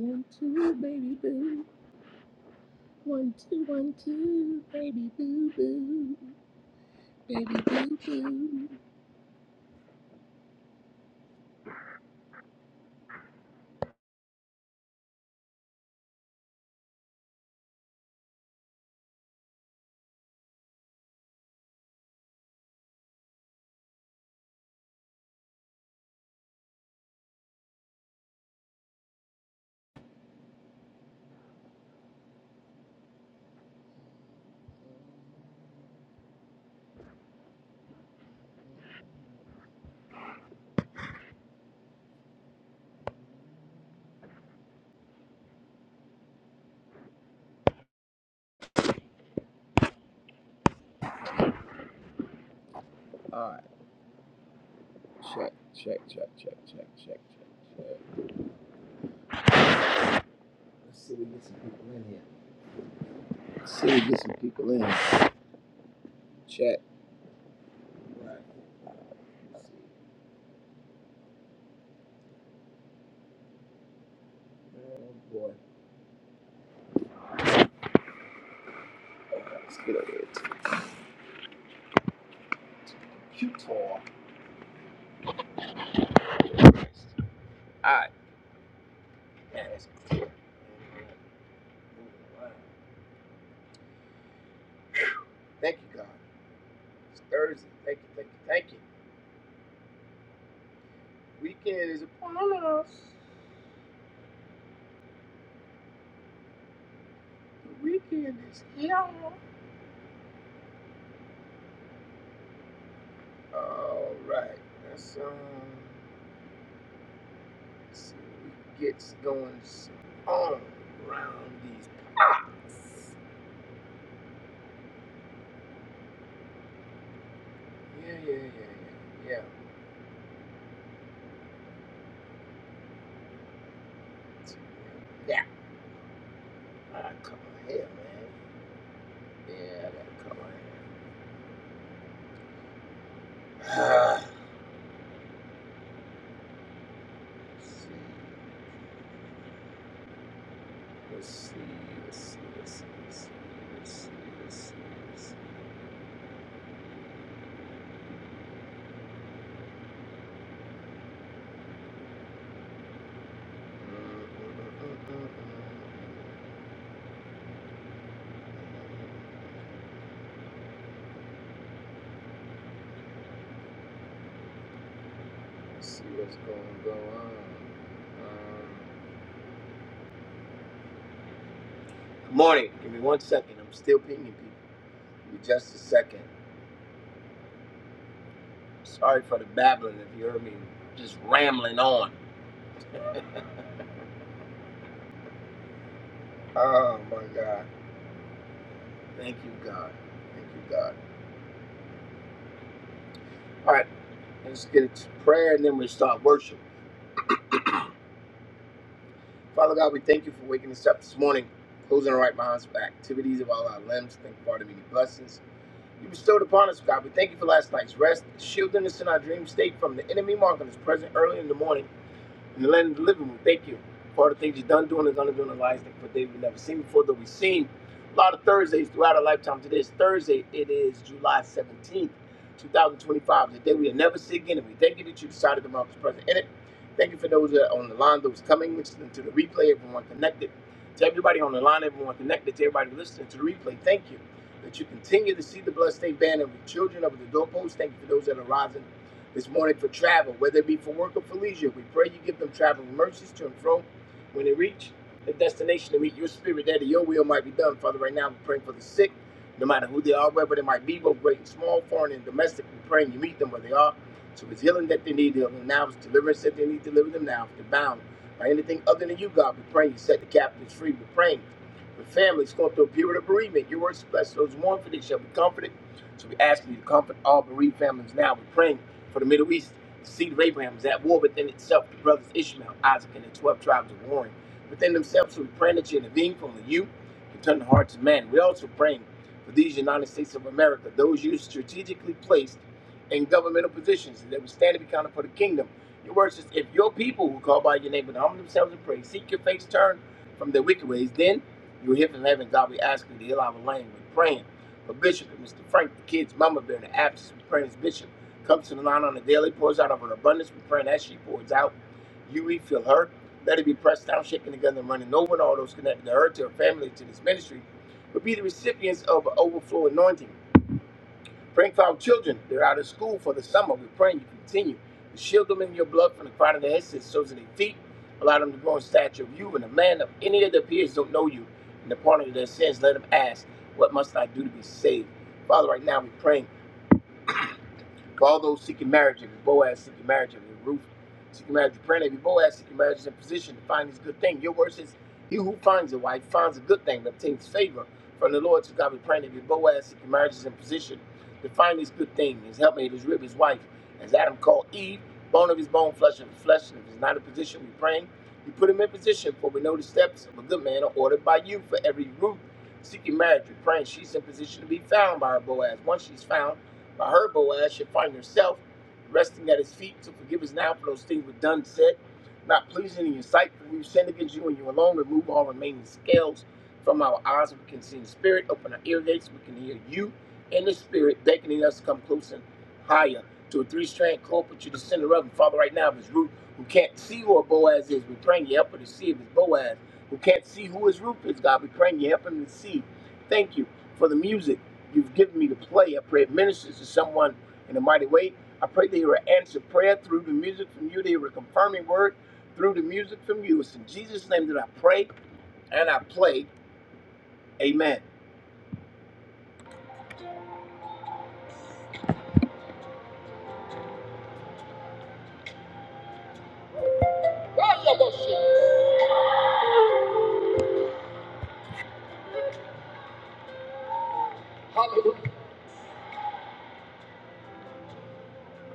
One, two, baby boo. One, two, one, two, baby boo boo. Baby boo boo.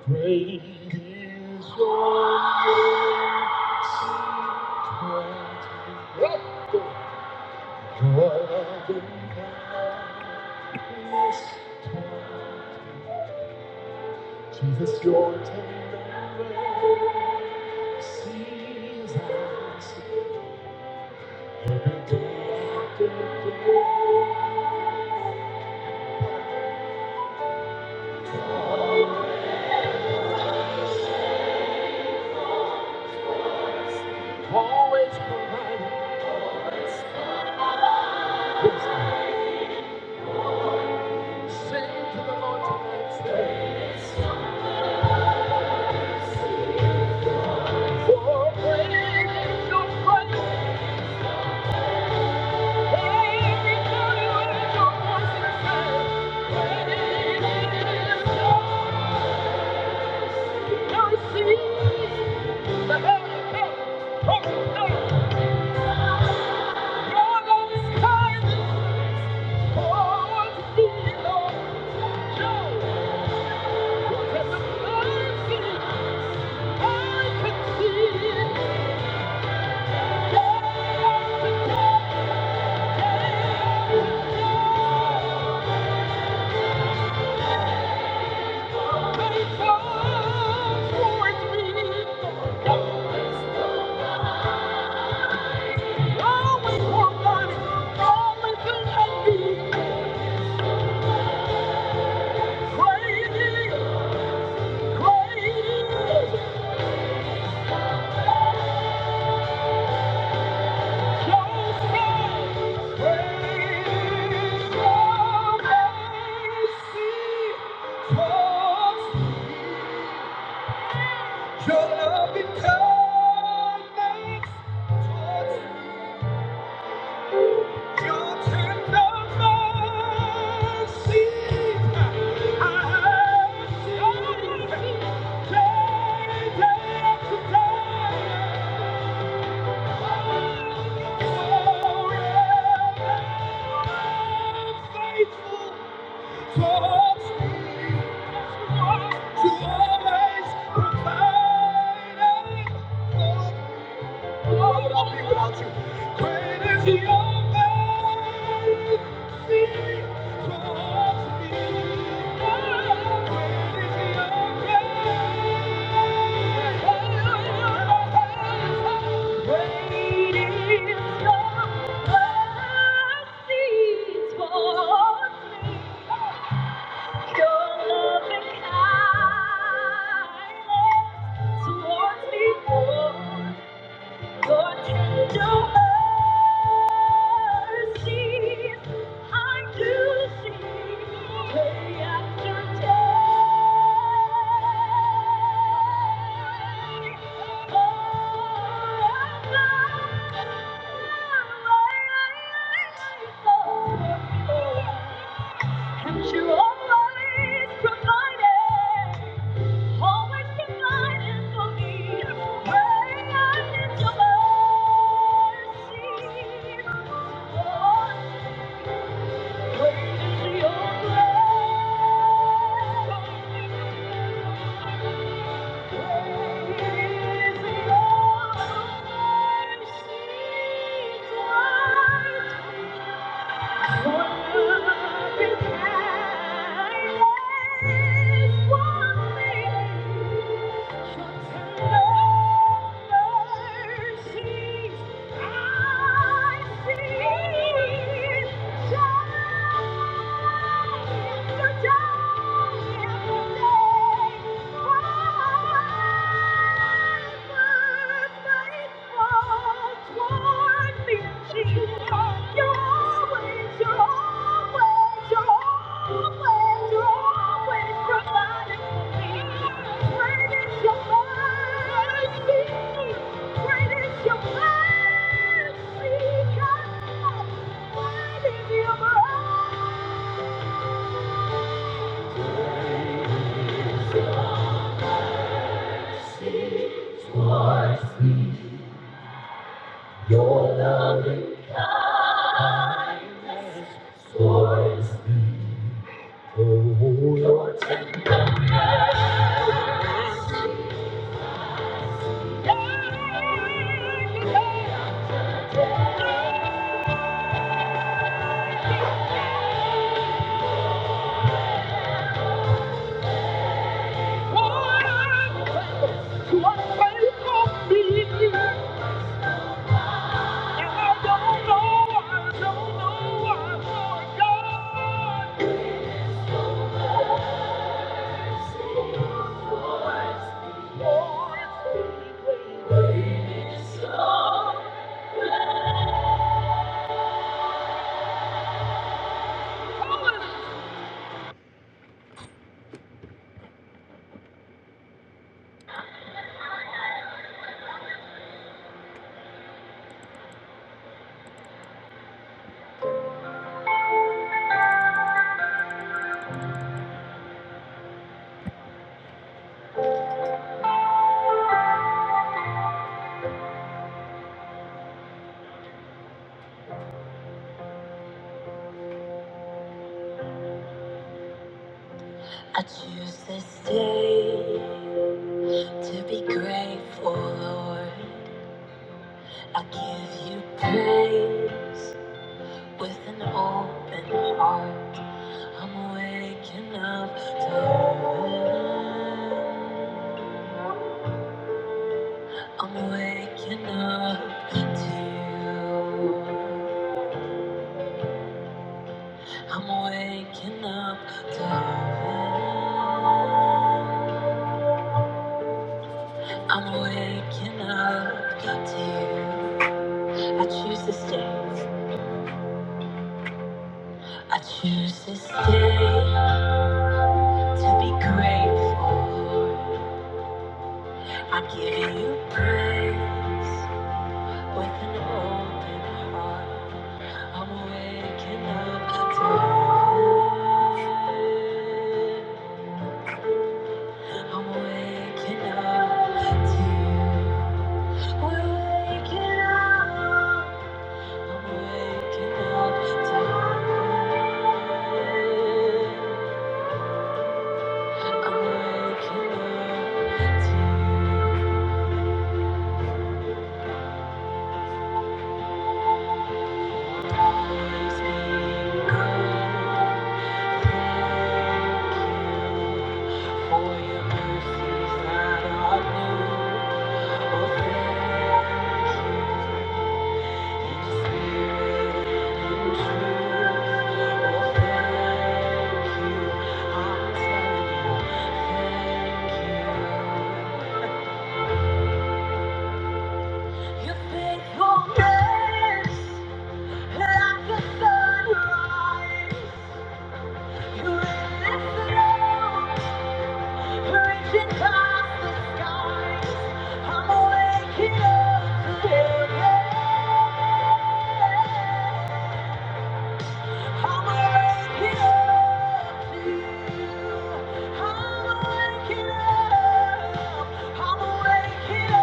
Great is your mercy. toward me. God in kindness toward me. Jesus, your tender mercies I see every day after day. always providing us. with thanks. Sing to the Lord tonight, say, For great is your faithfulness." Every to you lift your voice and say, "Great is your mercy." The heaven and earth, below. Your love is kind. towards me, Lord. show who has mercy Thank you. Your love it covers us. Your tender mercies I have seen day after day. Forever faithful towards me. You always provided for me. Lord, I'll be without you. Great is your mercy towards me. Great is your grace. Great is your mercy towards me. Your loving kindness towards me, Lord. Your tender mercies I do see day after day. Forever, and you always provided. Always provided for me a way your mercy. Lord, great your grace. Great is your mercy. Thank you. Your loving towards me. Oh, Lord, thank you. I choose this day to be grateful, Lord. I give you praise with an open heart. I'm waking up to heaven. I'm waking up to you. I'm waking up to heaven. I'm waking up to you. I choose this day. I choose this day to be grateful. I'm giving you praise with an open heart. I'm waking up to You. I'm waking up to You. We're waking up. I'm waking up to You. Your faithfulness. Like a sunrise, relentless, reaching past the skies. I'm waking up to heaven. I'm waking up to you. I'm waking up. I'm waking up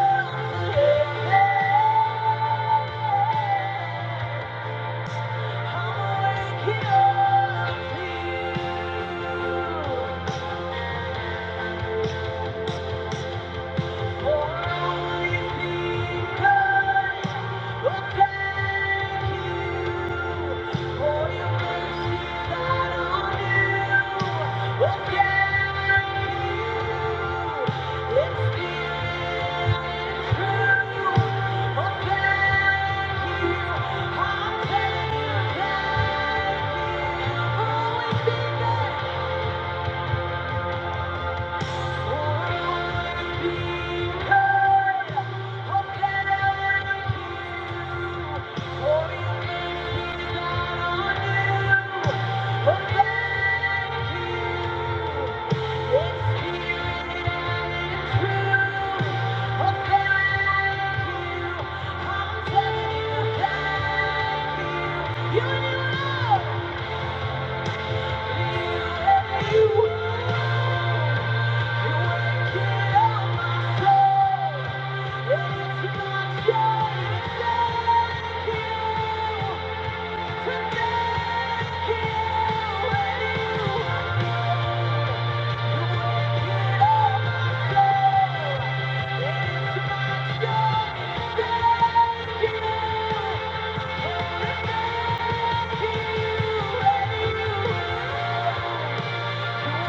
for you. Oh, yeah, it's true. Oh, thank you. I thank you. Yeah. Thank you. Yeah.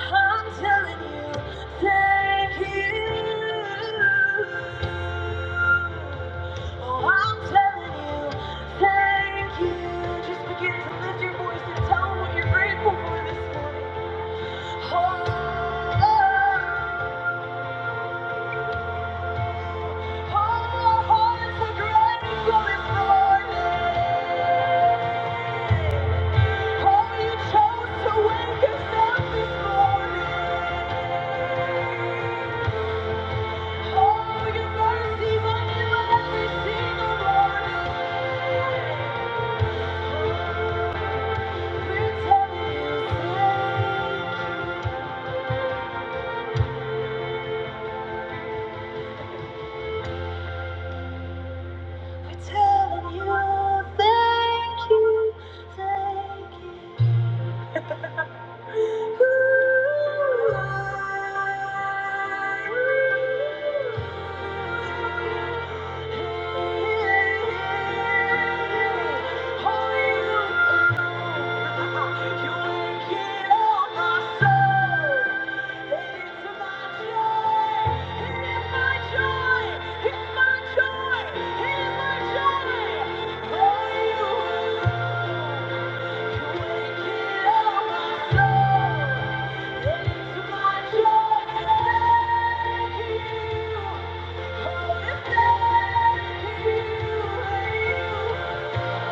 I'm telling you, thank you. Oh, I'm telling you, thank you. Just begin to lift your voice and tell them what you're grateful for this morning. Oh, oh, our hearts are grateful this morning. Oh, you chose to wake us up this morning. Oh, your mercies are new every single morning. We're telling you. We're telling you, thank you, thank you. Yeah.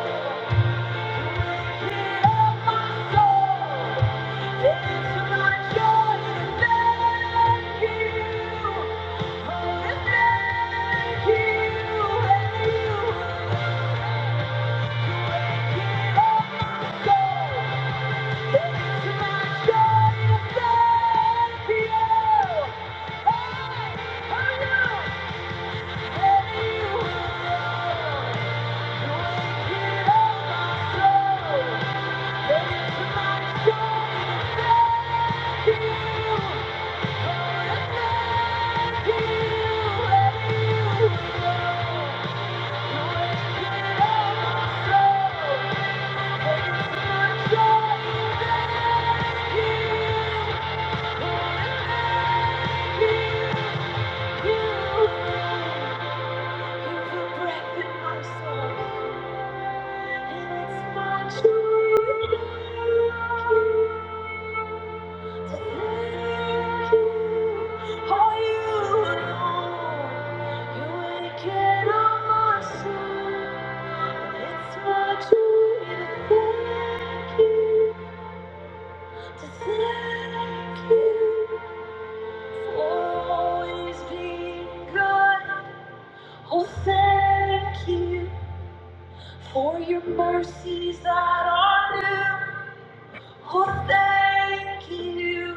Thank you. Thank you. Breath in my soul, and it's my joy. For your mercies that are new, oh thank you.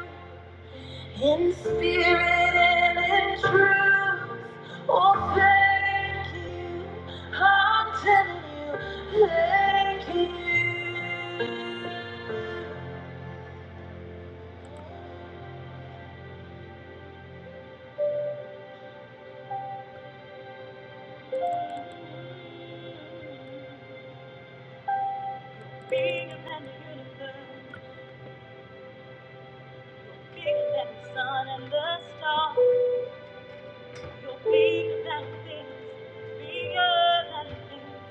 In spirit and in truth, oh thank you, I'm telling you, thank you. Bigger than the universe, you're bigger than the sun and the stars. You're bigger than things, bigger than things.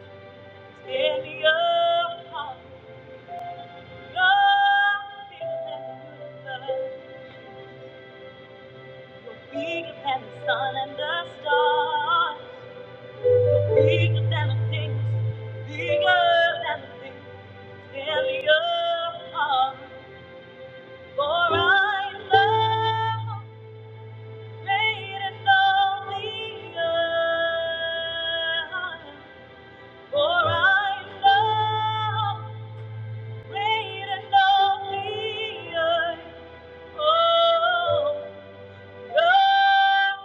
Standing apart, you're bigger than the universe, you're bigger than the sun and the stars. Bigger than the things, bigger than the things in the earth For I love the greatest all the earth. For I love the greatest all the earth. Oh, God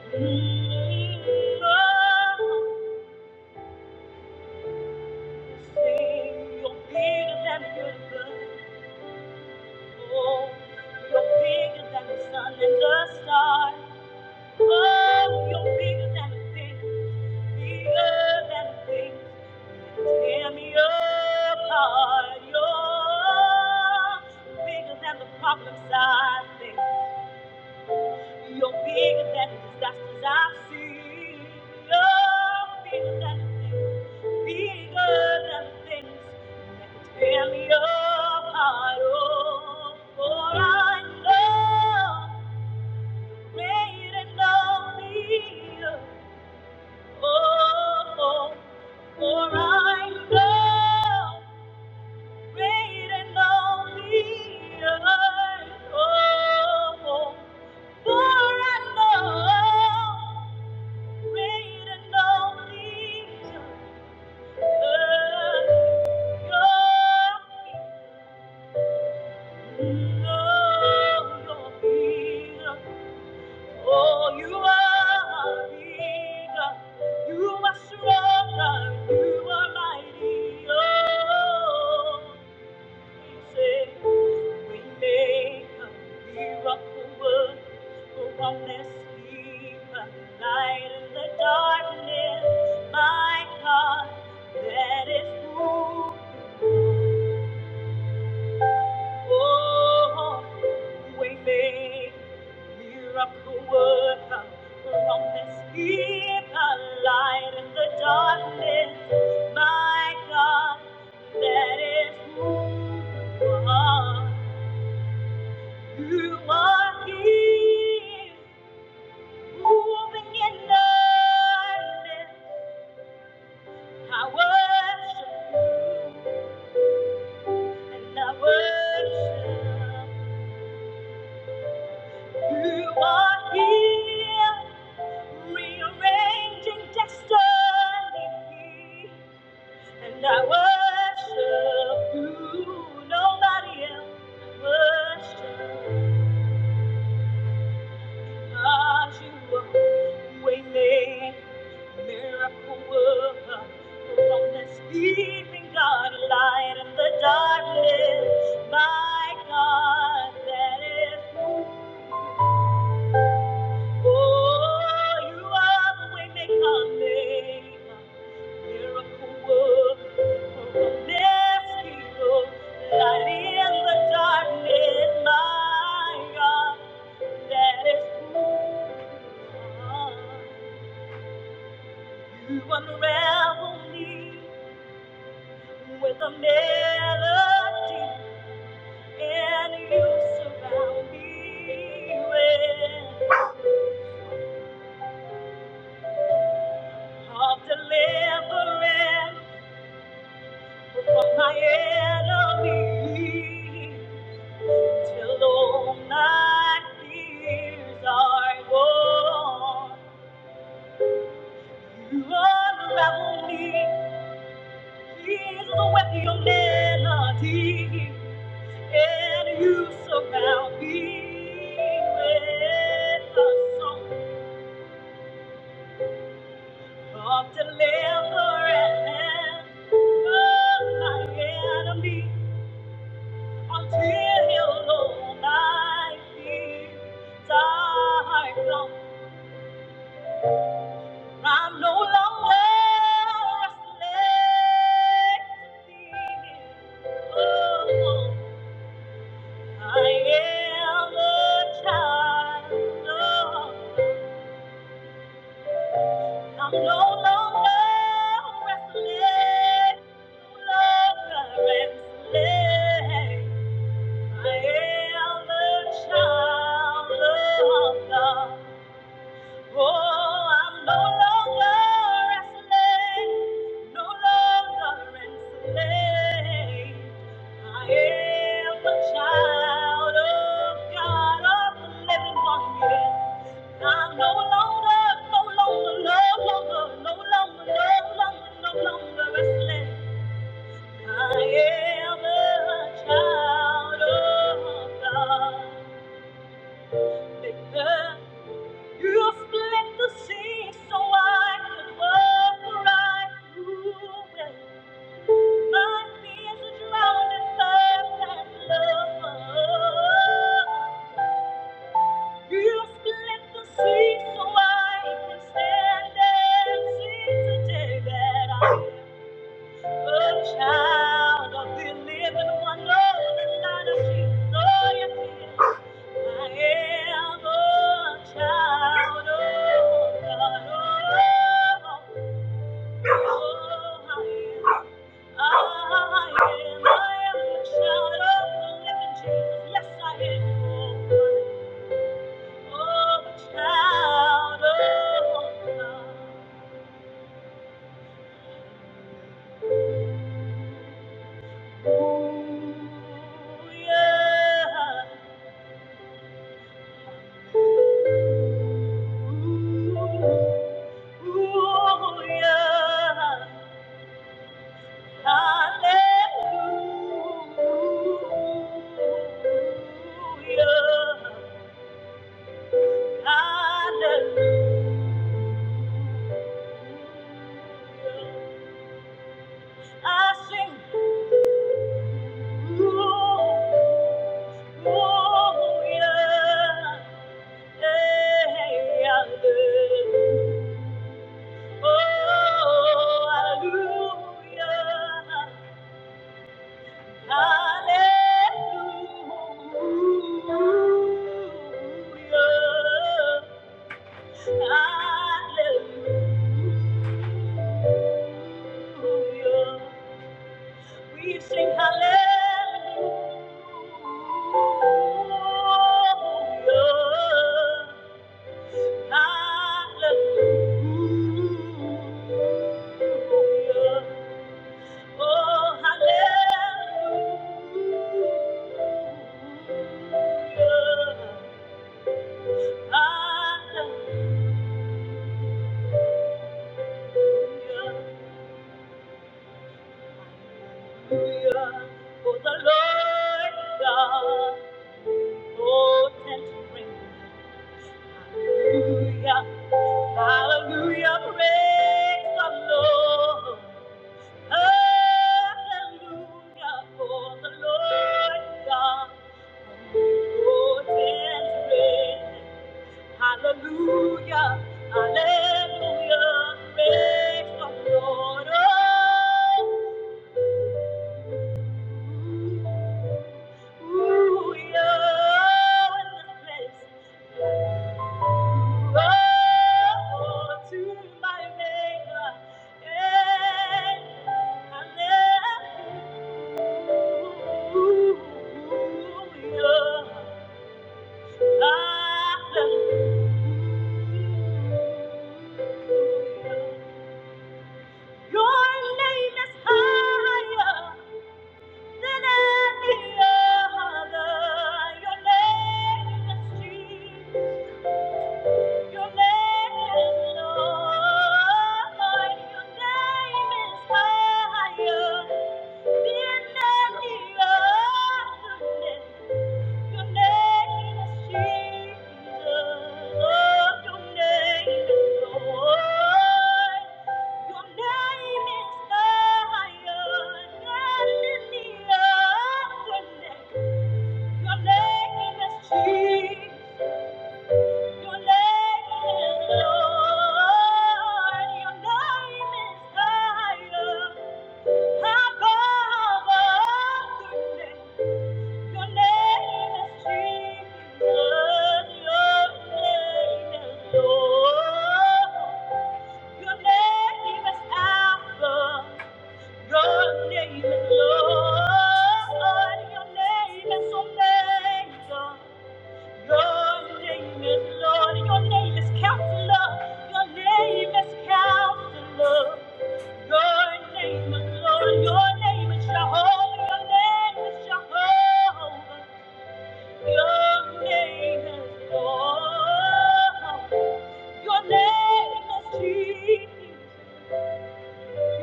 is good. Mm, oh. Sing, You're bigger than the universe. Oh, You're bigger than the sun and the stars. Oh, you're bigger than the things, bigger than the things that tear me apart. You're bigger than the problems I face. You're bigger than the that's as I see. You're bigger than the things, bigger than the things that could tear me apart. Oh, for I know great and only you. Oh, for I know. Great and only oh, for I know Great and only earth, Oh, you are bigger. You are stronger. You are mighty. oh. Darkness, my God, that is who you are. You are here, moving in darkness. I worship you, and I worship. You You are here, rearranging destiny, and I worship you. Nobody else I worship. you. God, you are waymaker, miracle worker, the one that's leading God, light in the darkness. My God, that is who. you Oh, you are the way maker, maker, miracle worker, promise keeper, light in the darkness, my God. That is who you are. You unravel me with a melody, and you surround me with of deliverance. From my enemies, till all my fears are gone. You unravel me, Jesus, with your melody, and you surround me with a song of deliverance. From my enemies. Until alone I feel tired long. I'm no longer a slave to fear. Oh, I am a child. of- I'm no longer a slave to lover and slave. I am a child of God. Oh, I'm no longer a slave, no longer enslaved. I am a child of God, of the living one. Yes, I'm no longer, no longer, no longer, no longer, no longer, no longer a slave. I am a child of God. You split the sea so I could walk right through it. My fears are drowned in thirst and love. You split the sea so I can stand and see today that I am a child of the living wonder, the light of Jesus. Oh, yes, he is. I am a child of God. Oh, oh, I am. I am. a child of the living Jesus. Yes, I am. Oh, a child of God. Ooh, yeah. Ooh, ooh, yeah. Hallelujah. Hallelujah. I sing. Hallelujah. Hey, hallelujah. Oh, hallelujah. Hallelujah. Hallelujah. We sing hallelujah, hallelujah, oh hallelujah, hallelujah, for the Lord God. Lord, and to bring me. Hallelujah, hallelujah, praise the Lord. Hallelujah, for the Lord God. Lord, and reign. Hallelujah, hallelujah, praise the Lord. Oh. Ooh, yeah, in this place. Your name is higher. Thank you. Your name is Jesus. Your name is Lord. Your name is higher. above Your Your Your name name name is is is Jesus. Lord. Alpha. Your name is Lord. Your name is Omega. Your name is Lord. Your name is Counselor. Your name is Counselor. Your name is Lord. Your name is Jehovah. Your name is Jehovah. Your name is Lord. Your name is Jesus. Your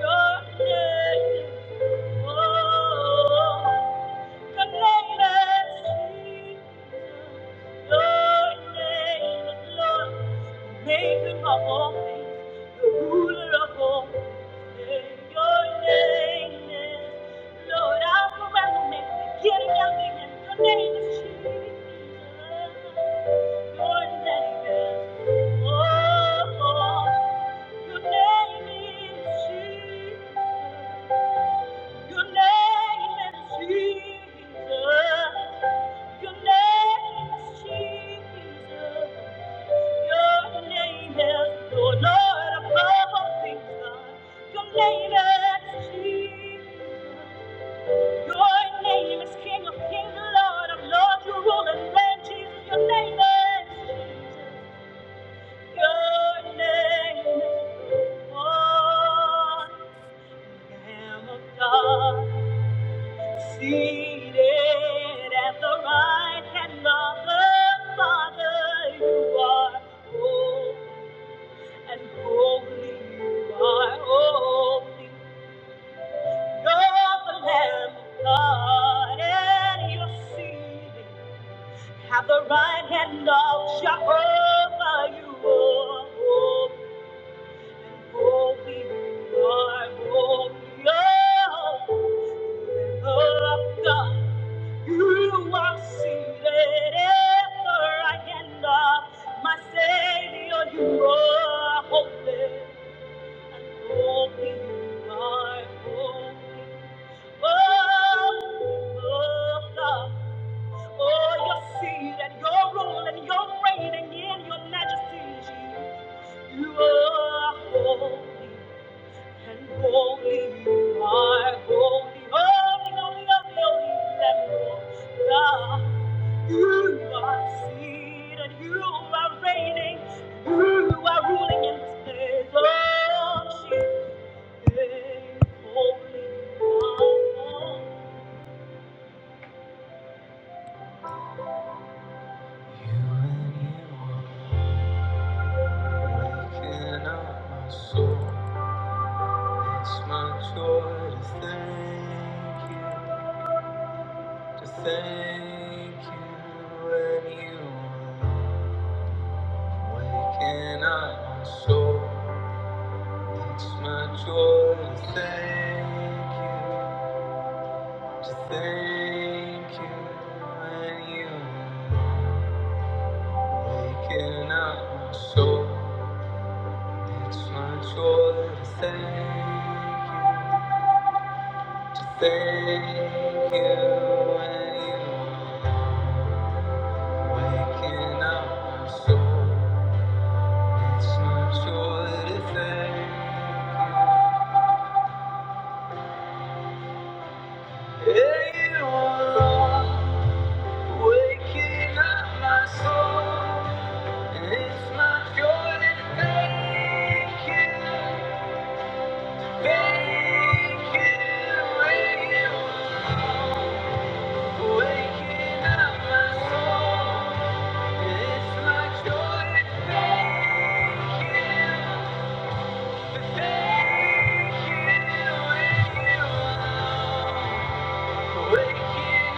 name is, oh, oh. Your name is Jesus. Your name is Jesus. Your name is Jesus. Your name is the Lord above all things. Your name is Jesus. Your name is King of Kings, Lord of Lords. You rule and reign, Jesus. Your name is Jesus. Your name is one. Lamb of God, seated at the right hand of the Father, you are holy and holy, you are holy. You're the Lamb of God, and you're seated at the right hand of Jehovah, you are holy. Holy, my holy, oh, Lamb of God. You are seated ever again, my Savior, you are holy. I'm hoping I'm hoping oh, oh, God. Oh, your seed and your rule and your reign and in your majesty, Jesus. You are holy and holy. You are holy, holy, holy, holy, holy, Lord God. You are seated, you are reigning, you are ruling in this place. Oh, Jesus, hey, holy God. Looking at my soul, it's my joy to thank you, to thank you and you alone. Waking up my soul, it's my joy to thank you. Thank you when you are waking up my soul. It's my joy to thank you. To thank you when you are waking up my soul. It's my joy to thank you. Yeah, you are waking up my soul. It's my joy to thank you. Waking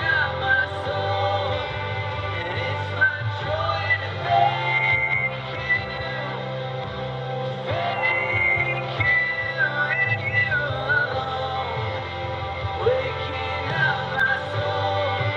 up my soul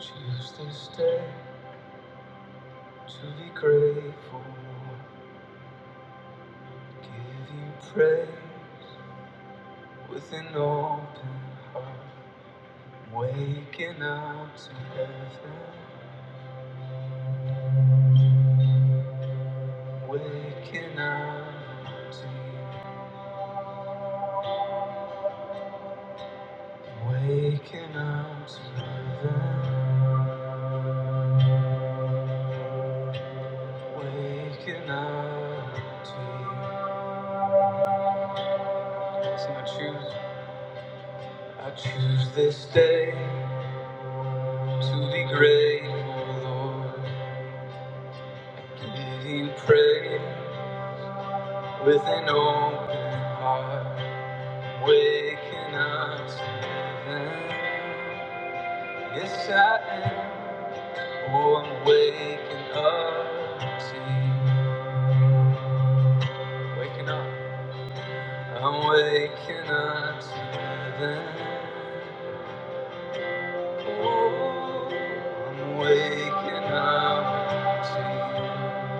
Choose this day to be grateful, give you praise with an open heart. Waking up to heaven, waking up to you, waking up to heaven, waking up to you. So I choose, I choose this day to be grateful, Lord, give you praise. With an open heart, waking up to them. Yes, I am. Oh, I'm waking up to you. Waking up. I'm waking up to them. Oh, I'm waking up to you.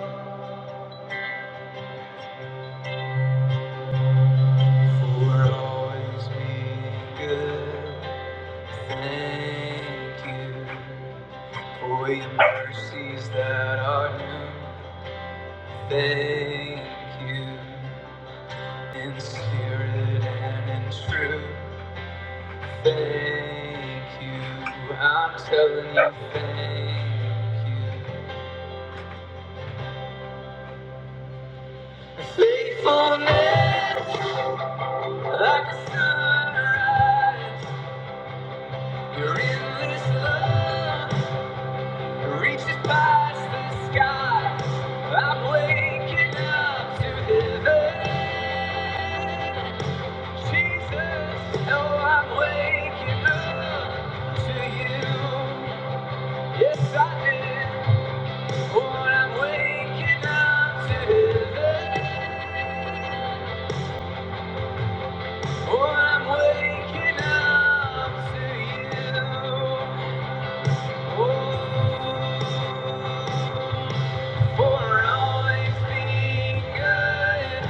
For always being good. Thank you for your mercies that are new. Thank you in spirit and in truth. Thank you. I'm telling you, thank you. Faithfulness like a sunrise. You're in this love. Reaches past the sky. I'm waking up to heaven. Jesus, no, I'm waking up to you. Yes, I am. Oh, I'm waking up to heaven. Oh, I'm waking up to you. Oh, for always being good.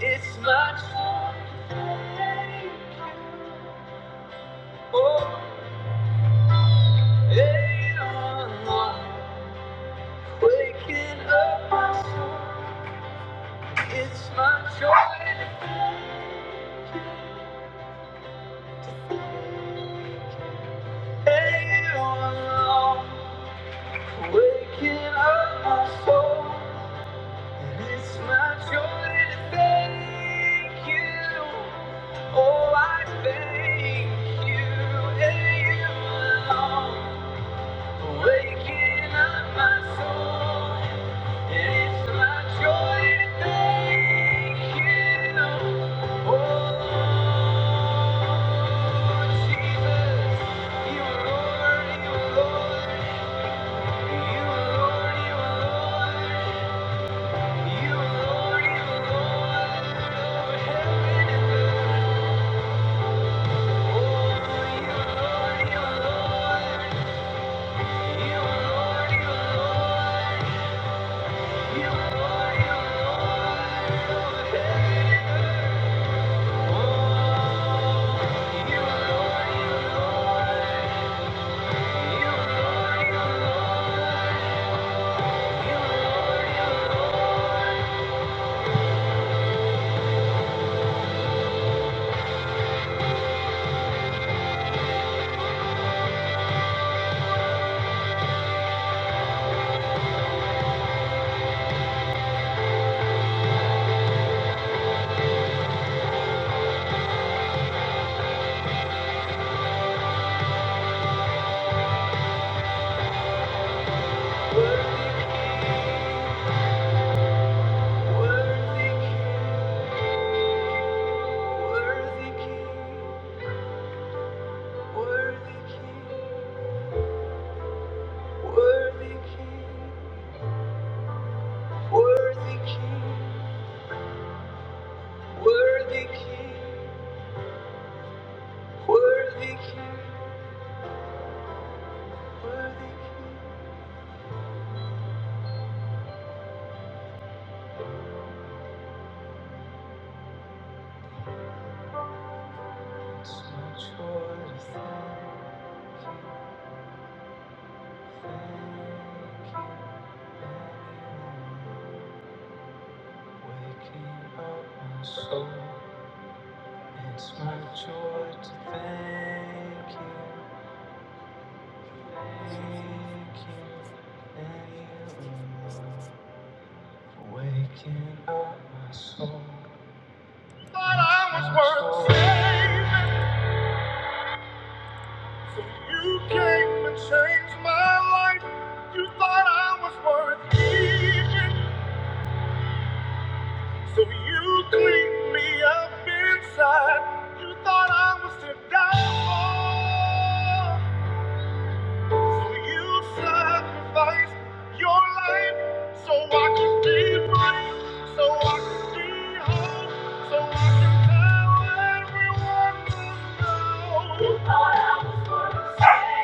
It's my choice. Oh, hey, oh, waking up my soul. It's my choice. Hey, oh, waking up my soul. Oh, wait, it's your day. Thank you. Worthy King, worthy King, worthy King, worthy King, worthy King, worthy King, worthy King. So much for the thank you, thank you. Waking up my soul, it's my joy to thank you, thank you, thank you. Waking up my soul. I was worth worth so you cleaned me up inside. You thought I was to die for, so you sacrificed your life so I could be free, so I could be whole, so I can tell everyone to know.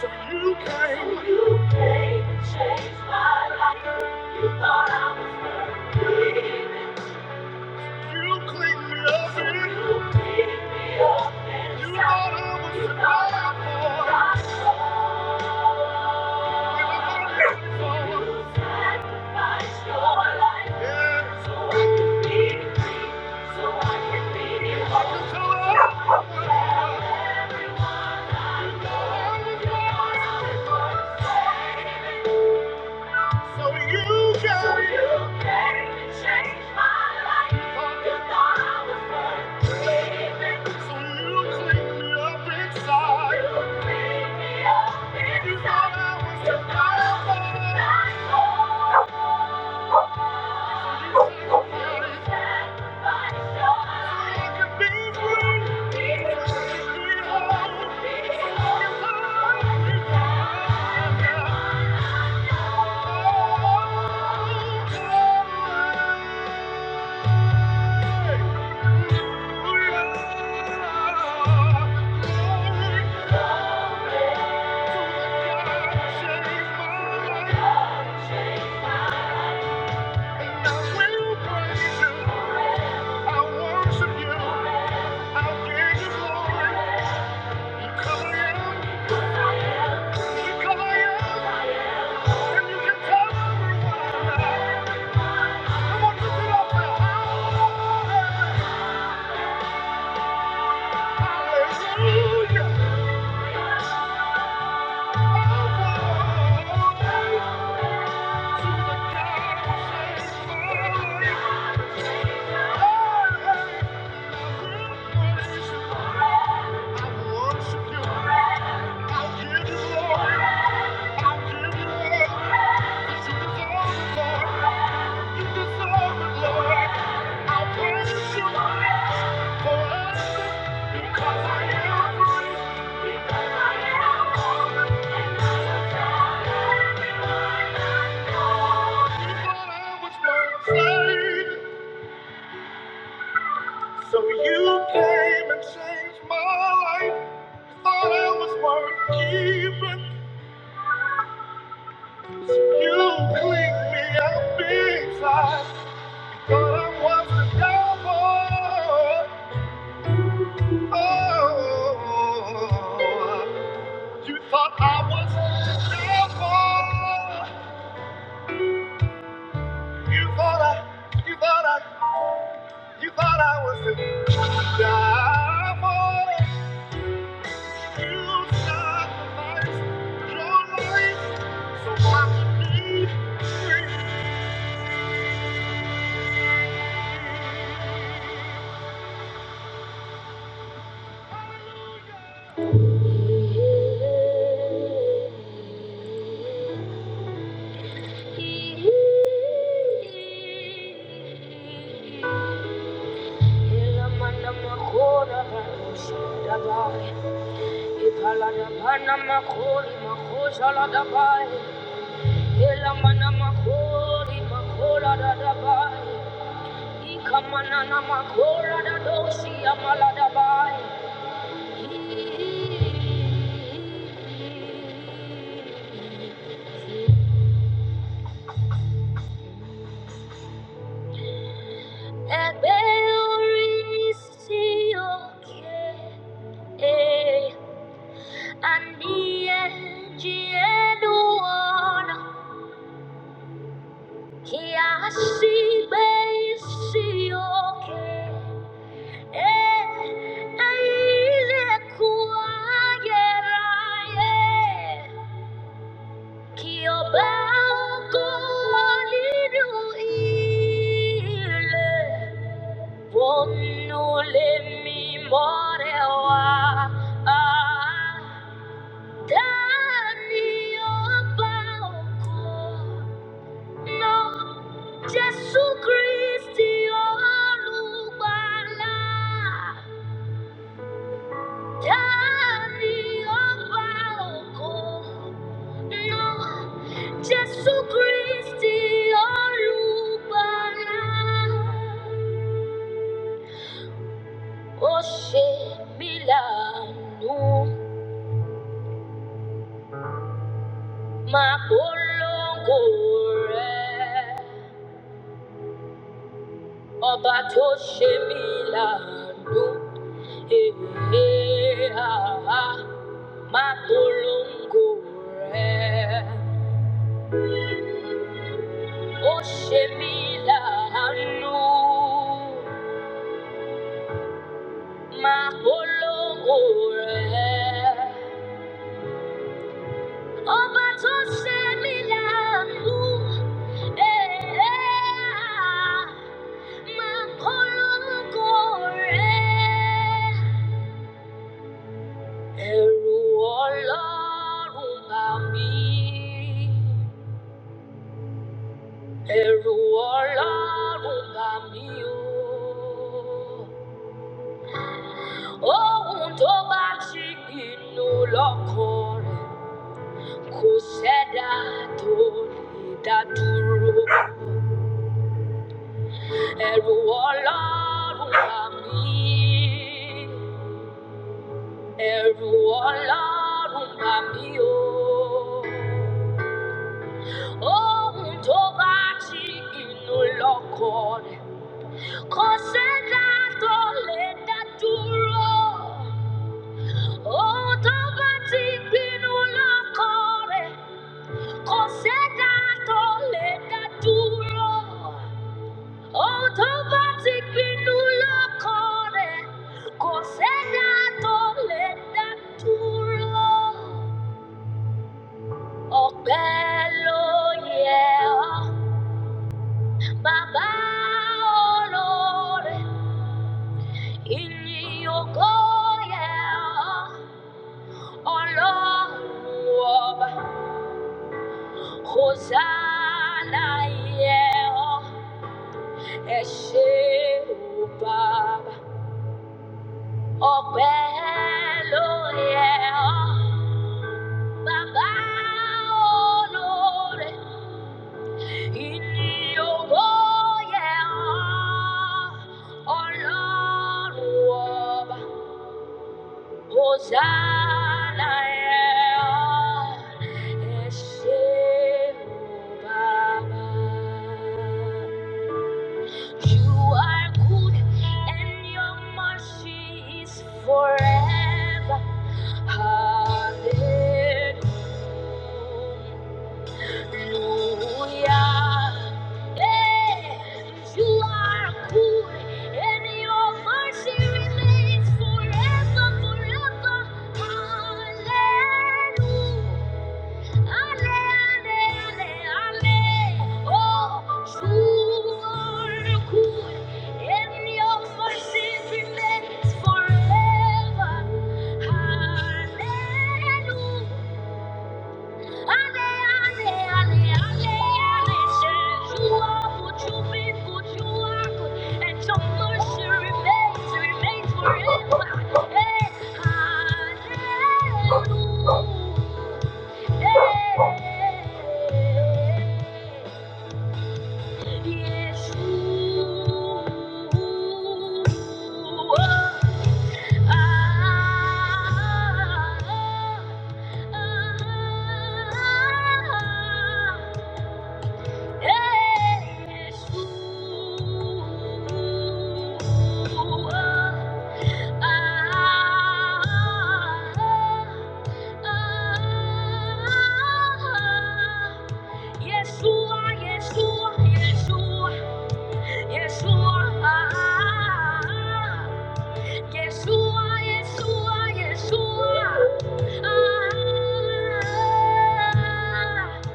So you came. so You came and changed my life. I Thought I was perfect. You cleaned me up and you cleaned me up and you thought I was you a thought I was a bad boy. Sacrificed your life yeah. so I so I can be your I can tell her. So you came. So you cleaned me up inside. You thought I was a bad boy. I will praise you. I worship you. I give you glory. You I am. You I am. And you can tell everyone Come on, lift it up now. Hallelujah. Because I am free, because I am home. So you came and changed my life. Thought I was worth keeping. So You cleaned me out big Thought I was the devil. Oh, you thought I was the devil. You thought I, you thought I, you thought I was the devil. You sacrificed your life so I could be free. Ilamanda makora barusha dabai. Ipalada bana makori makosa la dabai. Ilamanda makori makora da dabai. Ikamana na makora da doshi amala dabai. Ebe orisi oke. eh. Andiyejiyeduona kiasibeisiyoke Eh, ailekuageraye kiobaokoliduile bonulemimorewa Ah, Daniel Bauko. No, Jesucristi olùgbàlà, tani ọba ògo. No, Jesucristi olùgbàlà, ó ṣe mí láàánú, máa polongo rẹ̀. Ọba tó ṣe mí láàánú, èèyàn. Mapolongo rẹ̀ ó ṣe mí láàánú. Mapolongo rẹ̀ ọba tó ṣe mí láàánú. Èè rẹ̀ ẹ̀rù ọlọ́run bà mí. Ẹ̀rù Ọlọ́run bà mí o. Ohun tó bá ti pinnu lọ́kàn rẹ̀ kò sẹ́dá tó lè dá dúró. Ẹ̀rù Ọlọ́run bà mí. Ẹ̀rù Ọlọ́run bà mí o. Ohun tó bá ti pinnu lọ́kàn rẹ̀ kò sẹ́dá tó lè dá dúró. Baba, Oh, tó bá ti lè dá dúró. Oh, tó bá lè dá ọ́, bàbá olóore, ìyìn ògo yẹ ọ́, ọlọ́run Hosanna yẹ ọ́, o Bàbá. Ọpẹ́ ló yẹ Obelo yẹ ọ́, Ọlọ́run ọba. baba oloore iyin ogo ye o olorun oba hosanna ye oe o baba You are good and your mercy is forever. Hallelujah. Hey, you are good and your mercy remains forever, forever. Hallelujah. Ale, ale, ale, ale, o stor kor, en jag får se till ett forever. Halleluja. Ale, ale, ale, ale, ale, Jeshua, would you be, would and your mercy remains, remains forever. Hey, halleluja. Ah, ah, ah, ah. Yeshua, Yeshua, Yeshua, Yeshua, ah, ah, ah. Yeshua, Yeshua, Yeshua, ah, ah, ah.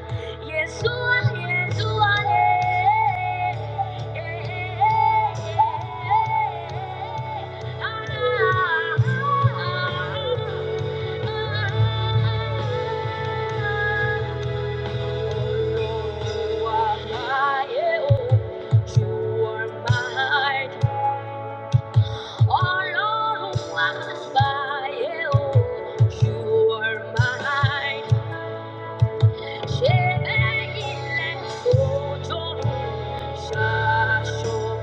Yeshua, Yeshua, eh, eh, eh, eh, eh, eh, eh, ah, ah, ah, ah, ah. You are my hope. You are my All along my hope. You are my heart. Shebeile sojourn, shashobor.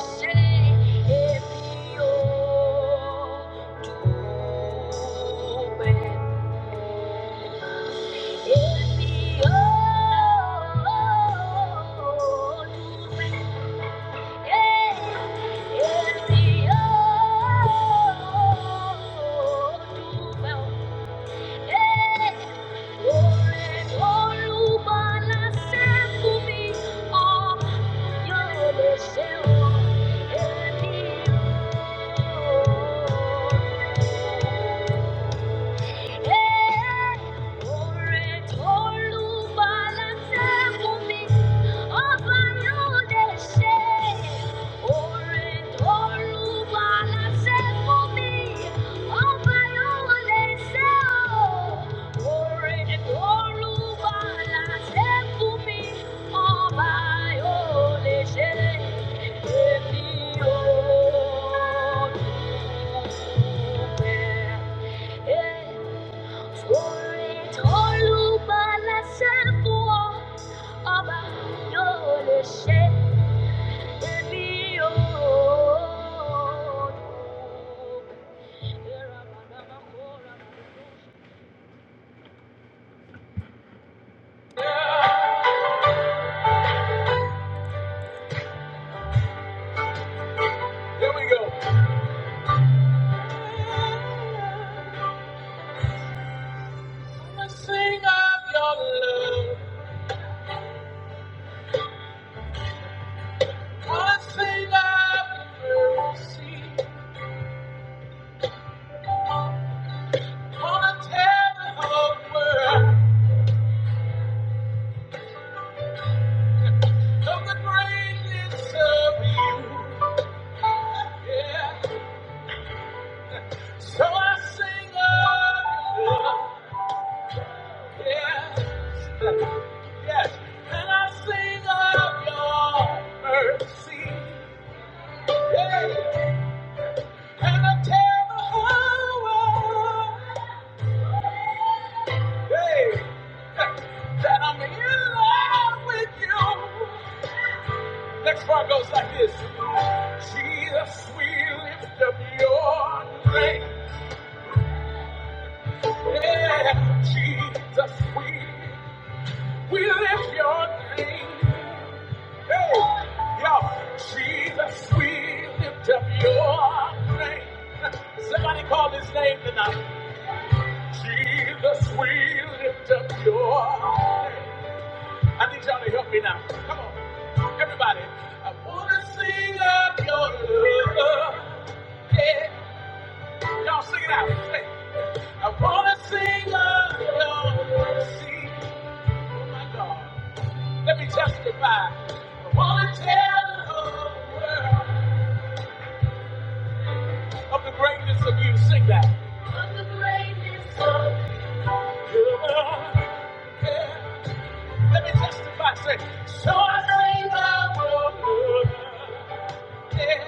Say, if you open. Oh, Yeah. For it all, Lord, I say, for all of your shame. Jesus, we, we lift your name. Hey, yeah. Jesus, we lift up your name. Somebody call his name tonight. Jesus, we lift up your name. I need y'all to help me now. Come on, everybody. I wanna sing up your love. Yeah. Y'all sing it out. Hey. I wanna sing of your mercy. Oh my God. Let me testify. I wanna tell the whole world. of the greatness of you. Sing that. Yeah. Let me testify. Say, so I sing of your love. Yeah.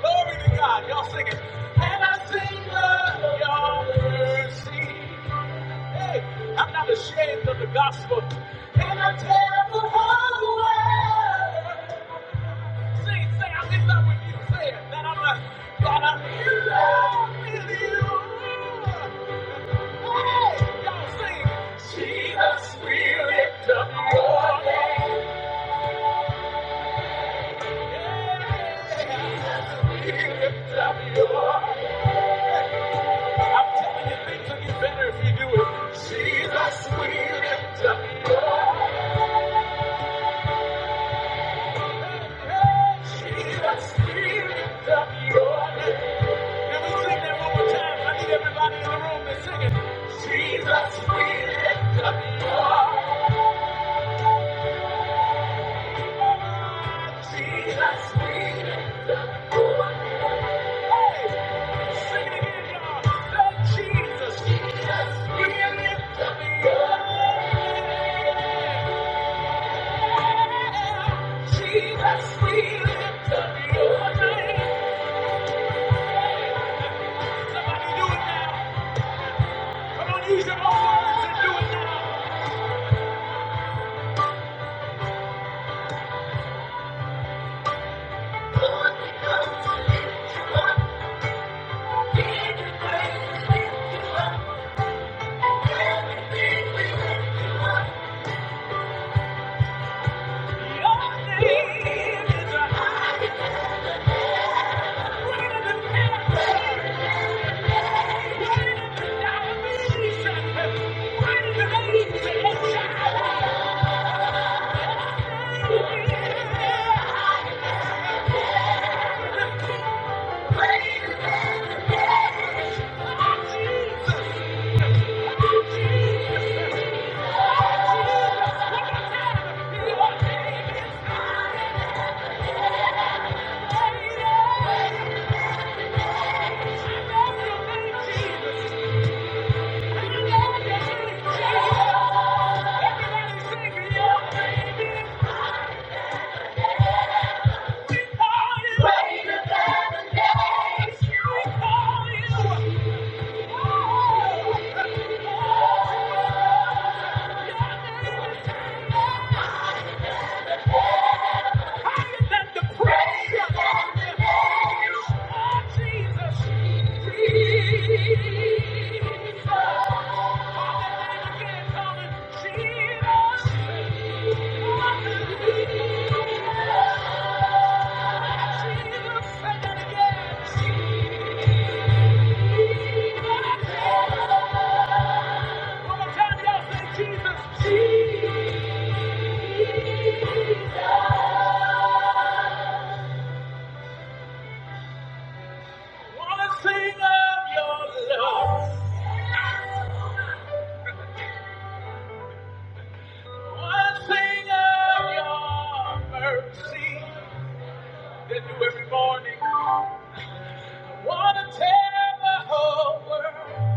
Glory to God. Y'all sing it. And I sing of your mercy. Hey, I'm not ashamed of the gospel. And I tell the whole world. Sing, say, I'm in love with you. Say it. That I'm, a, that I'm in love with you. Jesus, we lift up your Jesus, we lift up your name. Somebody do it now. Come on, use your own words and do it. Your name is a high greater than cancer, greater than diabetes, greater than AIDS and HIV. You know your name, Jesus. You know your name, Jesus. Everybody sing your name is holy. Greater than the days. We call you. Oh, Let the praise of the Jesus. Jesus. Call that name again, call it Jesus. Wanna sing of your love, wanna sing of your mercy that new every morning. Wanna tell the whole world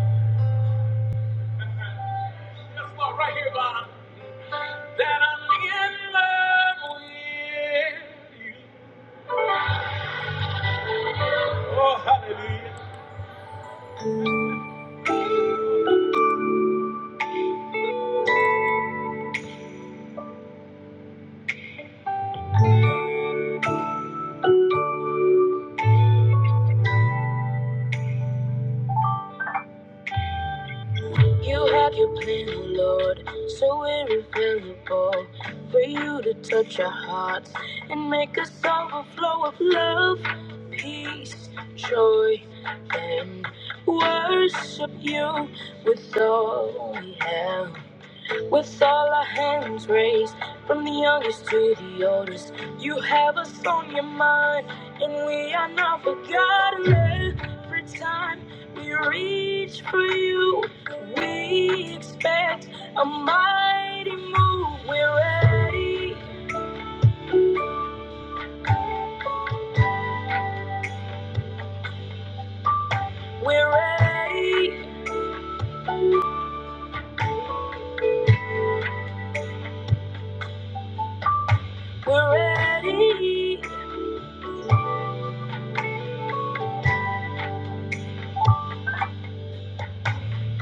You have your plan, oh Lord, so irrevocable. For you to touch our hearts and make us overflow of love, peace, joy, and worship you with all we have. With all our hands raised, from the youngest to the oldest, you have us on your mind, and we are not forgotten. Every time we reach for you, we expect a mighty move. We're ready, we're ready, we're ready,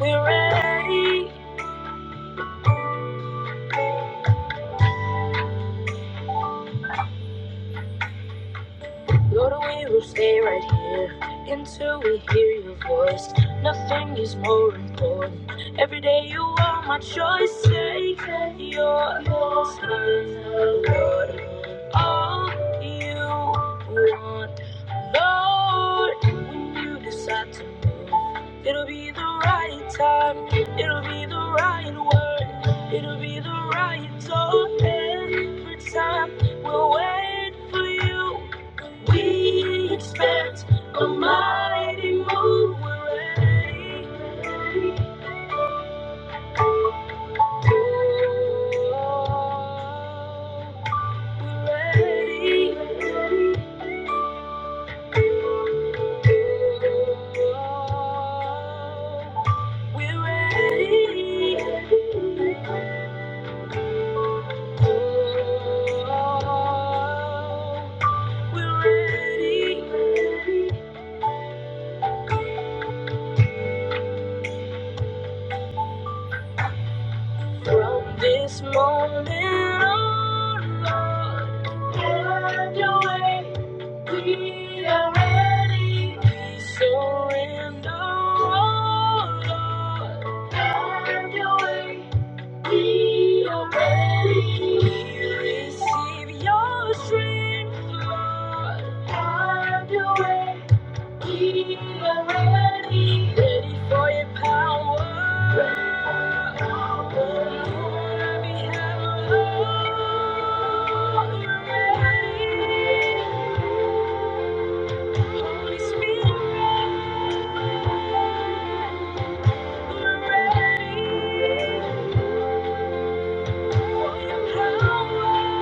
we're ready. Lord, we will stay right here until we hear your voice. Nothing is more important. Every day you are my choice. Take your time, Lord. All you want, Lord, when you decide to move, it'll be the right time. It'll be the right word. It'll be the right door every time. We'll wait for you. We expect a mighty move already. From this moment on, Lord, have your way. We are ready. We surrender, oh Lord, have your way. Be already. Receive your strength, Lord. Have your way. Be already. Ready for your power. Power. Lord, on behalf of all. We're Ready. Holy Spirit, we're ready. For your power, Lord.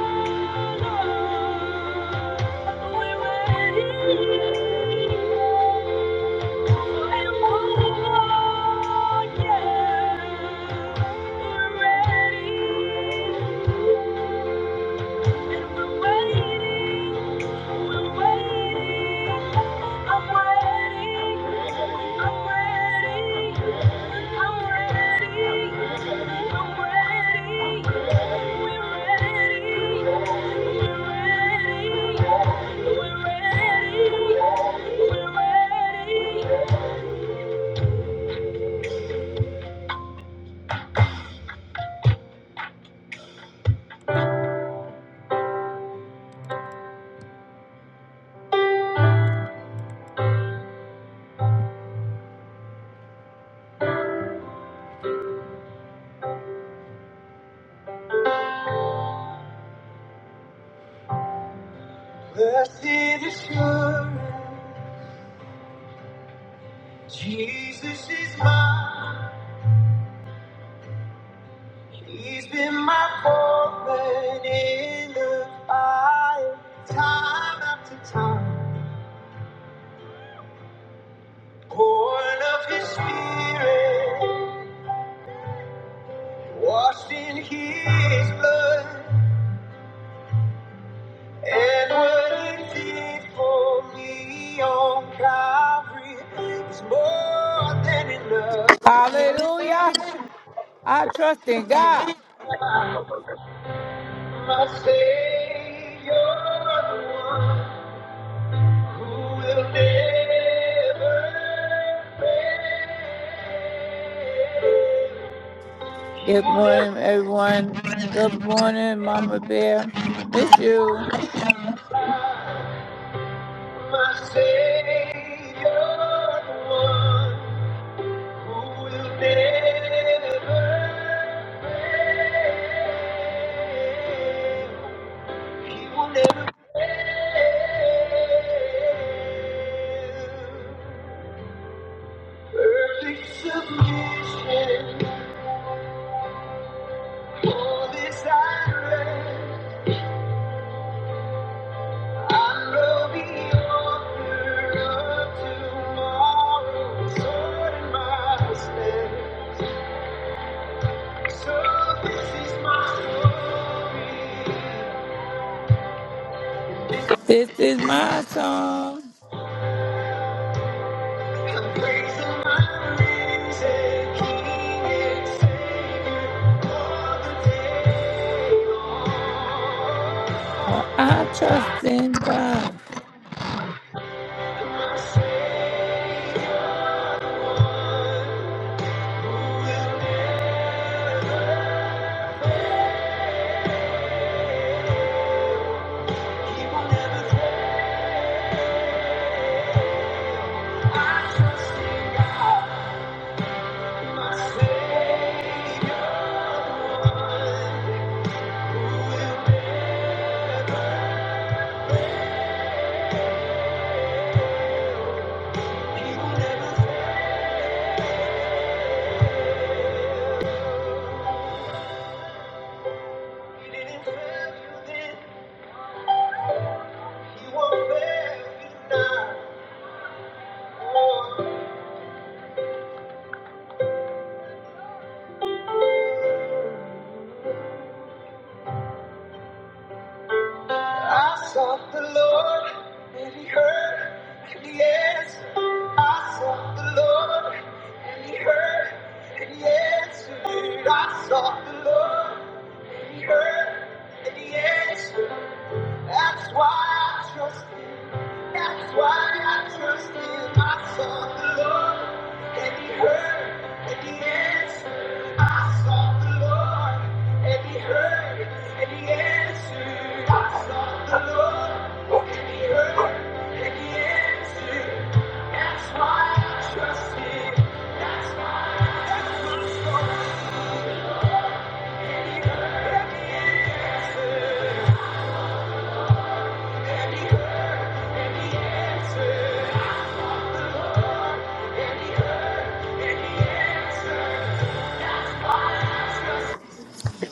We're ready. Ready. ready. Blessed assurance, Jesus is mine. He's been my foreman in the fire, time after time. Born of His Spirit, washed in His blood. And what it did for me on Calvary is more than enough. Hallelujah. I trust in God. My Savior, the one who will never fail. He Good will never. morning, everyone. Good morning, Mama Bear. Miss you. My Savior, the one who will never fail. He will never. Perfect submission, all this I pray. I know the author of tomorrow sword in my stead. So this is my story. This is my song. I trust in God. He didn't fail you then, he won't fail you now. I sought the Lord and he heard and he answered. I sought the Lord and he heard and he answered. I sought the Lord and he heard and he answered. That's why I trust him. That's why I trust him. I saw the Lord and he heard and he answered. I sought the Lord and he heard and he answered. I saw the Lord and he heard and he answered. That's why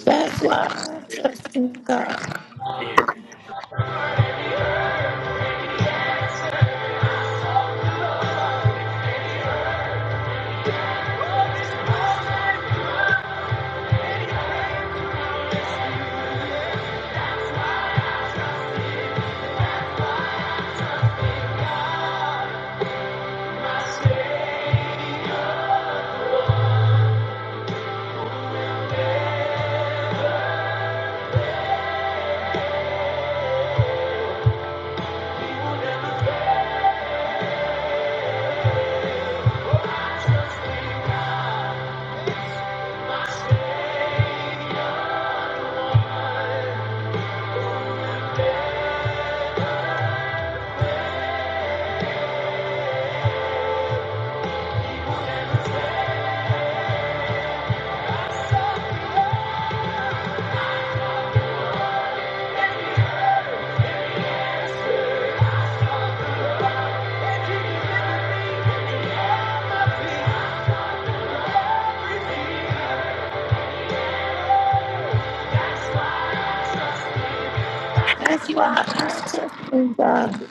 That's why I trust in God. That's why I trust in God.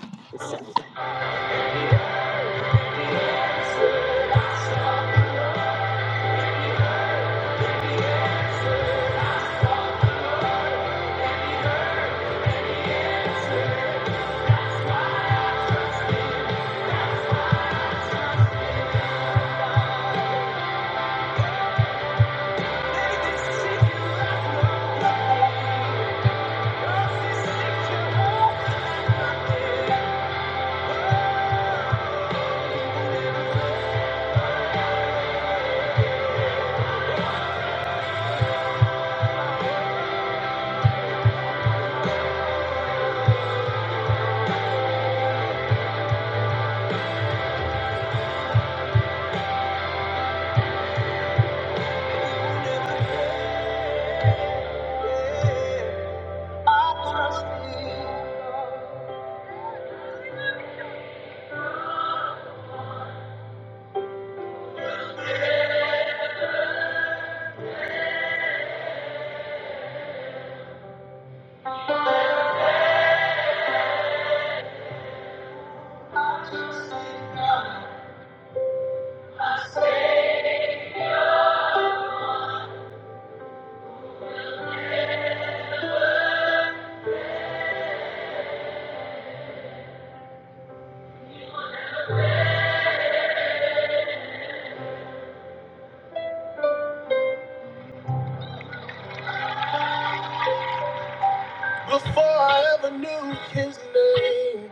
before I ever knew his name.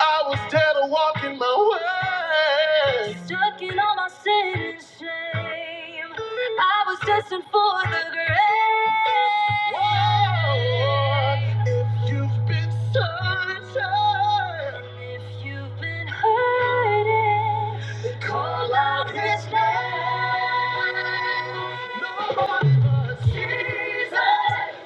I was dead or walking my way. Stuck in all my sin and shame. I was destined for the grave. Whoa. Hurting. I can't stand no more.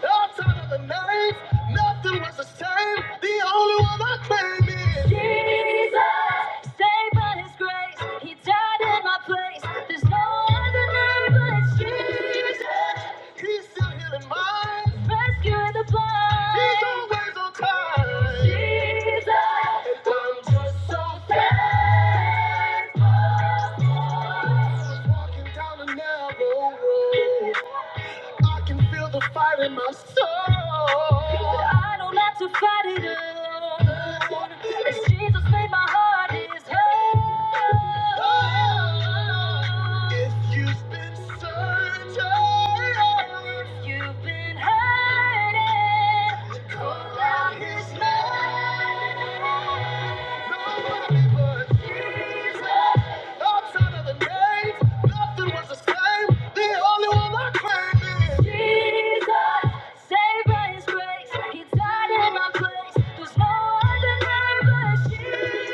Outside of the night, nothing was the same. The only one I claim is Jesus, saved by His grace. He died in my place. There's no other name but Jesus. He's still healing mine. He's always on time. I'm just so thankful. Walking down a narrow road. I can feel the fire in my soul. If you've been searching, if you've been called out his name, nobody but Jesus. Outside of the name, nothing was the same. The only one I claim is Jesus. Saved by his grace, he died in my place. There's no other name but Jesus.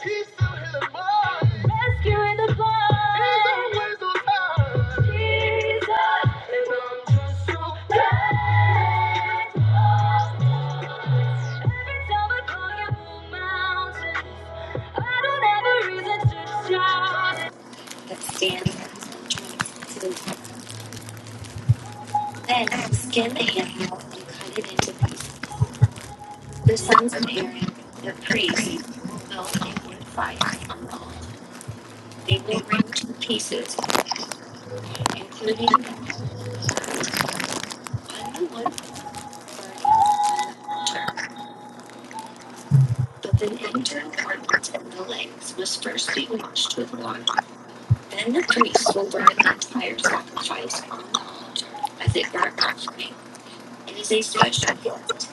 He's still his mind. Rescuing the blind. He's always on time. Jesus. And I'm just so thankful. Every time I call you mountains, I don't have a reason to shout. But stand and to the fire. Then skin the The the the animal and cut it into pieces. The sons of Aaron, the priests, will build a wood fire on the altar. They will ring to pieces, including the plywood burning on the altar. But an internal ordinance in the legs must first be washed with water. Then the priests will burn the entire sacrifice on the altar as a burnt offering. It is a special gift,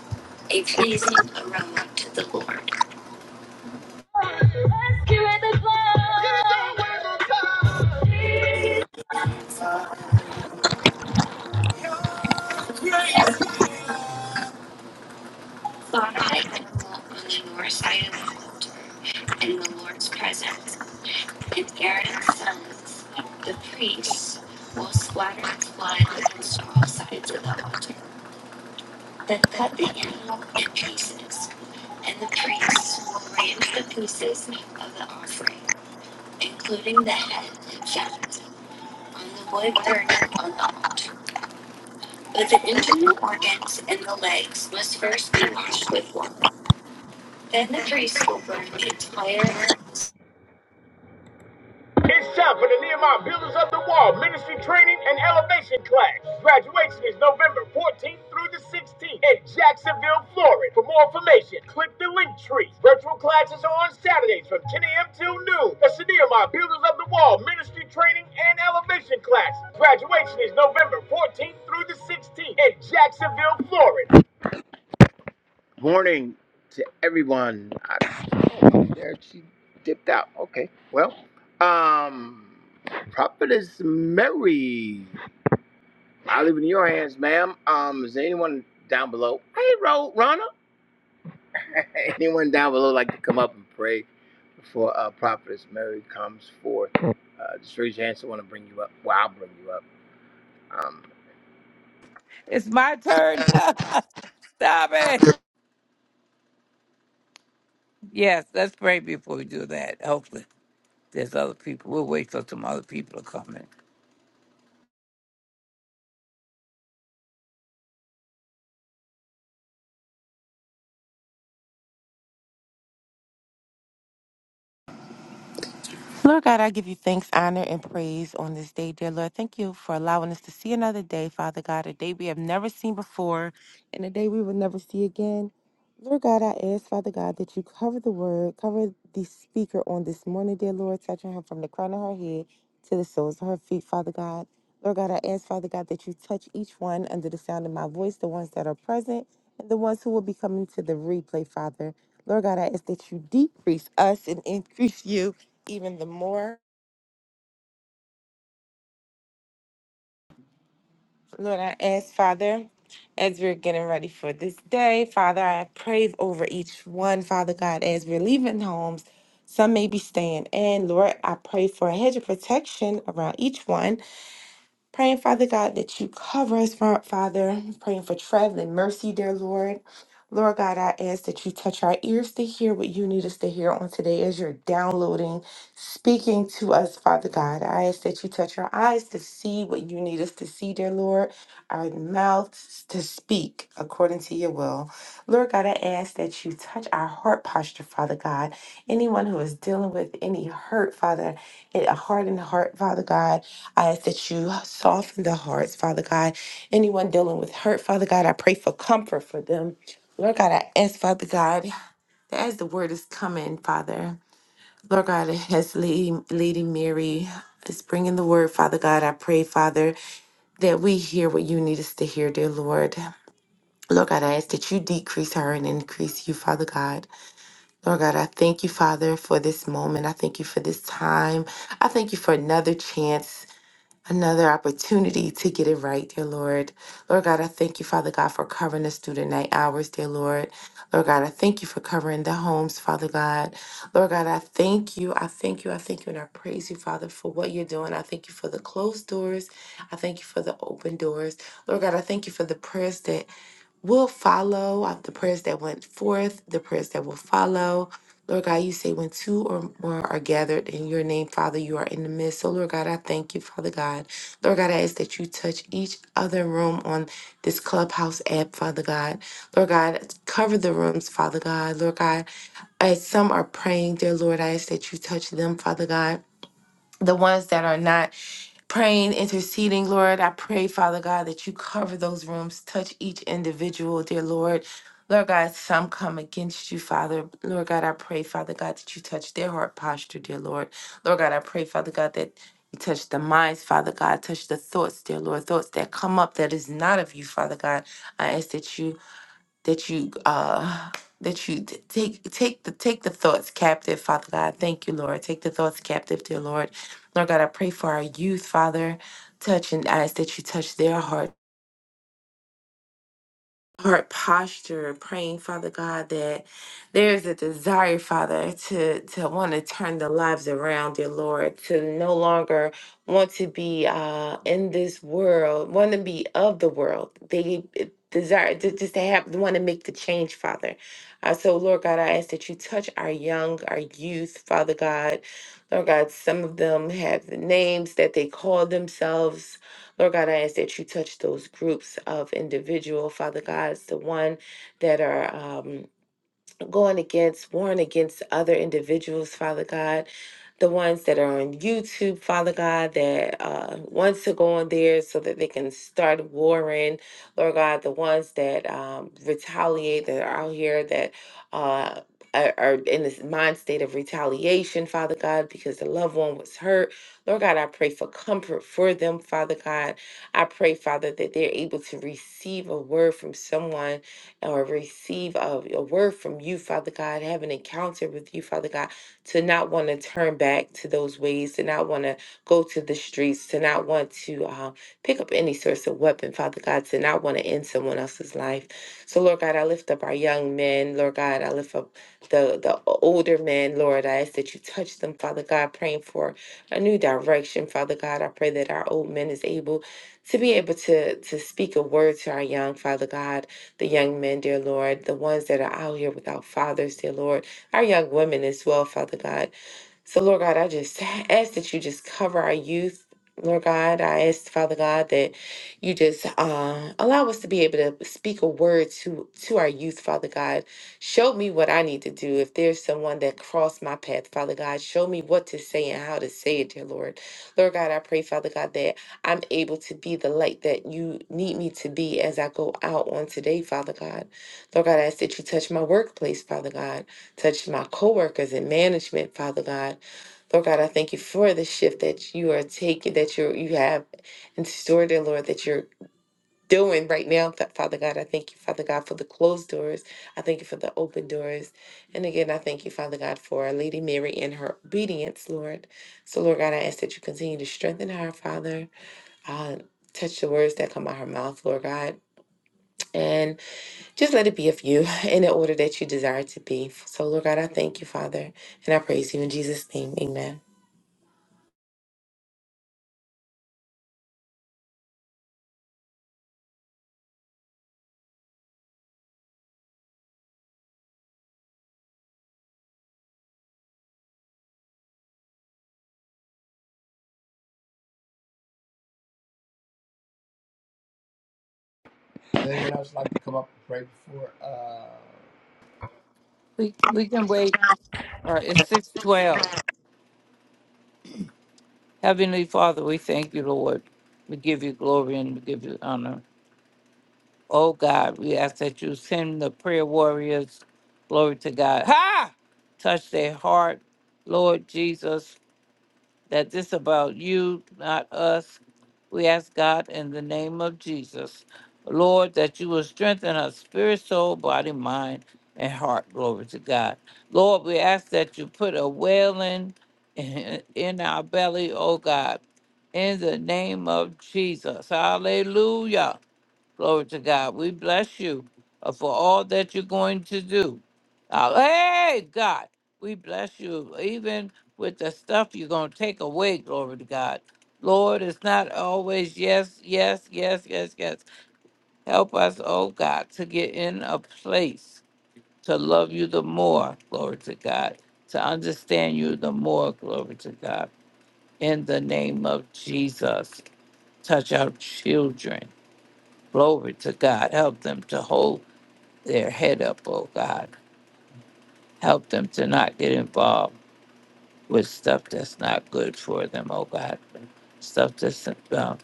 a pleasing aroma to the Lord. Rescuing the blind. He's always on time. Jesus. Slaughter the animal on the north side of the altar in the Lord's presence. And Aaron's sons, the priests, will splatter its blood against all sides of the altar. Then cut the animal in pieces, and the priests will arrange the pieces of the offering, including the head and fat, on the wood burning on the altar. But the internal organs and the legs must first be washed with water. Then the priests will burn the entire. It's my turn. Stop it. Yes, let's pray before we do that. Hopefully, there's other people. We'll wait for some other people to come in. Lord God, I give you thanks, honor, and praise on this day, dear Lord. Thank you for allowing us to see another day, Father God, a day we have never seen before and a day we will never see again. Lord God, I ask, Father God, that you cover the word, cover the speaker on this morning, dear Lord, touching her from the crown of her head to the soles of her feet, Father God. Lord God, I ask, Father God, that you touch each one under the sound of my voice, the ones that are present and the ones who will be coming to the replay, Father. Lord God, I ask that you decrease us and increase you even the more. Lord, I ask, Father, as we're getting ready for this day, Father, I pray over each one, Father God, as we're leaving homes. Some may be staying in. Lord, I pray for a hedge of protection around each one. Praying, Father God, that you cover us, Fa- Father. Praying for traveling mercy, dear Lord. Lord God, I ask that you touch our ears to hear what you need us to hear on today as you're downloading, speaking to us, Father God. I ask that you touch our eyes to see what you need us to see, dear Lord, our mouths to speak according to your will. Lord God, I ask that you touch our heart posture, Father God. Anyone who is dealing with any hurt, Father, a hardened heart, Father God, I ask that you soften the hearts, Father God. Anyone dealing with hurt, Father God, I pray for comfort for them. Lord God, I ask, Father God, that as the word is coming, Father, Lord God, as Lady, Lady Mary is bringing the word, Father God, I pray, Father, that we hear what you need us to hear, dear Lord. Lord God, I ask that you decrease her and increase you, Father God. Lord God, I thank you, Father, for this moment. I thank you for this time. I thank you for another chance another opportunity to get it right, dear Lord. Lord God, I thank you, Father God, for covering us through the night hours, dear Lord. Lord God, I thank you for covering the homes, Father God. Lord God, I thank you. I thank you. I thank you. And I praise you, Father, for what you're doing. I thank you for the closed doors. I thank you for the open doors. Lord God, I thank you for the prayers that will follow uh, the prayers that went forth, the prayers that will follow. Lord God, you say when two or more are gathered in your name, Father, you are in the midst. So, Lord God, I thank you, Father God. Lord God, I ask that you touch each other room on this clubhouse app, Father God. Lord God, cover the rooms, Father God. Lord God, as some are praying, dear Lord, I ask that you touch them, Father God the ones that are not praying, interceding, Lord. I pray, Father God, that you cover those rooms, touch each individual, dear Lord. Lord God, some come against you, Father. Lord God, I pray, Father God, that you touch their heart posture, dear Lord. Lord God, I pray, Father God, that you touch the minds, Father God, touch the thoughts, dear Lord, thoughts that come up that is not of you, Father God. I ask that you that you uh that you t- take take the take the thoughts captive, Father God. Thank you, Lord. Take the thoughts captive, dear Lord. Lord God, I pray for our youth, Father. Touch and ask that you touch their hearts heart posture praying father god that there is a desire father to to want to turn the lives around dear lord to no longer want to be uh in this world want to be of the world they desire to just to have want to make the change father uh, so lord god i ask that you touch our young our youth father god lord god some of them have the names that they call themselves Lord God, I ask that you touch those groups of individual, Father God, the one that are. Um, going against, warring against other individuals, Father God, the ones that are on YouTube, Father God, that uh, wants to go on there so that they can start warring, Lord God, the ones that um, retaliate, that are out here, that uh, are are in this mind state of retaliation, Father God, because the loved one was hurt. Lord God, I pray for comfort for them, Father God. I pray, Father, that they're able to receive a word from someone or receive a, a word from you, Father God, have an encounter with you, Father God, to not want to turn back to those ways, to not want to go to the streets, to not want to um, pick up any source of weapon, Father God, to not want to end someone else's life. So, Lord God, I lift up our young men, Lord God, I lift up the, the older men, Lord, I ask that you touch them, Father God, praying for a new direction, Father God. I pray that our old men is able to be able to to speak a word to our young Father God the young men, dear Lord, the ones that are out here without fathers, dear Lord, our young women as well, Father God. So, Lord God, I just ask that you just cover our youth. Lord God, I ask Father God that you just uh, allow us to be able to speak a word to to our youth, Father God. Show me what I need to do. If there's someone that crossed my path, Father God, show me what to say and how to say it, dear Lord. Lord God, I pray, Father God, that I'm able to be the light that you need me to be as I go out on today, Father God. Lord God, I ask that you touch my workplace, Father God. Touch my coworkers in management, Father God. Lord God, I thank you for the shift that you are taking, that you you have in store, dear Lord, that you're doing right now, Fa- Father God. I thank you, Father God, for the closed doors. I thank you for the open doors. And again, I thank you, Father God, for our Lady Mary and her obedience, Lord. So, Lord God, I ask that you continue to strengthen her, Father. Uh, touch the words that come out her mouth, Lord God. and. Just let it be of you in the order that you desire to be. So, Lord God, I thank you, Father, and I praise you in Jesus' name. Amen. We we can wait. Uh, it's six twelve. Heavenly Father, we thank you, Lord. We give you glory and we give you honor. Oh God, we ask that you send the prayer warriors. Glory to God. Ha! Touch their heart, Lord Jesus. that this about you, not us. We ask God in the name of Jesus, Lord, that you will strengthen our spirit, soul, body, mind, and heart. Glory to God. Lord, we ask that you put a wailing in in our belly, oh God, in the name of Jesus. Hallelujah. Glory to God. We bless you uh, for all that you're going to do. Uh, hey, God, we bless you even with the stuff you're going to take away. Glory to God. Lord, it's not always yes, yes, yes, yes, yes. Help us, oh God, to get in a place to love you the more. Glory to God. To understand you the more. Glory to God. In the name of Jesus, touch our children. Glory to God. Help them to hold their head up, oh God. Help them to not get involved with stuff that's not good for them, oh God. Stuff that's um,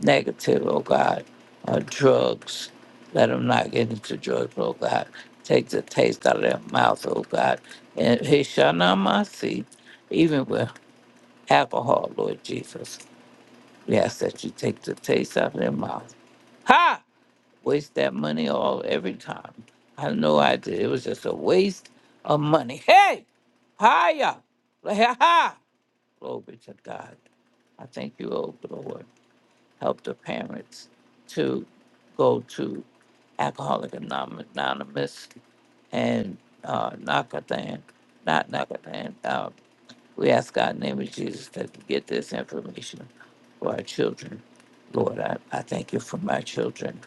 negative, oh God. Uh, drugs. Let them not get into drugs, oh God. Take the taste out of their mouth, oh God. And he shall not my seat, even with alcohol, Lord Jesus. We ask that you take the taste out of their mouth. Ha! waste that money all every time. I had no idea. It was just a waste of money. Hey, hiya, Like, ha ha. Glory to God. I thank you, oh Lord. Help the parents to go to Alcoholic Anonymous Anonymous and uh, Nakatan, not Nakatan. We ask God in the name of Jesus that we get this information for our children. Lord, I, I thank you for my children.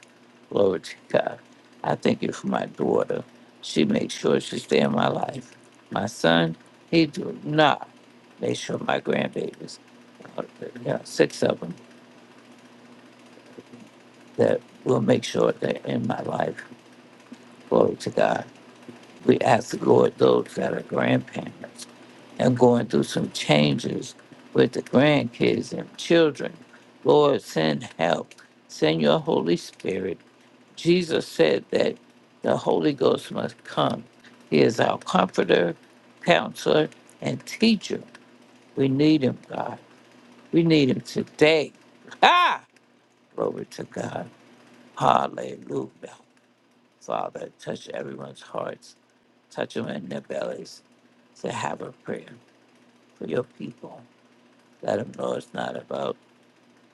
Glory to God. I thank you for my daughter. She makes sure she stay in my life. My son, he do not make sure my grandbabies, uh, yeah, six of them, that will make sure they're in my life. Glory to God. We ask the Lord those that are grandparents. and going through some changes with the grandkids and children. Lord, send help. Send your Holy Spirit. Jesus said that the Holy Ghost must come. He is our comforter, counselor, and teacher. We need him, God. We need him today. Ah! Glory to God. Hallelujah. Father, touch everyone's hearts, touch them in their bellies to have a prayer for your people. Let him know it's not about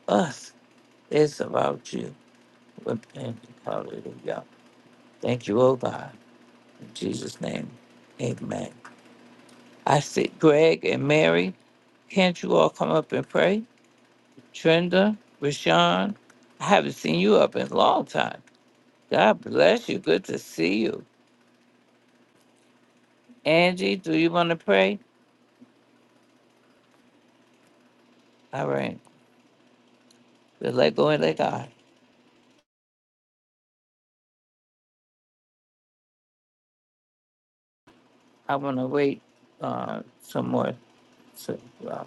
us. It's about you. Repent. Hallelujah. Thank you, oh God. In Jesus' name. Amen. I see Greg and Mary. Can't you all come up and pray? Trenda, Rashawn, I haven't seen you up in a long time. God bless you. Good to see you. Angie, do you want to pray? All right. Just let go and let God. I want to wait uh, some more so, uh,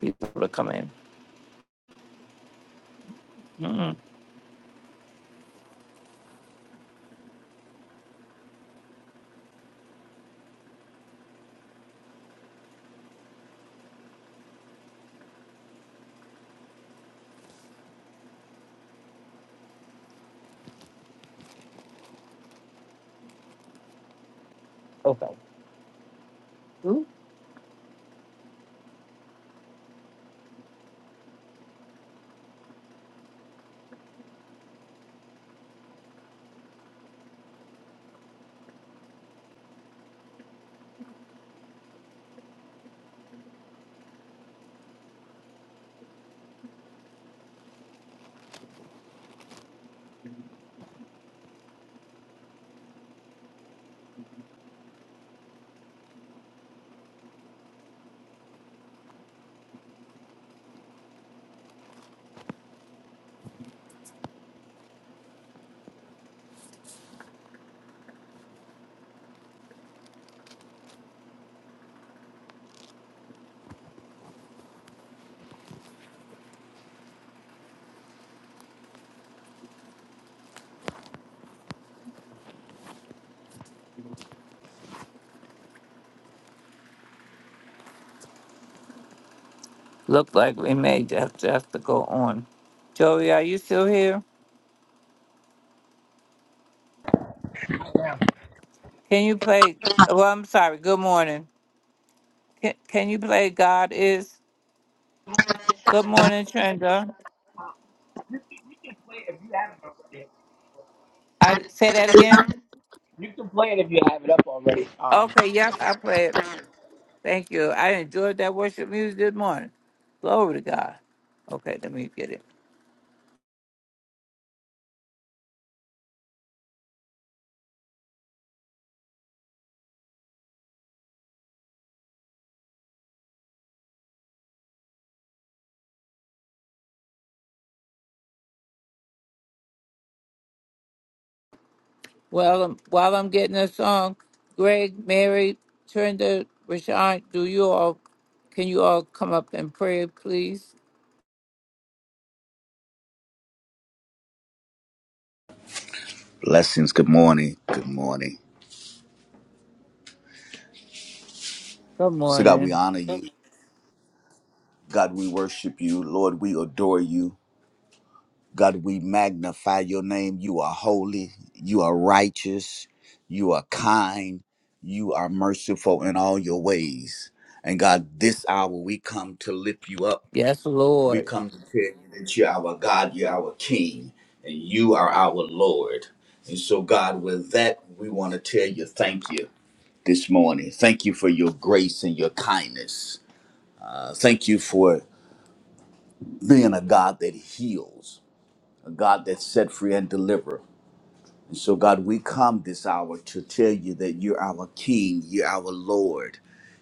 people to come in. Mm, Okay. Look like we may just have to go on. Joey, are you still here? Can you play? Well, I'm sorry. Good morning. Can, can you play God is? Good morning, Trenda. I say that again. Okay. Yep. I play it. Thank you. I enjoyed that worship music this morning. Glory to God. Okay. Let me get it. Well, um, while I'm getting a song, Greg, Mary, Trenda, Rashawn, do you all? Can you all come up and pray, please? Blessings. Good morning. Good morning. Good So, God, we morning. honor you. God, we worship you. Lord, we adore you. God, we magnify your name. You are holy. You are righteous. You are kind. You are merciful in all your ways. And God, this hour we come to lift you up. Yes, Lord. We come to tell you that you're our God, you're our King, and you are our Lord. And so, God, with that, we want to tell you thank you. this morning. Thank you for your grace and your kindness. Uh, thank you for being a God that heals, a God that set free and delivers. And so, God, we come this hour to tell you that you're our King, you're our Lord.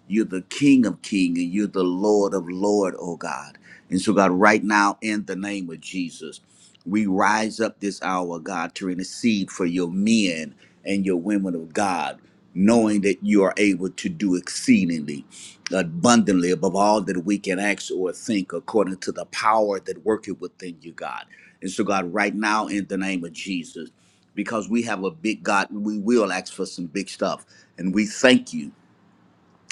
You're the King of King, and you're the Lord of Lord, oh God. And so, God, right now, in the name of Jesus, we rise up this hour, God, to intercede for your men and your women of God, knowing that you are able to do exceedingly abundantly above all that we can ask or think according to the power that worketh within you, God. And so, God, right now, in the name of Jesus, because we have a big God and we will ask for some big stuff. And we thank you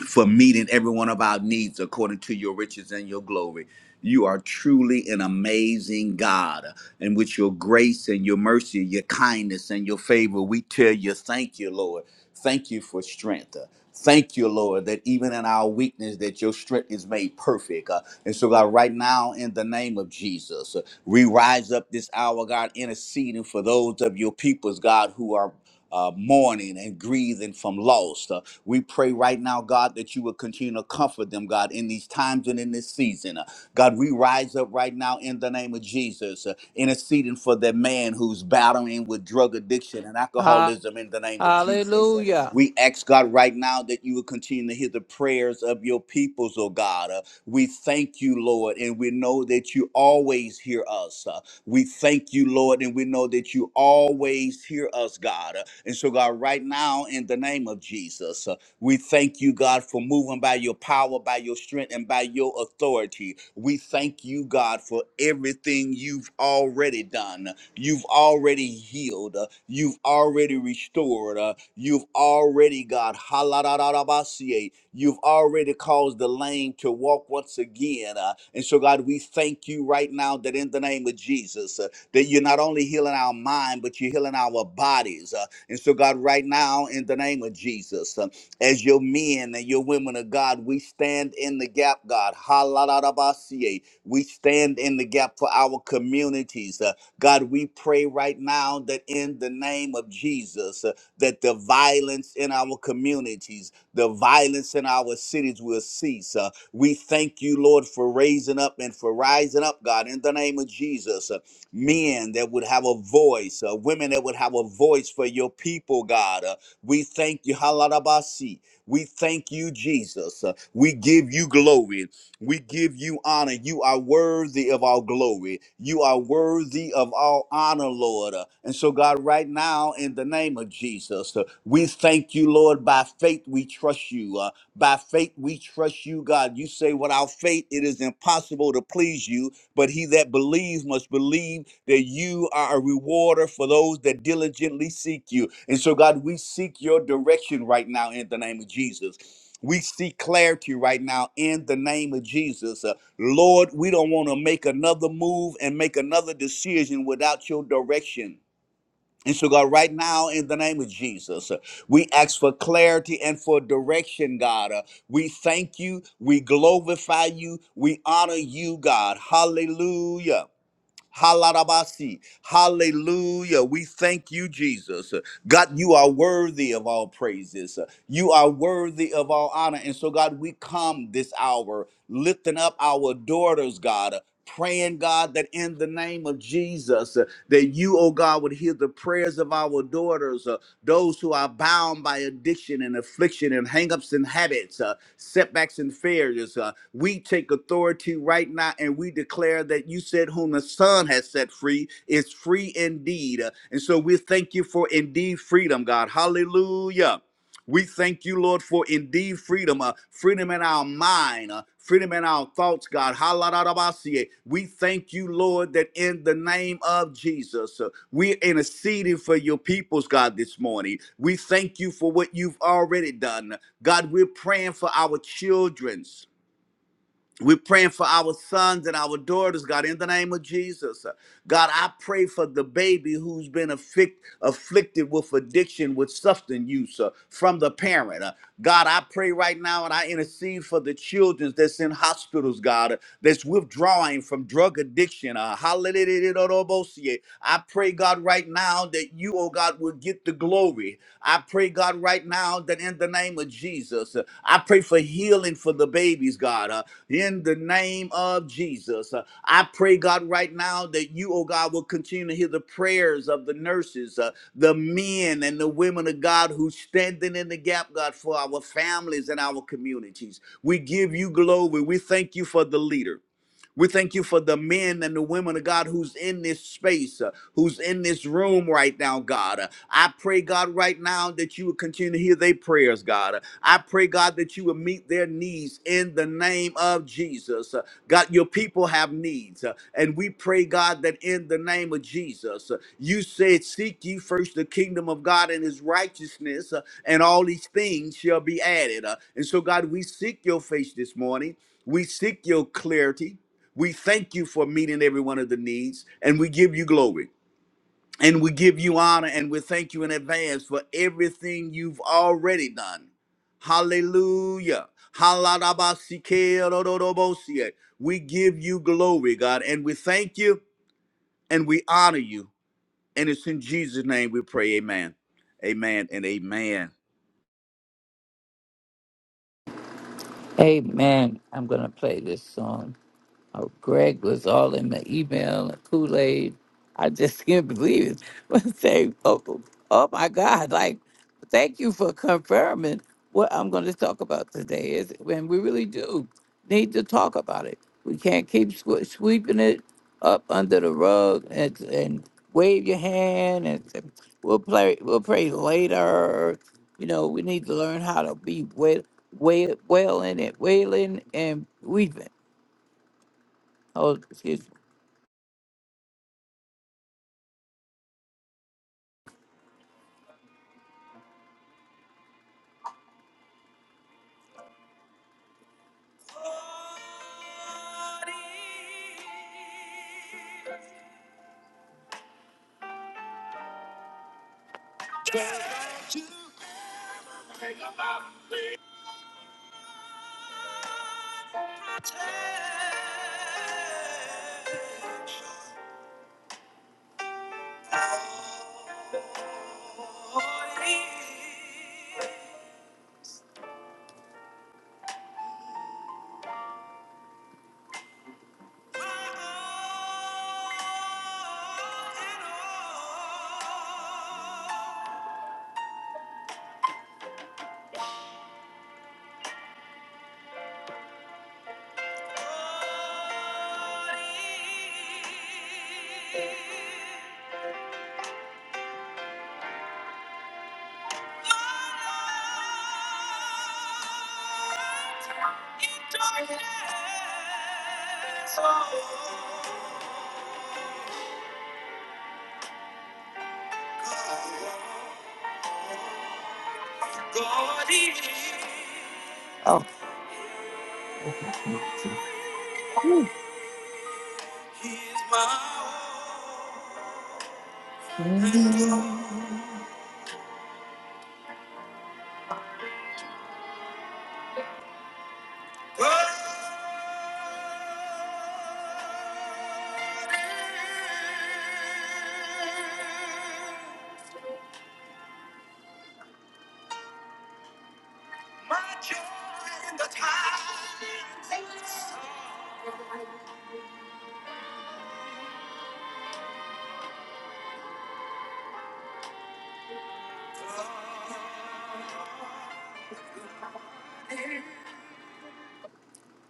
for meeting every one of our needs according to your riches and your glory. You are truly an amazing God. And with your grace and your mercy, your kindness and your favor, we tell you, thank you, Lord. Thank you for strength. Thank you, Lord, that even in our weakness, that your strength is made perfect. Uh, and so, God, right now, in the name of Jesus, uh, we rise up this hour, God, interceding for those of your peoples, God, who are uh, mourning and grieving from loss. We pray right now, God, that you would continue to comfort them, God, in these times and in this season. Uh, God, we rise up right now in the name of Jesus, uh, interceding for that man who's battling with drug addiction and Ha- alcoholism in the name of Jesus. Uh, Hallelujah. we ask, God, right now that you would continue to hear the prayers of your peoples, oh God. Uh, we thank you, Lord, and we know that you always hear us. Uh, we thank you, Lord, and we know that you always hear us, God. Uh, And so, God, right now, in the name of Jesus, uh, we thank you, God, for moving by your power, by your strength, and by your authority. We thank you, God, for everything you've already done. You've already healed. Uh, You've already restored. Uh, You've already, God, haladadadabasie. you've already caused the lame to walk once again. Uh, And so, God, we thank you right now that in the name of Jesus, uh, that you're not only healing our mind, but you're healing our bodies. Uh, And so, God, right now, in the name of Jesus, uh, as your men and your women of God, we stand in the gap, God. Halalalabasiye. We stand in the gap for our communities. Uh, God, we pray right now that in the name of Jesus, uh, that the violence in our communities, the violence in our cities will cease. Uh, we thank you, Lord, for raising up and for rising up, God, in the name of Jesus. Uh, men that would have a voice, uh, women that would have a voice for your people, God. Uh, we thank you, Haladabasi. We thank you, Jesus. Uh, We give you glory. We give you honor. You are worthy of our glory. You are worthy of our honor, Lord. Uh, And so, God, right now, in the name of Jesus, uh, we thank you, Lord. By faith, we trust you. Uh, By faith, we trust you, God. You say, without faith, it is impossible to please you but he that believes must believe that you are a rewarder for those that diligently seek you. And so, God, we seek your direction right now in the name of Jesus. We seek clarity right now in the name of Jesus. Uh, Lord, we don't want to make another move and make another decision without your direction. And so, God, right now, in the name of Jesus, uh, we ask for clarity and for direction, God. Uh, we thank you. We glorify you. We honor you, God. Hallelujah. Halarabasi. Hallelujah. We thank you, Jesus. God, you are worthy of all praises. You are worthy of all honor. And so, God, we come this hour lifting up our daughters, God. Praying, God, that in the name of Jesus, uh, that you, oh God, would hear the prayers of our daughters, uh, those who are bound by addiction and affliction and hangups and habits. uh, setbacks and failures. Uh, we take authority right now and we declare that you said, Whom the Son has set free is free indeed. Uh, and so we thank you for indeed freedom, God. Hallelujah. We thank you, Lord, for indeed freedom, uh, freedom in our mind, uh, freedom in our thoughts, God. Hallelujah. We thank you, Lord, that in the name of Jesus, uh, we're interceding for your peoples, God, this morning. We thank you for what you've already done. God, we're praying for our children's. We're praying for our sons and our daughters, God, in the name of Jesus. God, I pray for the baby who's been affic- afflicted with addiction, with substance use uh, from the parent. Uh, God, I pray right now and I intercede for the children that's in hospitals, God, uh, that's withdrawing from drug addiction. Uh, hallelujah. I pray, God, right now that you, oh God, will get the glory. I pray, God, right now that in the name of Jesus, uh, I pray for healing for the babies, God. Uh, in the name of Jesus. Uh, I pray, God, right now that you, oh God, will continue to hear the prayers of the nurses, uh, the men and the women of God who standing in the gap, God, for our families and our communities. We give you glory. We thank you for the leader. We thank you for the men and the women of God who's in this space, uh, who's in this room right now, God. Uh, I pray, God, right now that you would continue to hear their prayers, God. Uh, I pray, God, that you would meet their needs in the name of Jesus. Uh, God, your people have needs. uh, And we pray, God, that in the name of Jesus, uh, you said, Seek ye first the kingdom of God and his righteousness, uh, and all these things shall be added. Uh, And so, God, we seek your face this morning. We seek your clarity. We thank you for meeting every one of the needs, and we give you glory, and we give you honor, and we thank you in advance for everything you've already done. Hallelujah. Halalabasikerodorobosie. We give you glory, God, and we thank you and we honor you. And it's in Jesus' name we pray, amen. Amen and amen. Amen. I'm going to play this song. Oh, Greg was all in the email and Kool Aid. I just can't believe it. But say, oh, oh my God, like, thank you for confirming what I'm going to talk about today. Is when we really do need to talk about it. We can't keep swe- sweeping it up under the rug and and wave your hand and say, we'll play we'll pray later. You know, we need to learn how to be wail, wail, wailing it, wailing and weeping. Oh, excuse me. Thank you. Oh.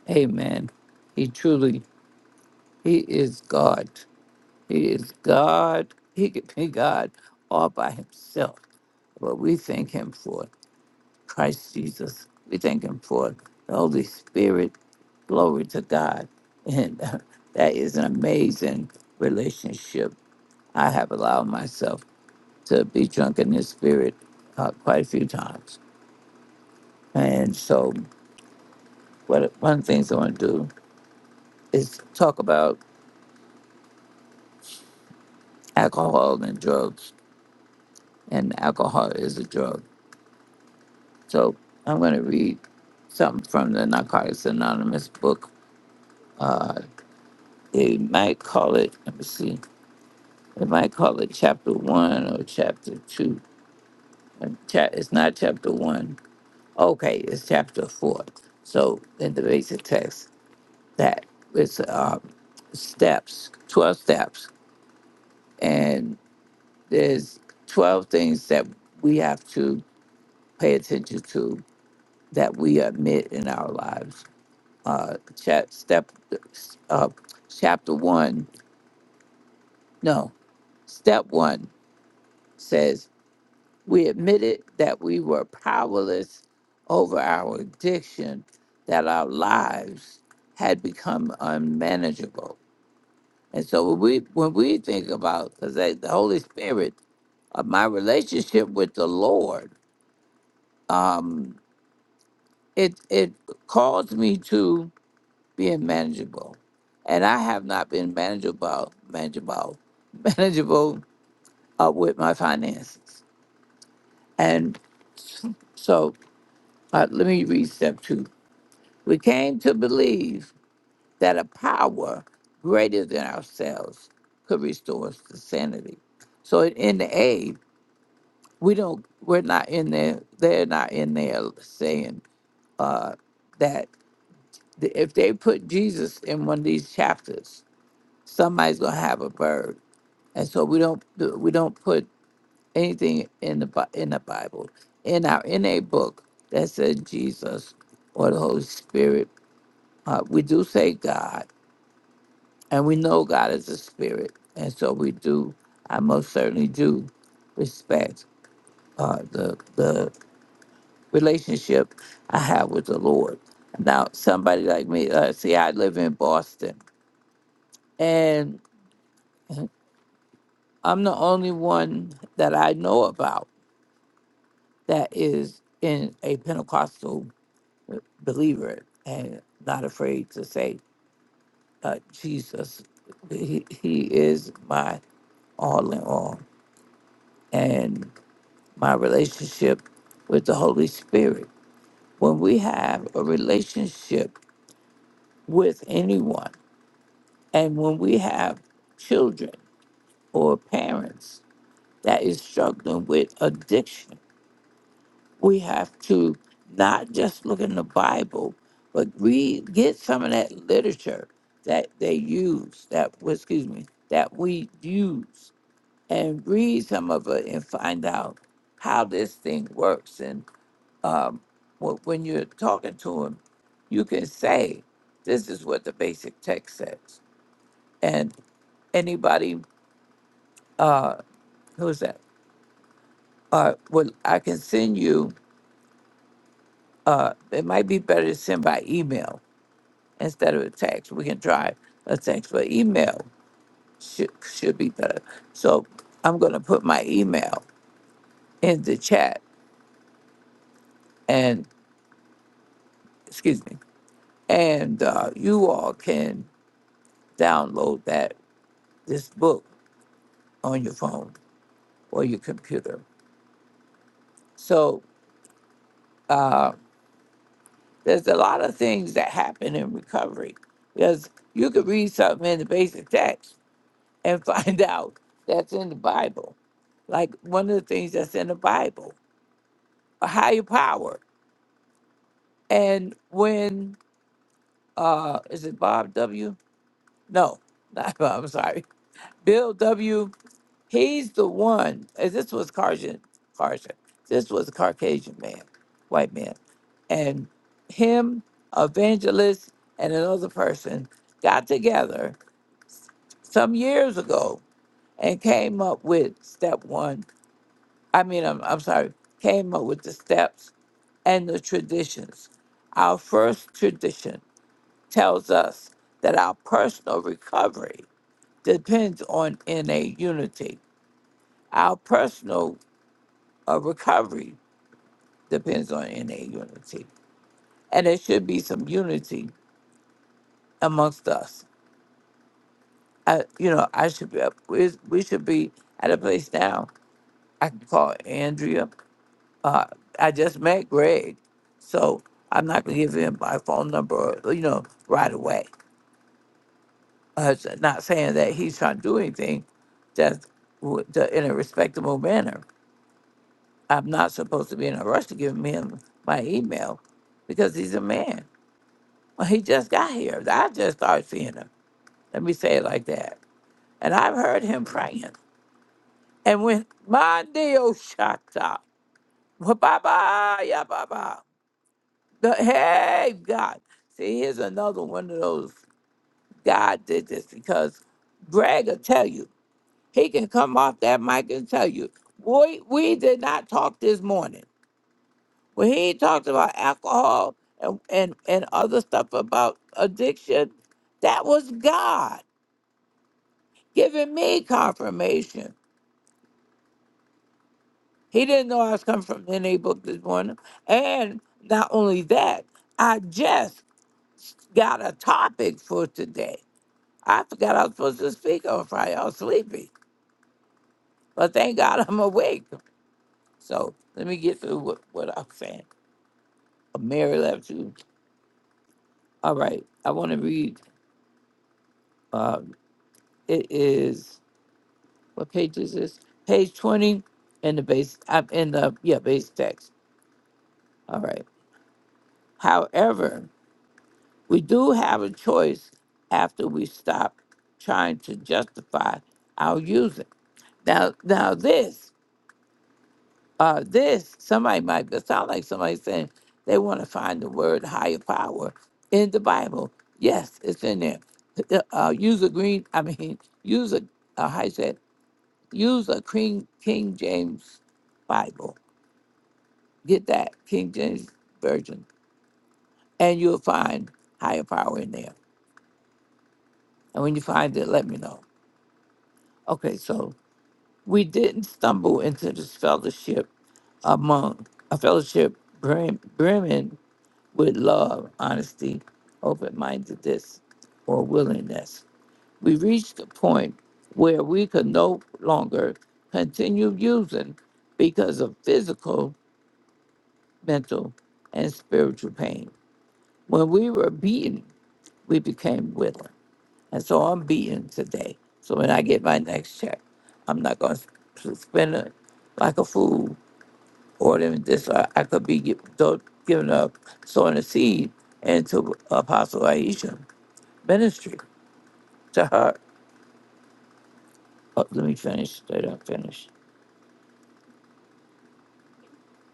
Amen. He truly, he is God. He is God. He could be God all by himself. But we thank him for Christ Jesus. We thank him for the Holy Spirit. Glory to God. And uh, that is an amazing relationship. I have allowed myself to be drunk in his spirit uh, quite a few times. And so But one of the things I want to do is talk about alcohol and drugs, and alcohol is a drug. So I'm going to read something from the Narcotics Anonymous book. Uh, they might call it, let me see, they might call it chapter one or chapter two. Uh, Cha- It's not chapter one. Okay, it's chapter four. So in the basic text, that it's uh, steps, 12 steps. And there's 12 things that we have to pay attention to that we admit in our lives. Uh, chat, step, uh, chapter one, no, step one says we admitted that we were powerless over our addiction, that our lives had become unmanageable. And so when we when we think about because the Holy Spirit, uh, my relationship with the Lord. Um, it it caused me to being manageable, and I have not been manageable, manageable, manageable uh, with my finances. And so, uh, let me read step two. We came to believe that a power greater than ourselves could restore us to sanity. So in the A, we don't, we're not in there. They're not in there saying uh, that. th- if they put Jesus in one of these chapters, somebody's gonna have a bird. And so we don't do- we don't put anything in the Bi- in the Bible in our in a book that says Jesus or the Holy Spirit. Uh, we do say God, and we know God is a spirit, and so we do. I most certainly do respect uh, the the relationship I have with the Lord. Now, somebody like me, uh, see, I live in Boston, I'm the only one that I know about that is in a Pentecostal believer and not afraid to say, uh, Jesus, he, he is my all in all and my relationship with the Holy Spirit. When we have a relationship with anyone, and when we have children or parents that is struggling with addiction, we have to not just look in the Bible, but read, get some of that literature that they use, that well, excuse me, that we use, and read some of it and find out how this thing works. And um, wh- when you're talking to them, you can say, "This is what the basic text says," and anybody uh who's that uh well i can send you uh it might be better to send by email instead of a text. We can try a text, but email should should be better. So I'm gonna put my email in the chat, and excuse me, and uh, you all can download that this book on your phone or your computer. So uh, there's a lot of things that happen in recovery because you could read something in the basic text and find out that's in the Bible like one of the things that's in the Bible. a higher power. And when uh is it Bob W? No, not Bob, I'm sorry. Bill W. He's the one. and This was Carson. Carson. This was a Caucasian man, white man, and him, evangelist, and another person got together some years ago and came up with step one. I mean, I'm, I'm sorry, came up with the steps and the traditions. Our first tradition tells us that our personal recovery depends on NA unity. Our personal uh, recovery depends on NA unity. And there should be some unity amongst us. I, you know, I should be, we, we should be at a place now. I can call Andrea. Uh, I just met Greg. So I'm not going to give him my phone number, you know, right away. us, not saying that he's trying to do anything, just w- the- in a respectable manner. I'm not supposed to be in a rush to give him my email because he's a man. Well, he just got here. I just started seeing him. Let me say it like that. And I've heard him praying. And when my deal shut up, ba-ba, yeah, ba-ba. The- Hey, God. See, here's another one of those God did this because Greg will tell you He can come off that mic and tell you, boy, we did not talk this morning. Well, he ain't talked about alcohol and, and, and other stuff about addiction. That was God giving me confirmation. He didn't know I was coming from any book this morning. And not only that, I just got a topic for today. I forgot I was supposed to speak on Friday. I was sleepy. But thank God I'm awake. So let me get through what, what I'm saying. Mary left you. All right, I want to read. Uh, it is what page is this? Page twenty in the base. I'm in the yeah base text. All right. However, we do have a choice after we stop trying to justify our using. Now, now this uh, this, somebody might it sound like somebody saying they want to find the word higher power in the Bible. Yes, it's in there. The- Uh, use a green, I mean, use a, uh, how you say it? use a King, King James Bible. Get that King James version, and you'll find higher power in there. And when you find it, let me know. Okay, so we didn't stumble into this fellowship among a fellowship brim, brimming with love, honesty, open mindedness, or willingness. We reached a point where we could no longer continue using because of physical, mental, and spiritual pain. When we were beaten, we became willing. And so I'm beaten today. So when I get my next check, I'm not going to spend it like a fool ordering this. Or I could be gi- do- giving up sowing a seed into Apostle Aisha ministry to her. Oh, let me finish. I don't finish.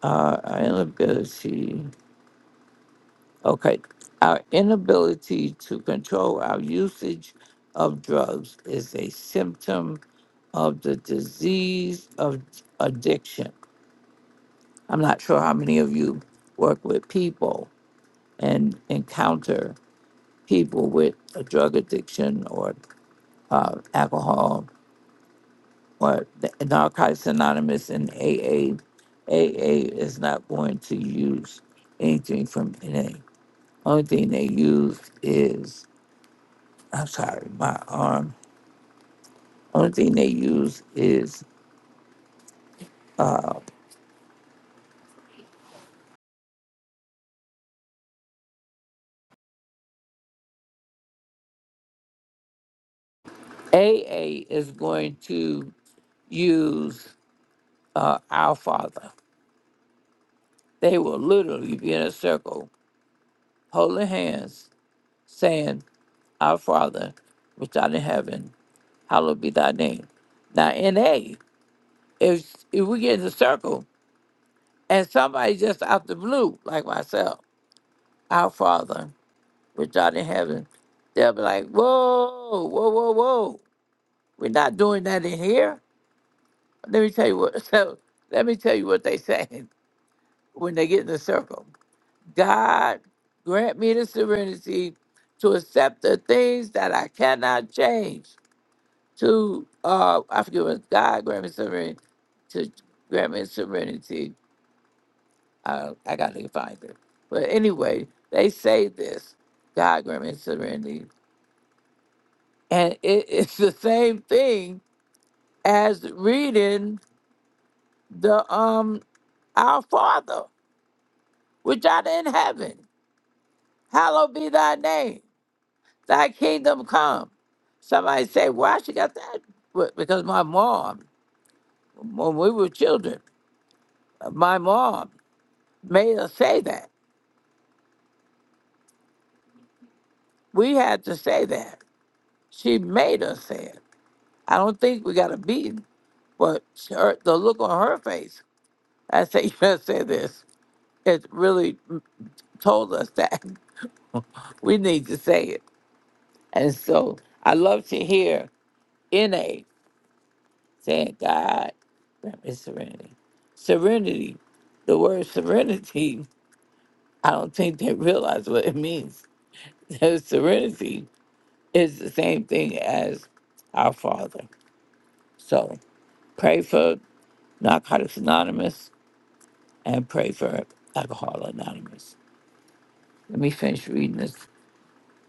Uh, our inability. Okay. Our inability to control our usage of drugs is a symptom of the disease of addiction. I'm not sure how many of you work with people and encounter people with a drug addiction or uh, alcohol or the and Narcotics Anonymous and AA, AA is not going to use anything from NA. Only thing they use is, I'm sorry, my arm. Only thing they use is AA is going to use uh, Our Father. They will literally be in a circle, holding hands, saying, Our Father, which art in heaven, hallowed be thy name. Now, NA, if, if we get in the circle, And somebody just out the blue, like myself, our Father, which art in heaven, they'll be like, whoa, whoa, whoa, whoa. We're not doing that in here. Let me tell you what. So let me tell you what they say when they get in the circle. God, grant me the serenity to accept the things that I cannot change. To uh, I forget what God grant me serenity to grant me serenity Uh, I got to find it. But anyway, they say this diagram and serenity, and it, it's the same thing as reading the um our Father, which art in heaven. Hallowed be thy name. Thy kingdom come. Somebody say, why she got that? Well, Because my mom, when we were children, my mom made us say that. We had to say that. She made us say it. I don't think we got to be. But her, the look on her face, I say, you better say this. It really told us that we need to say it. And so I love to hear NA saying, God, grant me serenity. Serenity, the word serenity, I don't think they realize what it means. serenity is the same thing as our Father. So pray for Narcotics Anonymous and pray for Alcohol Anonymous. Let me finish reading this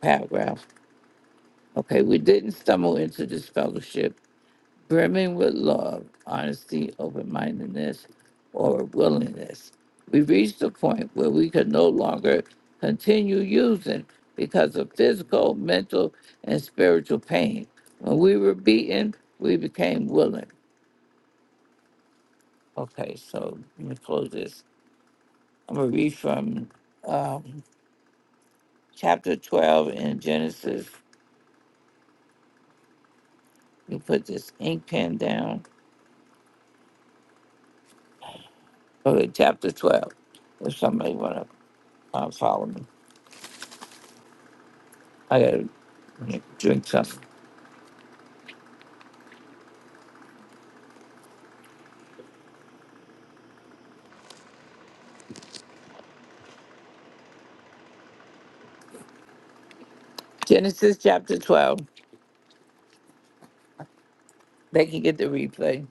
paragraph. Okay, we didn't stumble into this fellowship brimming with love, honesty, open mindedness, or willingness. We reached a point where we could no longer continue using because of physical, mental, and spiritual pain. When we were beaten, we became willing. Okay, so let me close this. I'm going to read from um, chapter 12 in Genesis. You put this ink pen down Okay, chapter 12. If somebody want to uh, follow me, I got to drink something. Genesis chapter 12. They can get the replay.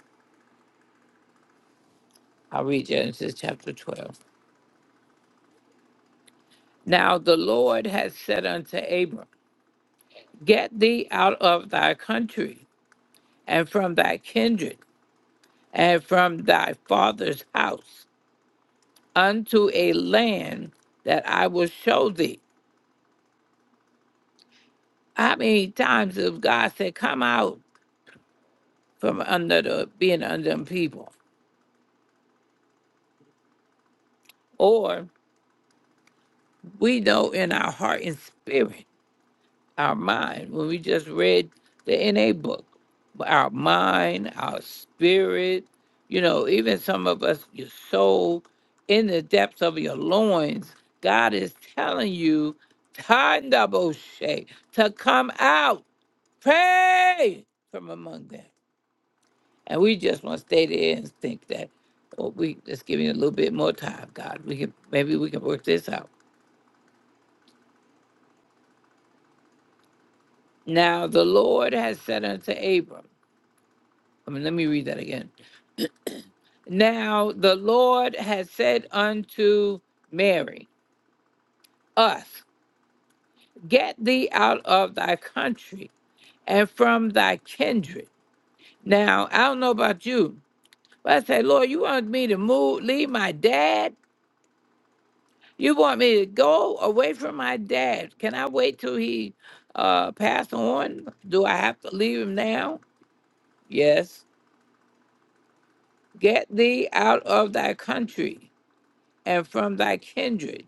I'll read Genesis chapter 12. Now the Lord has said unto Abram, Get thee out of thy country and from thy kindred and from thy father's house unto a land that I will show thee. How many times have God said, Come out from under the being under them people? Or we know in our heart and spirit, our mind, when we just read the NA book, our mind, our spirit, you know, even some of us, your soul, in the depths of your loins, God is telling you, Tandaboshe, to come out, pray from among them. And we just want to stay there and think that, oh, we just give you a little bit more time, God. We can maybe we can work this out Now the Lord has said unto Abram, I mean, let me read that again. Now the Lord has said unto Mary, Us, get thee out of thy country and from thy kindred. Now, I don't know about you, but I say, Lord, you want me to move, leave my dad? You want me to go away from my dad? Can I wait till he uh, pass on? Do I have to leave him now? Yes. Get thee out of thy country and from thy kindred,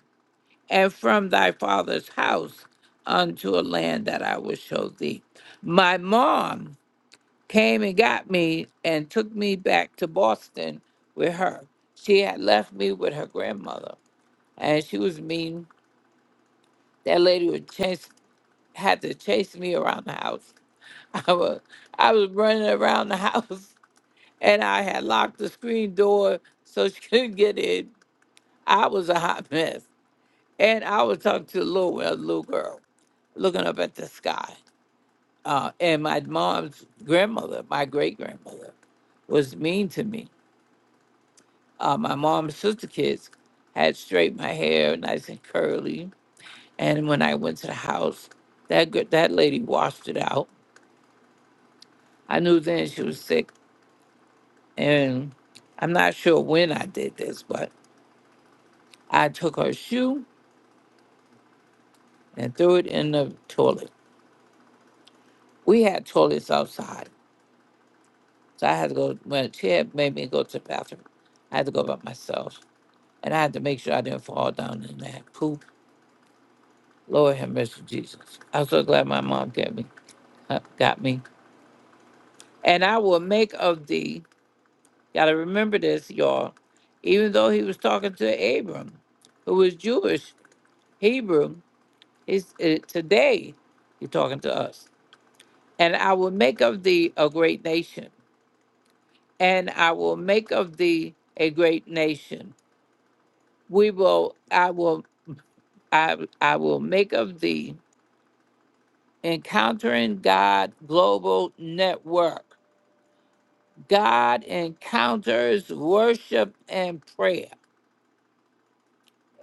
and from thy father's house unto a land that I will show thee. My mom came and got me and took me back to Boston with her. She had left me with her grandmother, and she was mean. That lady would chase, had to chase me around the house. I was, I was running around the house, and I had locked the screen door so she couldn't get in. I was a hot mess. And I was talking to a little, well, little girl, looking up at the sky. Uh, and my mom's grandmother, my great grandmother, was mean to me. Uh, my mom's sister kids had straight my hair, nice and curly. And when I went to the house, that gr- that lady washed it out. I knew then she was sick, and I'm not sure when I did this, but I took her shoe and threw it in the toilet. We had toilets outside So I had to go when Chad made me go to the bathroom. I had to go by myself, and I had to make sure I didn't fall down in that poop. Lord have mercy, Jesus. I'm so glad my mom got me. uh, Got me. And I will make of thee. Gotta remember this, y'all. Even though he was talking to Abram, who was Jewish, Hebrew, he's uh, today he's talking to us. And I will make of thee a great nation, and I will make of thee a great nation we will i will I, I will make of thee. Encountering God Global Network. God encounters worship and prayer.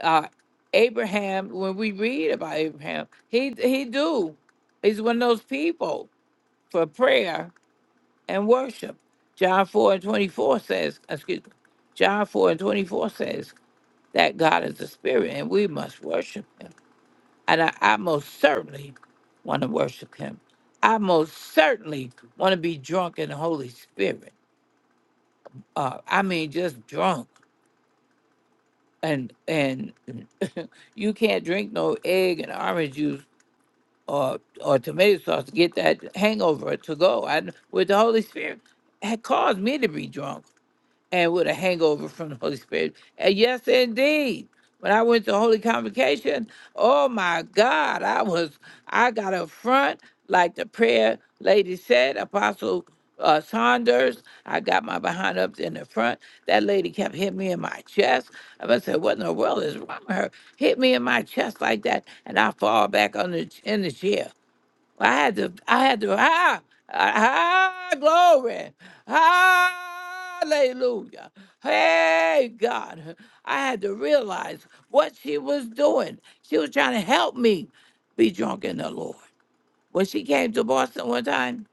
Uh, Abraham, when we read about Abraham, he he do. He's one of those people for prayer and worship. John 4 and 24 says, excuse me, John 4 and 24 says that God is the spirit and we must worship him. And I, I most certainly want to worship him. I most certainly want to be drunk in the Holy Spirit. Uh, I mean, just drunk. And and you can't drink no egg and orange juice or or tomato sauce to get that hangover to go. And with the Holy Spirit, had caused me to be drunk. and with a hangover from the Holy Spirit. And yes, indeed, when I went to Holy Convocation, oh my God, I was, I got up front, like the prayer lady said, Apostle uh, Saunders. I got my behind up in the front. That lady kept hitting me in my chest. I must say, what in the world is wrong with her? Hit me in my chest like that, and I fall back on the, in the chair. I had to, I had to, ah, ah, glory, hallelujah. Hey, God, I had to realize what she was doing. She was trying to help me be drunk in the Lord. When she came to Boston one time,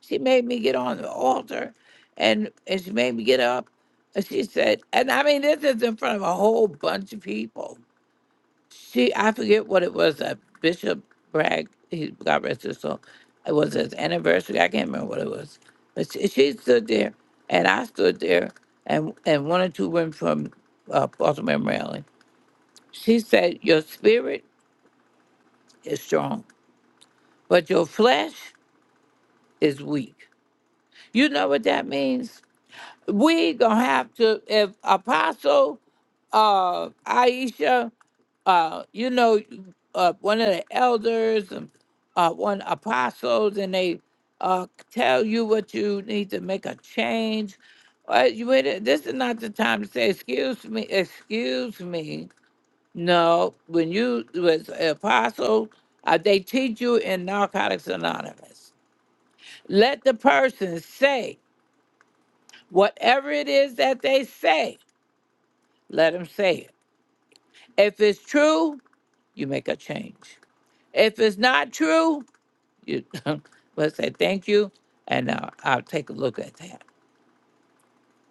she made me get on the altar and, and she made me get up. And she said, and I mean, this is in front of a whole bunch of people. She, I forget what it was that Bishop Bragg, he God rest his soul. It was his anniversary. I can't remember what it was, but she, she stood there, and I stood there, and and one or two women from uh, Baltimore, Maryland. She said, "Your spirit is strong, but your flesh is weak." You know what that means? We gonna have to if Apostle uh, Aisha. uh, you know, uh, one of the elders, and, uh, one apostles, and they uh, tell you what you need to make a change. Uh, you, wait- this is not the time to say, excuse me, excuse me. No, when you was an apostle, uh, they teach you in Narcotics Anonymous. Let the person say whatever it is that they say, let them say it. If it's true, you make a change. If it's not true, you but say thank you and uh, I'll take a look at that.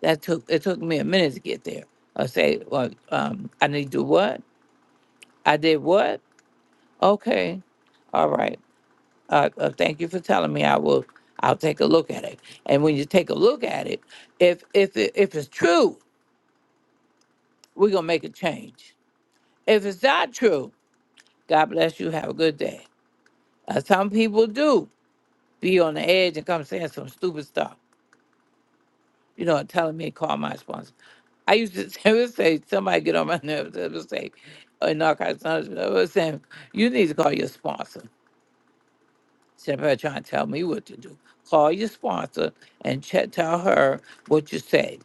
That took it took me a minute to get there. I say, well, um, I need to do what? I did what? Okay, all right. Uh, uh, thank you for telling me. I will. I'll take a look at it. And when you take a look at it, if if it, if it's true, we're gonna make a change. If it's not true, God bless you. Have a good day. Uh, some people do be on the edge and come saying some stupid stuff. You know, and telling me to call my sponsor. I used to say, I would say somebody get on my nerves. I would say, in all kinds of times, I was saying, you need to call your sponsor. Somebody trying to tell me what to do. Call your sponsor and check, tell her what you said.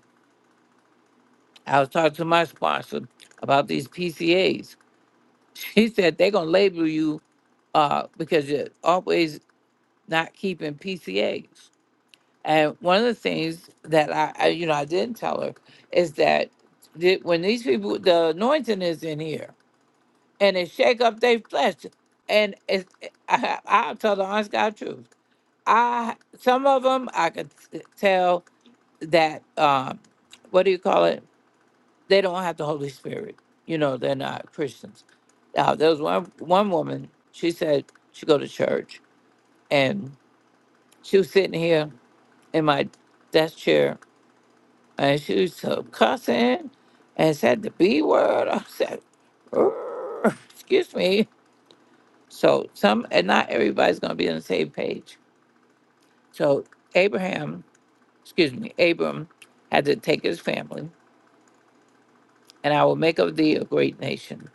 I was talking to my sponsor about these PCAs. She said they're gonna label you uh, because you're always not keeping PCAs. And one of the things that I, I you know, I didn't tell her is that the- when these people, the anointing is in here and it shake up their flesh. And it's, I, I'll tell the honest God truth. I some of them I could t- tell that um, what do you call it? They don't have the Holy Spirit. You know, they're not Christians. Now there was one one woman. She said she go to church, and she was sitting here in my desk chair, and she was so cussing and said the B word. I said, "Urgh," excuse me. So some and not everybody's going to be on the same page. So Abraham, excuse me, Abram had to take his family, and I will make of thee a great nation,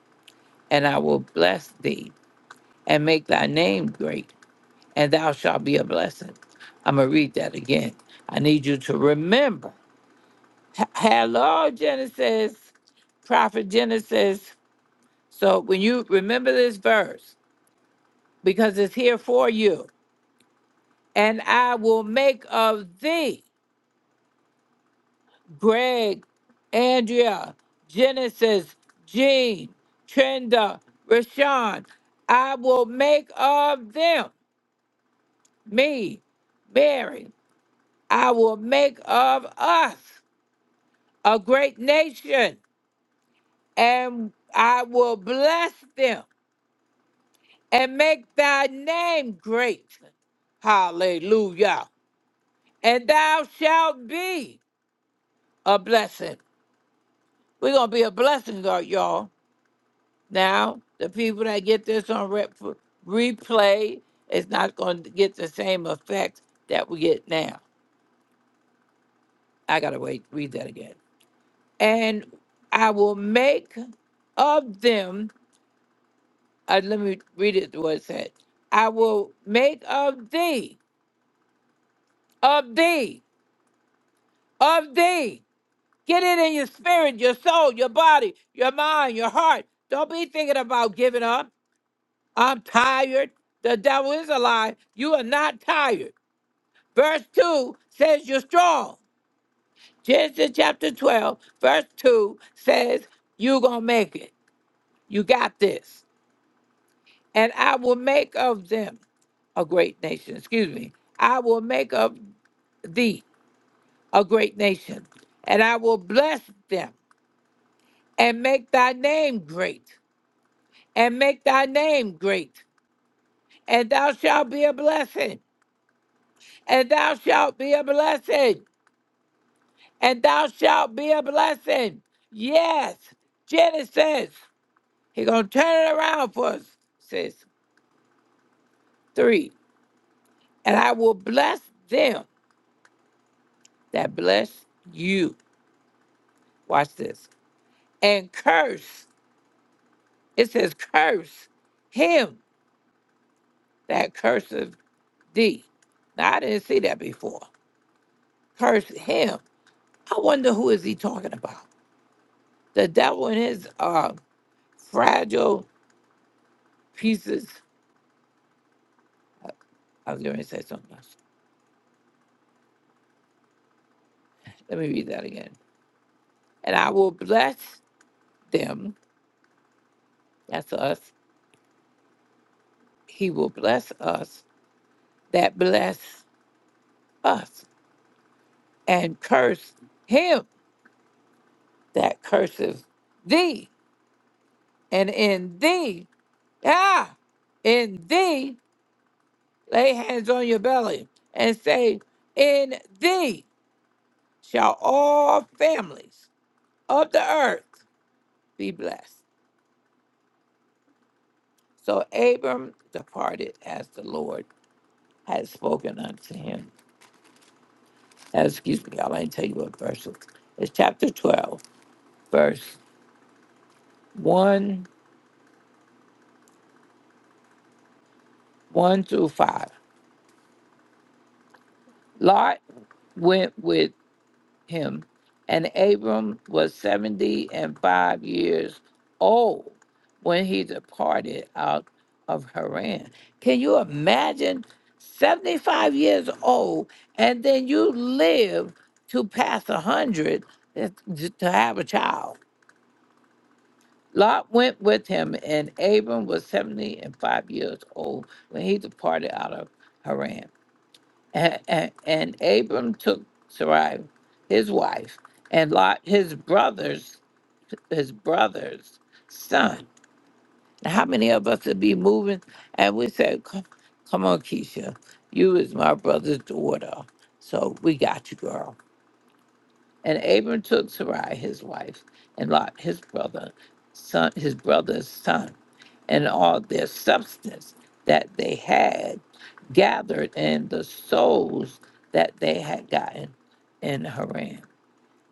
and I will bless thee and make thy name great, and thou shalt be a blessing. I'm gonna read that again. I need you to remember. H- Hello, Genesis, Prophet Genesis. So when you remember this verse, because it's here for you, and I will make of thee. Greg, Andrea, Genesis, Jean, Trenda, Rashawn. I will make of them, me, Mary. I will make of us a great nation, and I will bless them and make thy name great. Hallelujah. And thou shalt be a blessing. We're going to be a blessing, y'all. Now, the people that get this on rep- replay is not going to get the same effect that we get now. I got to wait, read that again. And I will make of them, uh, let me read it what it said. I will make of thee, of thee, of thee. Get it in your spirit, your soul, your body, your mind, your heart. Don't be thinking about giving up. I'm tired. The devil is alive. You are not tired. Verse 2 says you're strong. Genesis chapter 12, verse 2 says you're going to make it. You got this. And I will make of them a great nation. Excuse me. I will make of thee a great nation, and I will bless them and make thy name great, and make thy name great, and thou shalt be a blessing, and thou shalt be a blessing. and thou shalt be a blessing. Yes, Genesis. He gonna turn it around for us. Says three, and I will bless them that bless you. Watch this. And curse. It says curse him that curses thee. Now I didn't see that before. Curse him. I wonder who is he talking about? The devil and his uh, fragile pieces. I was going to say something else. Let me read that again. and I will bless them. That's us. He will bless us that bless us, and curse him that curses thee. And in thee, ah, in thee, lay hands on your belly and say, In thee shall all families of the earth be blessed. So Abram departed as the Lord had spoken unto him. Uh, excuse me, y'all, I didn't tell you what verse it- it's chapter 12, verse 1, 1 through 5. Lot went with him, and Abram was 70 and 5 years old when he departed out of Haran. Can you imagine 75 years old, and then you live to pass 100 to to have a child? Lot went with him, and Abram was seventy and five years old when he departed out of Haran. And, and, and Abram took Sarai, his wife, and Lot, his brother's, his brother's son. Now, how many of us would be moving? And we said, "Come, come on, Keisha, you is my brother's daughter, so we got you, girl." And Abram took Sarai, his wife, and Lot, his brother, son, his brother's son and all their substance that they had gathered and the souls that they had gotten in Haran.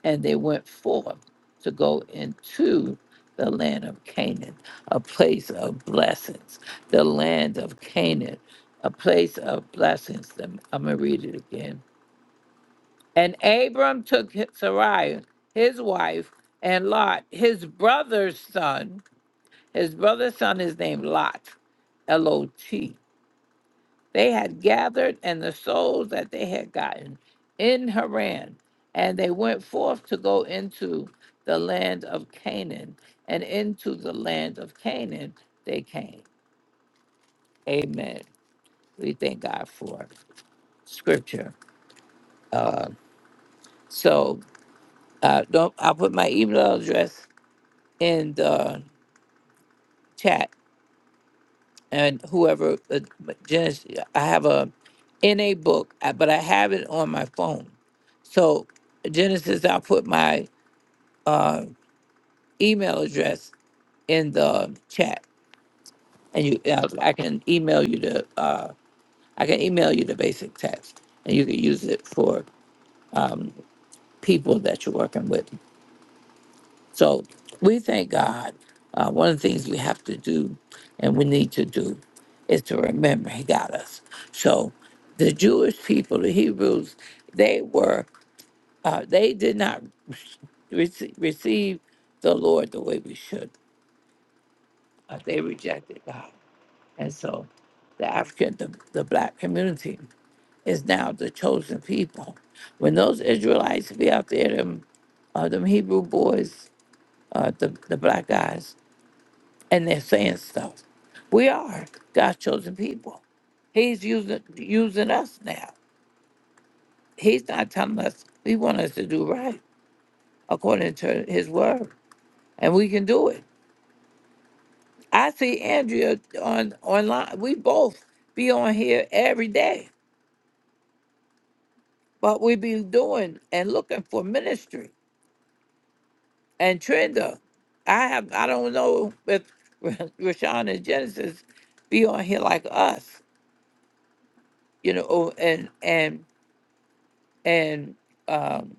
And they went forth to go into the land of Canaan, a place of blessings. The land of Canaan, a place of blessings. I'm going to read it again. And Abram took Sarai, his wife, and Lot, his brother's son, his brother's son is named Lot, L O T. They had gathered, and the souls that they had gotten in Haran, and they went forth to go into the land of Canaan, and into the land of Canaan they came. Amen. We thank God for scripture. So uh, don't I'll put my email address in the chat and whoever uh, Janice, I have a NA book, uh, but I have it on my phone. So Genesis, I'll put my email address in the chat, and you, uh, I can email you the, uh, I can email you the basic text, and you can use it for people that you're working with. So we thank God. Uh, one of the things we have to do and we need to do is to remember He got us. So the Jewish people, the Hebrews, they were, uh, they did not rece- receive the Lord the way we should. Uh, they rejected God. And so the African, the, the black community is now the chosen people. When those Israelites be out there, them, uh, them Hebrew boys, uh, the, the black guys, and they're saying stuff. We are God's chosen people. He's using using us now. He's not telling us he wants us to do right according to his word. And we can do it. I see Andrea on online. We both be on here every day. But we be doing and looking for ministry. And Trenda, I have I don't know if Rashawn and Genesis be on here like us, you know, and and And um,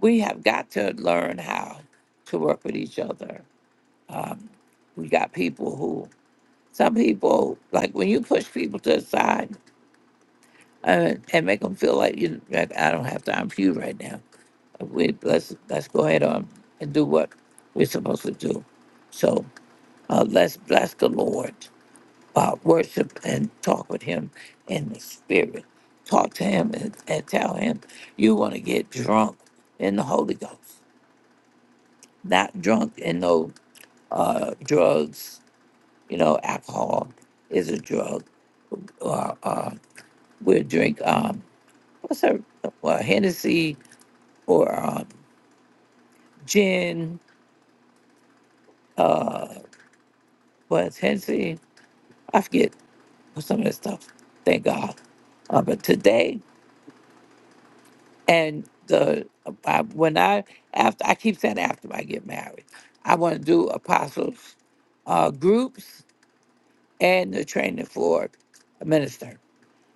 we have got to learn how to work with each other. Um, we got people who, some people, like when you push people to the side and, and make them feel like you, like, I don't have time for you right now. We let's let's go ahead on and do what we're supposed to do. So uh, let's bless the Lord. uh, worship and talk with him in the spirit. Talk to him and, and tell him you want to get drunk in the Holy Ghost, not drunk in no uh, drugs. You know, alcohol is a drug. Or uh, we'll drink um, what's that? Well, Hennessy or um, gin. Uh, what's Hennessy? I forget some of that stuff. Thank God. Uh, but today and the I, when I after I keep saying after I get married, I want to do apostles uh, groups and the training for a minister.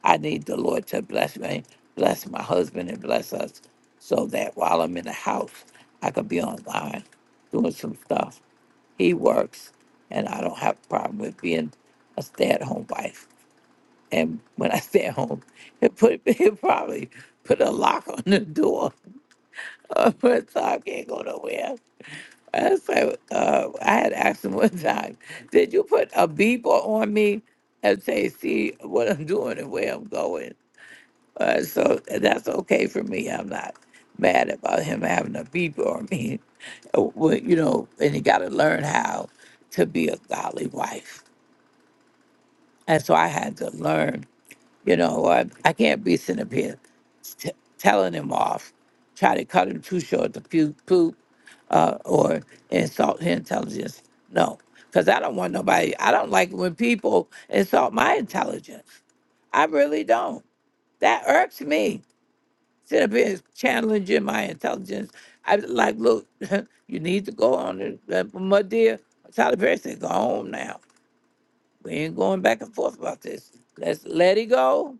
I need the Lord to bless me, bless my husband, and bless us, so that while I'm in the house, I could be online doing some stuff. He works, and I don't have a problem with being a stay-at-home wife. And when I stay at home, he'll put he'll probably put a lock on the door but Tom can't go nowhere. I said, uh, I had asked him one time, did you put a beeper on me and say, see what I'm doing and where I'm going? Uh, so that's okay for me. I'm not mad about him having a beeper on me. Uh, well, You know, and you got to learn how to be a godly wife. And so I had to learn you know, I, I can't be sitting up here t- telling him off, try to cut him too short to pu- poop uh, or insult his intelligence. No, because I don't want nobody, I don't like when people insult my intelligence. I really don't. That irks me. Sit up here challenging my intelligence. I be like, look, you need to go on it. Uh, My dear, Tyler Perry said, go home now. We ain't going back and forth about this. Let's let it go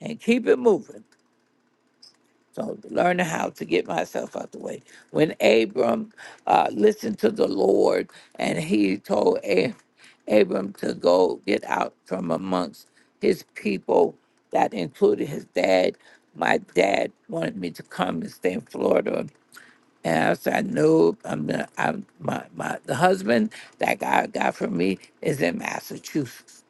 and keep it moving. So learning how to get myself out the way. When Abram uh, listened to the Lord and he told A- Abram to go get out from amongst his people, that included his dad. My dad wanted me to come and stay in Florida. And I said, no, I'm not, I'm, my, my, the husband that God got for me is in Massachusetts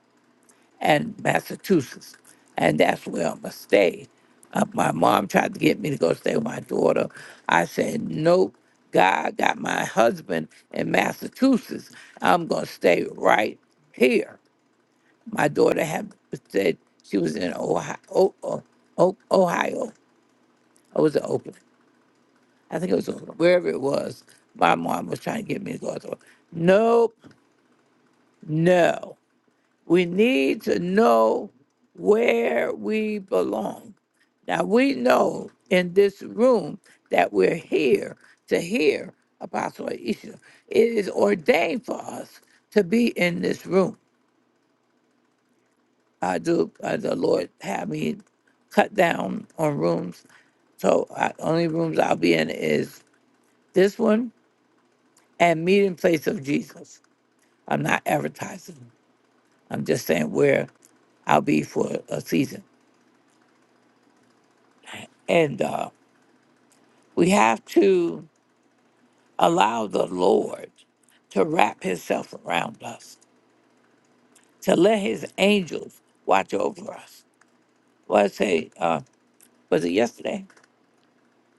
and Massachusetts, and that's where I'm gonna stay. Uh, my mom tried to get me to go stay with my daughter. I said, nope. God got my husband in Massachusetts. I'm gonna stay right here. My daughter had said she was in Ohio. Oh, oh, Ohio. I was in Oakland. I think it was Oakland. Wherever it was, my mom was trying to get me to go. I thought, nope, no. We need to know where we belong. Now, we know in this room that we're here to hear Apostle Aisha. It is ordained for us to be in this room. I do, uh, the Lord have me cut down on rooms. So, I, only rooms I'll be in is this one and Meeting Place of Jesus. I'm not advertising, I'm just saying where I'll be for a season. And uh, We have to allow the Lord to wrap himself around us, to let his angels watch over us. Well, I say, uh, was it yesterday?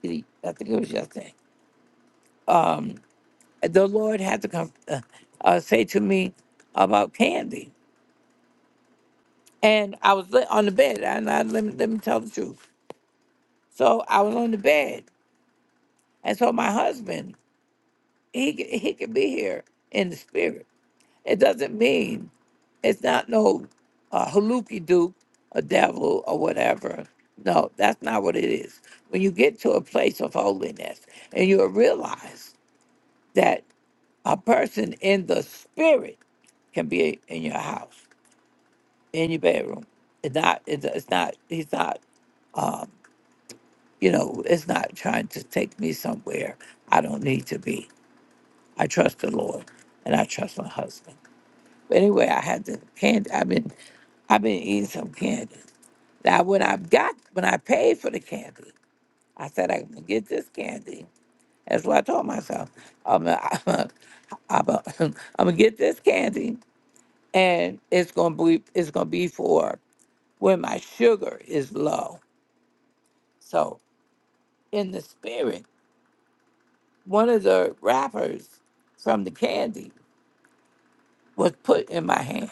Did he- I think it was yesterday. The Lord had to come uh, uh, say to me about candy. And I was li- on the bed, and I, let, me, let me tell the truth. So I was on the bed, and so my husband, he, c- he could be here in the spirit It doesn't mean it's not no uh, haluki duke, a devil, or whatever. No, that's not what it is. When you get to a place of holiness and you realize that a person in the spirit can be in your house, in your bedroom. It's not, it's it's not, he's not, um, you know, it's not trying to take me somewhere I don't need to be. I trust the Lord and I trust my husband. But anyway, I had the candy. I've been, I've been eating some candy. Now, when I got, when I paid for the candy, I said I'm gonna get this candy. That's what I told myself. I'm gonna, I'm gonna, I'm gonna get this candy, and it's gonna be, it's gonna be for when my sugar is low. So, in the spirit, one of the wrappers from the candy was put in my hand.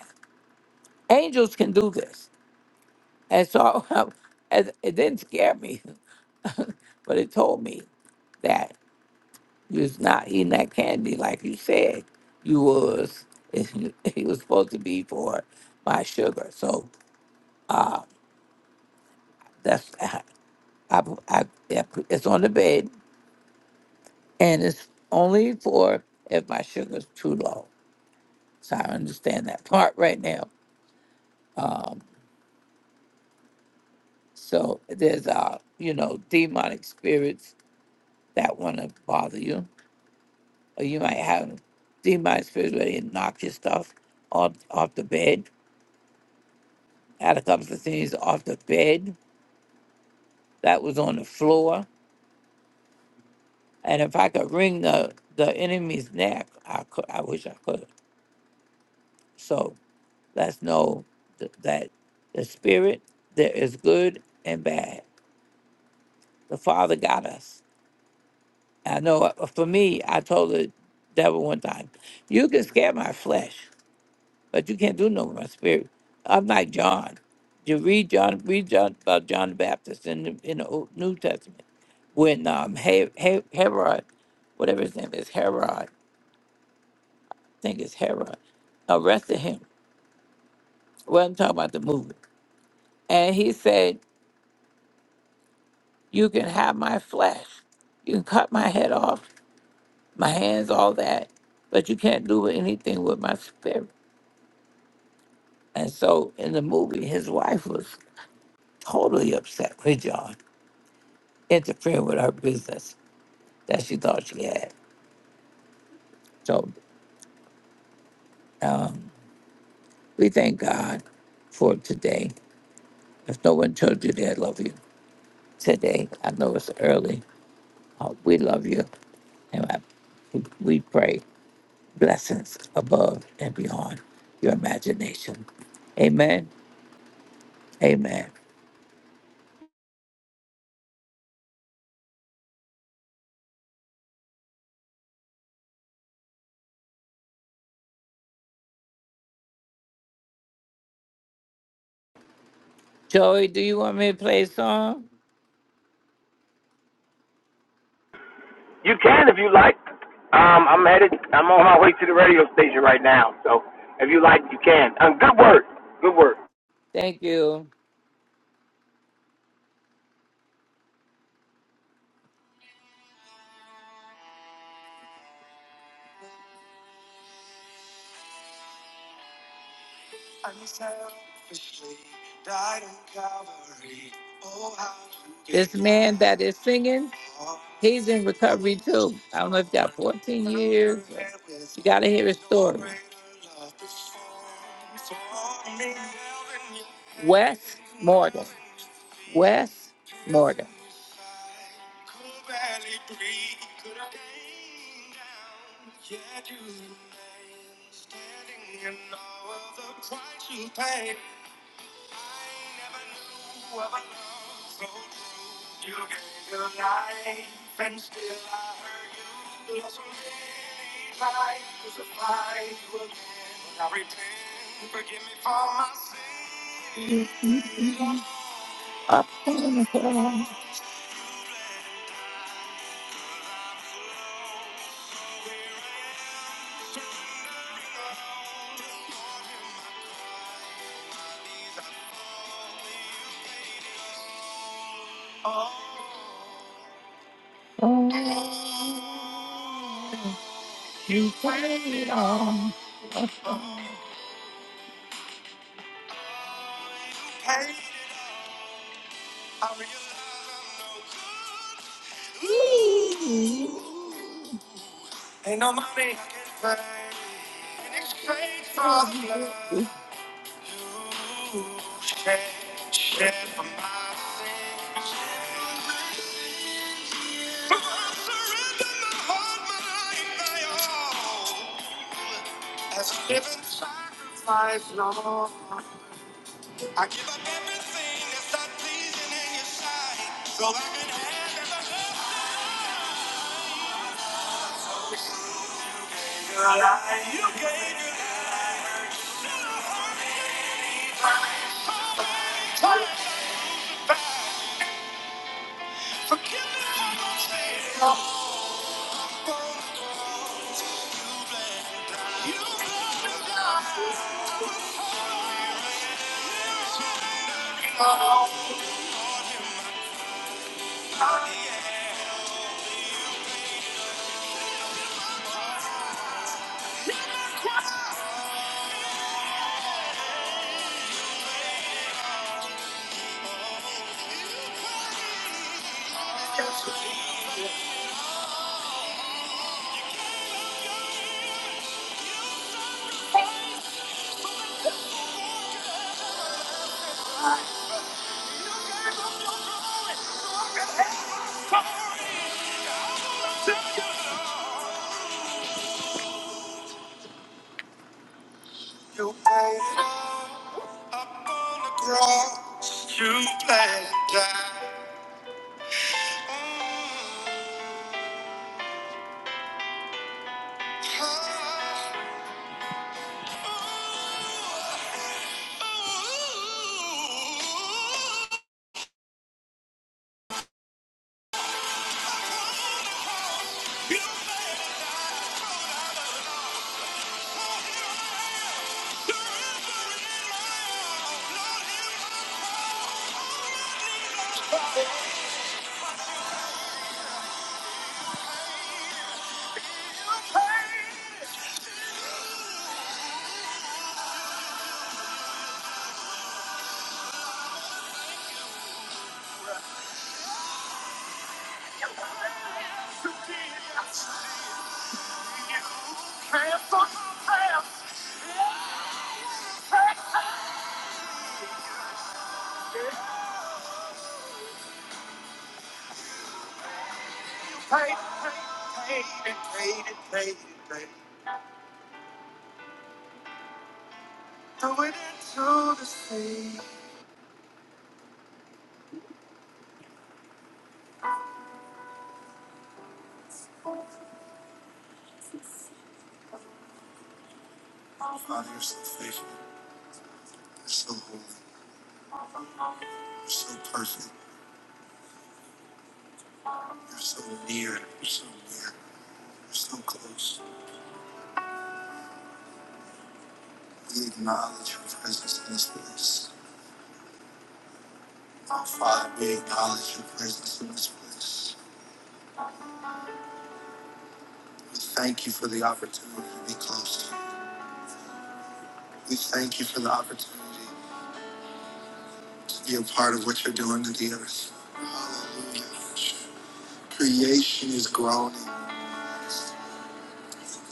Angels can do this, and so it, it didn't scare me. But it told me that you was not eating that candy like you said you was. It was supposed to be for my sugar. So that's I, I, I, it's on the bed, and it's only for if my sugar's too low. So I understand that part right now. Um, so there's uh, you know, demonic spirits that want to bother you, or you might have demonic spirits where they knock your stuff off off the bed had a couple of things off the bed that was on the floor. And if I could wring the, the enemy's neck, I could. I wish I could. So let's know th- that the spirit there is good and bad. The Father got us. I know uh, for me, I told the devil one time, "You can scare my flesh, but you can't do no more spirit. I'm like John. You read John, read John about John the Baptist in the in the Old, New Testament, when um He- He- Herod, whatever his name is, Herod, I think it's Herod, arrested him. Well, I'm talking about the movie, and he said, "You can have my flesh, you can cut my head off, my hands, all that, but you can't do anything with my spirit." And so in the movie, his wife was totally upset with John interfering with her business that she thought she had. So we thank God for today. If no one told you they love you today, I know it's early. Uh, we love you, and I, we pray blessings above and beyond your imagination. Amen. Amen. Joey, do you want me to play a song? You can if you like. Um, I'm headed. I'm on my way to the radio station right now. So if you like, you can. Um, good work. Good work. Thank you. This man that is singing, he's in recovery too. I don't know if you got 14 years. but You got to hear his story. Wes Morgan. Wes Morgan. Could barely breathe, could have came down. Yet you remain standing in all of the price you paid. I never knew of a love so true. You gave your life, and still I hurt you. Lost so many tries to you again. But I repent, forgive me for my sins. Up in the hill. Oh, you paid it all. Ooh. Ain't no money I can pay in exchange for love. You shed, shed for my sins. I surrender my heart, my life, my all. As a living sacrifice, Lord. I give up everything that's not pleasing in your sight. So I can have the life you gave me. Forgive me for my sins. Yeah, You own it all up on the cross. You planned it out. the it, Throw into the sea. Father, you're so faithful. You're so holy. You're so perfect. You're so near. You're so near. You're so close. We acknowledge your presence in this place. Our Father, we acknowledge your presence in this place. We thank you for the opportunity to be close to you. We thank you for the opportunity to be a part of what you're doing to the earth. Hallelujah. Creation is groaning,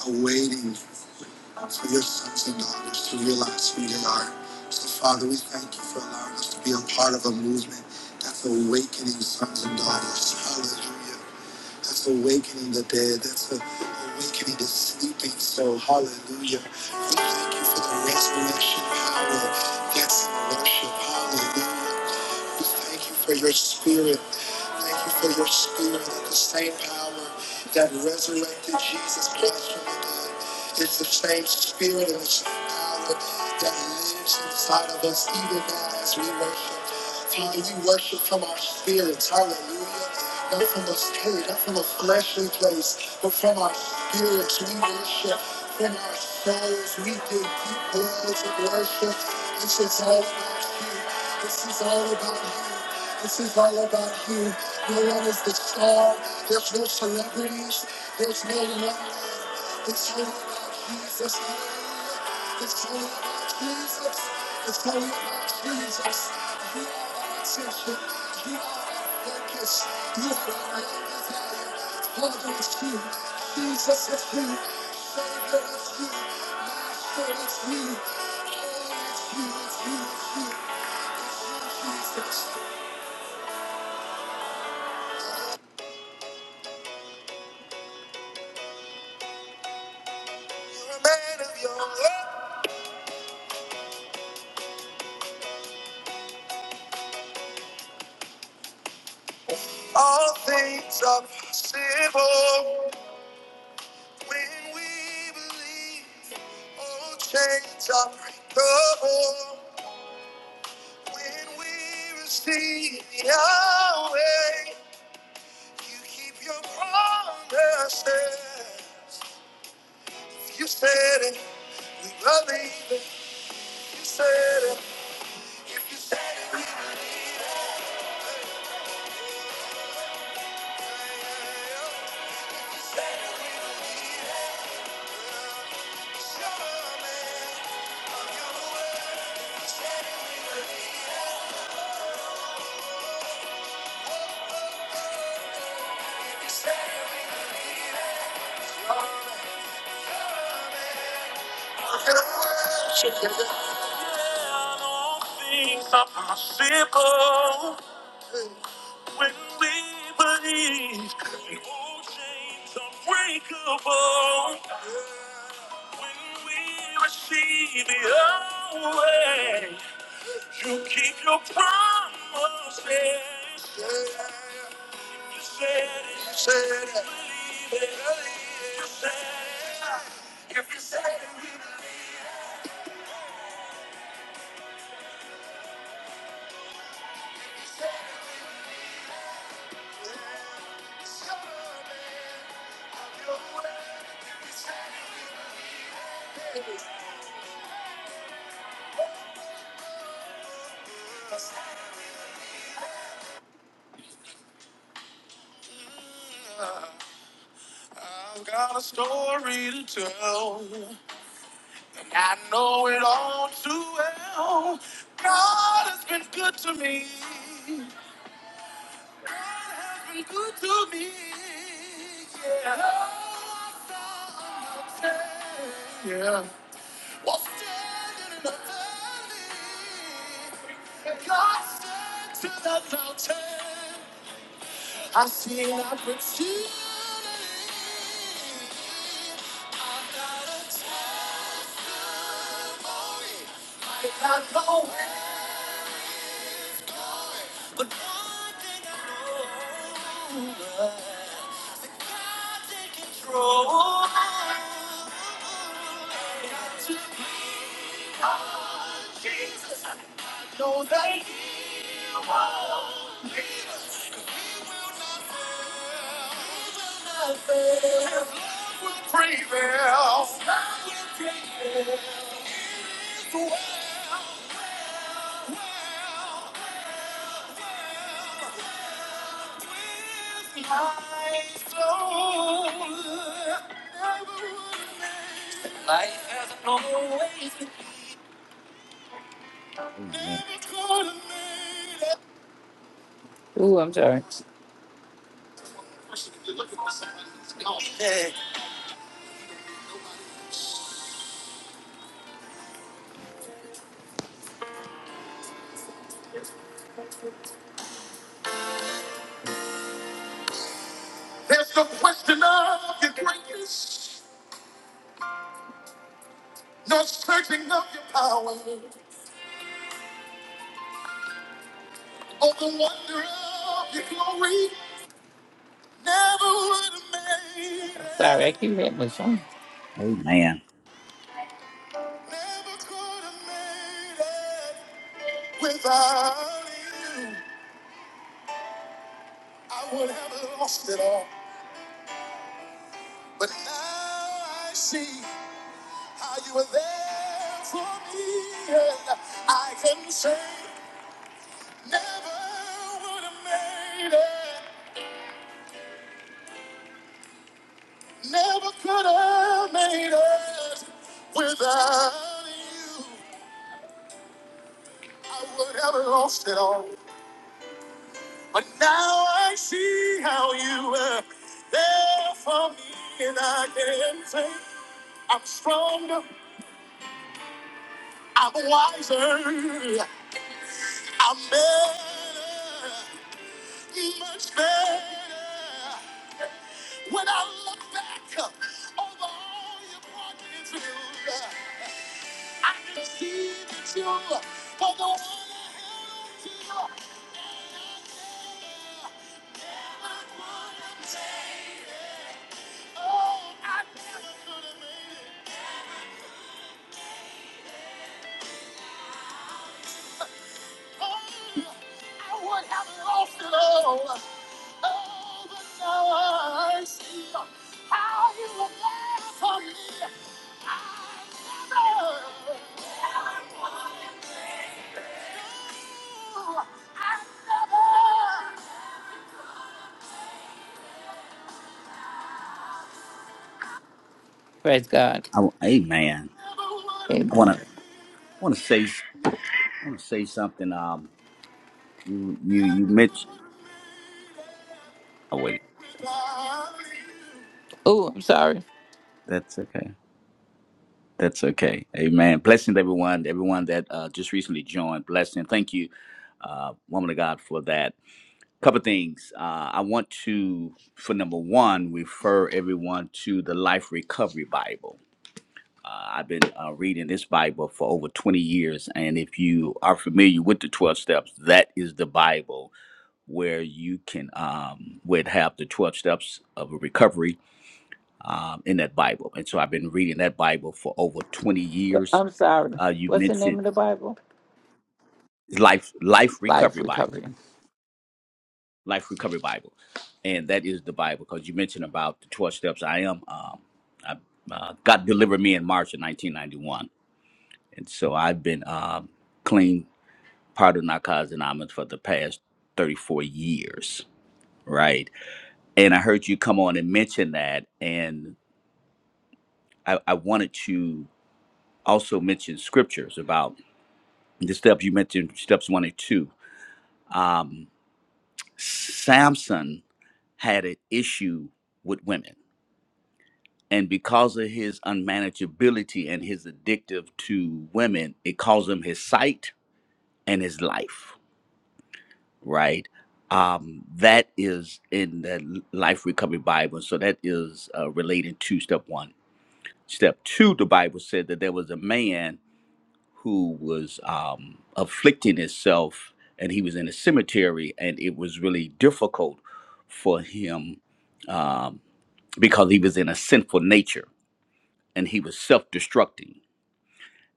awaiting for your sons and daughters to realize who they are. So, Father, we thank you for allowing us to be a part of a movement that's awakening sons and daughters. Hallelujah. That's awakening the dead. That's awakening the sleeping soul. Hallelujah. We thank you for the resurrection power that's in worship. Hallelujah. We thank you for your spirit. Thank you for your spirit that the same power that resurrected Jesus Christ from the dead is the same spirit and the same power that lives inside of us even now as we worship. Father, we worship from our spirits. Hallelujah. Not from the spirit, not from a fleshly place, but from our spirits. We worship from our souls. We dig deep wells of worship. This is all about you. This is all about you. This is all about you. No one is the star. There's no celebrities. There's no one. man. It's all about Jesus. It's all about Jesus. It's all about Jesus. You Jesus is free. You're a man of your word. All things are possible when we believe. All chains are breakable when we receive Yahweh. You keep your promises. You said it. We believe it. Said it. If you said it, believe it. Yeah, all things are possible when we believe. The old chains are breakable when we receive the old way. You keep your promises. You said it. You said it. Believe it. You said it. If you said it, I've got a story to tell, and I know it all too well. God has been good to me. God has been good to me. Yeah. Yeah. I see an opportunity. But one thing I know, that God's in control. He will not prevail. Amen. Ooh, I'm sorry. There's no question of your greatness, no searching of your power, or the wonder of your glory. Never would have made it. I'm Sorry, I keep hitting my phone. Amen. Never could have made it without you. I would have lost it all, but now I see how you were there for me, and I can say never would have made it. Never could have made it without you. I would have lost it all. But now I see how you were there for me, and I can say I'm stronger, I'm wiser, I'm better, much better. When I look back over all you brought me through, I can see that you are the one I held to. And Oh, No, no, Praise God. I, w- amen. I want Amen. to want to say want to say something. Um, you you you mentioned. Oh, I'm sorry. That's okay. That's okay. Amen. Blessings, everyone. Everyone that uh, just recently joined. Blessing. Thank you, uh, woman of God, for that. Couple things. Uh, I want to, for number one, refer everyone to the Life Recovery Bible. Uh, I've been uh, reading this Bible for over 20 years. And if you are familiar with the 12 steps, that is the Bible where you can um, would have the 12 steps of a recovery um, in that Bible. And so I've been reading that Bible for over 20 years. I'm sorry. Uh, you What's the name mentioned of the Bible? life, life Life recovery Bible, Recovery. life recovery Bible, and that is the Bible because you mentioned about the 12 steps. I am, um, I, uh, God delivered me in March of 1991, and so I've been um, clean, part of narcotics anonymous for the past 34 years, right? And I heard you come on and mention that, and I, I wanted to also mention scriptures about the steps you mentioned, steps one and two. Um, Samson had an issue with women. And because of his unmanageability and his addictive to women, it caused him his sight and his life, right? Um, that is in the Life Recovery Bible. So that is uh, related to step one. Step two, the Bible said that there was a man who was um, afflicting himself and he was in a cemetery and it was really difficult for him um, because he was in a sinful nature and he was self-destructing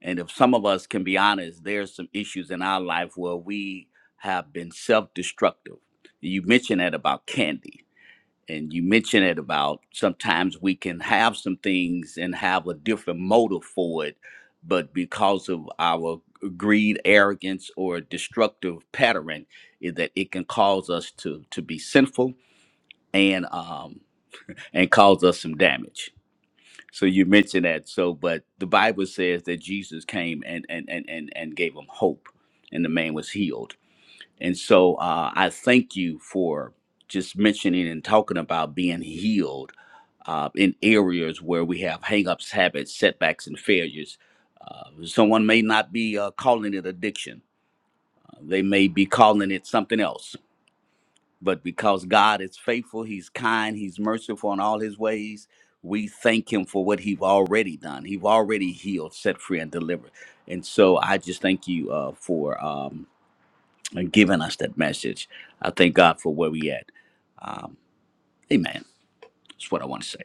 and if some of us can be honest there's some issues in our life where we have been self-destructive you mentioned that about candy and you mentioned it about sometimes we can have some things and have a different motive for it, but because of our greed, arrogance, or destructive pattern, is that it can cause us to to be sinful and um and cause us some damage. So you mentioned that. So, but the Bible says that Jesus came and and and and, and gave them hope, and the man was healed. And so uh, I thank you for just mentioning and talking about being healed uh, in areas where we have hangups, habits, setbacks, and failures. Uh, someone may not be uh, calling it addiction, Uh, they may be calling it something else. But because God is faithful, He's kind, He's merciful in all His ways, we thank Him for what He's already done. He's already healed, set free, and delivered. And so I just thank you uh, for um, giving us that message. I thank God for where we at. Um, amen. That's what I want to say.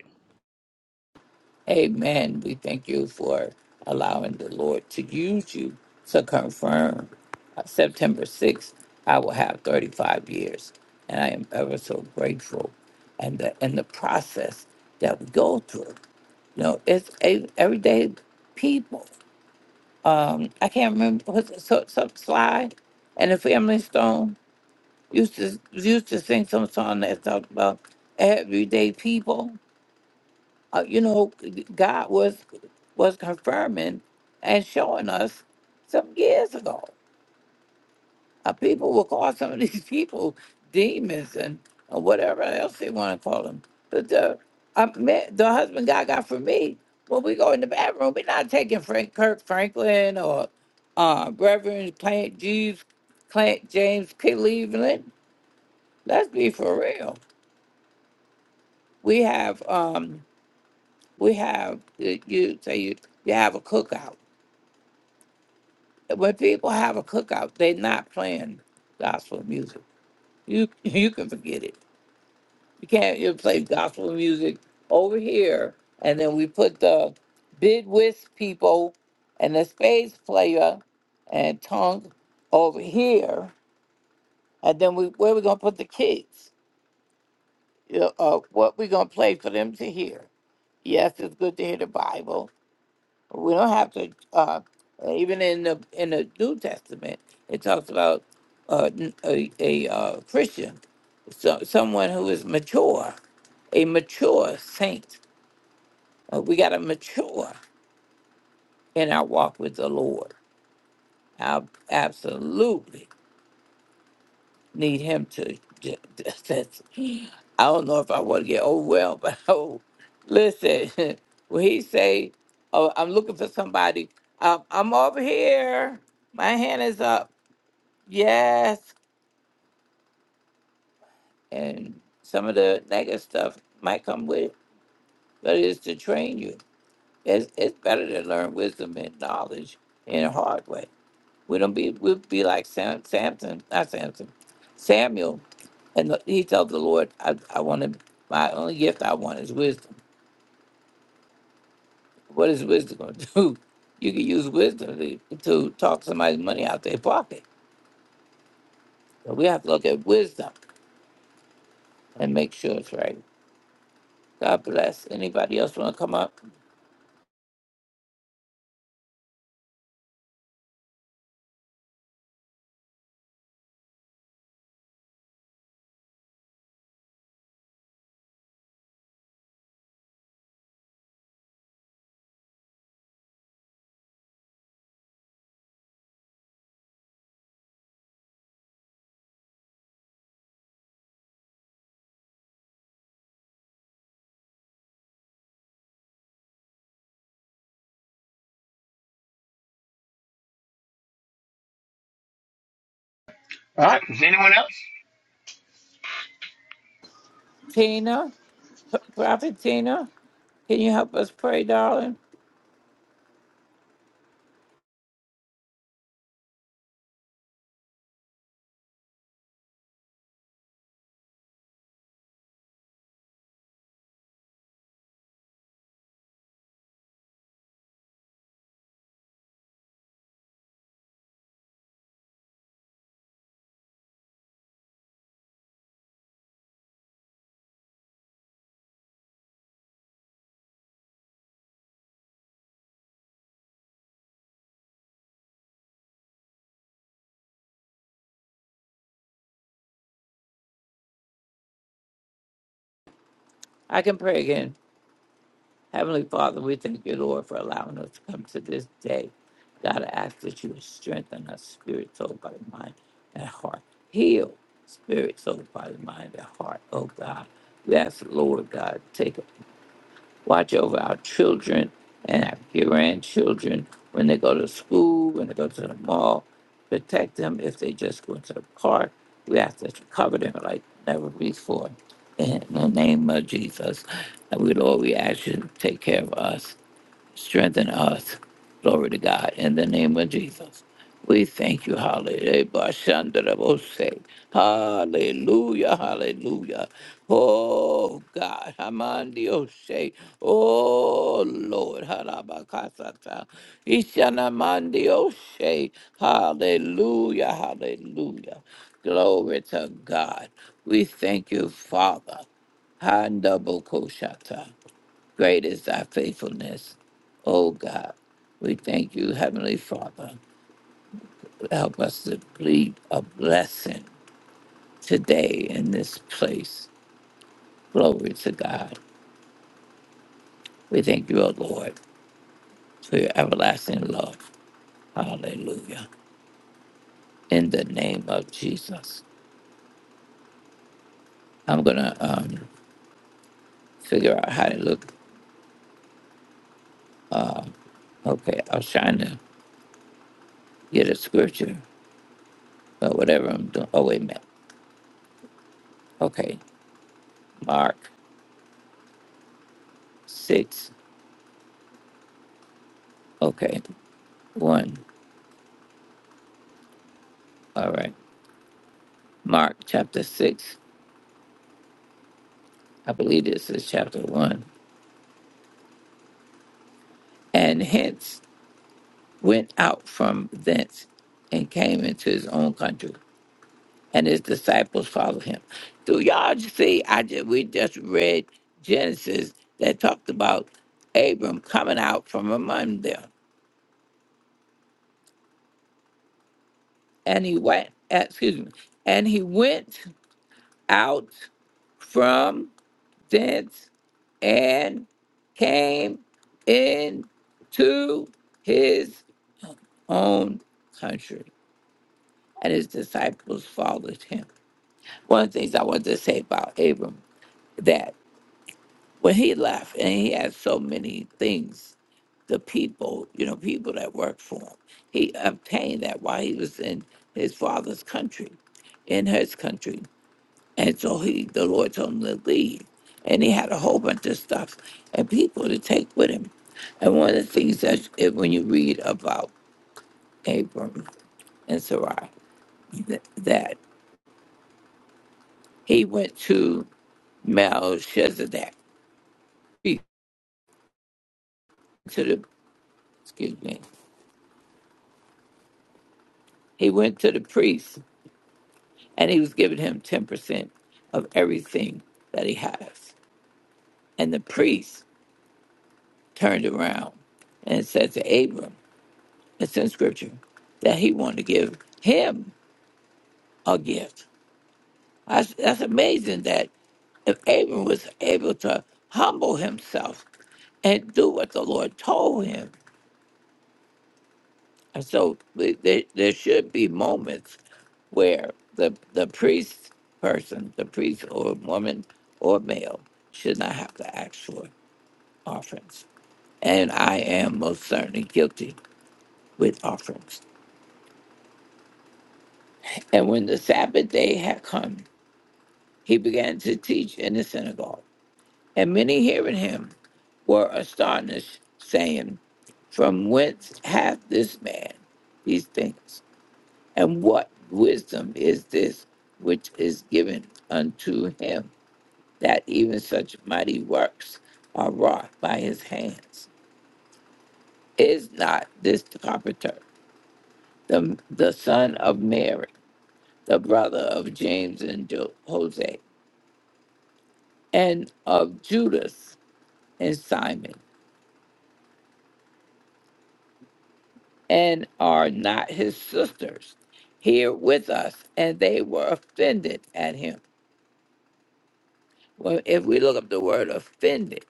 Amen. We thank you for allowing the Lord to use you to confirm uh, September 6th. I will have 35 years, and I am ever so grateful. And the, and the process that we go through, you know, it's a, everyday people. Um, I can't remember what's it, so, some slide and the Family Stone used to used to sing some song that talked about everyday people uh, you know, God was was confirming and showing us some years ago. Uh, people will call some of these people demons and or whatever else they want to call them. But the I met, the husband God got for me when we go in the bathroom, we're not taking Frank Kirk Franklin or uh, Reverend Plant Jeeves, Plant James Cleveland. Let's be for real. We have um, we have you you say you, you have a cookout when people have a cookout, they're not playing gospel music. You you can forget it. You can't you play gospel music over here, and then we put the bid whist people and the space player and tongue over here, and then we where we gonna put the kids? You know, uh, what we gonna play for them to hear? Yes, it's good to hear the Bible, We don't have to. Uh, even in the in the New Testament, it talks about uh, n- a, a uh, Christian, so, someone who is mature, a mature saint. Uh, we got to mature in our walk with the Lord. Ab- absolutely. need him to. ju- That's, I don't know if I want to get overwhelmed, but oh, listen, when he say, "Oh, I'm looking for somebody," um, I'm over here. My hand is up. Yes, and some of the negative stuff might come with, it, but it's to train you. It's it's better to learn wisdom and knowledge in a hard way. We don't be we'll be like Sam, Samson, not Samson, Samuel, and the- he tells the Lord, "I I want to. My only gift I want is wisdom. What is wisdom going to do? You can use wisdom to, to talk somebody's money out their pocket. But we have to look at wisdom and make sure it's right. God bless. Anybody else want to come up? All right. Is anyone else? Tina, P- Prophet Tina, can you help us pray, darling? I can pray again. Heavenly Father, we thank you, Lord, for allowing us to come to this day. God, I ask that you would strengthen us, spirit, soul, body, mind, and heart. Heal, spirit, soul, body, mind, and heart. Oh, God. We ask, Lord, God, take watch over our children and our grandchildren when they go to school, when they go to the mall. Protect them if they just go into the park. We ask that you cover them like never before. In the name of Jesus, and we Lord, we ask you to take care of us strengthen us. Glory to God in the name of Jesus. We thank you, hallelujah. Bashandarabose. Hallelujah, hallelujah. Oh God, Hamandiose. Oh Lord, Harabakasata. Ishanamandiose. Hallelujah, hallelujah. Glory to God. We thank you, Father. Handabokoshata. Great is thy faithfulness, O God. We thank you, Heavenly Father. Help us to plead a blessing today in this place. Glory to God. We thank you, O Lord, for your everlasting love. Hallelujah. In the name of Jesus. I'm going to um, figure out how to look. Okay, I was trying to get a scripture, but whatever I'm doing. Oh, wait a minute. Okay, Mark 6. Okay, 1. All right. Mark chapter 6, I believe this is chapter 1. And hence went out from thence and came into his own country, and his disciples followed him. Do y'all j- see? I just, we just read Genesis that talked about Abram coming out from among them. And he went, excuse me, and he went out from thence and came into his own country, and his disciples followed him. One of the things I wanted to say about Abram that when he left, and he had so many things, the people, you know, people that worked for him, he obtained that while he was in his father's country, in his country, and so he, the Lord told him to leave, and he had a whole bunch of stuff and people to take with him. And one of the things that when you read about Abram and Sarai. th- that he went to Melchizedek, he- to the excuse me, he went to the priest, and he was giving him ten percent of everything that he has. And the priest turned around and said to Abram, "It's in Scripture that he wanted to give him a gift." That's, that's amazing that if Abram was able to humble himself and do what the Lord told him, And so th- there, there should be moments where the the priest person, the priest or woman or male, should not have to ask for offerings. And I am most certainly guilty with offerings. And when the Sabbath day had come, he began to teach in the synagogue. And many hearing him were astonished, saying, From whence hath this man these things? And what wisdom is this which is given unto him, that even such mighty works are wrought by his hands? Is not this the carpenter, the, the son of Mary, the brother of James and Jo- Jose, and of Judas and Simon? And are not his sisters here with us? And they were offended at him. Well, if we look up the word offended,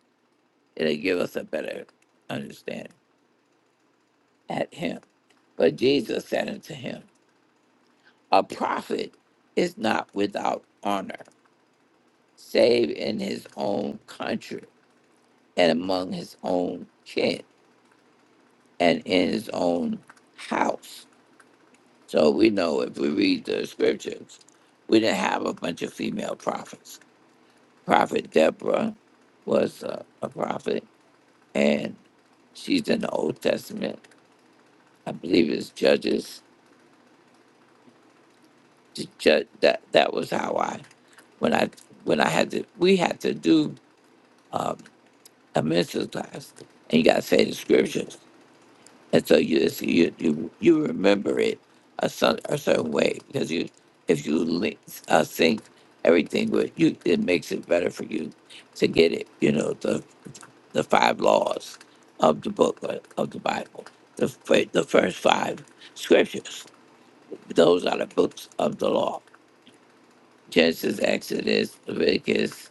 It'll give us a better understanding at him. But Jesus said unto him, A prophet is not without honor, save in his own country and among his own kin and in his own house. So we know if we read the scriptures, we didn't have a bunch of female prophets. Prophet Deborah was a, a prophet, and she's in the Old Testament. I believe it's Judges ju- ju- that that was how I when I when I had to we had to do um, a minister class and you got to say the scriptures and so you it's- you you, you remember it a, some, a certain way because you if you link, uh, sync everything with you it makes it better for you to get it you know the the five laws of the book uh, of the Bible the fir- the first five scriptures those are the books of the law Genesis, Exodus, Leviticus,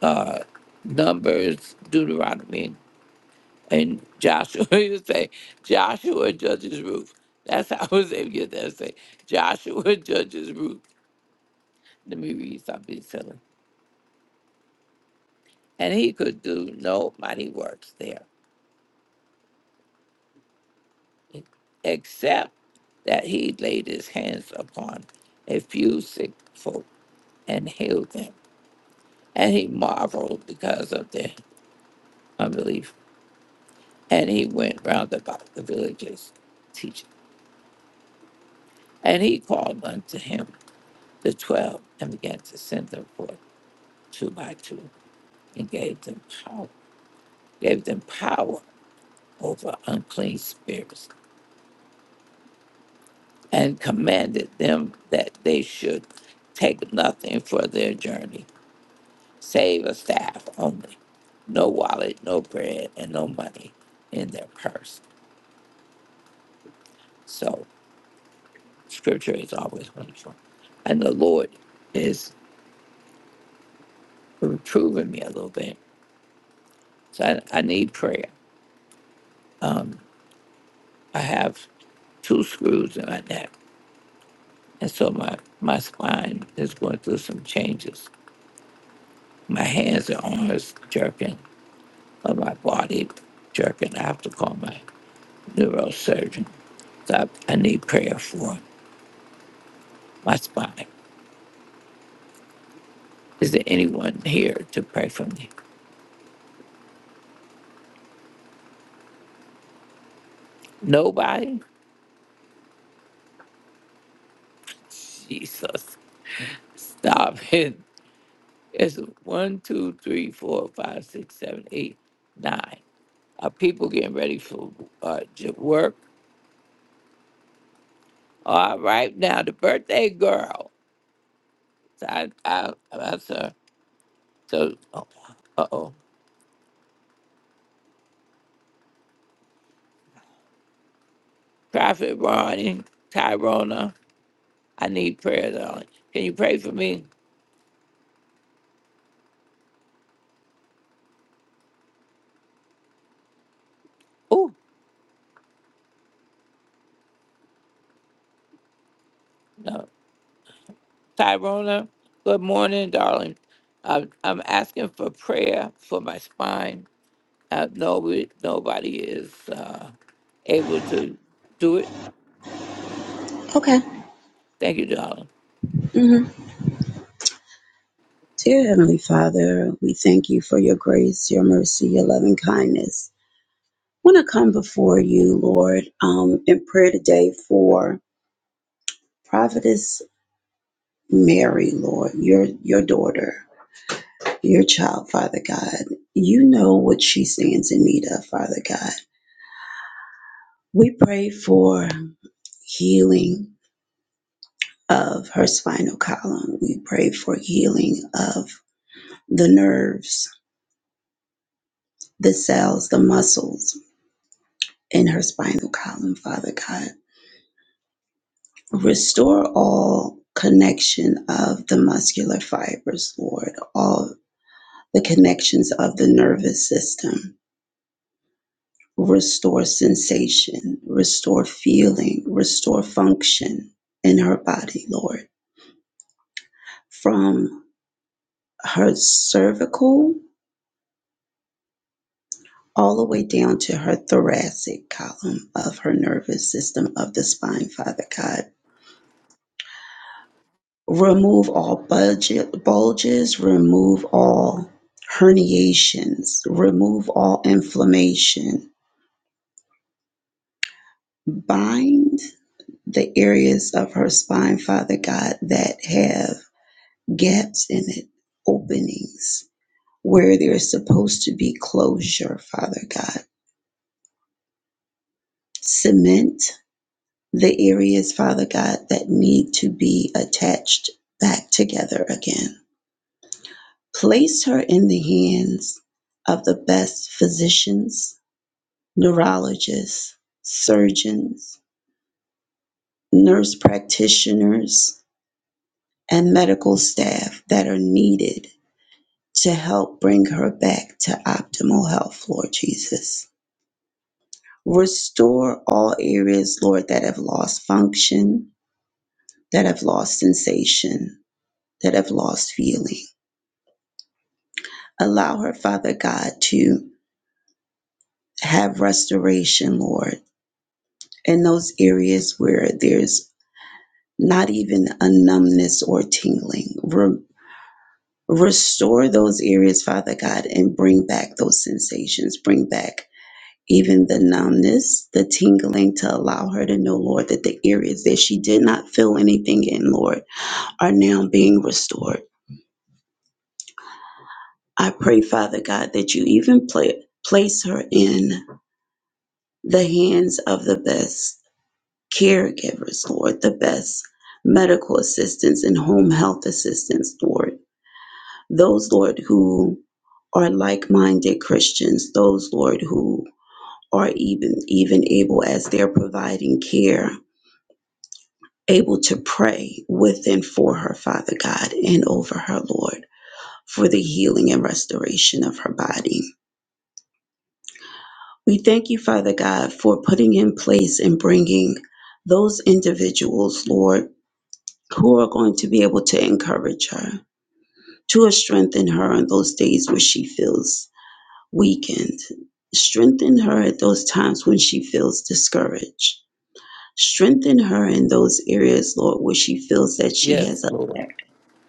uh, Numbers, Deuteronomy, and Joshua. He would say, Joshua judges Ruth. That's how I was able to get that. Say, Joshua judges Ruth. Let me read something silly. And he could do no mighty works there, except that he laid his hands upon a few sick folk and healed them. And he marveled because of their unbelief. And he went round about the villages teaching. And he called unto him the twelve and began to send them forth two by two and gave them power, gave them power over unclean spirits and commanded them that they should take nothing for their journey, save a staff only, no wallet, no bread, and no money in their purse. So scripture is always wonderful. And the Lord is reproving me a little bit. So I, I need prayer. I have two screws in my neck. And so my, my spine is going through some changes. My hands and arms jerking, but my body jerking. I have to call my neurosurgeon. So I, I need prayer for my spine. Is there anyone here to pray for me? Nobody? Jesus. Stop it. It's one, two, three, four, five, six, seven, eight, nine. Are people getting ready for uh, j- work? All right, now the birthday girl. So I, I, that's her. So, uh oh, Prophet Ronnie, Tyrona. I need prayer, darling. Can you pray for me? Oh, no, Tyrona. Good morning, darling. I'm, I'm asking for prayer for my spine. Uh, nobody, nobody is uh, able to do it. Okay. Thank you, darling. hmm Dear Heavenly Father, we thank you for your grace, your mercy, your loving kindness. I want to come before you, Lord, um, in prayer today for Prophetess Mary, Lord, your your daughter, your child, Father God. You know what she stands in need of, Father God. We pray for healing of her spinal column. We pray for healing of the nerves, the cells, the muscles. in her spinal column, Father God. Restore all connection of the muscular fibers, Lord, all the connections of the nervous system. Restore sensation, restore feeling, restore function in her body, Lord, from her cervical all the way down to her thoracic column of her nervous system of the spine, Father God remove all budget bulges, remove all herniations, remove all inflammation, bind the areas of her spine, Father God, that have gaps in it, openings where there's supposed to be closure, Father God. Cement the areas, Father God, that need to be attached back together again. Place her in the hands of the best physicians, neurologists, surgeons, nurse practitioners, and medical staff that are needed to help bring her back to optimal health, Lord Jesus. Restore all areas, Lord, that have lost function, that have lost sensation, that have lost feeling. Allow her, Father God, to have restoration, Lord in those areas where there's not even a numbness or tingling. Re- restore those areas, Father God, and bring back those sensations. Bring back even the numbness, the tingling to allow her to know, Lord, that the areas that she did not feel anything in, Lord, are now being restored. I pray, Father God, that you even pla- place her in the hands of the best caregivers, Lord, the best medical assistants and home health assistants, Lord. Those, Lord, who are like-minded Christians, those, Lord, who are even even able as they're providing care, able to pray with and for her, Father God, and over her, Lord, for the healing and restoration of her body. We thank you, Father God, for putting in place and bringing those individuals, Lord, who are going to be able to encourage her, to strengthen her on those days where she feels weakened, strengthen her at those times when she feels discouraged, strengthen her in those areas, Lord, where she feels that she Yes, has a Lord. lack.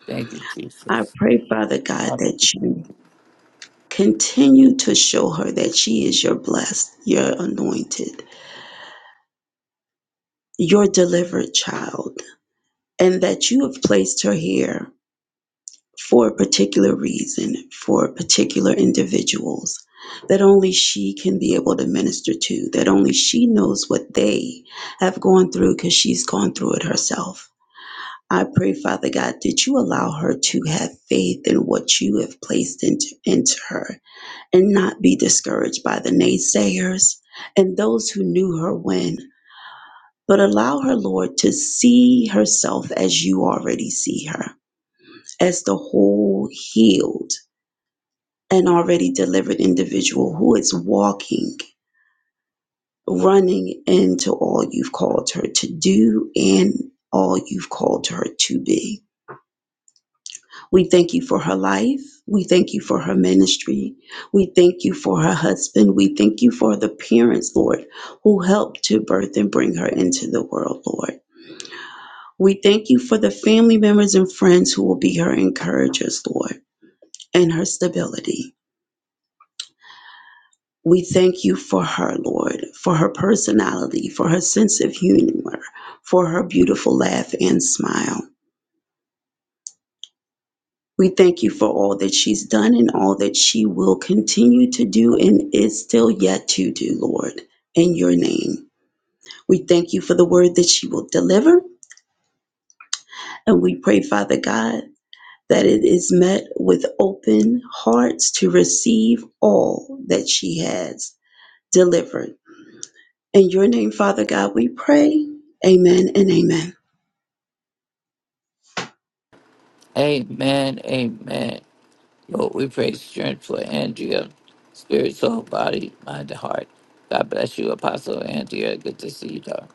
Thank you, I Jesus. pray, Father God, that you continue to show her that she is your blessed, your anointed, your delivered child, and that you have placed her here for a particular reason, for particular individuals that only she can be able to minister to, that only she knows what they have gone through because she's gone through it herself. I pray, Father God, that you allow her to have faith in what you have placed into, into her and not be discouraged by the naysayers and those who knew her when. But allow her, Lord, to see herself as you already see her, as the whole healed an already delivered individual who is walking, running into all you've called her to do and all you've called her to be. We thank you for her life. We thank you for her ministry. We thank you for her husband. We thank you for the parents, Lord, who helped to birth and bring her into the world, Lord. We thank you for the family members and friends who will be her encouragers, Lord, and her stability. We thank you for her, Lord, for her personality, for her sense of humor, for her beautiful laugh and smile. We thank you for all that she's done and all that she will continue to do and is still yet to do, Lord, in your name. We thank you for the word that she will deliver, and we pray, Father God, that it is met with open hearts to receive all that she has delivered In your name, Father God, we pray. Amen and amen. Amen. Amen. Lord, we pray strength for Andrea, spirit, soul, body, mind, and heart. God bless you, Apostle Andrea. Good to see you, daughter.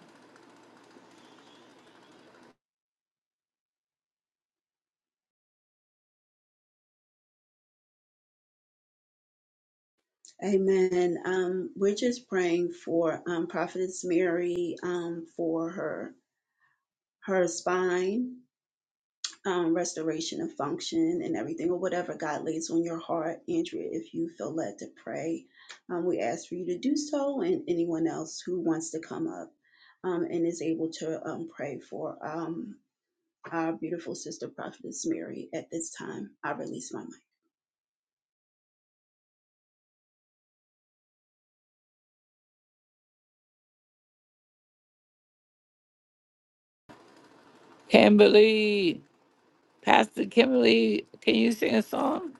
Amen. Um, we're just praying for um, Prophetess Mary um, for her her spine um, restoration of function and everything, or whatever God lays on your heart, Andrea. If you feel led to pray, um, we ask for you to do so, and anyone else who wants to come up um, and is able to um, pray for um, our beautiful sister Prophetess Mary at this time. I release my mic. Kimberly, Pastor Kimberly, can you sing a song?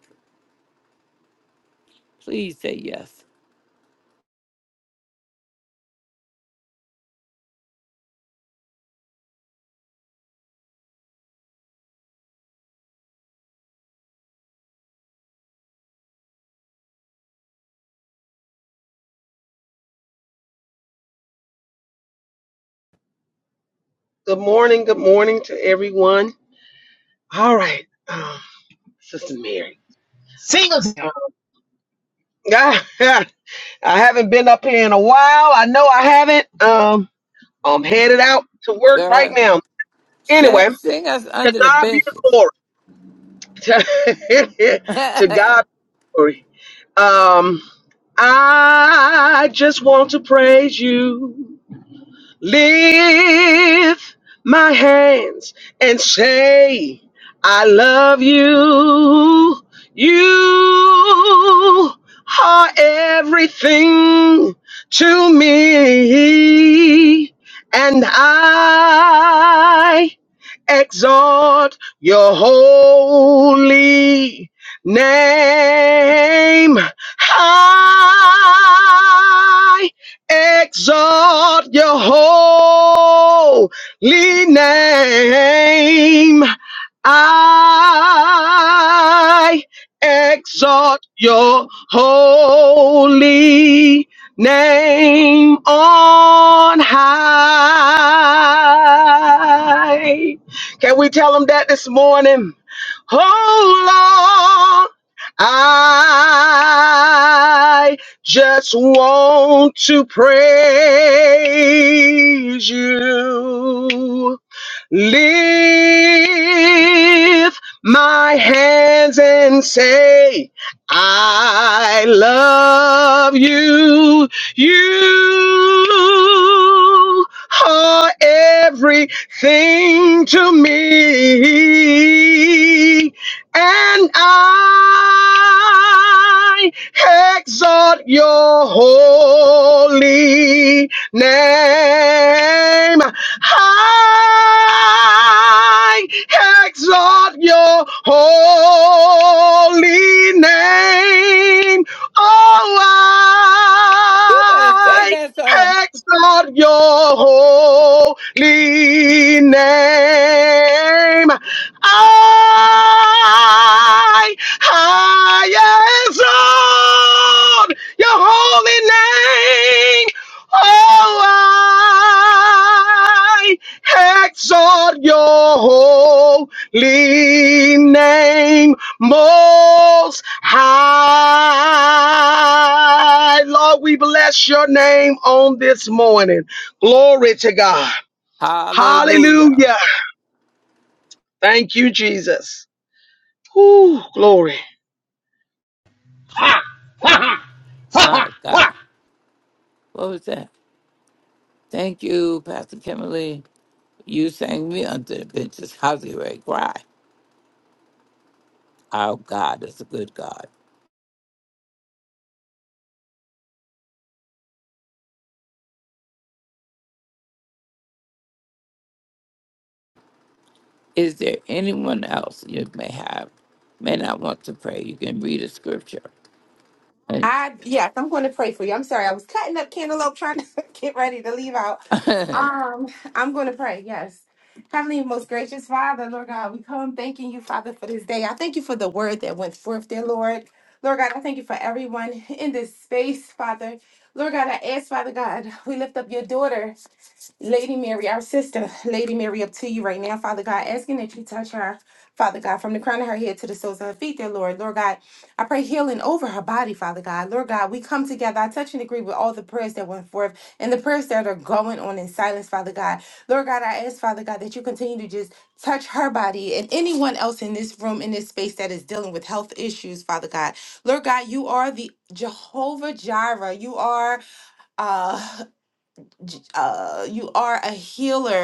Please say yes. Good morning. Good morning to everyone. All right, um, Sister Mary. Uh, I haven't been up here in a while. I know I haven't. Um, I'm headed out to work right Girl, now. sing, Anyway, sing us to under the God be the benches. glory. To, you to better God be the glory. Um, I just want to praise you. lift my hands and say, I love you. You are everything to me, and I exalt your holy name I. Exalt your holy name. I exalt your holy name on high. Can we tell them that this morning? Oh Lord, I just want to praise you. Lift my hands and say, I love you. You are everything Sing to me, and I exalt your holy name. I exalt your holy name. Oh, sing I. that song. Exalt your holy name. I, I exalt your holy name. Oh, I exalt your holy name most high. Lord, we bless your name on this morning. Glory to God. Hallelujah. Hallelujah. Thank you, Jesus. Ooh, glory. Ha! Ha! Ha! My God. Ha! What was that? Thank you, Pastor Kimberly. You sang me unto the benches, how's I cry? Our God is a good God. Is there anyone else you may have, may not want to pray? You can read a scripture. I yes, I'm going to pray for you. I'm sorry, I was cutting up cantaloupe trying to get ready to leave out. Um, I'm going to pray. Yes. Heavenly, most gracious Father, Lord God, we come thanking you, Father, for this day. I thank you for the word that went forth, dear Lord. Lord God, I thank you for everyone in this space, Father. Lord God, I ask, Father God, we lift up your daughter. Lady Mary, our sister, Lady Mary, up to you right now, Father God, asking that you touch her, Father God, from the crown of her head to the soles of her feet, dear Lord. Lord God, I pray healing over her body, Father God. Lord God, we come together. I touch and agree with all the prayers that went forth and the prayers that are going on in silence, Father God. Lord God, I ask, Father God, that you continue to just touch her body and anyone else in this room, in this space that is dealing with health issues, Father God. Lord God, you are the Jehovah Jireh. You are. uh. J- uh, you are a healer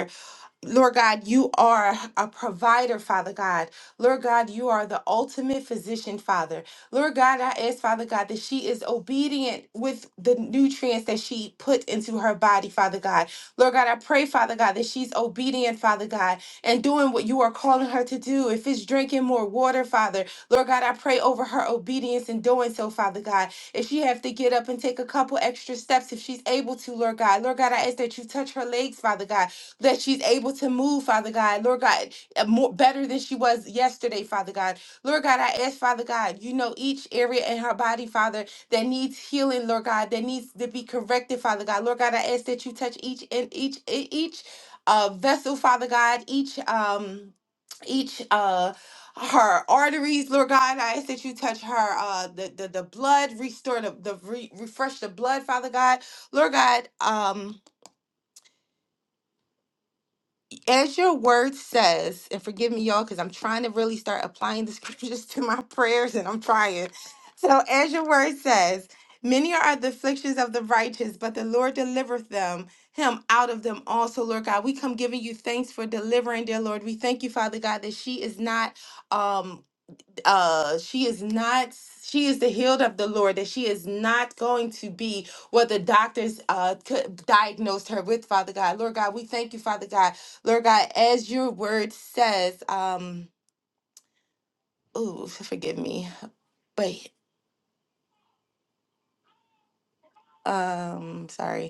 Lord God, you are a provider, Father God. Lord God, you are the ultimate physician, Father. Lord God, I ask, Father God, that she is obedient with the nutrients that she put into her body, Father God. Lord God, I pray, Father God, that she's obedient, Father God, and doing what you are calling her to do. If it's drinking more water, Father, Lord God, I pray over her obedience in doing so, Father God. If she have to get up and take a couple extra steps, if she's able to, Lord God, Lord God, I ask that you touch her legs, Father God that she's able to move, Father God. Lord God, uh, more better than she was yesterday, Father God. Lord God, I ask, Father God, you know each area in her body, Father, that needs healing, Lord God, that needs to be corrected, Father God. Lord God, I ask that you touch each and each e- each uh vessel, Father God, each um each uh her arteries, Lord God, I ask that you touch her, uh, the the, the blood, restore the, the re- refresh the blood, Father God, Lord God, um, as your word says, and forgive me, y'all, because I'm trying to really start applying the scriptures to my prayers and I'm trying. So, as your word says, many are the afflictions of the righteous, but the Lord delivereth them, him out of them also, Lord God. We come giving you thanks for delivering, dear Lord. We thank you, Father God, that she is not. Um, uh she is not she is the healed of the lord that she is not going to be what the doctors uh could diagnosed her with father god lord god we thank you father god lord god as your word says um ooh forgive me but um sorry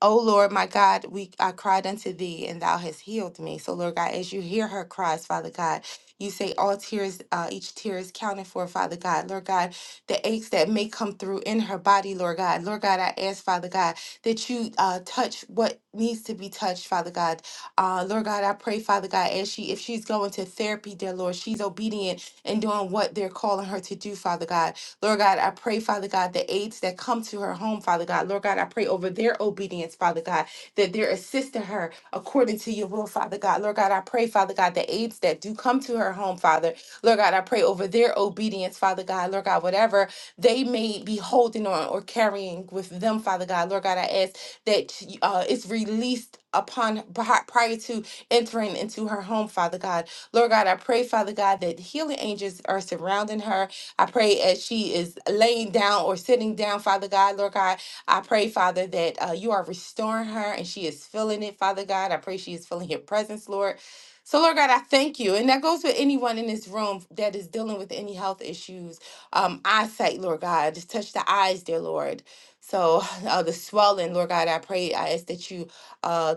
O Lord, my God, we I cried unto thee, and thou hast healed me. So, Lord God, as you hear her cries, Father God, you say all tears, uh, each tear is counted for, Father God. Lord God, the aches that may come through in her body, Lord God. Lord God, I ask, Father God, that you uh, touch what needs to be touched, Father God. Uh, Lord God, I pray, Father God, as she if she's going to therapy, dear Lord, she's obedient and doing what they're calling her to do, Father God. Lord God, I pray, Father God, the aides that come to her home, Father God. Lord God, I pray over their obedience, Father God, that they're assisting her according to your will, Father God. Lord God, I pray, Father God, the aides that do come to her home, Father. Lord God, I pray over their obedience, Father God. Lord God, whatever they may be holding on or carrying with them, Father God. Lord God, I ask that uh, it's released upon prior to entering into her home, Father God. Lord God, I pray, Father God, that healing angels are surrounding her I pray as she is laying down or sitting down, Father God, Lord God, I pray, Father, that uh, you are restoring her and she is feeling it, Father God. I pray she is feeling your presence, Lord. So, Lord God, I thank you. And that goes with anyone in this room that is dealing with any health issues. Um, eyesight, Lord God, just touch the eyes, dear Lord. So, uh, the swelling, Lord God, I pray, I ask that you uh,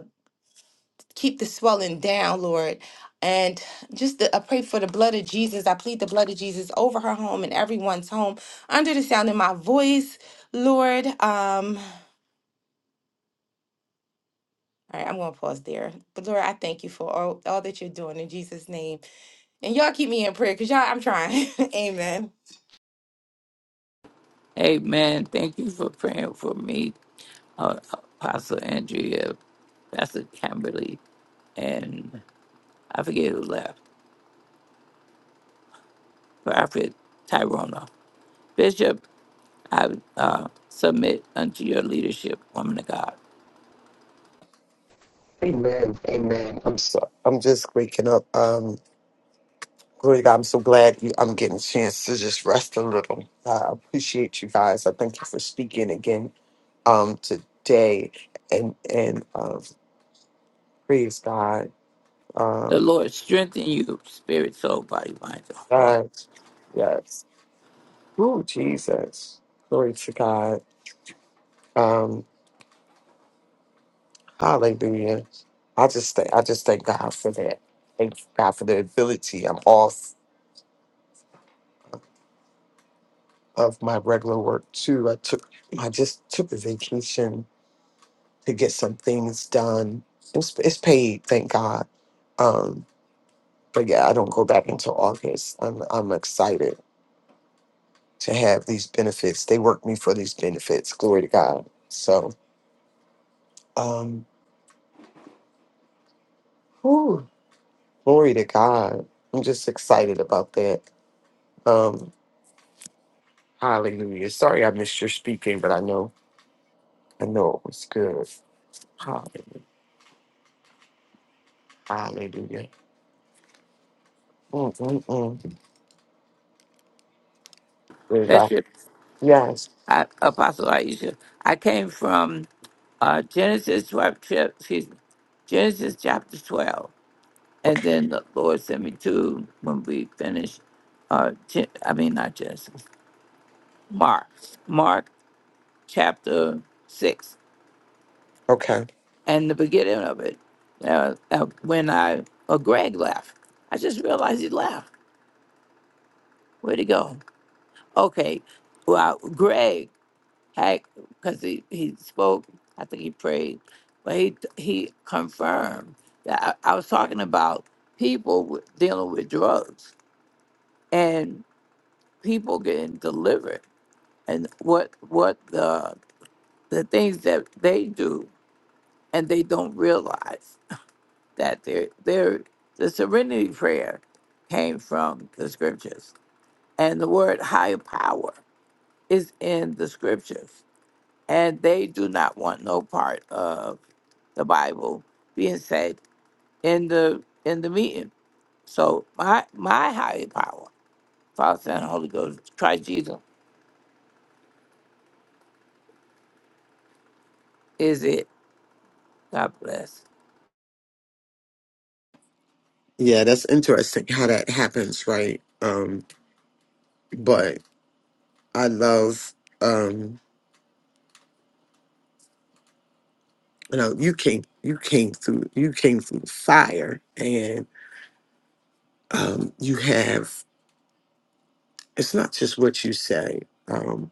keep the swelling down, Lord. And just the, I pray for the blood of Jesus. I plead the blood of Jesus over her home and everyone's home under the sound of my voice, Lord. Um, all right, I'm going to pause there. But Lord, I thank you for all, all that you're doing in Jesus' name. And y'all keep me in prayer because y'all, I'm trying. Amen. Amen. Thank you for praying for me, uh, Apostle Andrea, Pastor Kimberly, and I forget who left, Prophet Tyrona. Bishop, I uh, submit unto your leadership, woman of God. Amen. Amen. I'm so I'm just waking up. Um, glory to God. I'm so glad you, I'm getting a chance to just rest a little. I appreciate you guys. I thank you for speaking again um today and and um praise God. The Um Lord strengthen you, spirit, soul, body, mind, and heart. God, yes. Ooh, Jesus. Glory to God. Um, hallelujah. I just thank I just thank God for that. Thank God for the ability. I'm off of my regular work too. I took I just took a vacation to get some things done. It's it's paid, thank God. Um, but yeah, I don't go back until August. I'm I'm excited to have these benefits. They work me for these benefits. Glory to God. So um whew, glory to God. I'm just excited about that. Um hallelujah. Sorry I missed your speaking, but I know I know it was good. Hallelujah. Hallelujah. Mm, mm, mm. That's your Yes. I, Apostle Aisha. I came from uh, Genesis 12, chap- excuse me, Genesis chapter 12. And Okay. then the Lord sent me to, when we finished, uh, Gen- I mean, not Genesis, Mark, Mark chapter 6. Okay. And the beginning of it, uh, uh, when I, uh, Greg left, I just realized he left. Where'd he go? Okay, well, Greg act because he, he spoke. I think he prayed, but he he confirmed that I, I was talking about people with, dealing with drugs and people getting delivered and what what the the things that they do and they don't realize that they're they're the serenity prayer came from the scriptures and the word higher power is in the scriptures and they do not want no part of the Bible being said in the in the meeting. So my my higher power, Father, Son, and Holy Ghost, Christ Jesus, is it. God bless. Yeah, that's interesting how that happens, right? Um, but I love um, you know, you came you came through you came through fire and um you have it's not just what you say. Um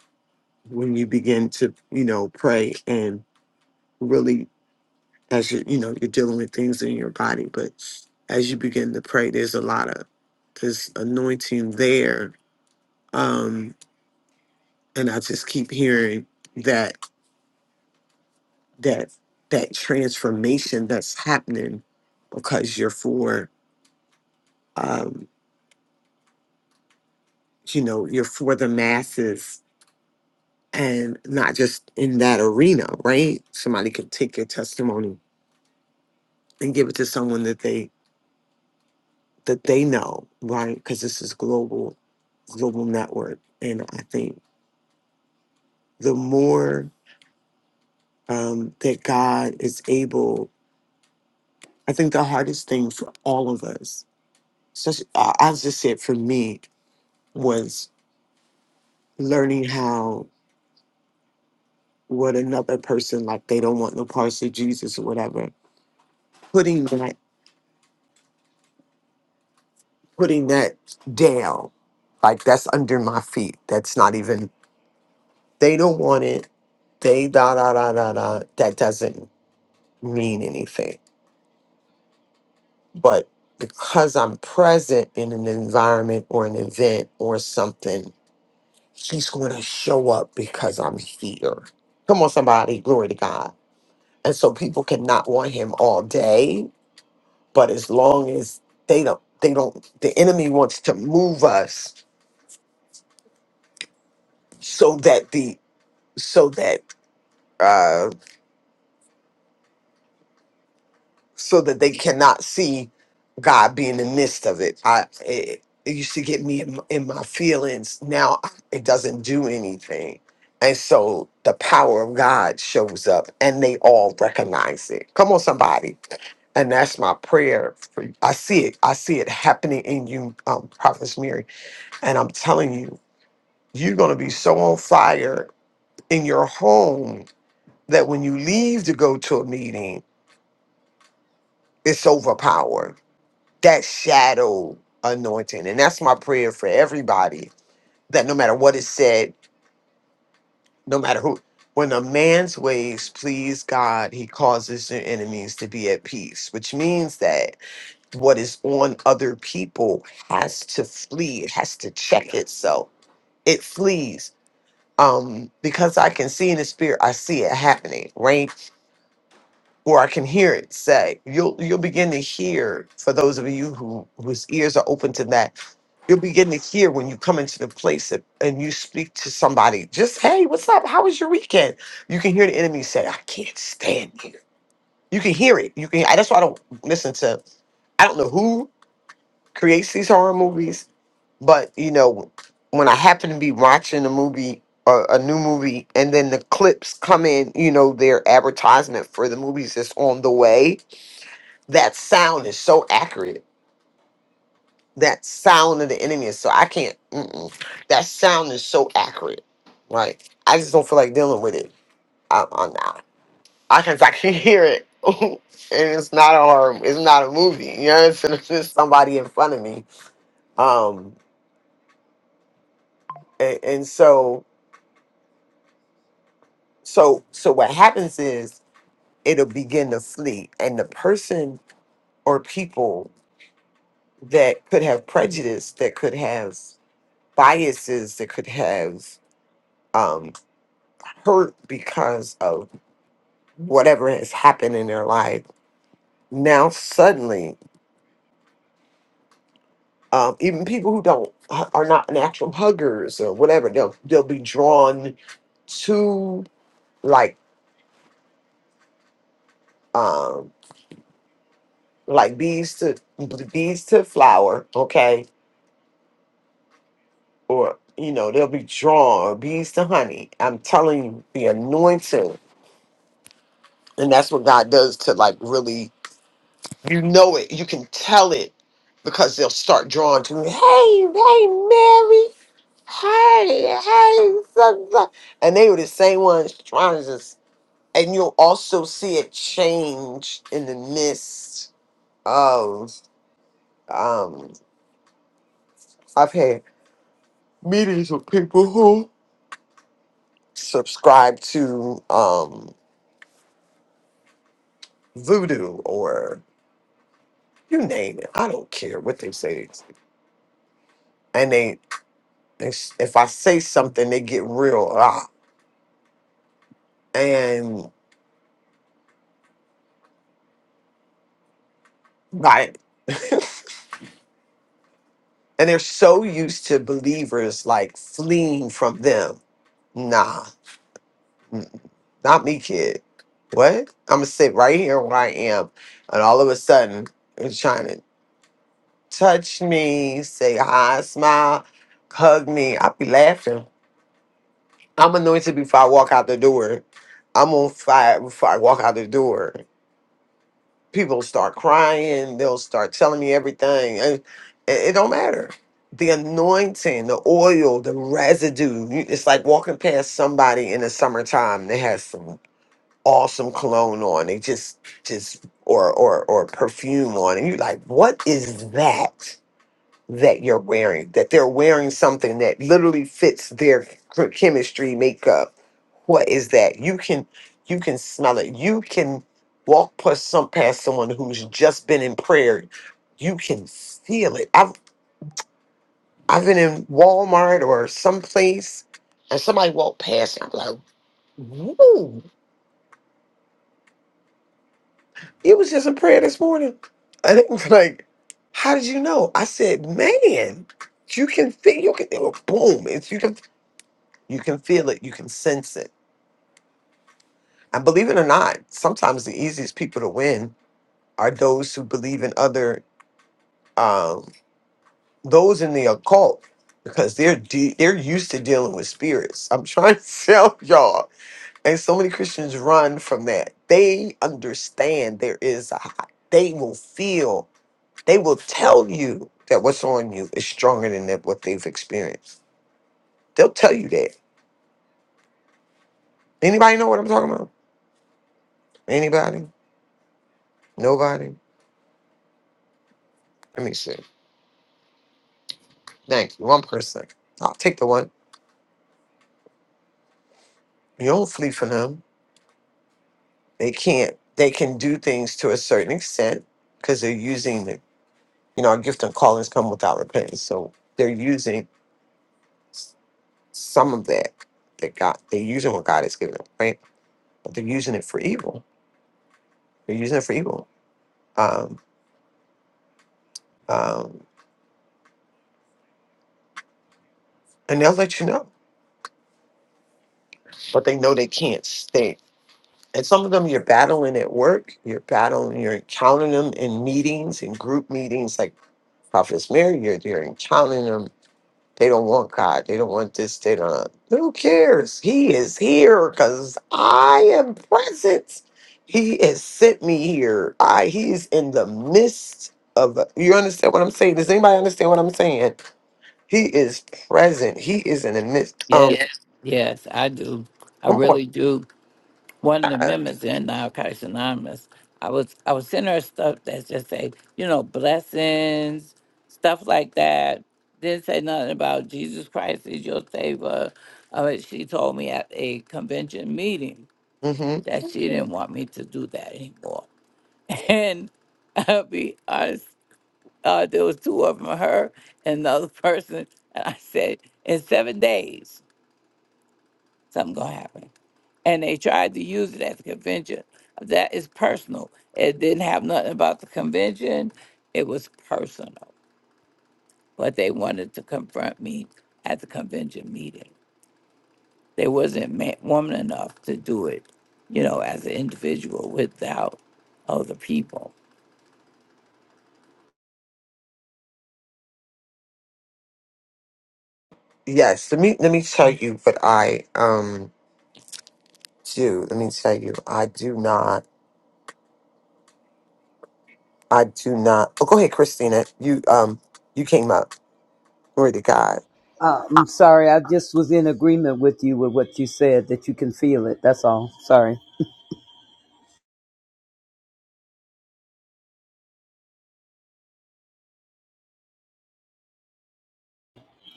when you begin to, you know, pray and really as you you know, you're dealing with things in your body, but as you begin to pray, there's a lot of this anointing there. Um and I just keep hearing that that that transformation that's happening because you're for um, you know you're for the masses and not just in that arena, right? Somebody could take your testimony and give it to someone that they that they know, right? Because this is global global network, and I think the more um, that God is able, I think the hardest thing for all of us So uh, I just said for me was learning how what another person like they don't want no parts of Jesus or whatever. Putting that putting that down, like that's under my feet. That's not even they don't want it. They da da da da da. That doesn't mean anything. But because I'm present in an environment or an event or something, he's going to show up because I'm here. Come on, somebody, glory to God and so people cannot want him all day but as long as they don't they don't the enemy wants to move us so that the so that uh so that they cannot see god being in the midst of it i it, it used to get me in, in my feelings now it doesn't do anything and so the power of god shows up and they all recognize it come on somebody And that's my prayer. For you. I see it. I see it happening in you, um, Prophet Mary. And I'm telling you, you're going to be so on fire in your home that when you leave to go to a meeting, it's overpowered. That shadow anointing. And that's my prayer for everybody that no matter what is said, no matter who, when a man's ways please God, he causes your enemies to be at peace, which means that what is on other people has to flee it has to check itself it flees um because i can see in the spirit i see it happening right or i can hear it say you'll you'll begin to hear for those of you who whose ears are open to that you'll begin to hear when you come into the place and and you speak to somebody just hey what's up how was your weekend you can hear the enemy say i can't stand you you can hear it you can that's why i don't listen to i don't know who creates these horror movies But you know, when I happen to be watching a movie, uh, a new movie, and then the clips come in, you know, their advertisement for the movies that's on the way. That sound is so accurate. That sound of the enemy is so I can't. Mm-mm. That sound is so accurate. Like I just don't feel like dealing with it. I, I'm not. I can I can hear it, and it's not a horror. It's not a movie. You know, it's, it's just somebody in front of me. Um, and, and so So so what happens is it'll begin to flee, and the person or people that could have prejudice, that could have biases, that could have um, hurt because of whatever has happened in their life. Now suddenly, um, even people who don't uh, are not natural huggers or whatever, they'll they'll be drawn to like um, like bees to bees to flower. Okay, or you know they'll be drawn or bees to honey i'm telling you the anointing and that's what god does to like really you know it you can tell it because they'll start drawing to me hey hey mary hey hey so- so," and they were the same ones trying to just and you'll also see it change in the midst of um i've had meetings with people who subscribe to um voodoo or you name it. I don't care what they say. And they, they if I say something, they get real. Ah, and like, and they're so used to believers like fleeing from them. Nah, mm, not me, kid. What? I'm gonna sit right here where I am, and all of a sudden, they're trying to touch me, say hi, smile, hug me. I'll be laughing I'm anointed before I walk out the door. I'm on fire before I walk out the door. People start crying. They'll start telling me everything. And it, it don't matter. The anointing, the oil, the residue. you- It's like walking past somebody in the summertime that has some awesome cologne on. They just just or or or perfume on. And you're like, what is that? that you're wearing, that they're wearing something that literally fits their ch- chemistry makeup. What is that? You can you can smell it. You can walk past some past someone who's just been in prayer. You can feel it. I've I've been in Walmart or someplace and somebody walked past and I'm like, whoa, it was just in prayer this morning. And it was like, how did you know? I said, man, you can feel you can boom. It's you can You can feel it, you can sense it. And believe it or not, sometimes the easiest people to win are those who believe in other um those in the occult because they're de- they're used to dealing with spirits. I'm trying to tell y'all. And so many Christians run from that. They understand there is a high. They will feel, they will tell you that what's on you is stronger than that, what they've experienced. They'll tell you that. Anybody know what I'm talking about? Anybody? Nobody? Let me see. Thank you. One person. I'll take the one. You don't flee from them. They can't. They can do things to a certain extent because they're using the, you know, our gift and callings come without repentance. So they're using s- some of that that God, they're using what God has given them, right? But they're using it for evil. They're using it for evil. Um, um, and they'll let you know, but they know they can't stay. And some of them you're battling at work, you're battling, you're encountering them in meetings, in group meetings, like Prophets, Mary, you're, you're encountering them. They don't want God. They don't want this. They don't. Who cares? He is here because I am present. He has sent me here. I he's in the midst of you understand what I'm saying? Does anybody understand what I'm saying? He is present. He is in the midst. Um Yes, yes, I do. I come really do. one of the on. members in Narcotics Anonymous, I was I was sending her stuff that just say, you know, blessings, stuff like that. Didn't say nothing about Jesus Christ is your savior. Uh, she told me at a convention meeting that she Mm-hmm. didn't want me to do that anymore. And I'll be honest, uh, there was two of them, her and another person, and I said, in seven days. Something gonna happen. And they tried to use it at the convention. That is personal. It didn't have nothing about the convention. It was personal. But they wanted to confront me at the convention meeting. They wasn't man, woman enough to do it, you know, as an individual without other people. Yes, let me let me tell you what I um do. Let me tell you. I do not. I do not. Oh, go ahead, Christina. You um, you came up. Glory to God. Uh, I'm sorry. I just was in agreement with you with what you said that you can feel it. That's all. Sorry.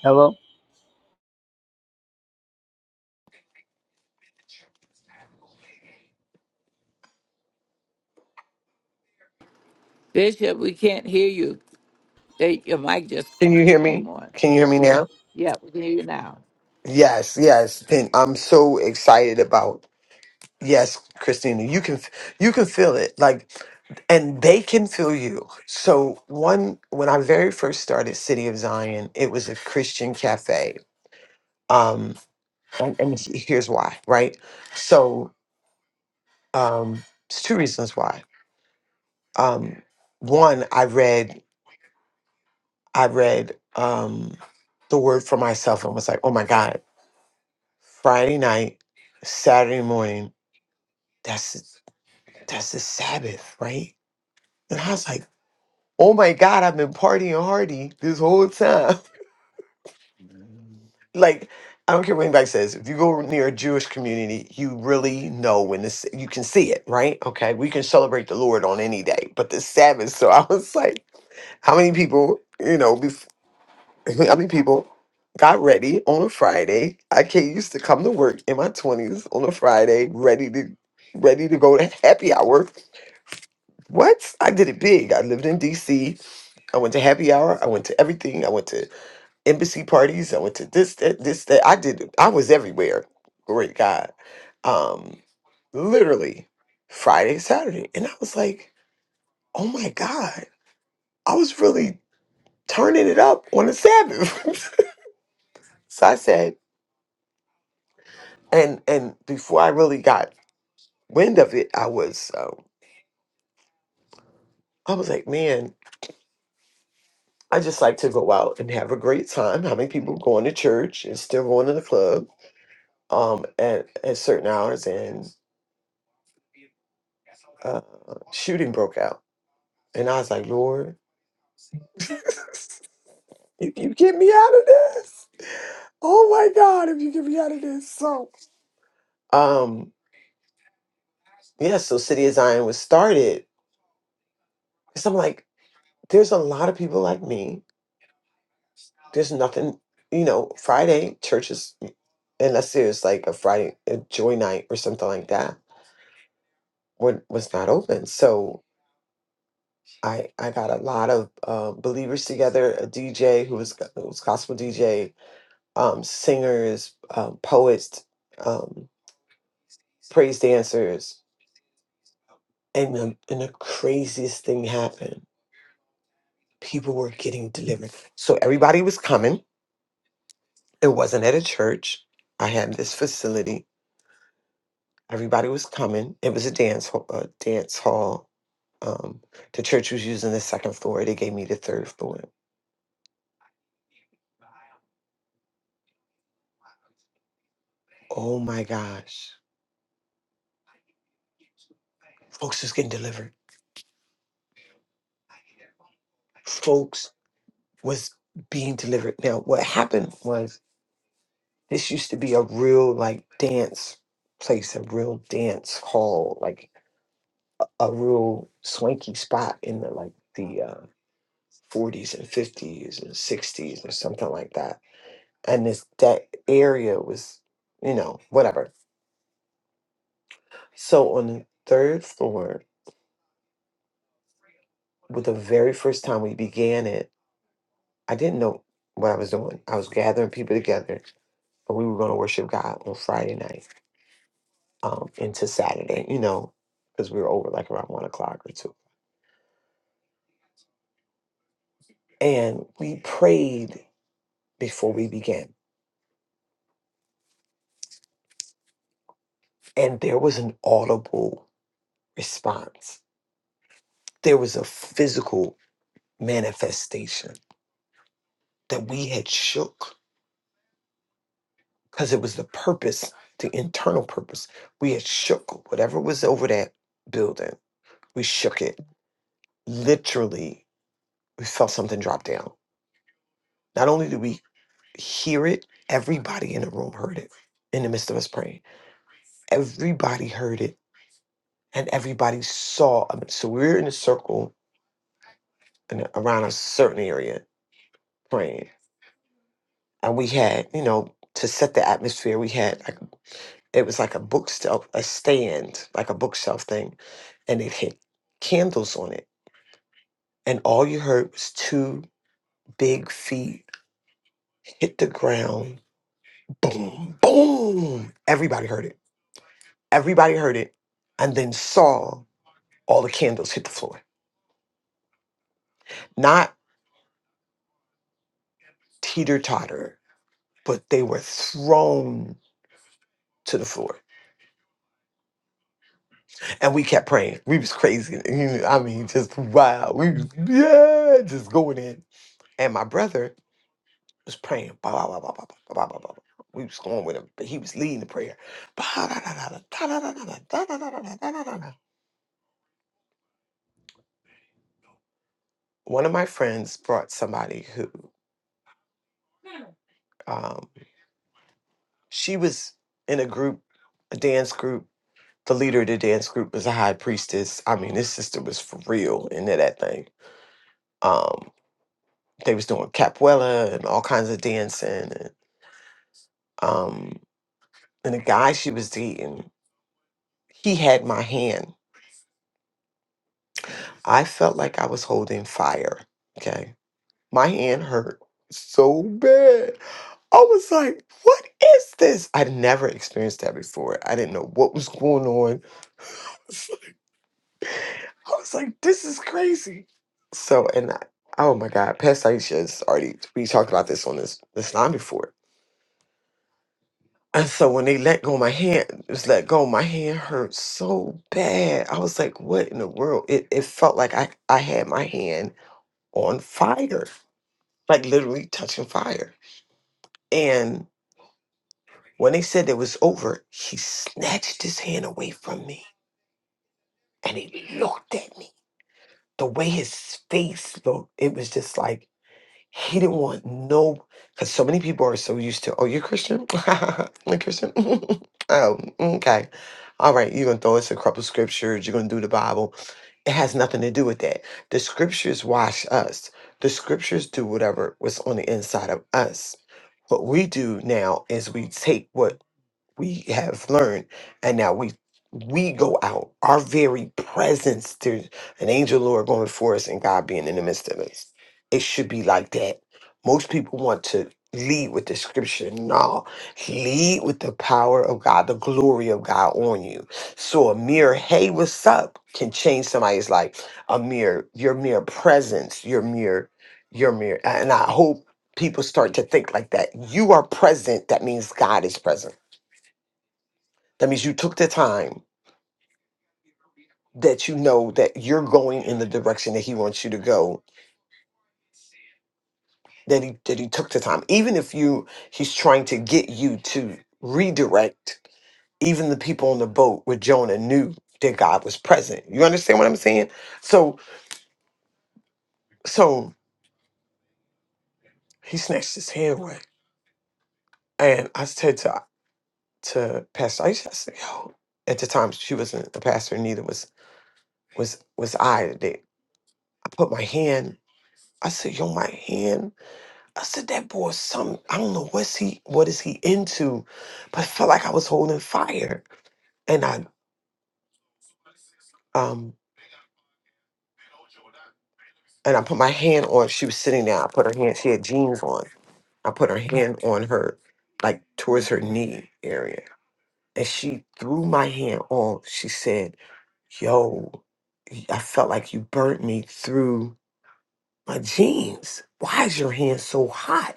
Hello. Bishop, we can't hear you. They, your mic just Can you hear came me? on. Can you hear me now? Yeah, we can hear you now. Yes, yes. And I'm so excited about. Yes, Christina. You can you can feel it. Like and they can feel you. So one when I very first started City of Zion, it was a Christian cafe. Um, and, and here's why, right? So um, it's two reasons why. Um, one, I read. I read um, the word for myself and was like, oh my God, Friday night, Saturday morning, that's that's the Sabbath, right? And I was like, oh my God, I've been partying hardy this whole time. like, I don't care what anybody says. If you go near a Jewish community, you really know when this you can see it, right? Okay. We can celebrate the Lord on any day, but the Sabbath. So I was like, how many people, you know, I mean, people got ready on a Friday. I can't used to come to work in my twenties on a Friday, ready to ready to go to happy hour. What? I did it big. I lived in DC. I went to happy hour. I went to everything. I went to embassy parties. I went to this, that, this, that. I did I was everywhere. Great God. Um, literally Friday, Saturday. And I was like, oh my God. I was really turning it up on the Sabbath. so I said, and and before I really got wind of it, I was um, I was like, man, I just like to go out and have a great time. How many people going to church and still going to the club um, at at certain hours? And uh, shooting broke out, and I was like, Lord, if you get me out of this, oh my God, if you get me out of this, so um, yeah. So City of Zion was started because I'm like, there's a lot of people like me There's nothing, you know, Friday churches, unless there's like a Friday a joy night or something like that, wa- was not open. So I I got a lot of uh, believers together, a DJ who was who was gospel DJ, um, singers, um, poets, um, praise dancers, and the, and the craziest thing happened. People were getting delivered. So everybody was coming. It wasn't at a church. I had this facility Everybody was coming. It was a dance hall, a dance hall. Um, the church was using the second floor. They gave me the third floor. Oh my gosh. Folks was getting delivered. Folks was being delivered. Now, what happened was this used to be a real like dance place, a real dance hall, like a real swanky spot in the like the uh, 40s and 50s and 60s or something like that. And this that area was, you know, whatever So on the third floor, with the very first time we began it, I didn't know what I was doing. I was gathering people together, and we were going to worship God on Friday night um, into Saturday, you know, because we were over like around one o'clock or two. And we prayed before we began, and there was an audible response. There was a physical manifestation that we had shook. because it was the purpose, the internal purpose. We had shook whatever was over that building. We shook it. Literally, we felt something drop down. Not only did we hear it, everybody in the room heard it in the midst of us praying. Everybody heard it and everybody saw. I mean, So we were in a circle in, around a certain area praying. And we had, you know, to set the atmosphere, we had like It was like a bookshelf, a stand, like a bookshelf thing, and it hit candles on it. And all you heard was two big feet hit the ground. Boom, boom. Everybody heard it. Everybody heard it and then saw all the candles hit the floor. Not teeter totter, but they were thrown to the floor. And we kept praying. We was crazy. I mean, just wow. We was, yeah, just going in. And my brother was praying. Bah, bah, bah, bah, bah, bah, bah, bah, bah, bah. We was going with him, but he was leading the prayer. Bah, da, da, da, da, da, da, da, da, da, da, da, da, da, da, da, da. da. One of my friends brought somebody who um, she was in a group, a dance group. The leader of the dance group was a high priestess. I mean, this sister was for real into that thing. Um, they was doing capoeira and all kinds of dancing. And, um, and the guy she was dating, he had my hand. I felt like I was holding fire. Okay My hand hurt so bad. I was like, what is this? I'd never experienced that before. I didn't know what was going on. I was like, this is crazy. So, and I, oh my God, Pastor Aisha has already, we talked about this on this, this line before. And so when they let go my hand, just let go, my hand hurt so bad. I was like, what in the world? It, it felt like I, I had my hand on fire, like literally touching fire. When they said it was over, he snatched his hand away from me and he looked at me. The way his face looked, it was just like he didn't want no. Because so many people are so used to, oh, you're Christian? you're Christian? oh, okay. All right, you're going to throw us a couple scriptures. You're going to do the Bible. It has nothing to do with that. The scriptures wash us, the scriptures do whatever was on the inside of us. What we do now is we take what we have learned and now we we go out our very presence there's an angel lord going before us and god being in the midst of us it should be like that most people want to lead with the scripture no lead with the power of god the glory of god on you so a mere hey what's up can change somebody's life a mere your mere presence your mere your mere and i hope people start to think like that you are present that means god is present that means you took the time that you know that you're going in the direction that he wants you to go. That he that he took the time, even if you he's trying to get you to redirect. Even the people on the boat with Jonah knew that God was present. You understand what I'm saying? So so he snatched his hand away, and I said to to Pastor Aisha, I said, "Yo." At the time, she wasn't a pastor, neither was was was I. That I put my hand. I said, "Yo, my hand." I said, that boy, is some I don't know what's he what is he into, but I felt like I was holding fire. And I um and I put my hand on, she was sitting there, I put her hand, she had jeans on. I put her hand on her, like towards her knee area. And she threw my hand off. She said, Yo, y- I felt like you burnt me through my jeans. Why is your hand so hot?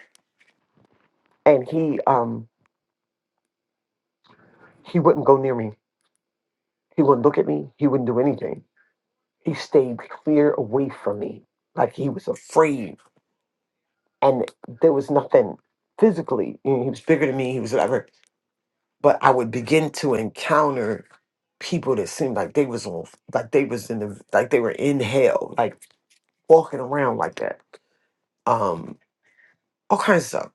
And he um he wouldn't go near me. He wouldn't look at me. He wouldn't do anything He stayed clear away from me, like he was afraid. And there was nothing physically. you know, He was bigger than me. He was whatever. But I would begin to encounter people that seemed like they was on, like they was in the, like they were in hell, like walking around like that. Um, all kinds of stuff.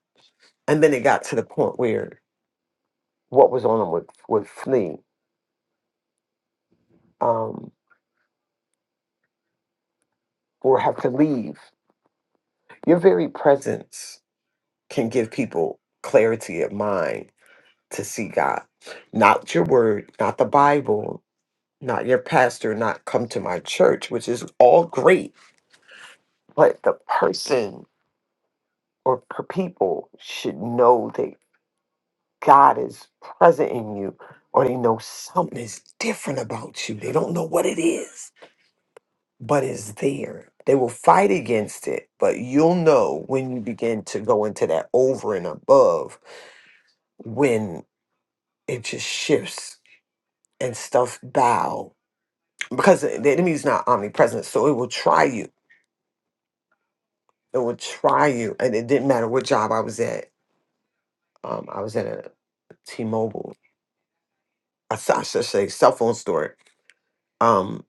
And then it got to the point where what was on them would would flee, um, or have to leave. Your very presence can give people clarity of mind to see God. Not your word, not the Bible, not your pastor, not come to my church, which is all great, but the person or per- people should know that God is present in you or they know something is different about you. They don't know what it is, but it's there. They will fight against it, but you'll know when you begin to go into that over and above when it just shifts and stuff bows because the enemy is not omnipresent, so it will try you. It will try you, and it didn't matter what job I was at. Um, I was at a T-Mobile, I a Sasha say, cell phone store, um,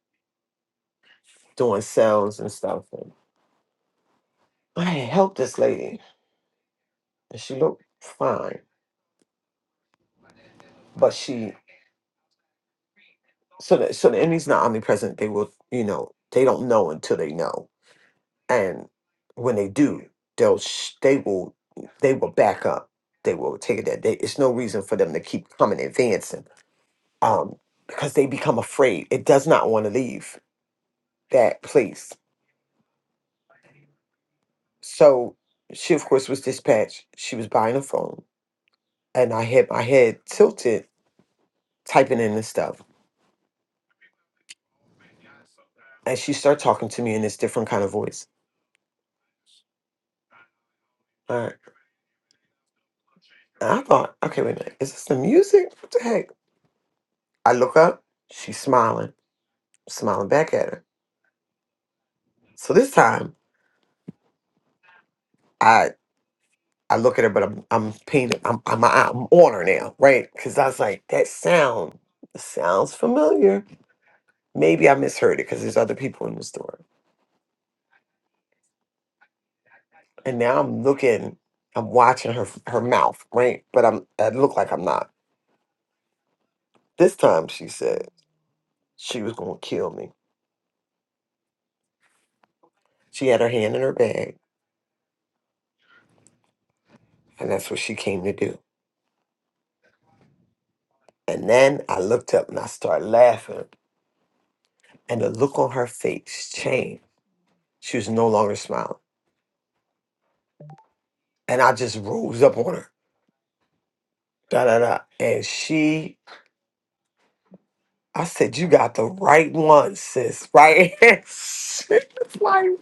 doing sales and stuff. And I had helped this lady, and she looked fine, but she so the so the enemy's not omnipresent. They will, you know, they don't know until they know, and when they do, they'll sh- they will they will back up. They will take it that day. It's no reason for them to keep coming advancing um, because they become afraid. It does not want to leave that place. So she, of course, was dispatched. She was buying a phone, and I had my head tilted, typing in this stuff. And she started talking to me in this different kind of voice. All right. And I thought, okay, wait a minute. Is this the music? What the heck? I look up. She's smiling, smiling back at her. So this time, I I look at her, but I'm I'm painted. I'm I'm, I'm on her now, right? Because I was like, that sound sounds familiar Maybe I misheard it because there's other people in the store. And now I'm looking, I'm watching her her mouth, right? But I'm I look like I'm not. This time she said she was gonna kill me. She had her hand in her bag, and that's what she came to do. And then I looked up and I started laughing. And the look on her face changed. She was no longer smiling. And I just rose up on her. Da da da. And she I said, You got the right one, sis, right? She was like,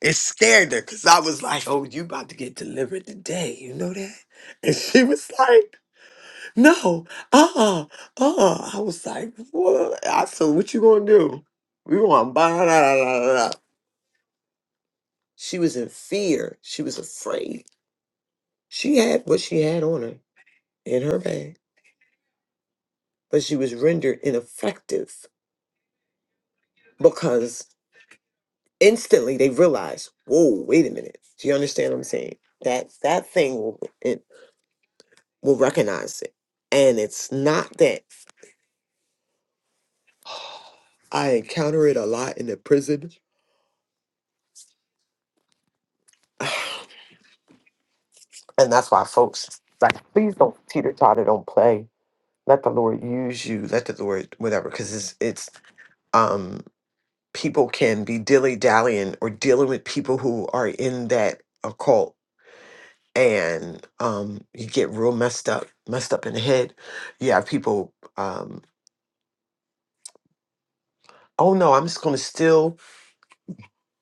It scared her because I was like, oh, you about to get delivered today. You know that? And she was like, no, uh-uh, uh-uh. I was like, what? I said, what you gonna do? We gonna buy da, da, da, da, da." She was in fear. She was afraid. She had what she had on her in her bag, but she was rendered ineffective because instantly they realized, whoa, wait a minute. Do you understand what I'm saying? That that thing will recognize it. And it's not that I encounter it a lot in the prison. And that's why folks like please don't teeter totter, don't play. Let the Lord use you. Let the Lord whatever. Cause it's it's um people can be dilly dallying or dealing with people who are in that occult and um you get real messed up, messed up in the head. You have people um, oh no, I'm just gonna still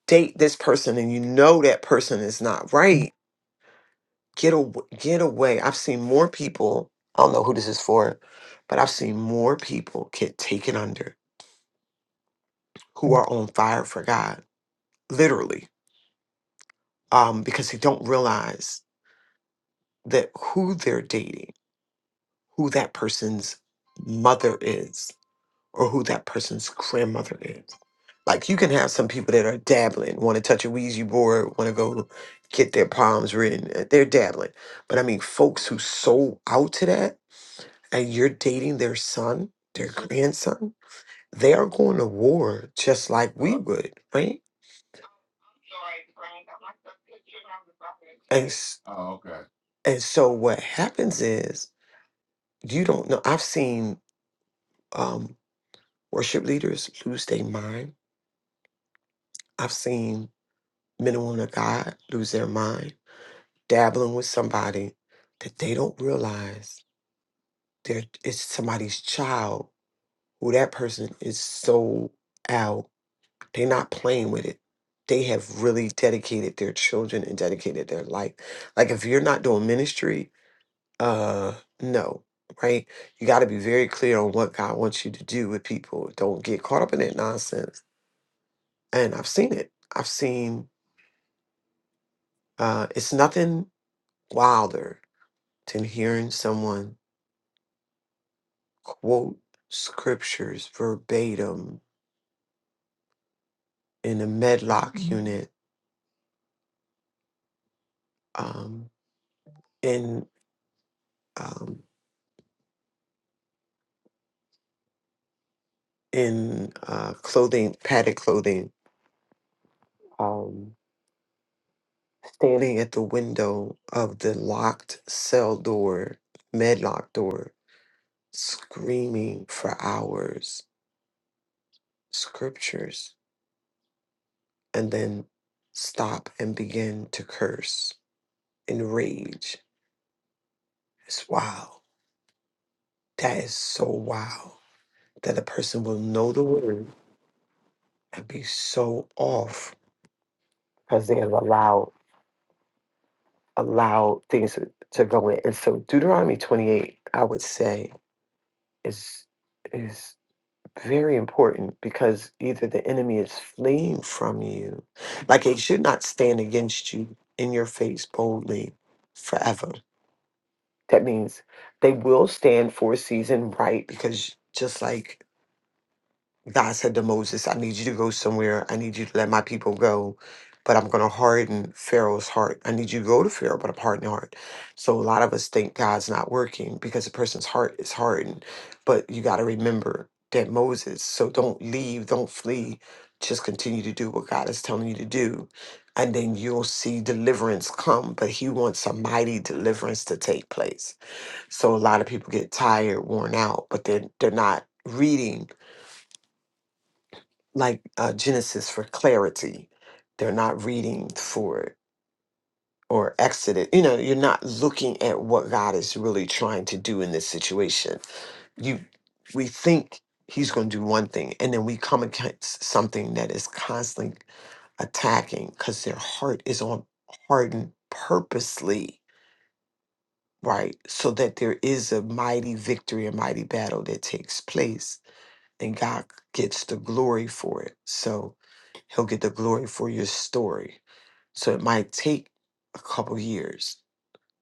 date this person and you know that person is not right Get away, get away. I've seen more people, I don't know who this is for, but I've seen more people get taken under who are on fire for God, literally, um, because they don't realize that who they're dating, who that person's mother is, or who that person's grandmother is. Like you can have some people that are dabbling, want to touch a Ouija board, want to go get their palms written. uh, They're dabbling. But I mean, folks who sold out to that and you're dating their son, their grandson, they are going to war just like we would, right? And s- and so what happens is you don't know. I've seen um, worship leaders lose their mind. I've seen men and women of God lose their mind, dabbling with somebody that they don't realize they're, it's somebody's child who that person is sold out. They're not playing with it. They have really dedicated their children and dedicated their life. Like if you're not doing ministry, uh no, right? You got to be very clear on what God wants you to do with people. Don't get caught up in that nonsense. And I've seen it. I've seen uh it's nothing wilder than hearing someone quote scriptures verbatim in a medlock Mhm. unit um in um in uh, clothing, padded clothing, um, standing at the window of the locked cell door, medlock door, screaming for hours scriptures, and then stop and begin to curse in rage. It's wild. That is so wild that a person will know the word and be so off because they have allowed. allow things to go in. And so Deuteronomy 28, I would say, is is very important because either the enemy is fleeing from you, like it should not stand against you in your face boldly forever. That means they will stand for a season, right? Because just like God said to Moses, I need you to go somewhere. I need you to let my people go, but I'm going to harden Pharaoh's heart. I need you to go to Pharaoh, but I'm hardening heart. So a lot of us think God's not working because a person's heart is hardened. But you got to remember that Moses, so don't leave, don't flee. Just continue to do what God is telling you to do. And then you'll see deliverance come, but he wants a mighty deliverance to take place. So a lot of people get tired, worn out, but they're, they're not reading like uh, Genesis for clarity. They're not reading for it or Exodus. You know, you're not looking at what God is really trying to do in this situation. You, we think He's going to do one thing, and then we come against something that is constantly attacking because their heart is on hardened purposely, right? So that there is a mighty victory, a mighty battle that takes place and God gets the glory for it. So he'll get the glory for your story. So it might take a couple years,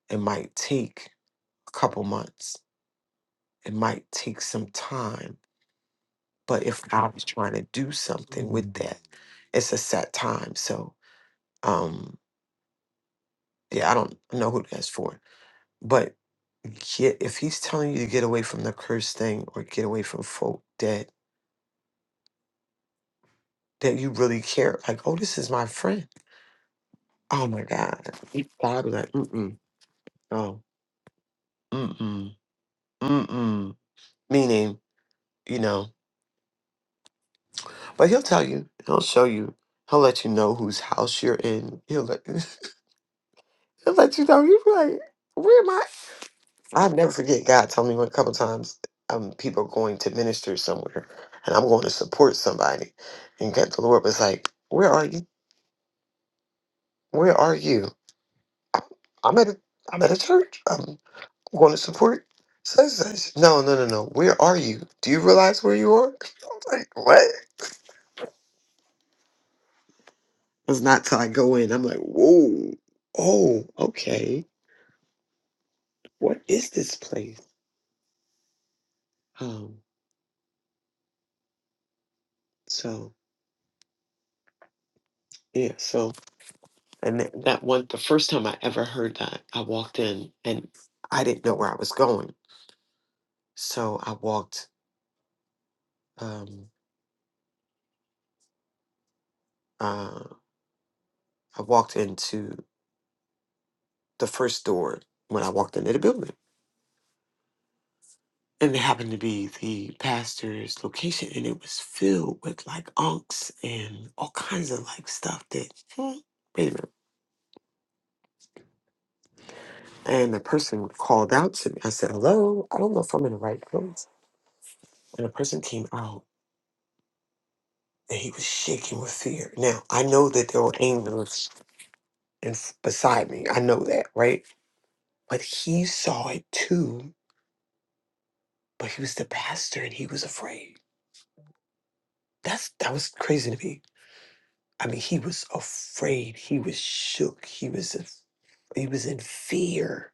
it might take a couple months, it might take some time. But if God is trying to do something with that, it's a set time. So um yeah, I don't know who that's for. But get if he's telling you to get away from the cursed thing or get away from folk that that you really care, like, oh, this is my friend Oh my God. He- God was like, mm mm. Oh, mm mm. Mm mm. Meaning, you know, but he'll tell you, he'll show you, he'll let you know whose house you're in. He'll let, he'll let you know. You'll be like, where am I? I'll never forget God told me one couple times um, people going to minister somewhere and I'm going to support somebody. And God, the Lord was like, where are you? Where are you? I- I'm at a, I'm at a church. um, I'm going to support such and such. No, no, no, no. Where are you? Do you realize where you are? I'm like, what? It's not till I go in. I'm like, whoa, oh, okay. What is this place? Um, so yeah, so and th- that one, the first time I ever heard that, I walked in and I didn't know where I was going. So I walked, um, uh, I walked into the first door when I walked into the building. and it happened to be the pastor's location and it was filled with like unks and all kinds of like stuff that hmm, wait a minute. And the person called out to me. I said, Hello, I don't know if I'm in the right place. And the person came out and he was shaking with fear. Now I know that there were angels in, beside me. I know that, right? But he saw it too, but he was the pastor and he was afraid. That's that was crazy to me I mean, he was afraid. He was shook. He was in- he was in fear.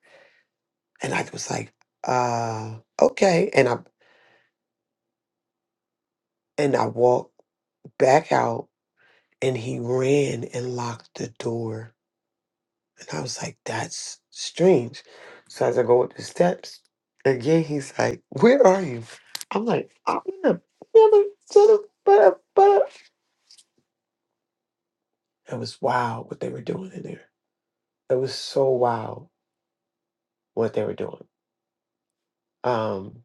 And I was like, uh, okay. And I and I walked back out and he ran and locked the door. And I was like, that's strange. So as I go up the steps, again he's like, Where are you? I'm like, I'm in the middle to the but but it was wild what they were doing in there. It was so wild what they were doing. Um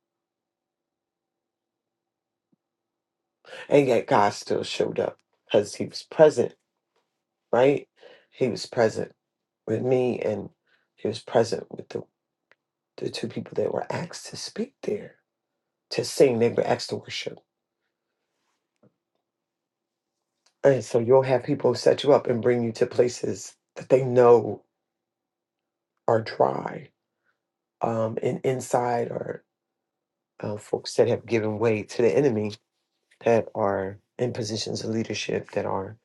And yet God still showed up because he was present, right? He was present with me and he was present with the, the two people that were asked to speak there, to sing, they were asked to worship. And so you'll have people set you up and bring you to places that they know are dry. Um, and inside are uh, folks that have given way to the enemy that are in positions of leadership that are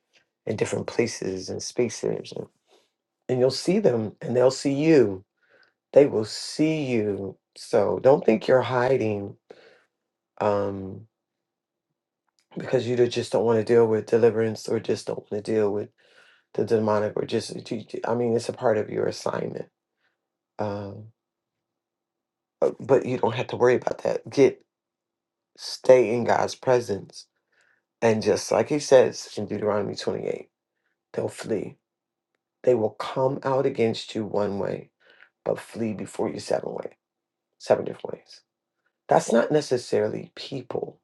in different places and spaces. And, and you'll see them and they'll see you they will see you. So don't think you're hiding um, because you do- just don't want to deal with deliverance or just don't want to deal with the demonic or just, you- you- I mean, it's a part of your assignment. Um, uh, but you don't have to worry about that. Get, stay in God's presence. And just like he says in Deuteronomy 28, they'll flee. They will come out against you one way, but flee before you seven way, seven different ways. That's not necessarily people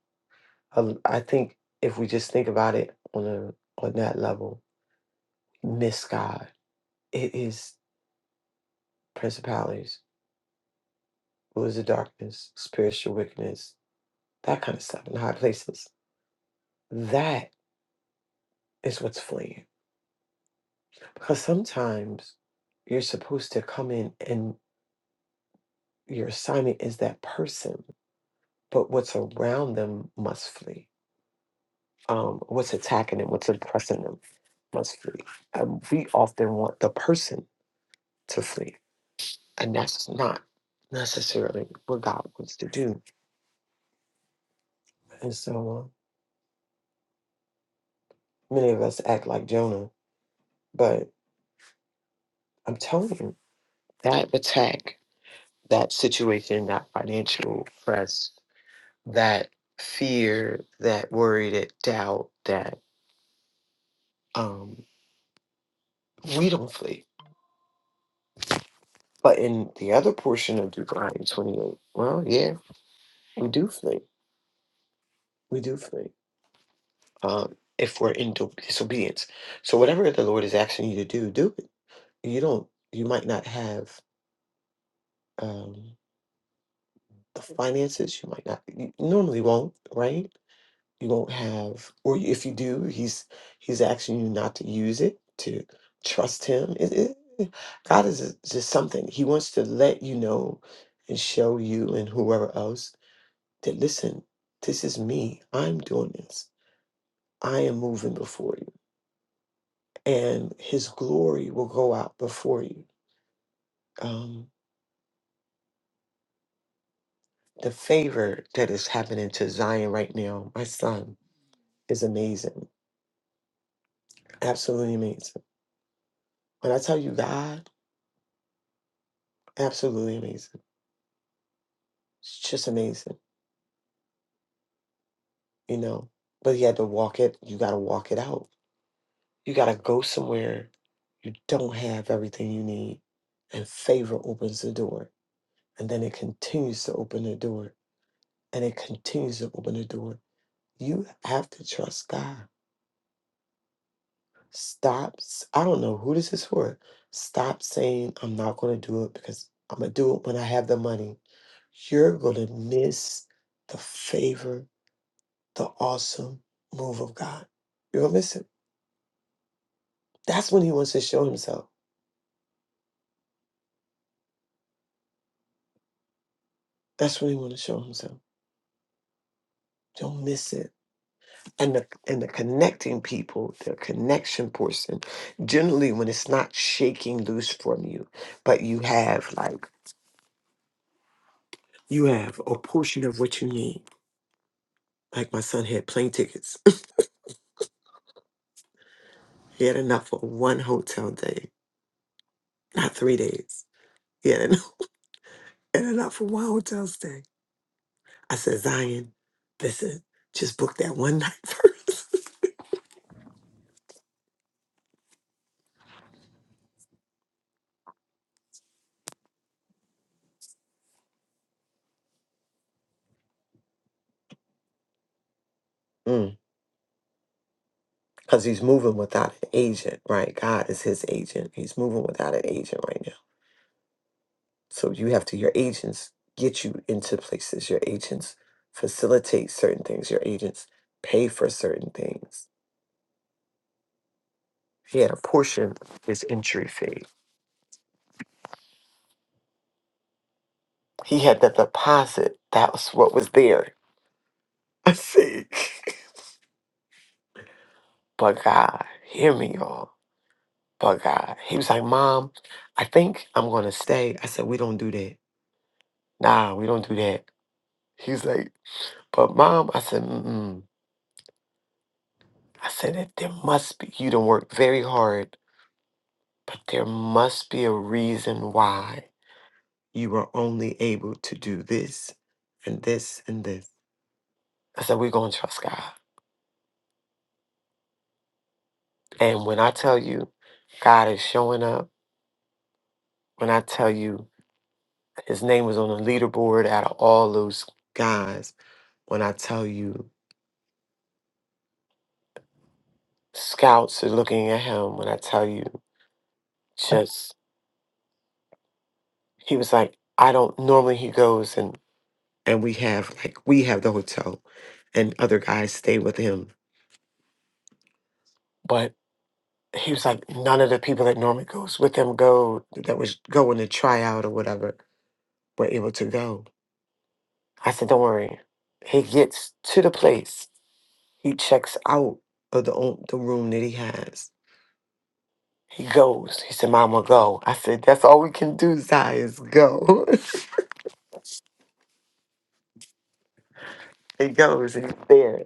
a- I think if we just think about it on a on that level, miss God. It is principalities, rulers of darkness, spiritual wickedness, that kind of stuff in high places. That is what's fleeing. Because sometimes you're supposed to come in and your assignment is that person, but what's around them must flee. Um, what's attacking them, what's oppressing them must flee. And we often want the person to flee and that's not necessarily what God wants to do. And so uh, many of us act like Jonah, but I'm telling you, that attack, that situation, that financial press, that fear, that worry, that doubt, that um, we don't flee. But in the other portion of Deuteronomy 28, well, yeah, we do flee. We do flee. Um, if we're in disobedience. So whatever the Lord is asking you to do, do it you don't you might not have um the finances you might not you normally won't right you won't have or if you do he's he's asking you not to use it to trust him it, it, eh, god is eh, just something he wants to let you know and show you and whoever else that listen this is me i'm doing this i am moving before you and his glory will go out before you Um. the favor that is happening to Zion right now, my son, is amazing. Absolutely amazing. When I tell you God, absolutely amazing. It's just amazing, you know. But he had to walk it. You got to walk it out. You got to go somewhere you don't have everything you need. And favor opens the door. And then it continues to open the door. And it continues to open the door. You have to trust God. Stop. s- I don't know who this is for. Stop saying I'm not going to do it because I'm going to do it when I have the money. You're going to miss the favor, the awesome move of God. You're going to miss it. That's when he wants to show himself. That's when he wants to show himself. Don't miss it. And the and the connecting people, the connection person, generally when it's not shaking loose from you, but you have like you have a portion of what you need. Like my son had plane tickets He had enough for one hotel day, not three days. He had enough, had enough for one hotel stay. I said, Zion, listen, just book that one night first. Because he's moving without an agent, right? God is his agent. He's moving without an agent right now. So you have to, your agents get you into places. Your agents facilitate certain things. Your agents pay for certain things. He had a portion of his entry fee. He had the deposit. That was what was there I think. But God, hear me, y'all. But God, he was like, Mom, I think I'm gonna stay. I said, We don't do that. Nah, we don't do that. He's like, But Mom, I said, Mm-mm. I said that there must be. You done worked very hard, but there must be a reason why you were only able to do this and this and this. I said, We're gonna trust God. And when I tell you, God is showing up. When I tell you His name was on the leaderboard out of all those guys. When I tell you, scouts are looking at him. When I tell you, just he was like, I don't normally he goes and and we have like we have the hotel, and other guys stay with him. But he was like, none of the people that normally goes with him go that was going to try out or whatever were able to go. I said, don't worry. He gets to the place. He checks out of the o- the room that he has He goes. He said, Mama, go. I said, That's all we can do, Zai, is go. he goes and he's there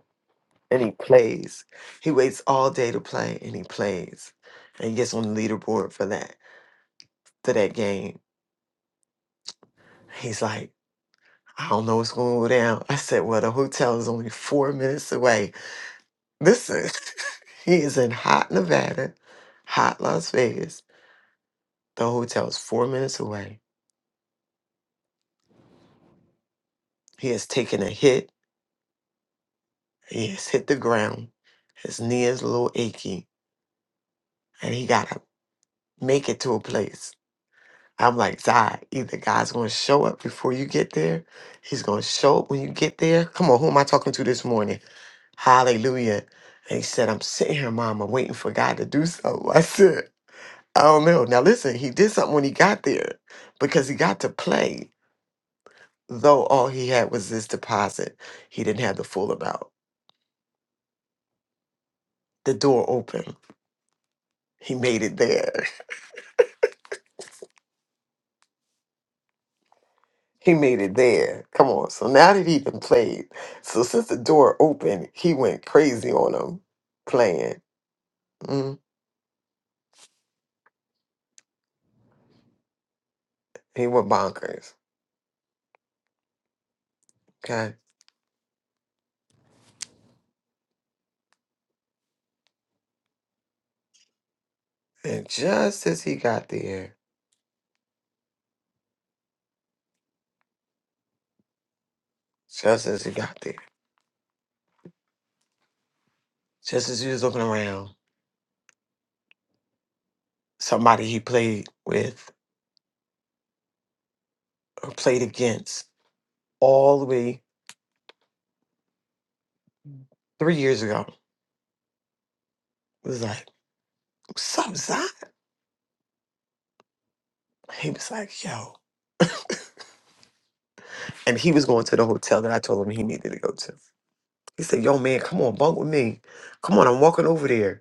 and he plays. He waits all day to play and he plays. And he gets on the leaderboard for that, for that game. He's like, I don't know what's going to go down. I said, Well, the hotel is only four minutes away. Listen, he is in hot Nevada, hot Las Vegas. The hotel is four minutes away. He has taken a hit. He has hit the ground. His knee is a little achy and he got to make it to a place. I'm like, Zai, either God's going to show up before you get there, he's going to show up when you get there. Come on, who am I talking to this morning? Hallelujah. And he said, I'm sitting here, Mama, waiting for God to do so. I said, I don't know. Now, listen, he did something when he got there because he got to play, though all he had was this deposit. He didn't have the full amount. The door opened. He made it there. He made it there. Come on. So now that he done played, so since the door opened, he went crazy on him playing. Mm, he went bonkers. Okay. And just as he got there, just as he got there, just as he was looking around, somebody he played with or played against all the way three years ago was like, What's up, Zion? He was like, Yo. And he was going to the hotel that I told him he needed to go to. He said, Yo, man, come on, bunk with me. Come on, I'm walking over there.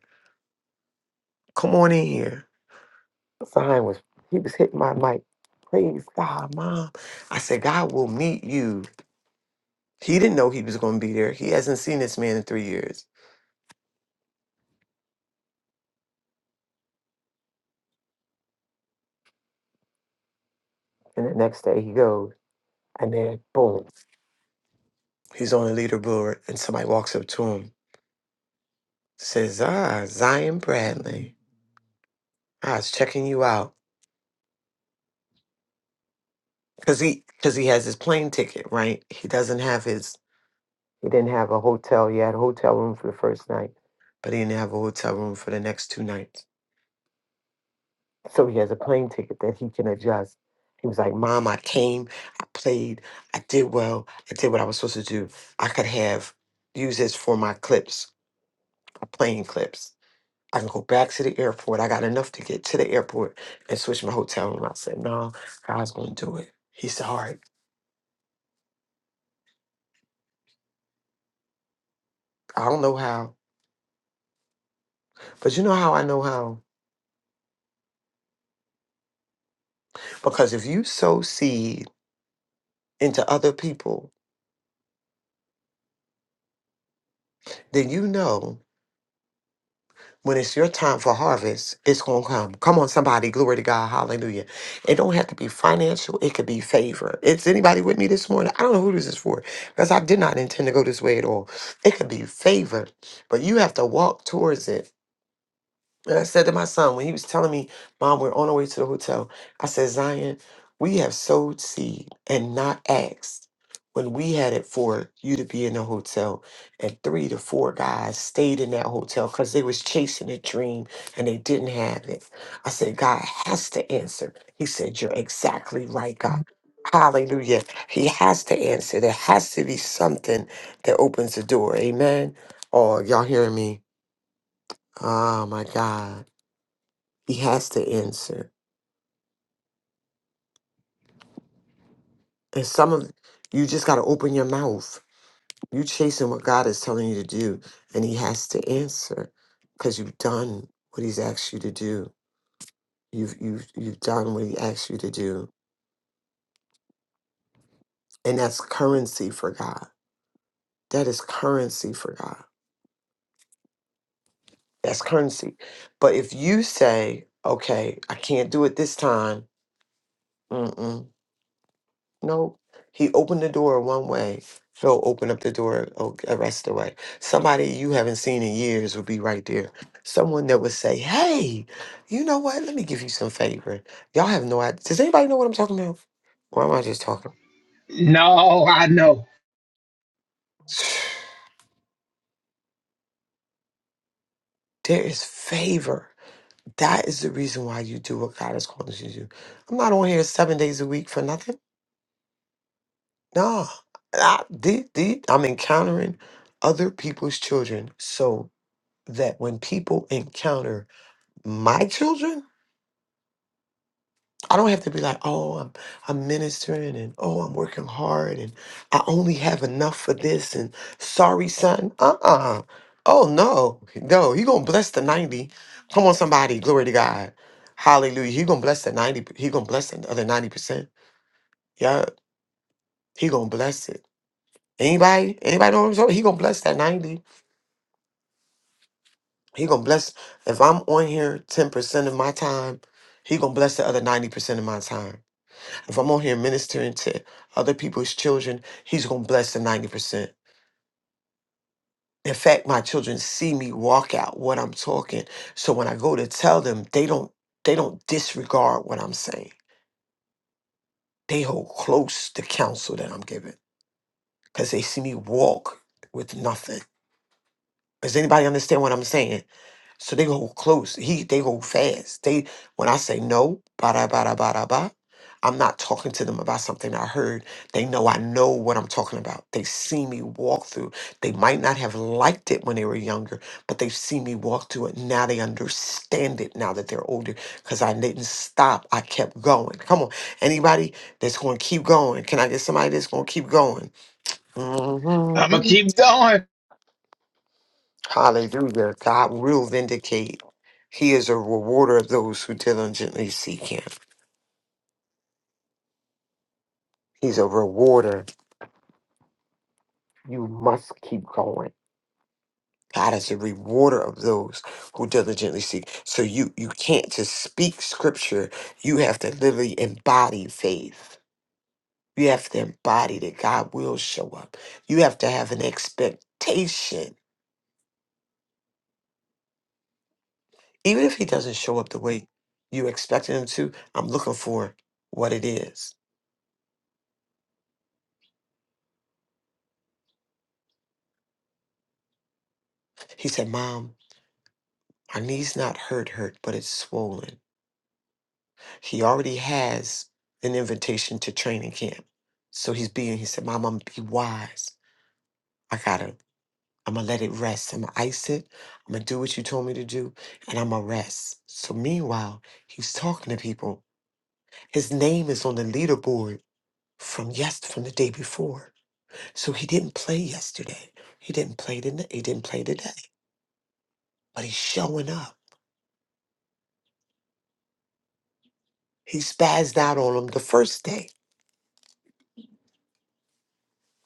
Come on in here. Zion was he was hitting my mic. Praise God, mom. I said, God will meet you. He didn't know he was gonna be there. He hasn't seen this man in three years. And the next day he goes, and then boom. He's on the leaderboard and somebody walks up to him, says, Ah, Zion Bradley. I was checking you out. Cause he cause he has his plane ticket, right? He doesn't have his He didn't have a hotel. He had a hotel room for the first night. But he didn't have a hotel room for the next two nights. So he has a plane ticket that he can adjust. He was like, Mom, I came, I played, I did well, I did what I was supposed to do. I could have used this for my clips, my plane clips. I can go back to the airport. I got enough to get to the airport and switch my hotel room. I said, No, God's gonna do it. He said, All right, I don't know how. But you know how I know how? Because if you sow seed into other people, then you know. When it's your time for harvest, it's going to come. Come on, somebody. Glory to God. Hallelujah. It don't have to be financial. It could be favor. Is anybody with me this morning? I don't know who this is for because I did not intend to go this way at all. It could be favor, but you have to walk towards it. And I said to my son when he was telling me, Mom, we're on our way to the hotel. I said, Zion, we have sowed seed and not asked when we had it for you to be in the hotel. And three to four guys stayed in that hotel because they was chasing a dream and they didn't have it. I said, God has to answer. He said, You're exactly right, God. Hallelujah. He has to answer. There has to be something that opens the door. Amen. Oh, y'all hearing me? Oh my God. He has to answer. And some of you just got to open your mouth. You chasing what God is telling you to do, and He has to answer because you've done what He's asked you to do. You've you've you've done what He asked you to do, and that's currency for God. That is currency for God. That's currency. But if you say, "Okay, I can't do it this time," No, he opened the door one way. Phil opened up the door o- the rest of the way. Somebody you haven't seen in years would be right there. Someone that would say, "Hey, you know what? Let me give you some favor." Y'all have no idea. Does anybody know what I'm talking about? Or am I just talking? No, I know. There is favor. That is the reason why you do what God is calling you to do. I'm not on here seven days a week for nothing. No, I, the, the, I'm encountering other people's children so that when people encounter my children, I don't have to be like, oh, I'm I'm ministering and oh, I'm working hard and I only have enough for this and sorry, son. Uh-uh. Oh no, no, he gonna bless the 90. Come on, somebody, glory to God. Hallelujah. He gonna bless the 90, he gonna bless the other 90%. Yeah, he gonna bless it. Anybody? Anybody know what I'm talking? He gonna bless that 90. He gonna bless if I'm on here 10% of my time, he gonna bless the other 90% of my time. If I'm on here ministering to other people's children, he's going to bless the 90%. In fact, my children see me walk out what I'm talking. So when I go to tell them, they don't they don't disregard what I'm saying. They hold close the counsel that I'm giving because they see me walk with nothing. Does anybody understand what I'm saying? So they go close. He they go fast. They when I say no, ba da ba da ba da ba, I'm not talking to them about something I heard. They know I know what I'm talking about. They've seen me walk through. They might not have liked it when they were younger, but they've seen me walk through it. Now they understand it now that they're older. Cause I didn't stop. I kept going. Come on. Anybody that's gonna keep going. Can I get somebody that's gonna keep going? I'm gonna Mm-hmm. keep going. Hallelujah. God will vindicate. He is a rewarder of those who diligently seek him. He's a rewarder. You must keep going. God is a rewarder of those who diligently seek. So you you can't just speak scripture. You have to literally embody faith. You have to embody that God will show up. You have to have an expectation. Even if he doesn't show up the way you expected him to, I'm looking for what it is. He said, Mom, Her knee's not hurt, hurt, but it's swollen. He already has an invitation to training camp. So he's being, he said, Mom, I'm gonna be wise. I gotta, I'm gonna let it rest. I'm gonna ice it. I'm gonna do what you told me to do, and I'm gonna rest. So meanwhile, he's talking to people. His name is on the leaderboard from yes from the day before. So he didn't play yesterday. He didn't play today. He didn't play today. But he's showing up. He spazzed out on him the first day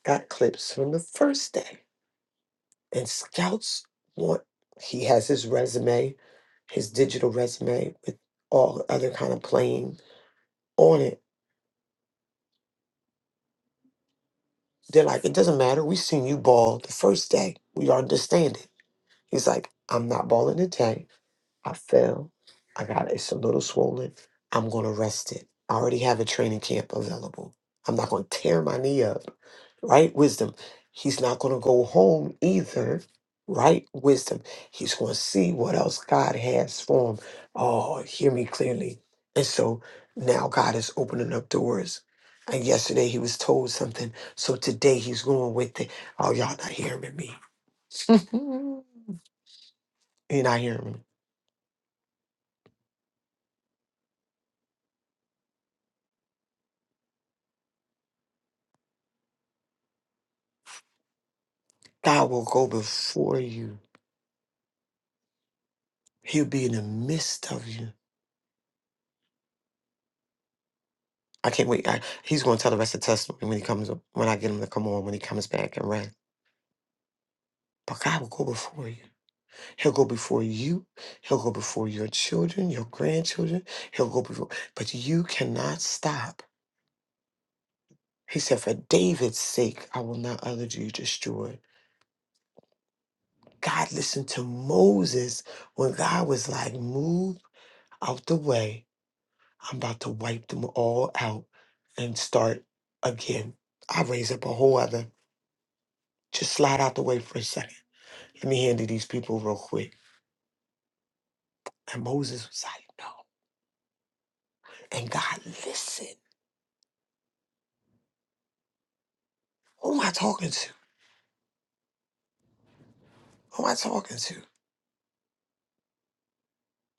got clips from the first day. And scouts want he has his resume, his digital resume with all the other kind of playing on it. They're like, it doesn't matter. We seen you ball the first day. We understand it. He's like, I'm not balling today. I fell. I got it's a little swollen. I'm gonna rest it. I already have a training camp available. I'm not gonna tear my knee up, right? Wisdom. He's not gonna go home either, right? Wisdom. He's gonna see what else God has for him. Oh, hear me clearly. And so now God is opening up doors. And yesterday he was told something. So today he's going with it. Oh, y'all not hearing me. You're not hearing me. God will go before you He'll be in the midst of you. I can't wait. I, he's going to tell the rest of the testimony when he comes up, when I get him to come on, when he comes back and rest. But God will go before you. He'll go before you. He'll go before your children, your grandchildren. He'll go before. But you cannot stop. He said, For David's sake, I will not utter you destroyed. God listened to Moses when God was like, Move out the way. I'm about to wipe them all out and start again. I raise up a whole other Just slide out the way for a second. Let me handle these people real quick. And Moses was like, no. And God, listen. Who am I talking to? Who am I talking to?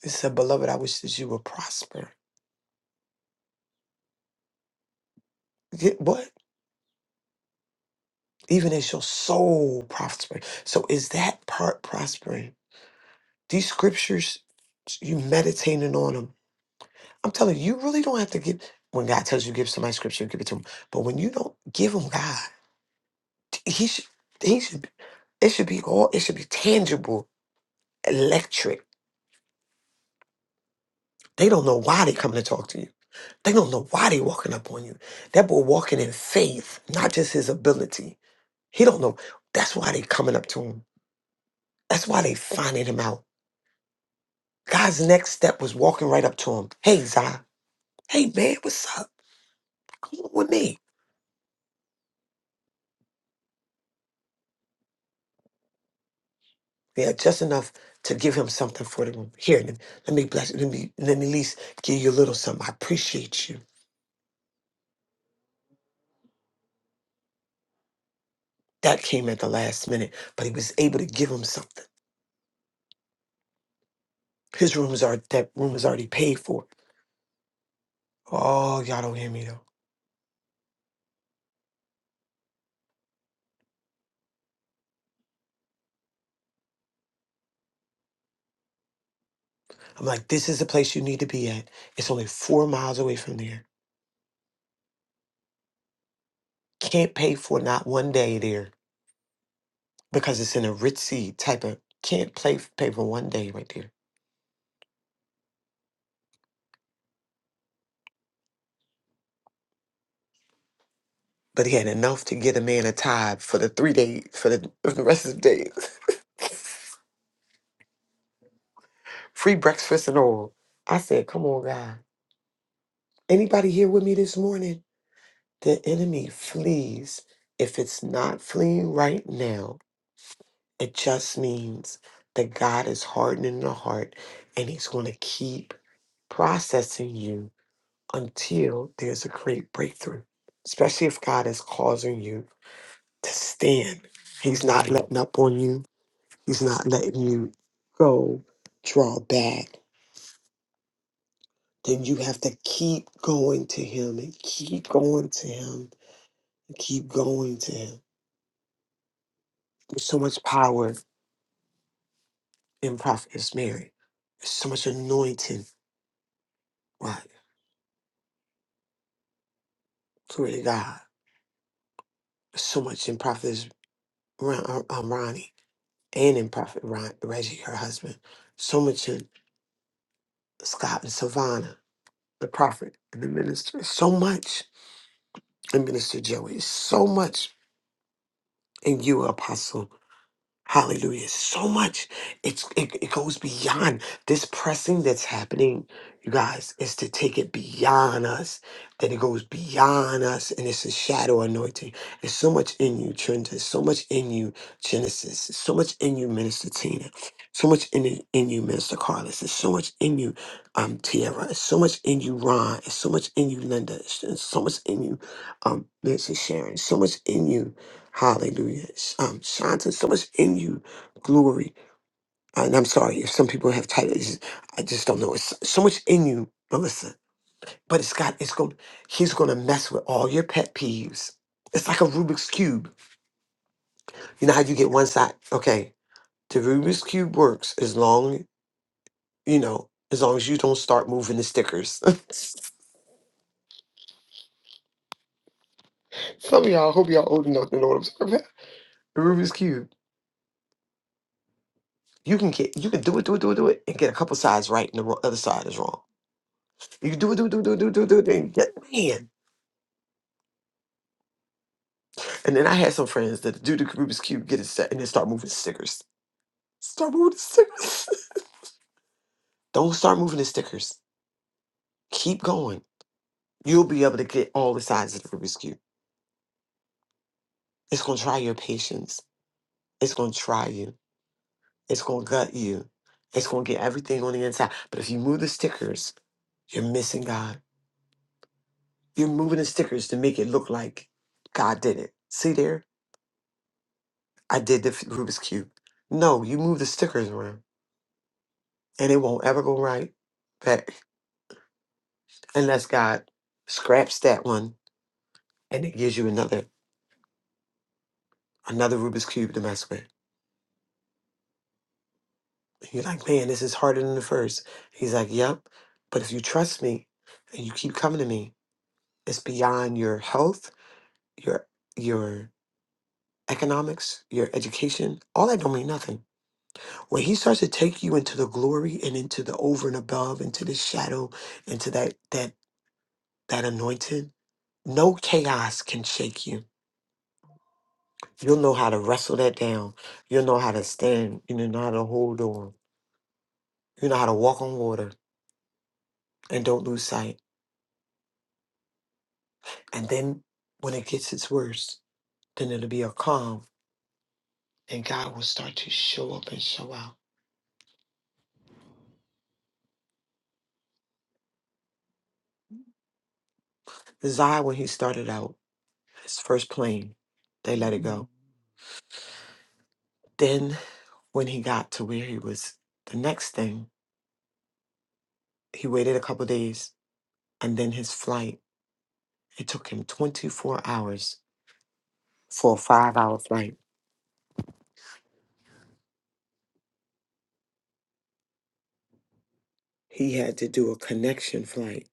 He said, beloved, I wish that you would prosper. Yeah, What? Even as your soul prosper. So is that part prospering? These scriptures, you meditating on them. I'm telling you, you really don't have to give. When God tells you give somebody scripture, give it to them. But when you don't give them God, he should, he should, it should be all, it should be tangible, electric. They don't know why they coming to talk to you. They don't know why they walking up on you. That boy walking in faith, not just his ability. He don't know. That's why they coming up to him. That's why they finding him out. God's next step was walking right up to him. Hey, Zai. Hey, man, what's up? Come on with me. Yeah, just enough to give him something for the room. Here, let let me bless you. Let me, let me at least give you a little something. I appreciate you. That came at the last minute, but he was able to give him something. His room is already, that room is already paid for. Oh, y'all don't hear me though. I'm like, this is the place you need to be at. It's only four miles away from there. Can't pay for not one day there because it's in a ritzy type of can't play pay for one day right there. But he had enough to get a man a tithe for the three days for the, for the rest of the days. Free breakfast and all. I said, come on, God. Anybody here with me this morning? The enemy flees. If it's not fleeing right now, It just means that God is hardening the heart and He's going to keep processing you until there's a great breakthrough, especially if God is causing you to stand. He's not letting up on you, He's not letting you go, draw back. Then you have to keep going to Him and keep going to Him and keep going to Him. There's so much power in Prophetess Mary, there's so much anointing. Right. Glory to God. so much in Prophetess Ron, uh, uh, Ronnie and in Prophet Ron, Reggie, her husband, so much in Scott and Savannah, the prophet and the minister, so much in Minister Joey, so much in you, Apostle. Hallelujah. So much. It's it, it goes beyond this pressing that's happening, you guys, is to take it beyond us. That it goes beyond us and it's a shadow anointing. There's so much in you, Trent. There's so much in you, Genesis. There's so much in you, Minister Tina. So much in in you, Minister Carlos. There's so much in you, um, Tierra. There's so much in you, Ron. There's so much in you, Linda. There's so much in you, um, Minister Sharon. So much in you. Hallelujah. Sh- Um, shine to so much in you, glory. Uh, And I'm sorry if some people have titles. I just don't know. It's so much in you, Melissa. But it's got, it's going, he's going to mess with all your pet peeves. It's like a Rubik's Cube. You know how you get one side? Okay. The Rubik's Cube works as long, you know, as long as you don't start moving the stickers. some of y'all, I hope y'all old enough to know what I'm talking about. The Rubik's Cube. You can get, you can do it, do it, do it, do it, and get a couple sides right and the ro- other side is wrong. You can do it, do it, do it, do it, do it, do it, do it, and get- man. And then I had some friends that do the Rubik's Cube, get it set, and then start moving stickers. Start moving the stickers. Don't start moving the stickers. Keep going. You'll be able to get all the sides of the Rubik's Cube. It's gonna try your patience. It's gonna try you. It's gonna gut you. It's gonna get everything on the inside. But if you move the stickers, you're missing God. You're moving the stickers to make it look like God did it. See there? I did the f- Rubik's Cube. No, you move the stickers around. and it won't ever go right but unless god scraps that one and it gives you another another rubik's cube to mess with And you're like man this is harder than the first he's like yep but if you trust me and you keep coming to me it's beyond your health your your economics your education all that don't mean nothing when he starts to take you into the glory and into the over and above into the shadow into that that that anointing no chaos can shake you You'll know how to wrestle that down. You'll know how to stand. You know how to hold on. You know how to walk on water and don't lose sight. And then when it gets its worst, then it'll be a calm and God will start to show up and show out. Zion, when he started out, his first plane, they let it go. Then when he got to where he was, the next thing, he waited a couple days and then his flight, it took him 24 hours for a five hour flight. He had to do a connection flight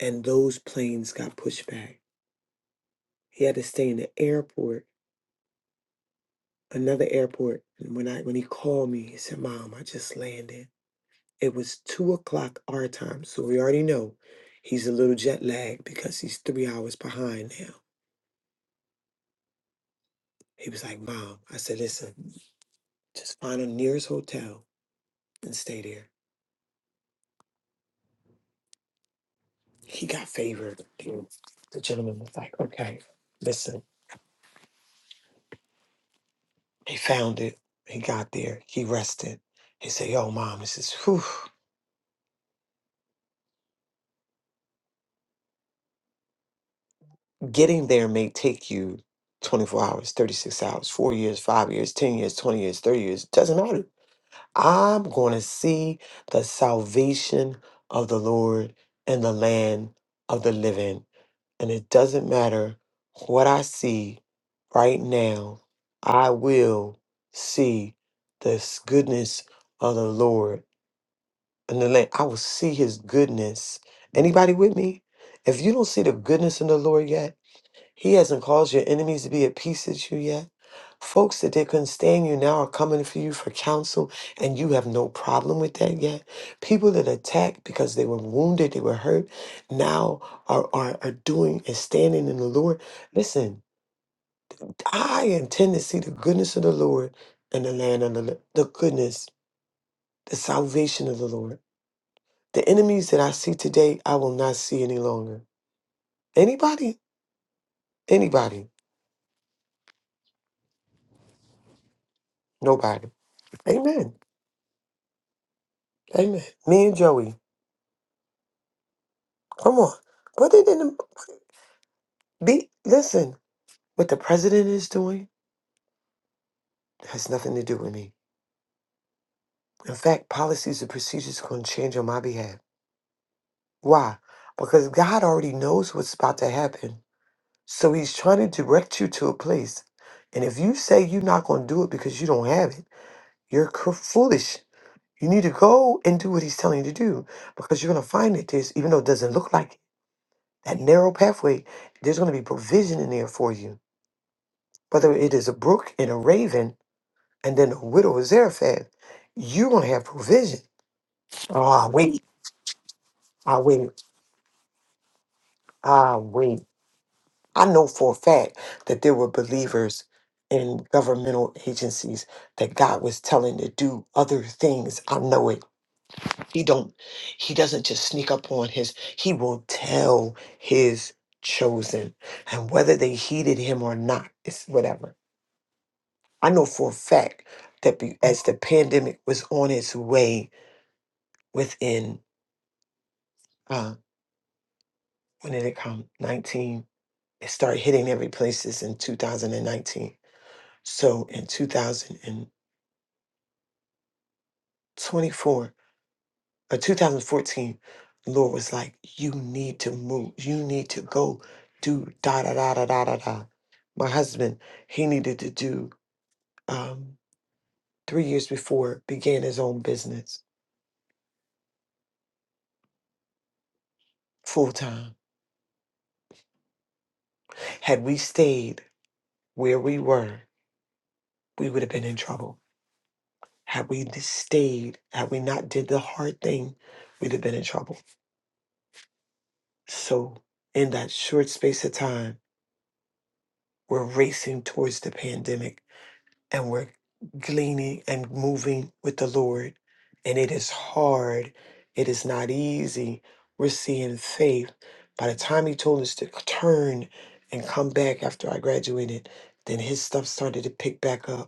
and those planes got pushed back. He had to stay in the airport, another airport. And when I when he called me, he said, "Mom, I just landed." It was two o'clock our time, so we already know he's a little jet lagged because he's three hours behind now. He was like, "Mom," I said, "Listen, just find the nearest hotel and stay there." He got favored. dude. The gentleman was like, "Okay, listen." He found it. He got there. He rested. He said, "Yo, mom, this is whew. Getting there may take you 24 hours, 36 hours, four years, five years, 10 years, 20 years, 30 years. It doesn't matter. I'm going to see the salvation of the Lord in the land of the living. And it doesn't matter what I see right now, I will see this goodness of the Lord in the land. I will see his goodness. Anybody with me? If you don't see the goodness in the Lord yet, he hasn't caused your enemies to be at peace with you yet. Folks that they couldn't stand you now are coming for you for counsel, and you have no problem with that yet. People that attacked because they were wounded, they were hurt, now are, are, are doing and standing in the Lord. Listen, I intend to see the goodness of the Lord in the land of the, li- the goodness, the salvation of the Lord. The enemies that I see today, I will not see any longer. Anybody? Anybody? Nobody. Amen. Amen. Me and Joey. Come on. Put it in the be listen, what the president is doing has nothing to do with me. In fact, policies and procedures are gonna change on my behalf. Why? Because God already knows what's about to happen. So he's trying to direct you to a place. And if you say you're not gonna do it because you don't have it, you're cr- foolish. You need to go and do what he's telling you to do because you're gonna find that there's even though it doesn't look like it, that narrow pathway, there's gonna be provision in there for you. whether it is a brook and a raven, and then a widow of Zarephath, you're gonna have provision. Oh, I wait, I wait, I wait. I know for a fact that there were believers in governmental agencies that God was telling to do other things. I know it. He don't he doesn't just sneak up on his he will tell his chosen. And whether they heeded him or not, it's whatever. I know for a fact that be, as the pandemic was on its way within uh when did it come 19 it started hitting every places in 2019 so in 2024 or 2014 lord was like you need to move you need to go do da da da da da da da my husband he needed to do um three years before began his own business full time had we stayed where we were we would have been in trouble Had we just stayed, had we not did the hard thing, we'd have been in trouble. So in that short space of time, we're racing towards the pandemic and we're gleaning and moving with the Lord. And it is hard. It is not easy. We're seeing faith. By the time he told us to turn and come back after I graduated, then his stuff started to pick back up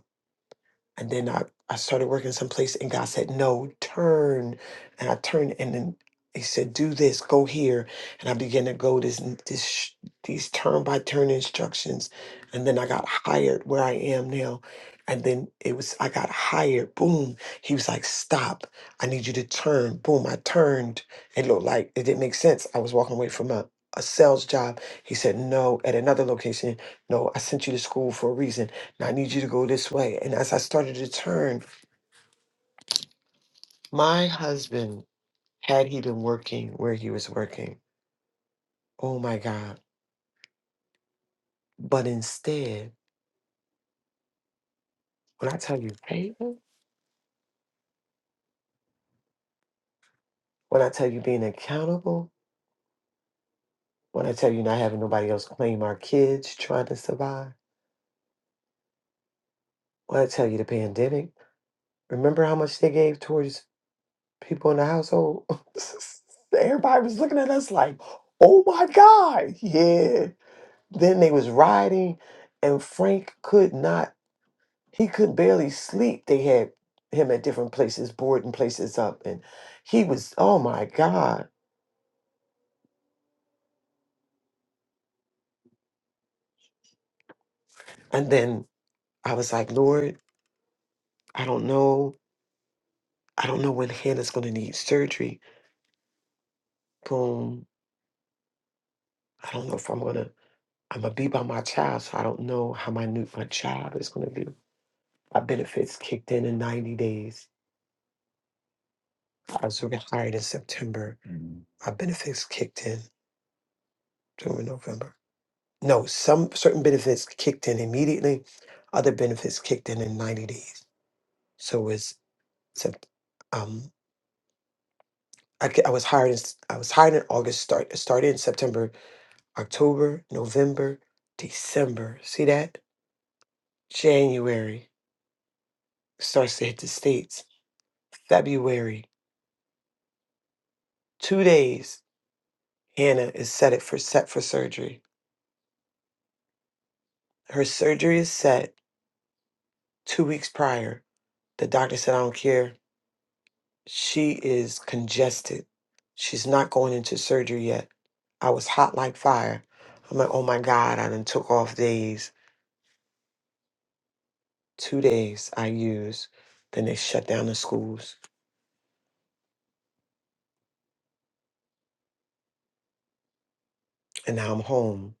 And then I, I started working someplace and God said, No, turn. And I turned and then he said, Do this, go here. And I began to go this this sh- these turn by turn instructions. And then I got hired where I am now. And then it was I got hired. Boom. He was like, Stop. I need you to turn. Boom. I turned. It looked like it didn't make sense. I was walking away from a, a sales job. He said, No, at another location. No, I sent you to school for a reason I need you to go this way. And as I started to turn, my husband, had he been working where he was working, oh my God. But instead, when I tell you payment, when I tell you being accountable, when I tell you not having nobody else claim our kids trying to survive, when I tell you the pandemic, remember how much they gave towards people in the household? Everybody was looking at us like, oh my God, yeah. Then they was riding and Frank could not he could barely sleep. They had him at different places, boarding places up, and he was, oh my God. And then I was like, Lord, I don't know. I don't know when Hannah's gonna need surgery. Boom. I don't know if I'm gonna I'm gonna be by my child, so I don't know how my new my child is gonna be. My benefits kicked in in 90 days. I was hired in September. My benefits kicked in during November. No, some certain benefits kicked in immediately. Other benefits kicked in in 90 days. So it's Sep- um I, ca- I was hired in, s- I was hired in August start started in September, October, November, December. See that? January starts to hit the states. February, 2 days. Hannah is set it for set for surgery. Her surgery is set 2 weeks prior. The doctor said I don't care. She is congested. She's not going into surgery yet. I was hot like fire. I'm like, oh my God, I done took off days. two days I used. Then they shut down the schools, and now I'm home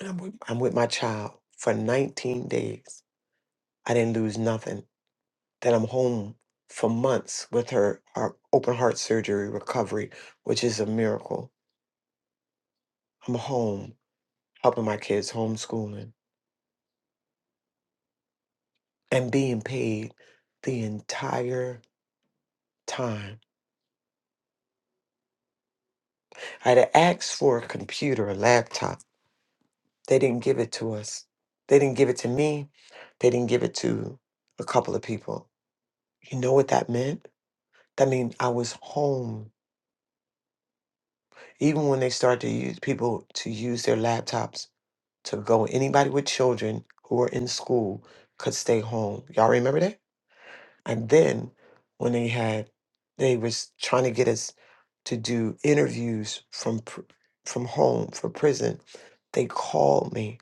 and I'm with, I'm with my child for 19 days. I didn't lose nothing. Then I'm home for months with her, her open heart surgery recovery, which is a miracle. I'm home helping my kids homeschooling and being paid the entire time. I had asked for a computer, a laptop They didn't give it to us. They didn't give it to me. They didn't give it to a couple of people. You know what that meant? That means I was home. Even when they started to use people to use their laptops to go, anybody with children who were in school could stay home. Y'all remember that? And then when they had, they was trying to get us to do interviews from pr- from home for prison. They called me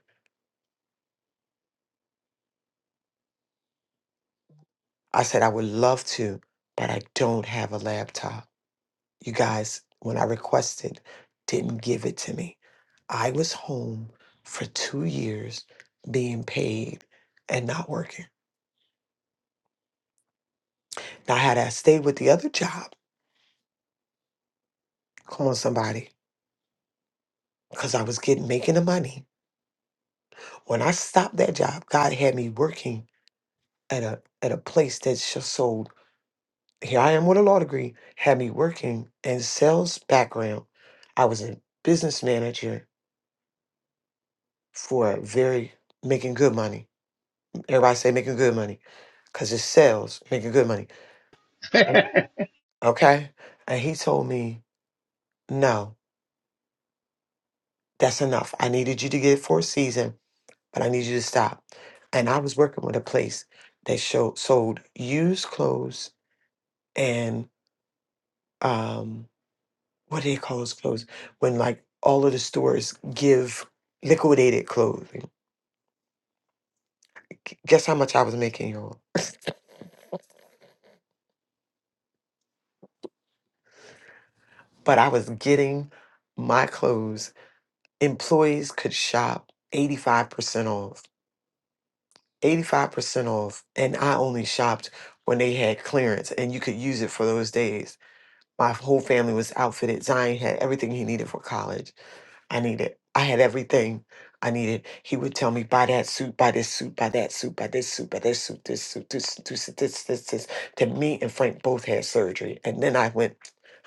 I said, I would love to, but I don't have a laptop. You guys, when I requested, didn't give it to me. I was home for two years being paid and not working. Now, had I stayed with the other job, come on, somebody, because I was getting making the money. When I stopped that job, God had me working at a at a place that just sold. Here I am with a law degree, had me working in sales background. I was a business manager for very making good money. Everybody say making good money because it sells, making good money. Mm. Okay. And he told me, no, that's enough. I needed you to get for a season, but I need you to stop. And I was working with a place that showed sold used clothes and um what do they call those clothes? When like all of the stores give liquidated clothing. Guess how much I was making, y'all? But I was getting my clothes employees could shop 85% off. 85% off. And I only shopped when they had clearance and you could use it for those days. My whole family was outfitted. Zion had everything he needed for college. I needed. I had everything I needed. He would tell me, buy that suit, buy this suit, buy that suit, buy this suit, buy this suit, this suit, this, this, this, this, this. Then me and Frank both had surgery. And then I went,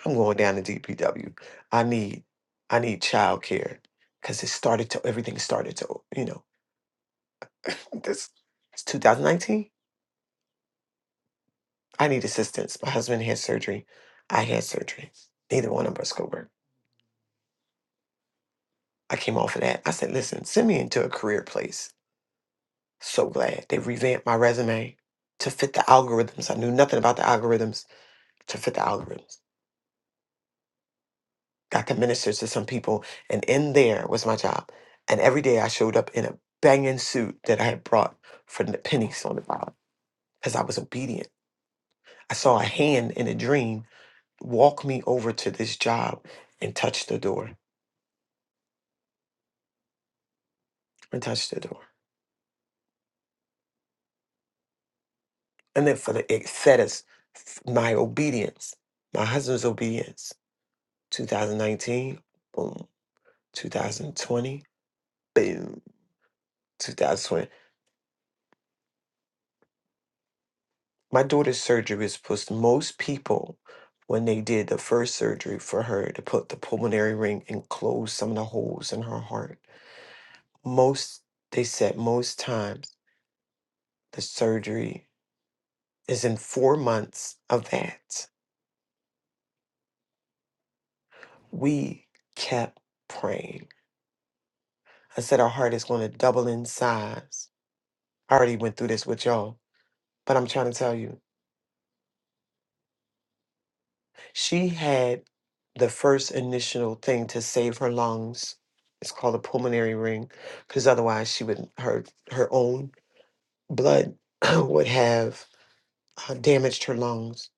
I'm going down to DPW. I need, I need child care. Cause it started to, everything started to, you know, this, it's 2019. I need assistance. My husband had surgery. I had surgery. Neither one of us could work. I came off of that. I said, listen, send me into a career place So glad they revamped my resume to fit the algorithms. I knew nothing about the algorithms to fit the algorithms. Got to minister to some people, and in there was my job. And every day I showed up in a banging suit that I had brought for the pennies on the dollar because I was obedient. I saw a hand in a dream walk me over to this job and touch the door and touch the door. And then for the it fed us my obedience, my husband's obedience, 2019. Boom 2020, boom, 2020. My daughter's surgery was supposed to, most people, when they did the first surgery for her to put the pulmonary ring and close some of the holes in her heart, most, they said most times the surgery is in four months of that. We kept praying. I said, our heart is going to double in size. I already went through this with y'all, but I'm trying to tell you. She had the first initial thing to save her lungs. It's called a pulmonary ring, because otherwise she would her her own blood would have uh, damaged her lungs,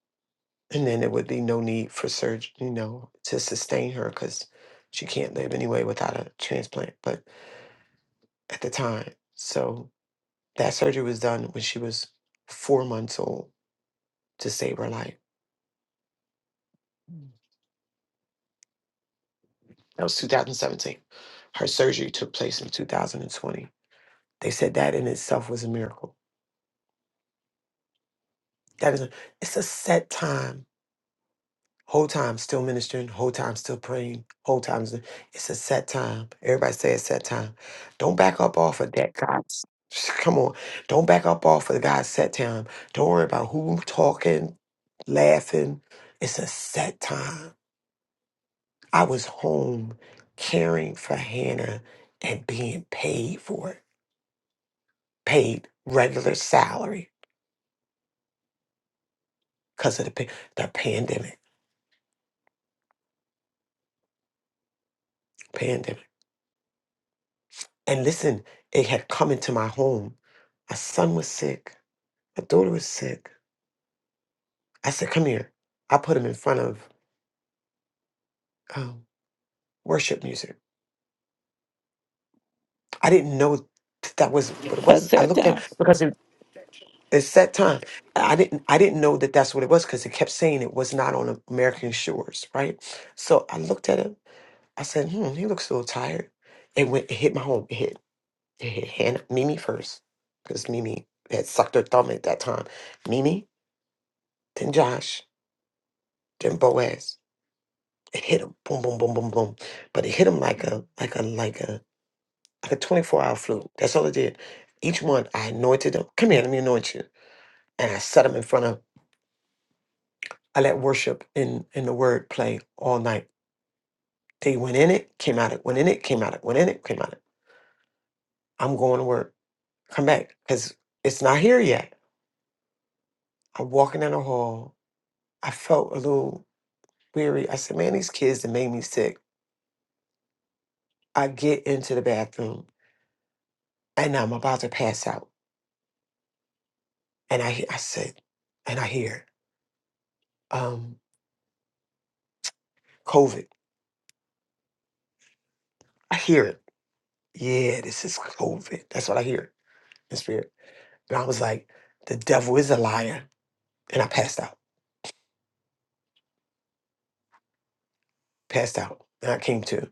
and then there would be no need for surgery, you know, to sustain her because she can't live anyway without a transplant. But at the time, so that surgery was done when she was four months old to save her life. That was 2017. Her surgery took place in 2020 They said that in itself was a miracle. That is, a, it's a set time. Whole time still ministering, whole time still praying, whole time. is- It's a set time. Everybody say it's set time. Don't back up off of that, God's. Come on. Don't back up off of God's set time. Don't worry about who talking, laughing. It's a set time. I was home caring for Hannah and being paid for it, paid regular salary because of the, pa- the pandemic. Pandemic. And listen, it had come into my home. My son was sick. My daughter was sick. I said, Come here. I put him in front of um, worship music. I didn't know that, that was what it Let's was. I sit looked at down. because it, it set time. I didn't I didn't know that that's what it was because it kept saying it was not on American shores, right? So I looked at him. I said, Hmm, he looks a little tired. It went. It hit my home. It hit. It hit Hannah, Mimi first because Mimi had sucked her thumb at that time. Mimi, then Josh. Then Boaz, it hit him, boom, boom, boom, boom, boom. But it hit him like a like a like a like a twenty four hour flu. That's all it did. Each one, I anointed them. Come here, let me anoint you. And I set them in front of. I let worship in in the word play all night. They went in it, came out it, went in it, came out it, went in it, came out it. I'm going to work. Come back because it's not here yet. I'm walking in the hall. I felt a little weary. I said, man, these kids that made me sick. I get into the bathroom and I'm about to pass out. And I, he- I said, and I hear, um, COVID. I hear it. Yeah, this is COVID. That's what I hear in spirit. And I was like, the devil is a liar. And I passed out, passed out. And I came to.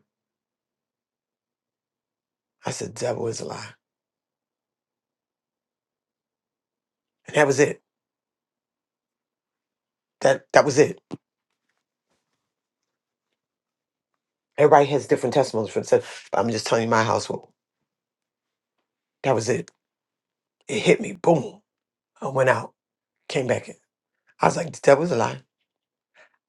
I said, devil is a liar. And that was it. That that was it. Everybody has different testimonies for themselves. but I'm just telling you my household. That was it. It hit me. Boom. I went out, came back in. I was like, the devil is a liar.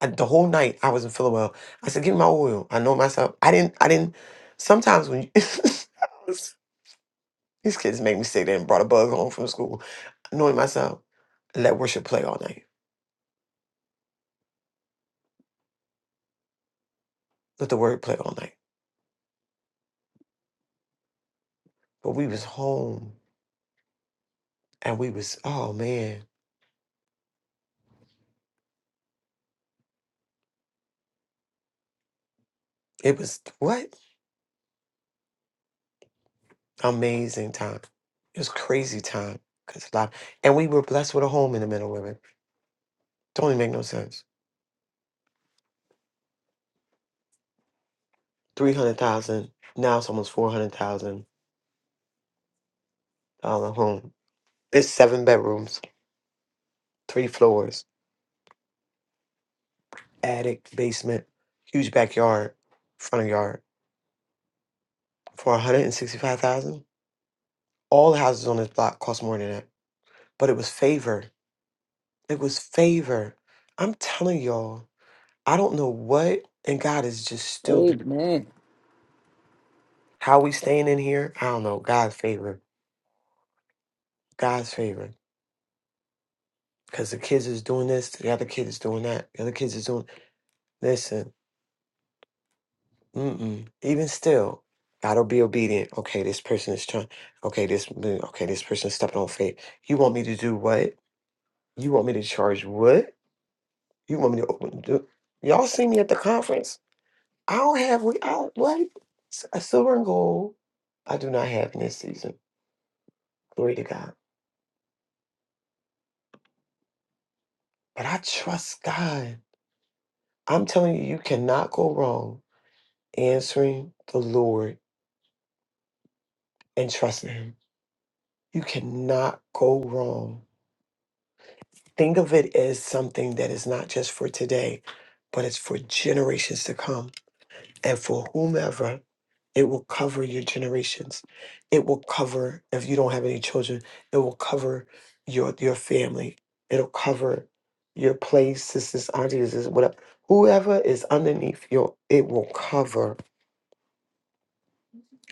I, the whole night I wasn't feeling well. I said, "Give me my oil." I know myself. I didn't. I didn't. Sometimes when you, these kids make me sit there and brought a bug home from school, knowing myself, let worship play all night. Let the word play all night. But we was home and we was oh man, it was what amazing time. It was crazy time because a lot, and we were blessed with a home in the middle of it. Don't even make no sense. Three hundred thousand now it's almost four hundred thousand dollar home. It's seven bedrooms three floors, attic, basement, huge backyard, front yard for 165,000. All the houses on this block cost more than that, but it was favor. It was favor. I'm telling y'all, I don't know what, and God is just still doing. Amen. How we staying in here? I don't know. God's favor. God's favor. Because the kids is doing this, the other kid is doing that, the other kids is doing. Listen, Mm-mm. Even still, gotta be obedient. Okay, this person is trying. Okay, this mm, okay, this person is stepping on faith. You want me to do what? You want me to charge what? You want me to open? Do, y'all see me at the conference? I don't have we. I what? S- A silver and gold. I do not have in this season. Glory to God. But I trust God. I'm telling you, you cannot go wrong answering the Lord and trusting Him. You cannot go wrong. Think of it as something that is not just for today, but it's for generations to come. And for whomever, it will cover your generations. It will cover, if you don't have any children, it will cover your your family. It'll cover your place, sisters, aunties, is whatever. Whoever is underneath your, it will cover.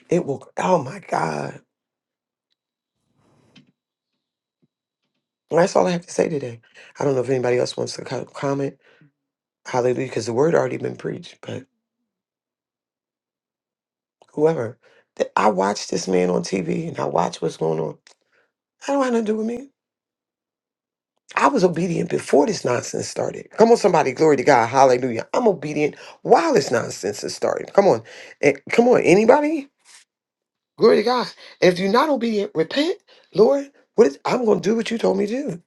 It will, oh my God. That's all I have to say today. I don't know if anybody else wants to co- comment. Hallelujah, because the word already been preached, but. whoever, that I watch this man on TV and I watch what's going on. I don't have nothing to do with me. I was obedient before this nonsense started. Come on, somebody, glory to God, hallelujah. I'm obedient while this nonsense is started. Come on, Eh, come on, anybody, glory to God. And if you're not obedient, repent, Lord. What is, I'm going to do what you told me to do.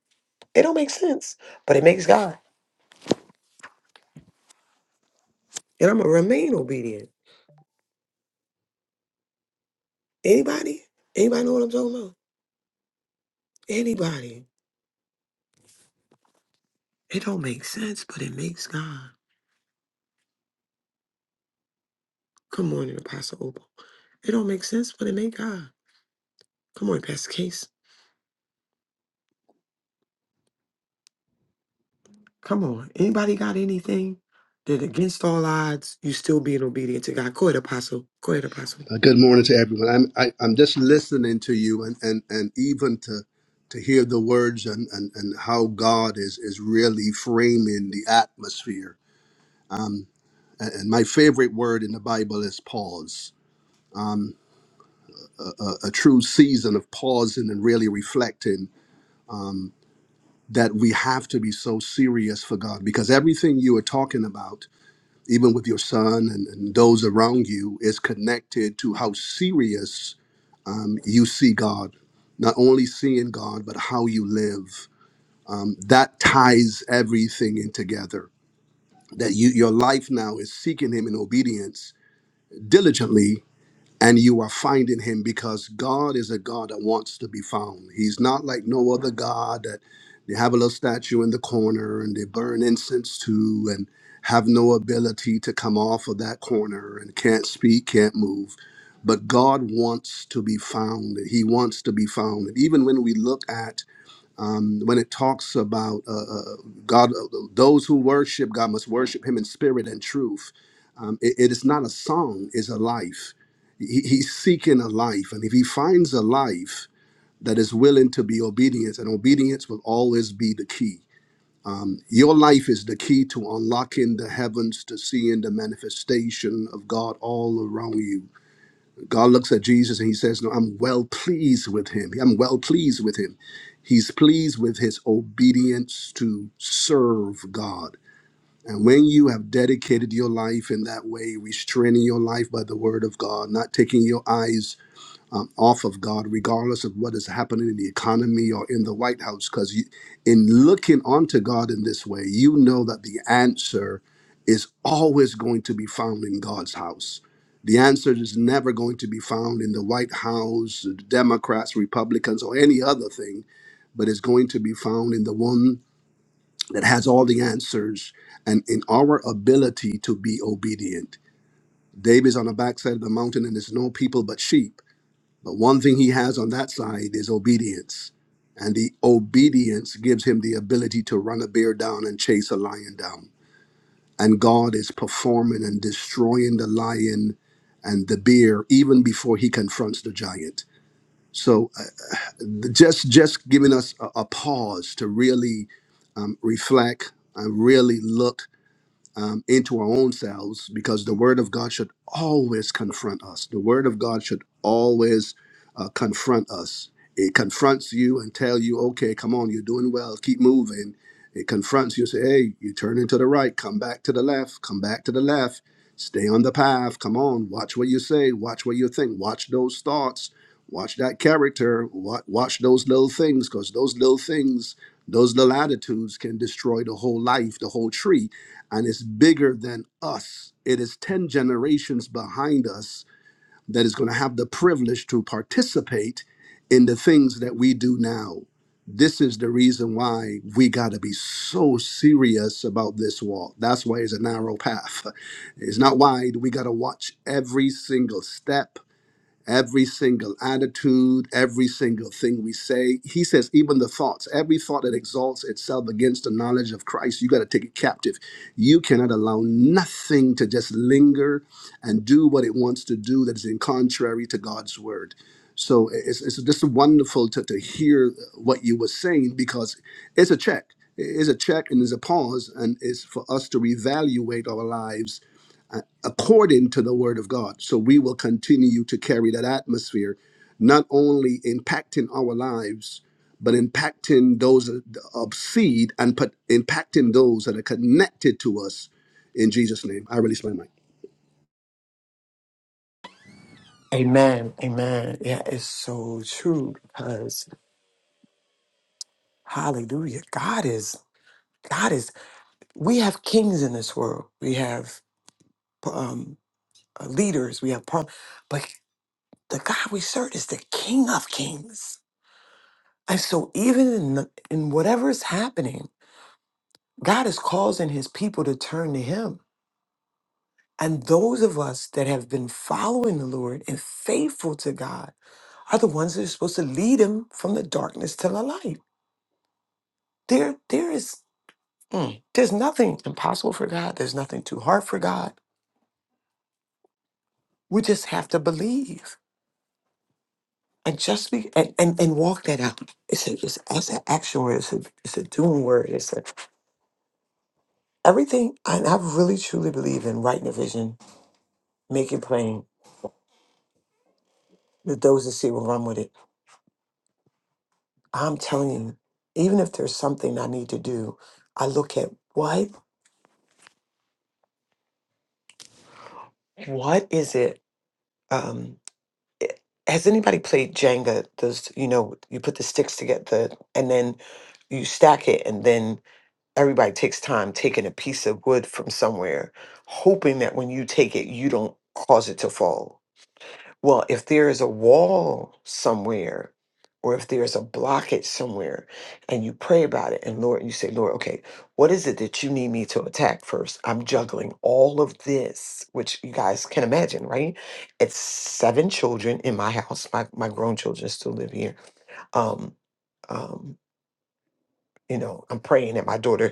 It don't make sense, but it makes God, and I'm gonna remain obedient. Anybody, anybody know what I'm talking about? Anybody. It don't make sense, but it makes God. Come on, Apostle Opal. It don't make sense, but it make God. Come on, Pastor Case. Come on. Anybody got anything that against all odds, you still being obedient to God? Go ahead, Apostle. Go ahead, Apostle. Uh, good morning to everyone. I'm I, I'm just listening to you, and and and even to to hear the words and and, and how God is is really framing the atmosphere. And and my favorite word in the Bible is pause. A, a true season of pausing and really reflecting that we have to be so serious for God because everything you are talking about, even with your son and, and those around you, is connected to how serious um, you see God, not only seeing God, but how you live. Um, that ties everything in together. That you, your life now is seeking Him in obedience diligently and you are finding him because God is a God that wants to be found. He's not like no other God that they have a little statue in the corner and they burn incense to and have no ability to come off of that corner and can't speak, can't move. But God wants to be found. He wants to be found. And even when we look at um, when it talks about uh, uh, God, uh, those who worship God must worship Him in spirit and truth. Um, it it is not a song; it's a life. He, he's seeking a life, and if he finds a life that is willing to be obedient, and obedience will always be the key. Your life is the key to unlocking the heavens, to seeing the manifestation of God all around you God looks at Jesus and he says, No, I'm well pleased with him. I'm well pleased with him. He's pleased with his obedience to serve God. And when you have dedicated your life in that way, restraining your life by the word of God, not taking your eyes um, off of God, regardless of what is happening in the economy or in the White House. Because in looking onto God in this way, you know that the answer is always going to be found in God's house. The answer is never going to be found in the White House, Democrats, Republicans, or any other thing, but it's going to be found in the one that has all the answers and in our ability to be obedient. David's on the backside of the mountain, and there's no people but sheep but one thing he has on that side is obedience. And the obedience gives him the ability to run a bear down and chase a lion down. And God is performing and destroying the lion and the bear even before he confronts the giant. So uh, just just giving us a, a pause to really um, reflect and really look um, into our own selves because the Word of God should always confront us. The Word of God should always uh, confront us. It confronts you and tell you, okay, come on, you're doing well, keep moving. It confronts you, say, hey, you turn into the right, come back to the left, come back to the left, stay on the path, come on, watch what you say, watch what you think, watch those thoughts, watch that character, watch, watch those little things, because those little things, those little attitudes can destroy the whole life, the whole tree and it's bigger than us. It is 10 generations behind us that is going to have the privilege to participate in the things that we do now. This is the reason why we got to be so serious about this walk. That's why it's a narrow path. It's not wide. We got to watch every single step every single attitude, every single thing we say. He says, even the thoughts, every thought that exalts itself against the knowledge of Christ, you got to take it captive. You cannot allow nothing to just linger and do what it wants to do that is in contrary to God's word. So it's, it's just wonderful to, to hear what you were saying because it's a check. It's a check and it's a pause, and it's for us to reevaluate our lives uh, according to the word of God. So we will continue to carry that atmosphere, not only impacting our lives, but impacting those of of seed and put, impacting those that are connected to us in Jesus' name. I release my mic. Amen. Amen. Yeah, it's so true because hallelujah. God is, God is, we have kings in this world. We have um, uh, leaders. We have, prom- but the God we serve is the king of kings. And so even in, the, in whatever is happening, God is causing his people to turn to him. And those of us that have been following the Lord and faithful to God are the ones that are supposed to lead him from the darkness to the light. There, there is mm, there's nothing impossible for God. There's nothing too hard for God. We just have to believe and just be and, and, and walk that out. It's a, it's, it's an action word. It's a it's a doing word. It's a, everything. And I really truly believe in writing a vision, make it plain that those that see will run with it. I'm telling you, even if there's something I need to do, I look at what what is it? Um, i- has anybody played Jenga? Those you know, you put the sticks together, the, and then you stack it, and then everybody takes time taking a piece of wood from somewhere, hoping that when you take it, you don't cause it to fall Well, if there is a wall somewhere, or if there's a blockage somewhere, and you pray about it, and Lord, you say, Lord, okay, what is it that you need me to attack first? I'm juggling all of this, which you guys can imagine, right? It's seven children in my house. My my grown children still live here. Um, um, you know, I'm praying at my daughter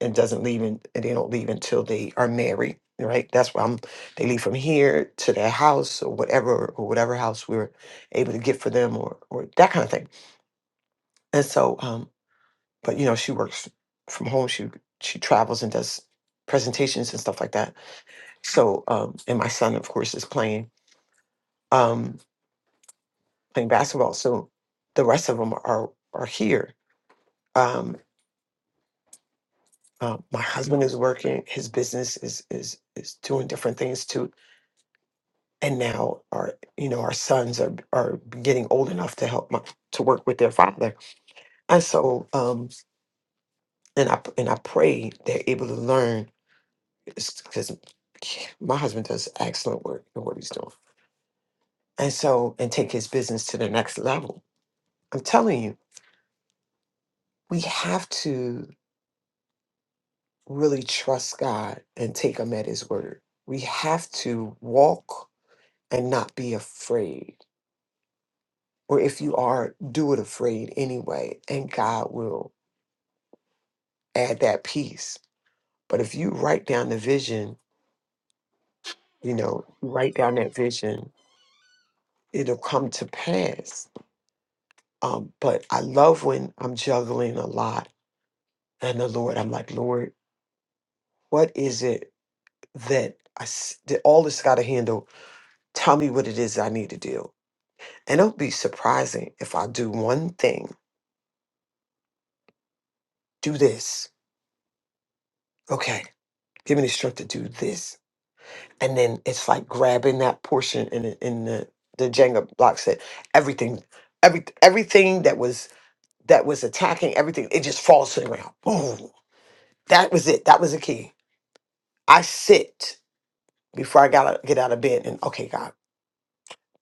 and doesn't leave in, and they don't leave until they are married right that's why i'm they leave from here to their house or whatever or whatever house we were able to get for them or or that kind of thing and so um but you know she works from home she she travels and does presentations and stuff like that so um and my son of course is playing um playing basketball so the rest of them are are here um uh, my husband is working his business is is is doing different things too and now our you know our sons are are getting old enough to help my, to work with their father and so um and i and i pray they're able to learn because my husband does excellent work in what he's doing and so and take his business to the next level i'm telling you we have to really trust god and take him at his word we have to walk and not be afraid or if you are do it afraid anyway and god will add that piece. But if you write down the vision, you know, you write down that vision, it'll come to pass. Um, but I love when I'm juggling a lot and the Lord, I'm like, Lord, what is it that I, s- that all this got to handle? Tell me what it is I need to do. And it'll be surprising if I do one thing, do this. Okay, give me the strength to do this. and then it's like grabbing that portion in the, in the the Jenga block set. Everything, every everything that was that was attacking everything, it just falls to the ground. Boom. That was it. That was the key. I sit before I gotta get out of bed and okay, God,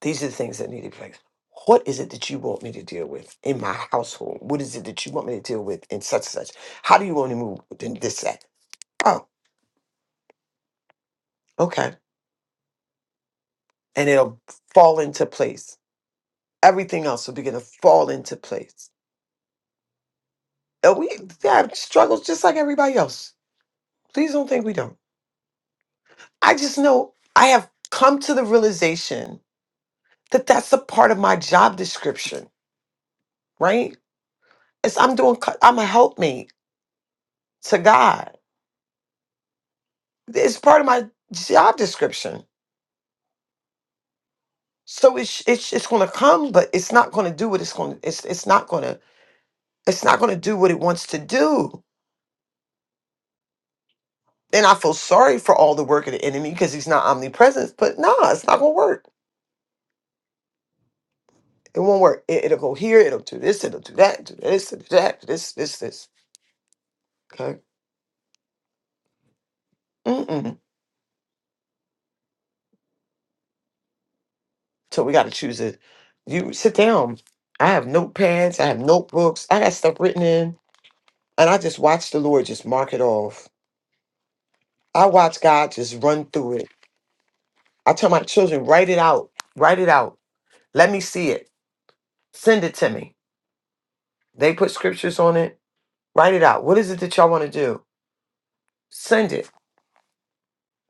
these are the things that need to be fixed. What is it that you want me to deal with in my household? What is it that you want me to deal with in such and such? How do you want me to move in this that? Oh, okay. And it'll fall into place. Everything else will begin to fall into place Uh, We have struggles just like everybody else. Please don't think we don't. I just know I have come to the realization that that's a part of my job description, right? It's I'm doing. co- I'm a helpmate to God. It's part of my job description. So it's it's it's going to come, but it's not going to do what it's going. to It's it's not going to it's not going to do what it wants to do. And I feel sorry for all the work of the enemy because he's not omnipresent. But no, nah, it's not going to work It won't work. It, it'll go here. It'll do this. It'll do that. Do this. It'll do that. This. This. This. Okay. Mm-mm. So we got to choose it. You sit down. I have notepads. I have notebooks. I got stuff written in, and I just watch the Lord just mark it off. I watch God just run through it. I tell my children, write it out. Write it out. Let me see it. Send it to me. They put scriptures on it. Write it out. What is it that y'all want to do? Send it.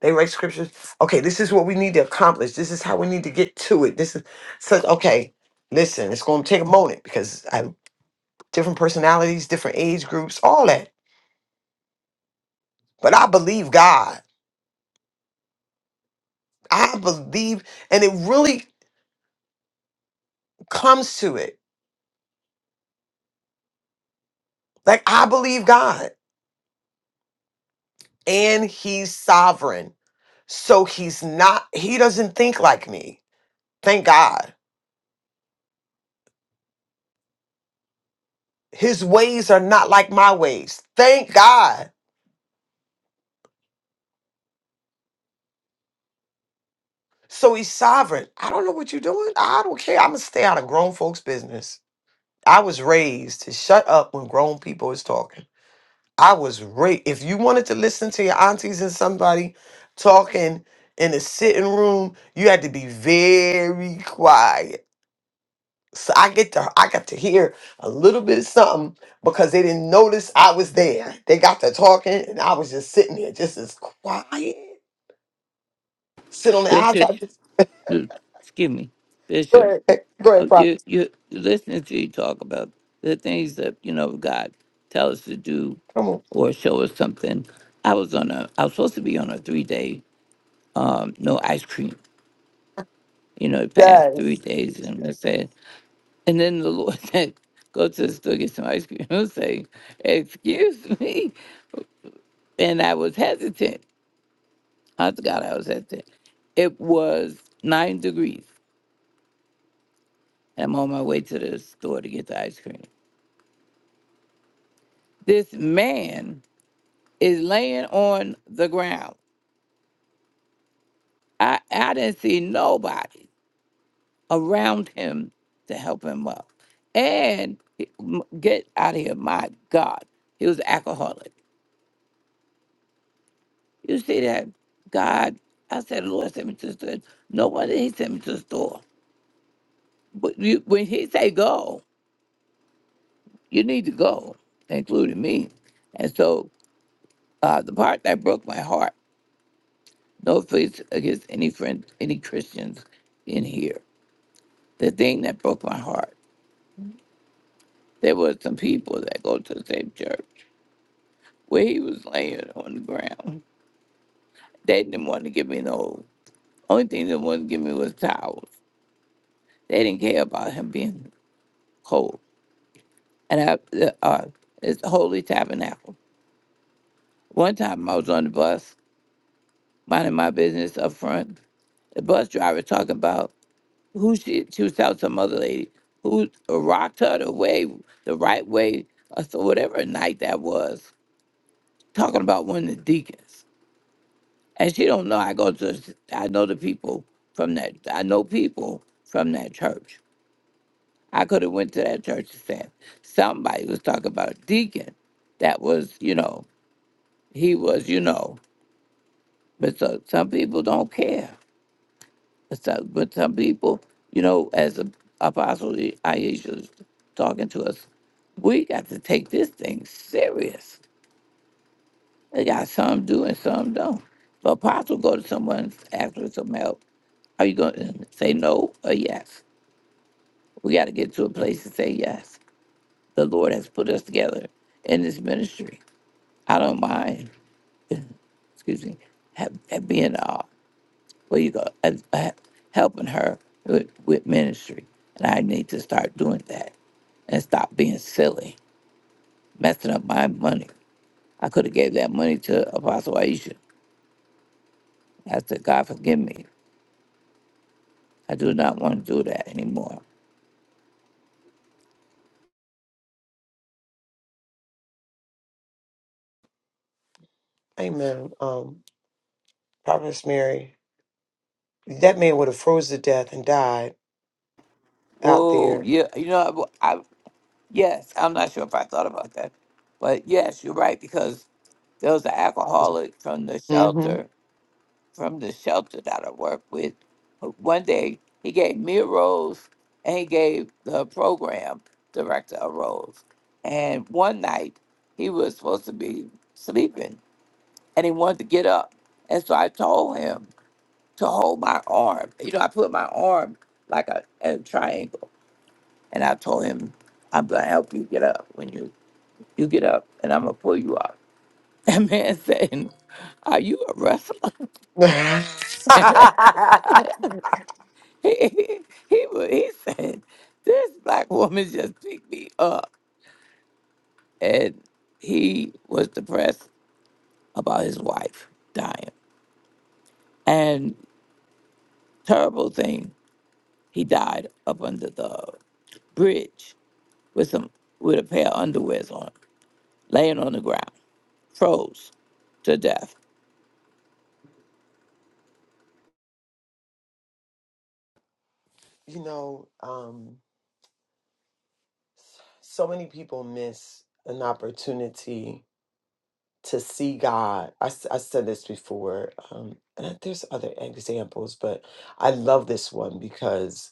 They write scriptures. Okay, this is what we need to accomplish. This is how we need to get to it. This is such okay. Listen, it's going to take a moment because I have different personalities, different age groups, all that. But I believe God. I believe, and it really comes to it. Like I believe God, and He's sovereign. So He's not. He doesn't think like me. Thank God. His ways are not like my ways. Thank God. So he's sovereign. I don't know what you're doing. I don't care. I'm gonna stay out of grown folks' business. I was raised to shut up when grown people is talking. I was raised. If you wanted to listen to your aunties and somebody talking in a sitting room, you had to be very quiet. So I get to I got to hear a little bit of something because they didn't notice I was there. They got to talking and I was just sitting there, just as quiet, sit on the Bishop, outside. excuse me, Go Bishop. ahead, go ahead, Oh, you Prophet. you listening to you talk about the things that you know God tell us to do Come on. or show us something. I was on a I was supposed to be on a three day um no ice cream, you know, past three Yes. days and I said and then the Lord said, Go to the store get some ice cream. I was saying, Excuse me and I was hesitant. I forgot I was hesitant. It was nine degrees. I'm on my way to the store to get the ice cream. This man is laying on the ground. I, I didn't see nobody around him to help him up. And he- m- get out of here, my God. He was an alcoholic. You see that? God, I said, Lord, send me to the store. No wonder he sent me to the store. But you, when he say go, you need to go, including me. And so uh, the part that broke my heart, no offense against any friend, any Christians in here. The thing that broke my heart There were some people that go to the same church where he was laying on the ground. They didn't want to give me no. Only thing they wanted to give me was towels. They didn't care about him being cold. And I, the, uh, it's the Holy Tabernacle. One time I was on the bus, minding my business up front. The bus driver talking about who she, she was telling some other lady who rocked her the way, the right way, or so whatever night that was. Talking about one of the deacons. And she don't know I go to I know the people from that I know people from that church. I could have went to that church and said somebody was talking about a deacon. That was, you know, he was, you know, but so, some people don't care. But some, but some people, you know, as a, Apostle Aisha was talking to us, we got to take this thing serious They got some do and some don't. But apostle go to someone asking for some help. Are you going to say no or yes? We got to get to a place to say yes. The Lord has put us together in this ministry. I don't mind, excuse me, have, have being uh, where you go, uh, uh, helping her with, with ministry. And I need to start doing that and stop being silly, messing up my money. I could have gave that money to Apostle Aisha. I said, God forgive me. I do not want to do that anymore. Amen. Um, Prophetess Mary, that man would have froze to death and died out Whoa, there. yeah, you know, I, I yes, I'm not sure if I thought about that, but yes, you're right because there was an alcoholic from the hmm shelter, from the shelter that I worked with. One day he gave me a rose, and he gave the program director a rose. And one night he was supposed to be sleeping, and he wanted to get up, and so I told him. to hold my arm. You know, I put my arm like a, a triangle, and I told him, "I'm gonna help you get up when you you get up, and I'm gonna pull you up." That man said, "Are you a wrestler?" he, he wa- he said, "This black woman just picked me up," and he was depressed about his wife dying. And terrible thing, he died up under the bridge with some with a pair of underwears on. laying on the ground, froze to death. you know, um, so many people miss an opportunity to see God. I, s- I said this before, um, and I- there's other examples, but I love this one because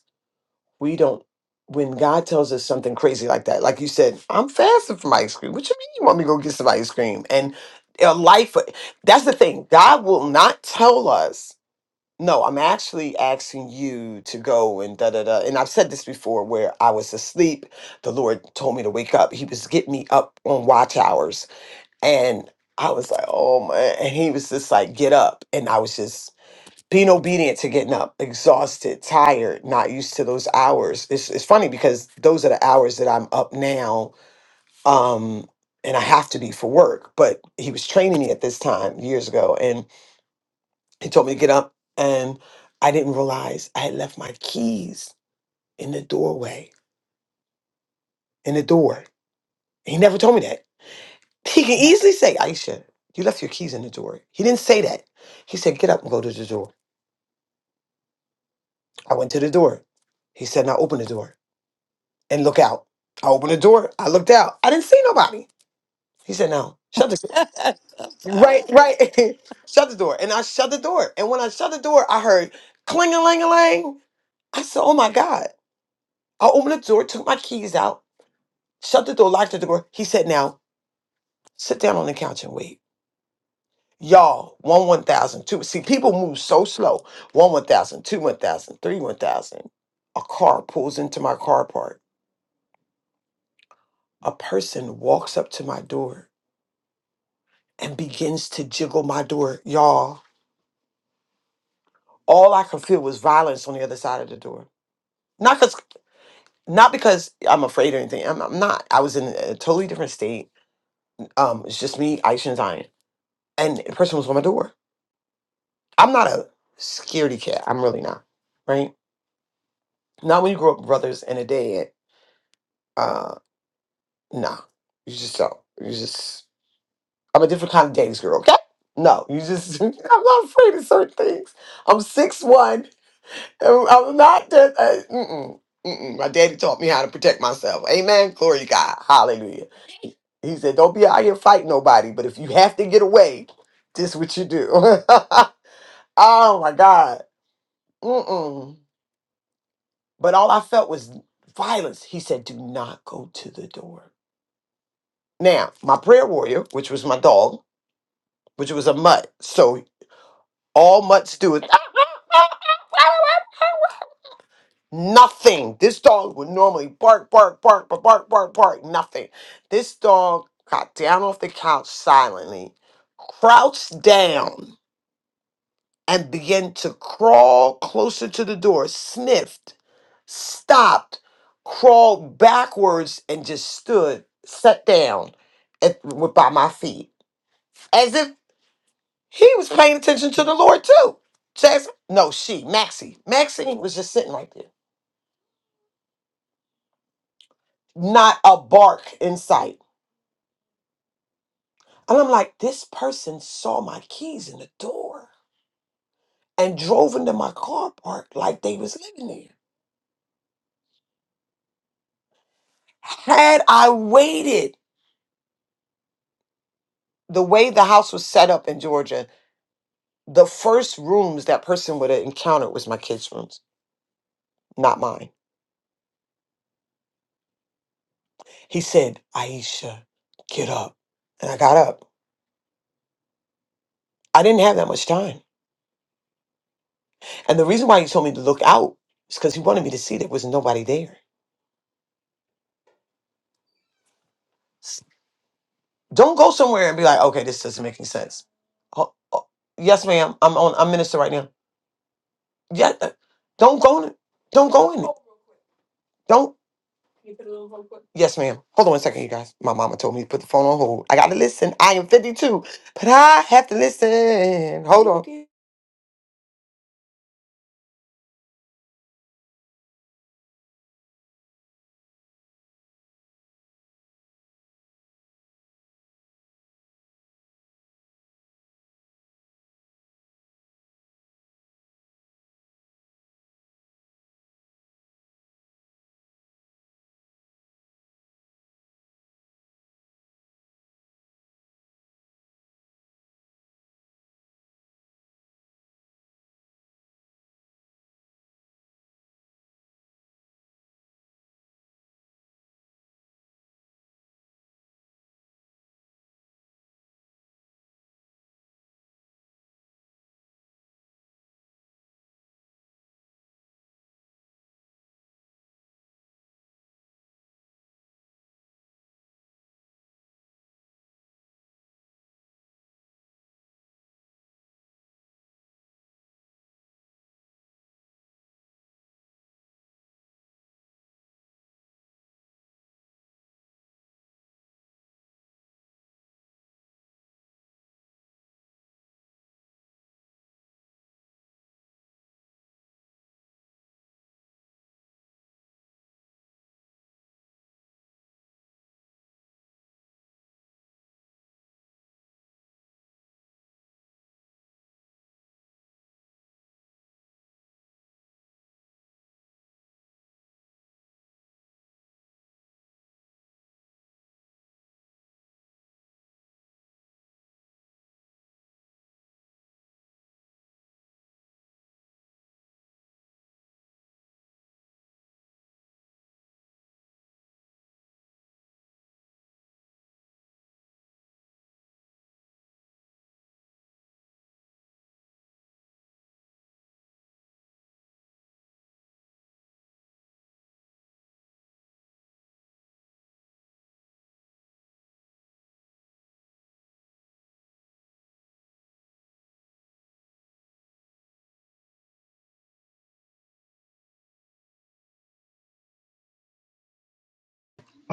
we don't when God tells us something crazy like that, like you said, I'm fasting from ice cream. What you mean you want me to go get some ice cream? And a life that's the thing. God will not tell us, no, I'm actually asking you to go and da da da. And I've said this before where I was asleep. The Lord told me to wake up. He was getting me up on watch hours. And I was like, oh man. And he was just like, get up. And I was just being obedient to getting up, exhausted, tired, not used to those hours. It's it's funny because those are the hours that I'm up now, um, and I have to be for work. But he was training me at this time years ago, and he told me to get up, and I didn't realize I had left my keys in the doorway, in the door. He never told me that. He can easily say, Aisha, you left your keys in the door. He didn't say that. He said, get up and go to the door. I went to the door. He said, now open the door. and look out. I opened the door. I looked out. I didn't see nobody. He said, "No, shut the door." I'm Right, sorry. right. shut the door. And I shut the door. And when I shut the door, I heard cling a lang a lang. I said, "Oh my god!" I opened the door, took my keys out, shut the door, locked the door. He said, "Now sit down on the couch and wait." Y'all, one one thousand, two. See, people move so slow. One one thousand, two one thousand, three one thousand. A car pulls into my car park. A person walks up to my door and begins to jiggle my door, y'all. All I could feel was violence on the other side of the door. Not because, not because I'm afraid or anything. I'm, I'm not. I was in a totally different state. Um, it's just me, Aisha, and Zion, and the person was on my door. I'm not a scaredy cat. I'm really not. Right? Not when you grow up with brothers and a dad. Uh, nah. You just don't. You just. I'm a different kind of daddy's girl. Okay? No, you just. I'm not afraid of certain things. I'm six one. Uh, I'm not just, uh, mm-mm, mm-mm. my daddy taught me how to protect myself. Amen. Glory to God. Hallelujah. He said, Don't be out here fighting nobody, but if you have to get away, this what you do. oh my God. Mm-mm. But all I felt was violence. He said, Do not go to the door. Now, my prayer warrior, which was my dog, which was a mutt, so all mutts do is Nothing. This dog would normally bark, bark, bark, but bark, bark, bark, nothing. This dog got down off the couch silently, crouched down, and began to crawl closer to the door, sniffed, stopped, crawled backwards, and just stood, sat down at, by my feet. As if he was paying attention to the Lord too. Jasmine? No, she, Maxie. Maxie was just sitting right there. Not a bark in sight And I'm like, this person saw my keys in the door and drove into my car park like they was living there. Had I waited the way the house was set up in Georgia, the first rooms that person would have encountered was my kids' rooms, not mine. He said, Aisha, get up. And I got up. I didn't have that much time. And the reason why he told me to look out is because he wanted me to see there was nobody there. Don't go somewhere and be like, okay, this doesn't make any sense. Oh, oh, yes, ma'am. I'm on. I'm minister right now. Yeah. uh, Don't go in it. Don't go in it. Don't. Yes, ma'am. Hold on one second, you guys. My mama told me to put the phone on hold. I gotta listen. I am 52, but I have to listen. Hold on.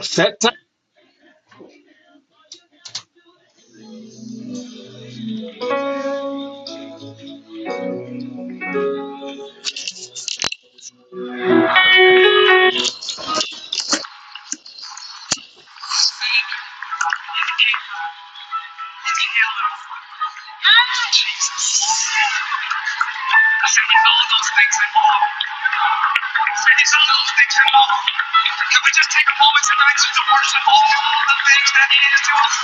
Set time. Say these are things, you Can we just take a moment tonight to worship all the things that He is to us?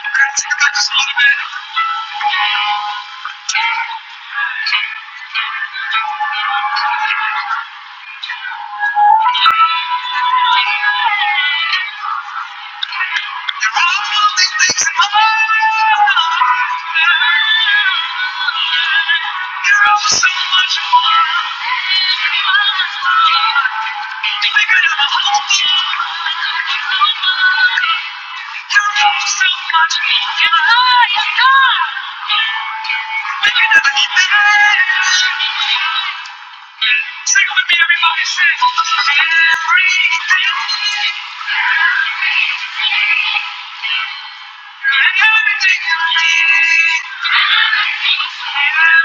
We're gonna take that just a little bit. Thank you. Sing with me, everybody. Sing. Everything. Everything you need. Everything. You're everything to me. I am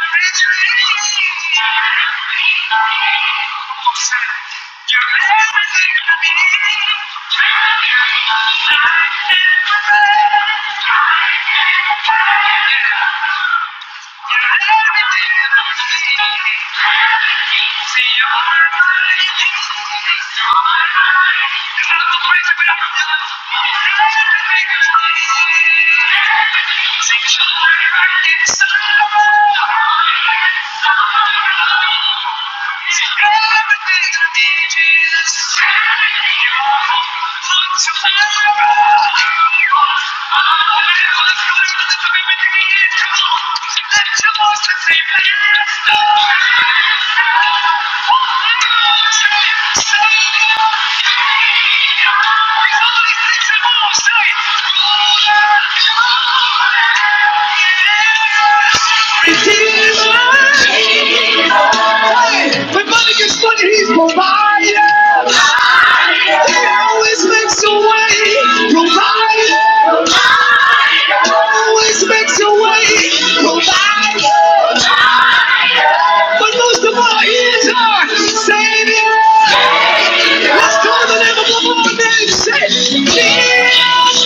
the I am the Thank you. Thank you. Redeemer. when money gets funny, he's provider. He always makes a way. Provider. Always makes a way. Provider. But most of all, he is our Savior. Let's call the name of the Lord and say, Jesus. Jesus.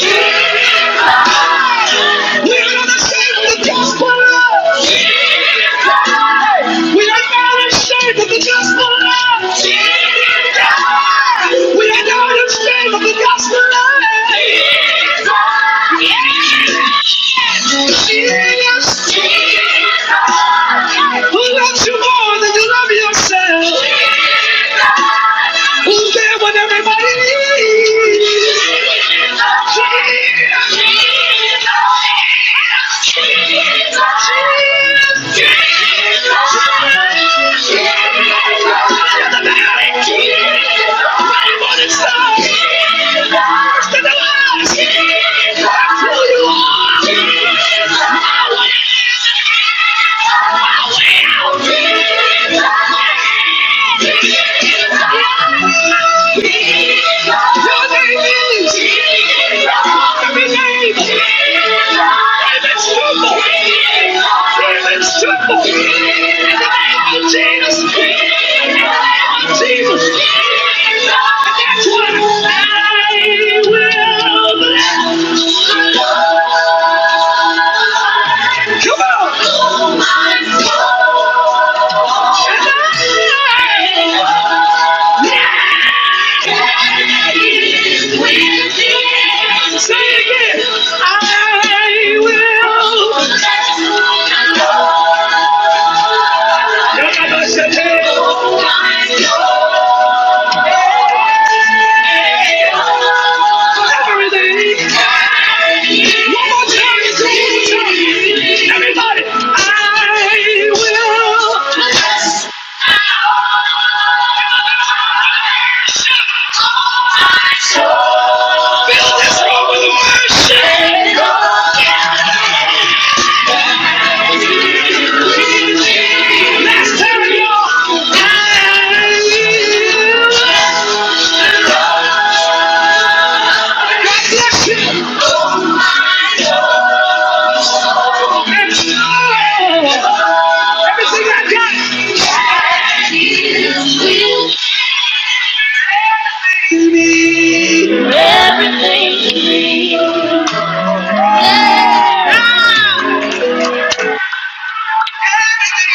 We're not ashamed of the gospel. of Jesus. Hey, We are not ashamed of the gospel. of Jesus. We are not ashamed of the gospel. of Jesus. Jesus, who loves you more than you love yourself, who's there when everybody needs. Jesus, Jesus, Jesus, Jesus. Yeah. I will Say it again. I will. Everybody, I will fill this room with worship. Let's turn your Everything I got. To me. Everything to me. Yeah. Ah. Everything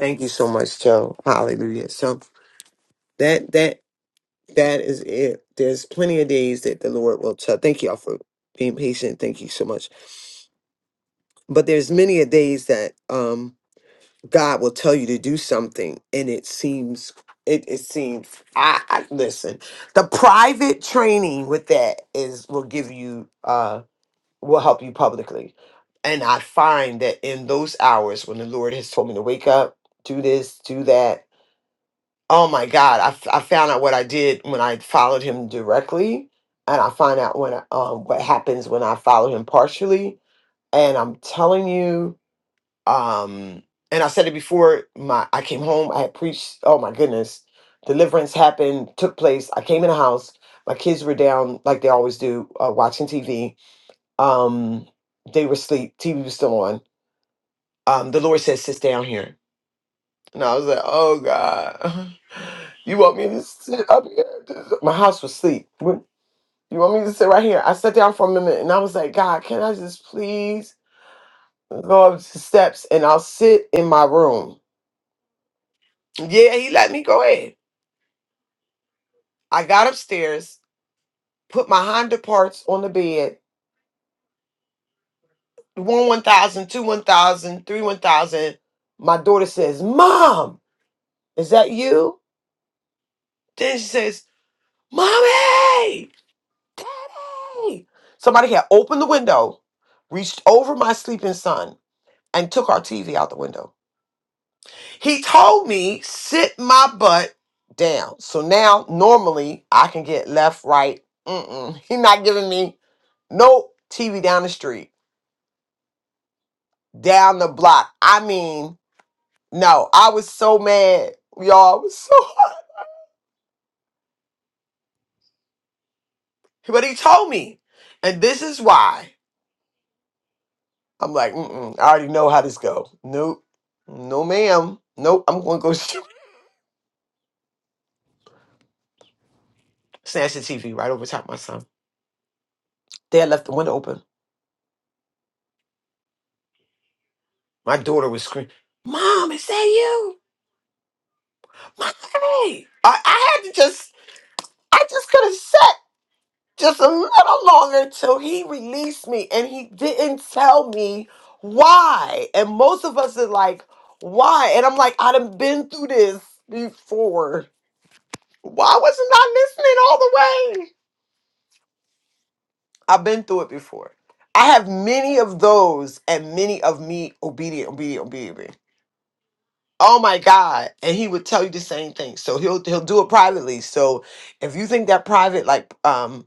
Thank you so much, Joe. Hallelujah. So that that that is it. There's plenty of days that the Lord will tell. Thank y'all for being patient. Thank you so much. But there's many a days that um God will tell you to do something and it seems it, it seems I, I listen the private training with that is will give you uh will help you publicly and I find that in those hours when the Lord has told me to wake up do this do that oh my God I, f- I found out what I did when I followed him directly and I find out when I, um what happens when I follow him partially and I'm telling you um and i said it before my i came home i had preached oh my goodness deliverance happened took place i came in the house my kids were down like they always do uh, watching tv um they were asleep tv was still on um the lord said sit down here and i was like oh god you want me to sit up here my house was asleep What- you want me to sit right here i sat down for a minute and i was like god can i just please go up the steps and i'll sit in my room Yeah, he let me go ahead. I got upstairs, put my Honda parts on the bed. One one thousand, two one thousand, three one thousand. My daughter says, "Mom, is that you?" Then she says, "Mommy, Daddy." Somebody had opened the window, reached over my sleeping son, and took our TV out the window. He told me, sit my butt down. So now, normally, I can get left, right. Mm-mm. He not giving me no TV down the street, down the block. I mean, no, I was so mad, y'all. It was so hot. But he told me, and this is why. I'm like, Mm-mm, I already know how this go. Nope, no, ma'am. Nope, I'm going to go snatch the TV right over top of my son. Dad left the window open. My daughter was screaming, Mom, is that you? Look at me. I, I had to just, I just could have sat just a little longer till he released me and he didn't tell me why. And most of us are like, why? And I'm like, i done been through this before. Why wasn't I listening all the way? I've been through it before. I have many of those and many of me obedient, obedient, obedient. Oh my God. And he would tell you the same thing. So he'll he'll do it privately. So if you think that private like um.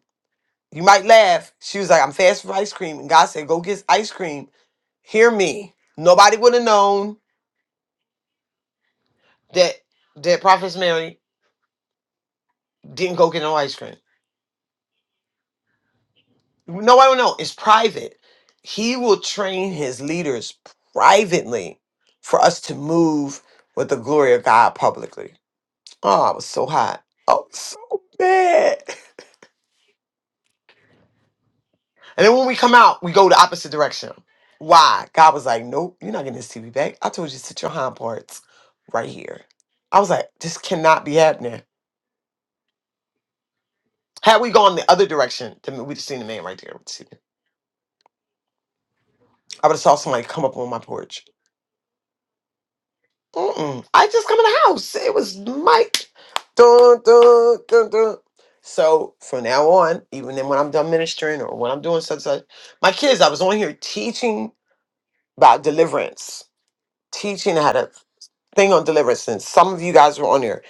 You might laugh. She was like, I'm fasting for ice cream. And God said, Go get ice cream. Hear me. Nobody would have known that that Prophet Mary didn't go get no ice cream. Nobody would know. It's private. He will train his leaders privately for us to move with the glory of God publicly. Oh, I was so hot. I was so mad. And then when we come out, we go the opposite direction. Why? God was like, Nope, you're not getting this TV back. I told you to sit your hind parts right here. I was like, This cannot be happening. Had we gone the other direction, then we'd have seen the man right there. with the TV. I would have saw somebody come up on my porch. Mm-mm. I just come in the house. It was Mike. Dun, dun, dun, dun. So from now on, even then when I'm done ministering or when I'm doing such such, my kids, I was on here teaching about deliverance, teaching how to thing on deliverance and some of you guys were on here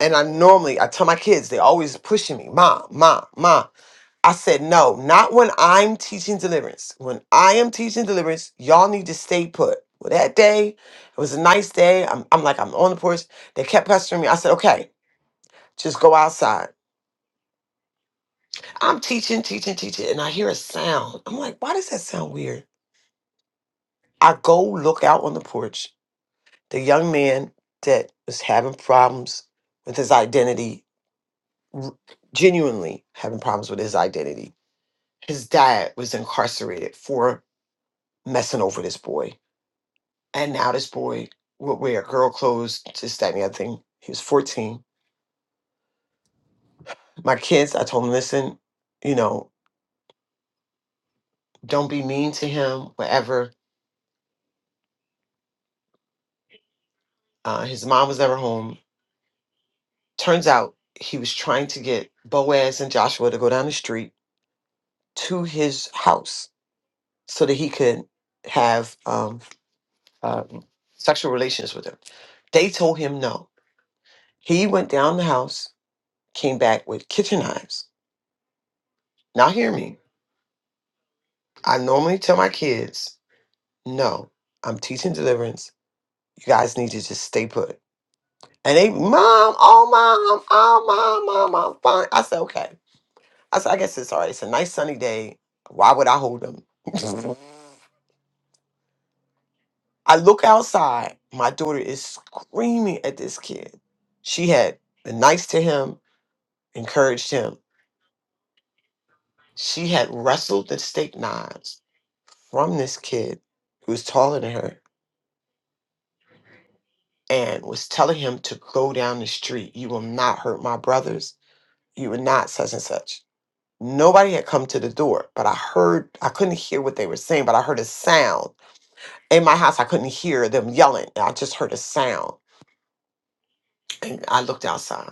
and i normally i tell my kids they always pushing me mom mom mom i said no not when i'm teaching deliverance when i am teaching deliverance y'all need to stay put well that day it was a nice day i'm, I'm like i'm on the porch they kept pestering me i said okay just go outside i'm teaching teaching teaching and i hear a sound i'm like why does that sound weird i go look out on the porch the young man that was having problems with his identity r- genuinely having problems with his identity. His dad was incarcerated for messing over this boy. And now this boy will wear girl clothes, this, that, and the other thing. He was 14. My kids, I told him, listen, you know, don't be mean to him, whatever. Uh, his mom was never home. Turns out he was trying to get Boaz and Joshua to go down the street to his house so that he could have um, uh, sexual relations with her. They told him no He went down the house, came back with kitchen knives. Now, hear me. I normally tell my kids, no, I'm teaching deliverance. You guys need to just stay put. And they, mom, oh, mom, oh, mom, mom, I'm fine. I said, okay. I said, I guess it's all right. It's a nice sunny day. Why would I hold them? I look outside. My daughter is screaming at this kid. She had been nice to him, encouraged him. She had wrestled the steak knives from this kid who was taller than her and was telling him to go down the street. You will not hurt my brothers. You will not such and such. Nobody had come to the door, but I heard, I couldn't hear what they were saying, but I heard a sound. In my house, I couldn't hear them yelling. I just heard a sound. And I looked outside.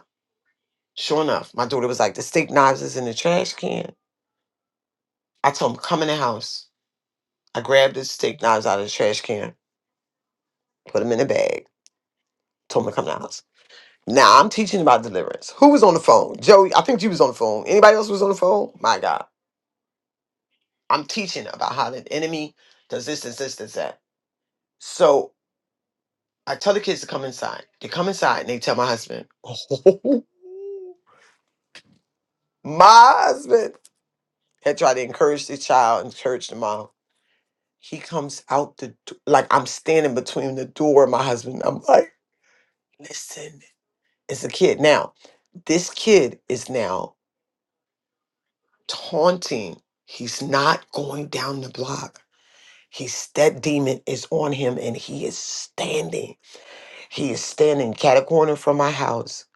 Sure enough, my daughter was like, the steak knives is in the trash can. I told him, come in the house. I grabbed the steak knives out of the trash can, put them in a bag told him to come to the house. Now I'm teaching about deliverance. Who was on the phone? Joey, I think you was on the phone. Anybody else was on the phone? My God. I'm teaching about how the enemy does this, this, this, this, that. So I tell the kids to come inside. They come inside and they tell my husband. my husband had tried to encourage the child, encourage the mom. He comes out the do- like I'm standing between the door and my husband. I'm like, listen, it's a kid. Now, this kid is now taunting. He's not going down the block. He's that demon is on him and he is standing. He is standing cat a corner from my house,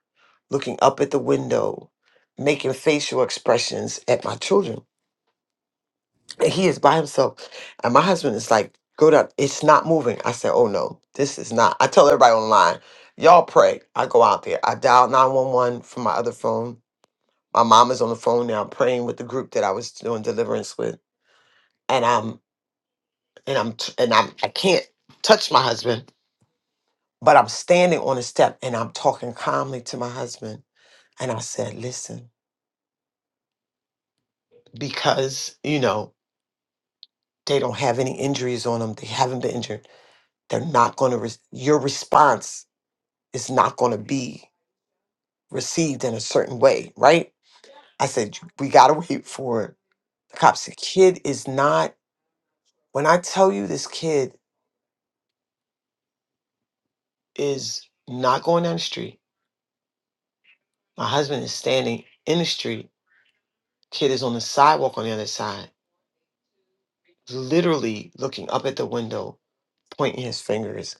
looking up at the window, making facial expressions at my children. And he is by himself. And my husband is like, go down. It's not moving. I said, oh no, this is not. I tell everybody online, y'all pray. I go out there. I dial 911 from my other phone. My mom is on the phone now praying with the group that I was doing deliverance with. and I'm. and I'm t- and I'm I can't touch my husband, but I'm standing on a step and I'm talking calmly to my husband and I said, "Listen, because, you know, they don't have any injuries on them. They haven't been injured. They're not going to re- your response is not going to be received in a certain way, right?" I said, "We got to wait for it." The cop said, "Kid is not when I tell you this kid is not going down the street. My husband is standing in the street Kid is on the sidewalk on the other side, literally looking up at the window, pointing his fingers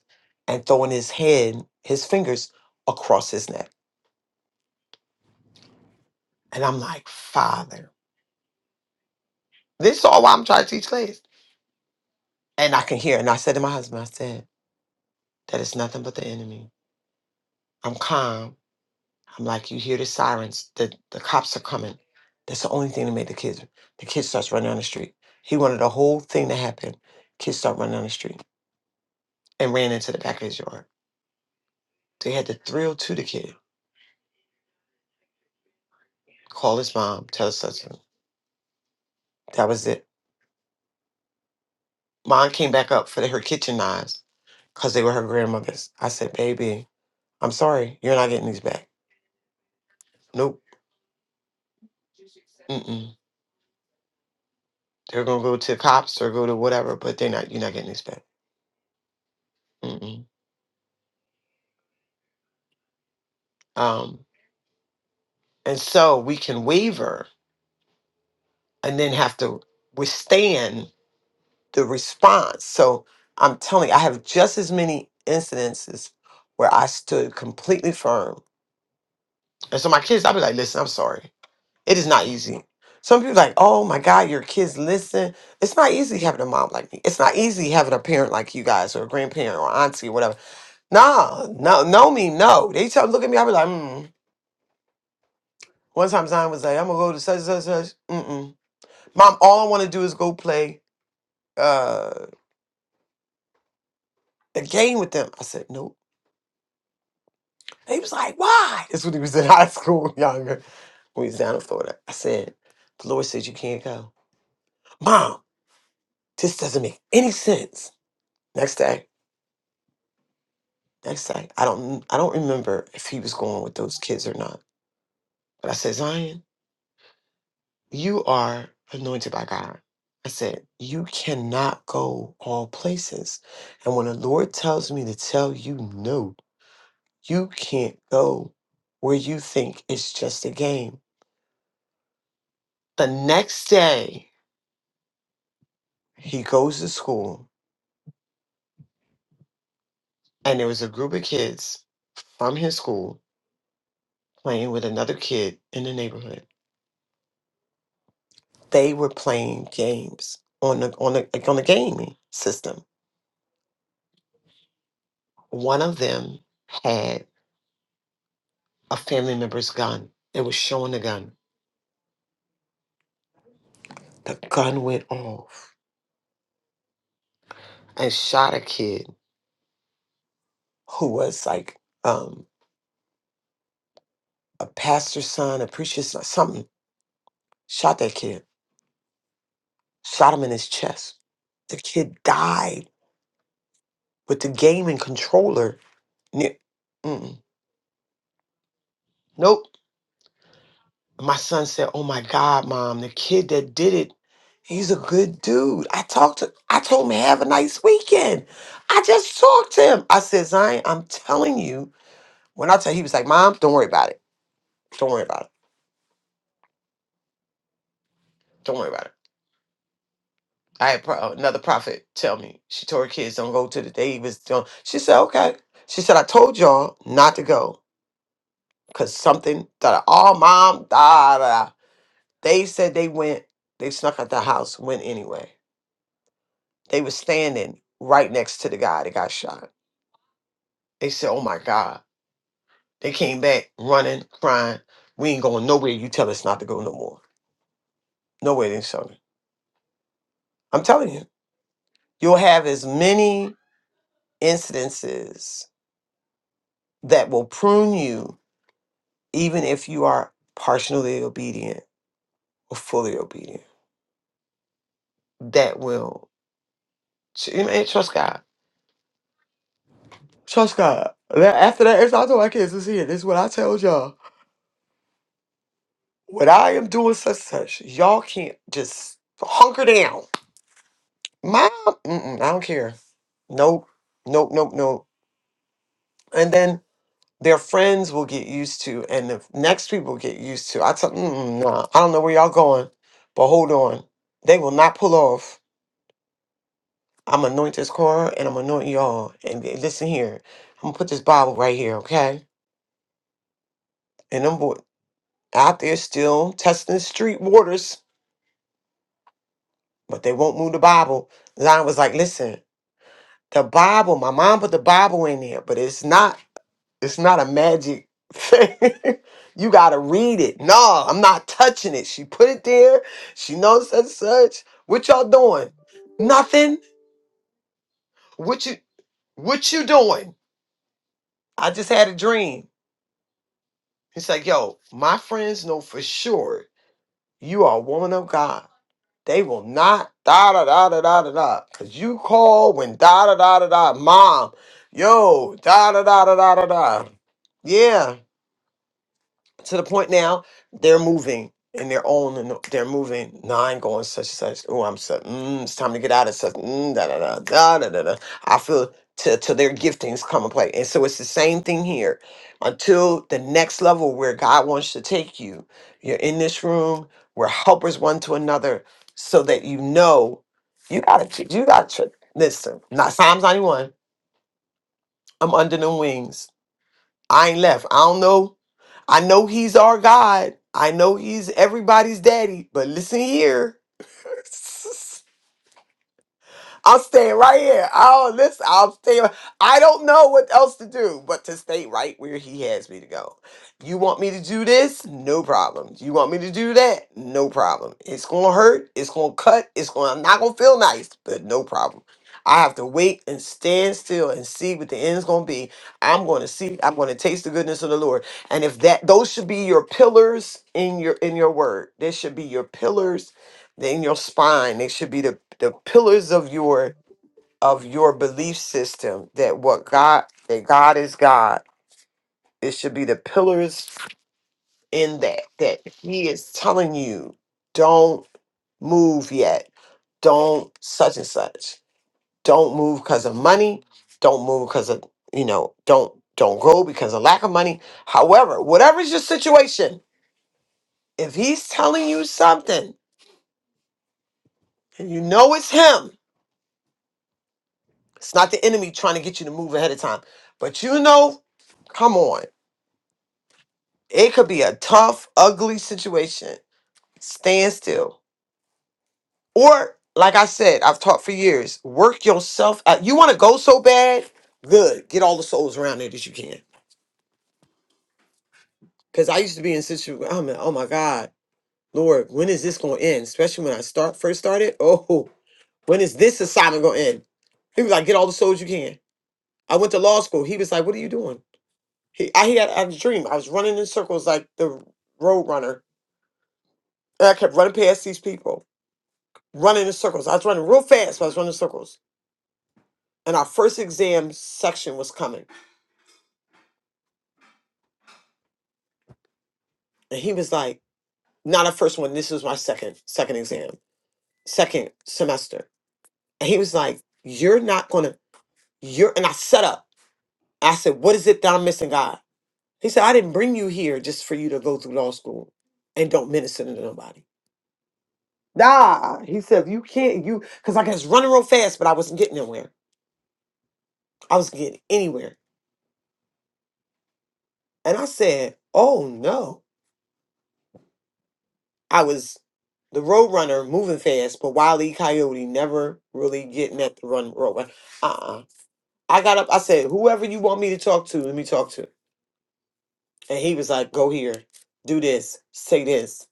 and throwing his head, his fingers across his neck. And I'm like, Father, this is all why I'm trying to teach class. And I can hear. And I said to my husband, I said, that is nothing but the enemy. I'm calm. I'm like, you hear the sirens. The, the cops are coming. That's the only thing that made the kids. The kid starts running down the street. He wanted the whole thing to happen. Kids start running down the street and ran into the back of his yard. They had to thrill to the kid. Call his mom, tell her such and that was it. Mom came back up for her kitchen knives because they were her grandmother's. I said, baby, I'm sorry, you're not getting these back. Nope. Mm-mm. They're gonna go to cops or go to whatever, but they're not. You're not getting these back. Mm-mm. Um, and so we can waver and then have to withstand the response. So I'm telling you, I have just as many incidences where I stood completely firm. And so my kids, I'll be like, listen, I'm sorry. It is not easy. Some people like, oh my God, your kids listen. It's not easy having a mom like me. It's not easy having a parent like you guys or a grandparent or auntie or whatever. Nah, no, no me, no. They tell look at me, I be like, mm. One time Zion was like, I'm gonna go to such such such. Mm-mm. Mom, all I wanna do is go play uh a game with them. I said, Nope. He was like, Why? That's when he was in high school, younger, when he was down in Florida. I said, The Lord said you can't go. Mom, this doesn't make any sense. Next day. Next night, I don't I don't remember if he was going with those kids or not. But I said, Zion, you are anointed by God. I said, you cannot go all places. And when the Lord tells me to tell you no, you can't go where you think it's just a game. The next day, he goes to school and there was a group of kids from his school playing with another kid in the neighborhood They were playing games on the on the like on the gaming system. One of them had a family member's gun. It was showing the gun. The gun went off and shot a kid who was like um, a pastor's son, a preacher's son, something. Shot that kid. Shot him in his chest. The kid died with the gaming controller. Near, mm, nope my son said, "Oh my God, mom, the kid that did it, he's a good dude." I talked to, I told him have a nice weekend. I just talked to him. I said, "Zion, I'm telling you." When I tell he was like, "Mom, don't worry about it. Don't worry about it. Don't worry about it." I had pro- another prophet tell me she told her kids don't go to the day he was doing. She said, "Okay." She said, "I told y'all not to go because something that all mom da da." da." They said they went. They snuck out the house. Went anyway. They were standing right next to the guy that got shot. They said, "Oh my God!" They came back running, crying. We ain't going nowhere. You tell us not to go no more. Nowhere in Southern. I'm telling you, you'll have as many incidences that will prune you, even if you are partially obedient or fully obedient. That will, you know, and trust God. Trust God. And then After that, it's I told my kids this here. This is what I told y'all. When I am doing such and such, y'all can't just hunker down. Mom, mm-mm, I don't care. Nope, nope, nope, nope. And then their friends will get used to, and the next people get used to. I tell, mm-mm, nah, I don't know where y'all going, but hold on, they will not pull off. I'm anoint this corner, and I'm anointing y'all. And li- listen here, I'm gonna put this Bible right here, okay? And them boy out there still testing the street waters, but they won't move the Bible. Zion was like, listen, the Bible. My mom put the Bible in there, but it's not. It's not a magic thing. you gotta read it. No, I'm not touching it. She put it there. She knows such and such. What y'all doing? Nothing. What you what you doing? I just had a dream. He's like, yo, my friends know for sure you are a woman of God. They will not da da da da da da da. Cause you call when da da da da da mom. Yo, da da da da da da da. Yeah. to the point now they're moving and they're own and they're moving. Now I'm going such and such. Oh, I'm such. Mm, it's time to get out of such. Mm, da, da, da, da, da, da, da. I feel till till their giftings come and play. And so it's the same thing here. Until the next level where God wants to take you, you're in this room. We're helpers one to another, so that you know you gotta ch- you gotta ch- listen. Not Psalms 91. I'm under the wings. I ain't left. I don't know I know he's our God. I know he's everybody's daddy, but listen here. I'll stay right here. I'll listen. I'll stay. right, I don't know what else to do but to stay right where he has me to go. You want me to do this? No problem. You want me to do that? No problem. It's gonna hurt. It's gonna cut. It's gonna I'm not gonna feel nice, but no problem. I have to wait and stand still and see what the end's gonna be. I'm gonna see. I'm gonna taste the goodness of the Lord. And if that those should be your pillars in your in your word, they should be your pillars in your spine. They should be the the pillars of your of your belief system that what God that God is God. It should be the pillars in that that He is telling you, don't move yet. Don't such and such. Don't move because of money. Don't move because of you know. Don't don't go because of lack of money. However, whatever's your situation, if He's telling you something and you know it's Him, it's not the enemy trying to get you to move ahead of time. But you know, come on. It could be a tough, ugly situation. Stand still. Or, like I said, I've taught for years, work yourself out. You want to go so bad? Good. Get all the souls around it that you can. Because I used to be in situations, I'm like, oh my God, Lord, when is this going to end? Especially when I start first started. Oh, when is this assignment going to end? He was like, get all the souls you can. I went to law school. He was like, what are you doing? He, I, he had, I had a dream. I was running in circles like the road runner. And I kept running past these people. running in circles. I was running real fast, but I was running in circles. And our first exam section was coming. And he was like, not our first one, this is my second, second exam, second semester. And he was like, You're not gonna, you're and I set up. I said, What is it that I'm missing, God? He said, I didn't bring you here just for you to go through law school and don't minister to nobody. Nah, he said, you can't, you, because I was running real fast, but I wasn't getting nowhere. I wasn't getting anywhere. And I said, Oh no. I was the road runner moving fast, but Wile E. Coyote never really getting at the run road. run- Uh-uh. I got up, I said, whoever you want me to talk to, let me talk to. And he was like, go here, do this, say this,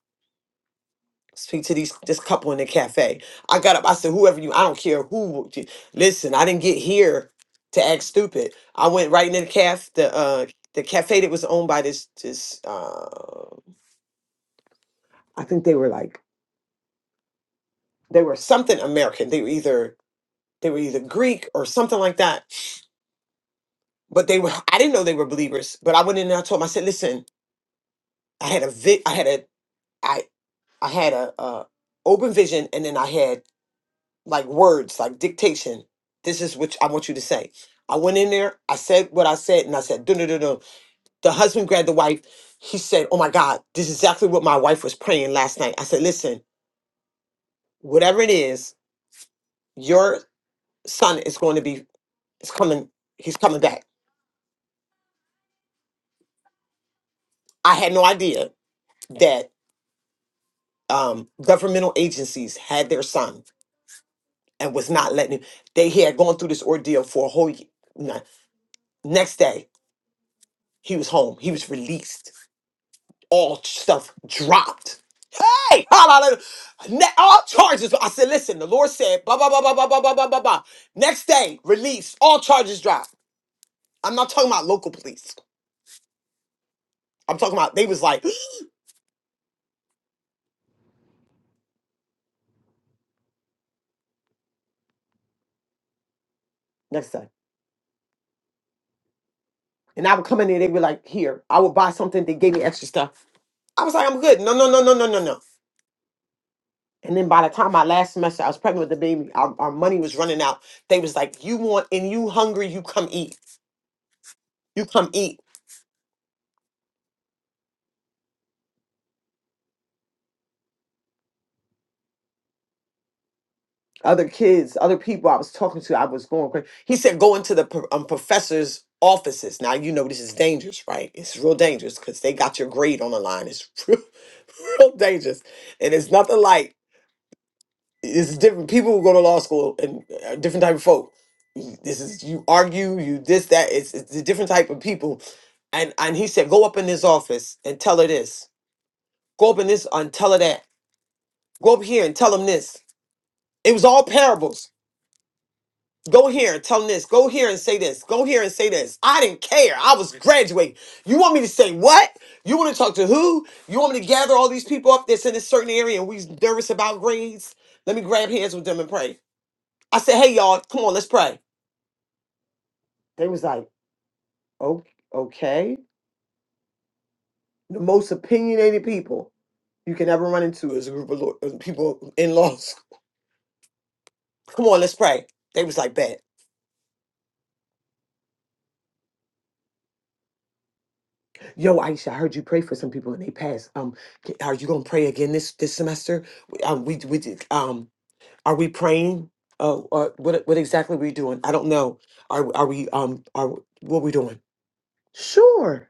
speak to these this couple in the cafe. I got up, I said, whoever you, I don't care who. you- Listen, I didn't get here to act stupid. I went right in the caf, the uh, the cafe that was owned by this this uh, I think they were like they were something American. They were either They were either Greek or something like that. But they were I didn't know they were believers. But I went in and I told them, I said, listen, I had a vi- I had a I I had a uh open vision and then I had like words, like dictation. This is what I want you to say. I went in there, I said what I said, and I said, no, no, no, no. The husband grabbed the wife. He said, Oh my God, this is exactly what my wife was praying last night. I said, Listen, whatever it is, your son is going to be, It's coming, he's coming back. I had no idea um, governmental agencies had their son and was not letting him. They he had gone through this ordeal for a whole year. Next day, he was home. He was released. All stuff dropped. Hey, hallelujah. Ne- all charges. I said, listen, the Lord said, blah, blah, blah, blah, blah, blah, blah, blah, blah, blah. Next day, release. All charges dropped. I'm not talking about local police. I'm talking about, they was like, next day. And I would come in there, they were like, here, I would buy something. They gave me extra stuff. I was like, I'm good. No, no, no, no, no, no, no. And then by the time my last semester, I was pregnant with the baby. Our, our money was running out. They was like, "You want and you hungry? You come eat. You come eat." Other kids, other people I was talking to, I was going crazy. He said, "Go into the pro- um, professors' offices." Now you know this is dangerous, right? It's real dangerous because they got your grade on the line. It's real, real dangerous, and it's nothing like it's different. People who go to law school and a different type of folk. This is you argue, you this that. It's it's a different type of people. And and he said, go up in this office and tell her this. Go up in this and tell her that. Go up here and tell him this. It was all parables. Go here and tell him this. Go here and say this. Go here and say this. I didn't care. I was graduating. You want me to say what? You want to talk to who? You want me to gather all these people up that's in a certain area and we nervous about grades? Let me grab hands with them and pray. I said, hey y'all, come on, let's pray. They was like, "O- okay. The most opinionated people you can ever run into is a group of law- of people in law school." Come on, let's pray. They was like, bet. Yo, Aisha, I heard you pray for some people and they passed. Um, c- are you gonna pray again this this semester? We- Um, we we did. Um, are we praying? Oh, uh, what what exactly are we doing? I don't know. Are are we um are what we doing? Sure.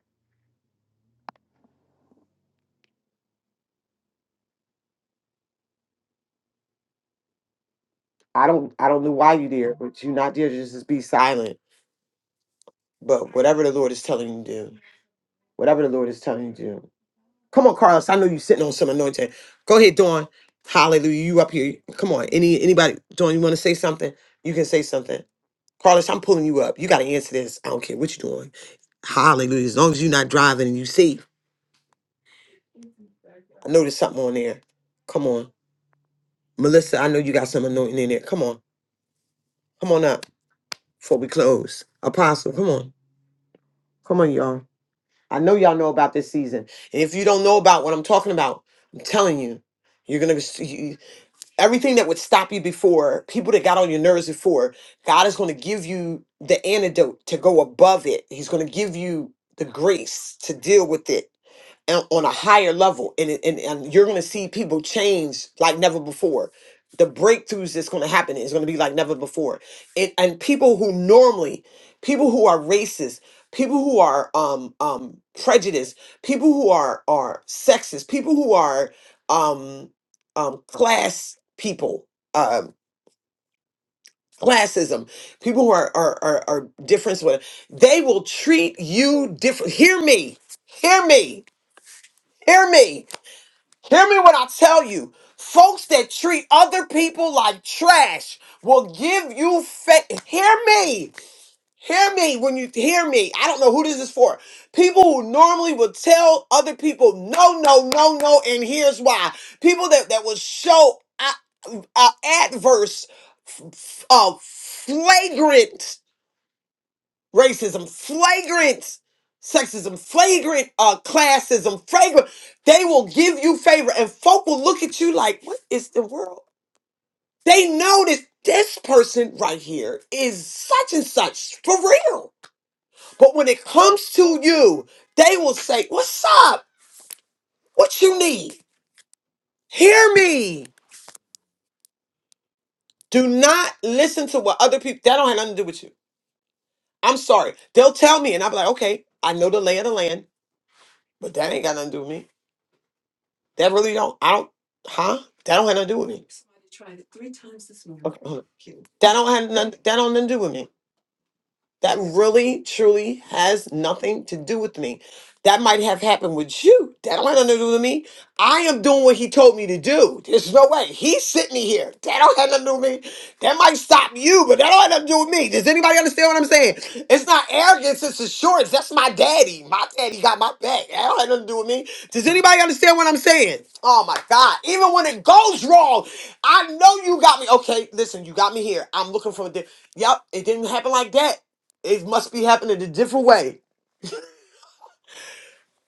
I don't I don't know why you there, but you not there. Just be silent. But whatever the Lord is telling you to do. Whatever the Lord is telling you to do. Come on, Carlos. I know you're sitting on some anointing. Go ahead, Dawn. Hallelujah. You up here. Come on. Any anybody, Dawn, you want to say something? You can say something. Carlos, I'm pulling you up. You got to answer this. I don't care what you're doing. Hallelujah. As long as you're not driving and you safe. I know there's something on there. Come on. Melissa, I know you got some anointing in there. Come on. Come on up before we close. Apostle, come on. Come on, y'all. I know y'all know about this season. And if you don't know about what I'm talking about, I'm telling you, you're going to. everything that would stop you before, people that got on your nerves before, God is going to give you the antidote to go above it. He's going to give you the grace to deal with it and on a higher level and, it- and, and you're going to see people change like never before the breakthroughs that's going to happen is going to be like never before and, and people who normally people who are racist people who are um um prejudiced people who are are sexist people who are um um class people um classism people who are are are, are different so they will treat you different hear me hear me hear me Hear me when I tell you, folks that treat other people like trash will give you fa- hear me. Hear me when you hear me. I don't know who this is for. People who normally would tell other people no, no, no, no, and here's why. People that that will show uh, uh, adverse, uh, flagrant racism flagrant sexism flagrant uh classism flagrant they will give you favor and folk will look at you like what is the world they know that this person right here is such and such for real but when it comes to you they will say what's up what you need hear me do not listen to what other people that don't have nothing to do with you i'm sorry they'll tell me and i'll be like okay i know the lay of the land but that ain't got nothing to do with me That really don't. I don't. Huh? That don't have nothing to do with me. Okay. hold on. That don't have nothing. That don't nothing to do with me. That really, truly has nothing to do with me. That might have happened with you. That don't have nothing to do with me. I am doing what he told me to do. There's no way. He sent me here. That don't have nothing to do with me. That might stop you, but that don't have nothing to do with me. Does anybody understand what I'm saying? It's not arrogance, it's assurance. That's my daddy. My daddy got my back. That don't have nothing to do with me. Does anybody understand what I'm saying? Oh my God. Even when it goes wrong, I know you got me. Okay, listen, you got me here. I'm looking for the. Yep, it didn't happen like that. It must be happening a different way.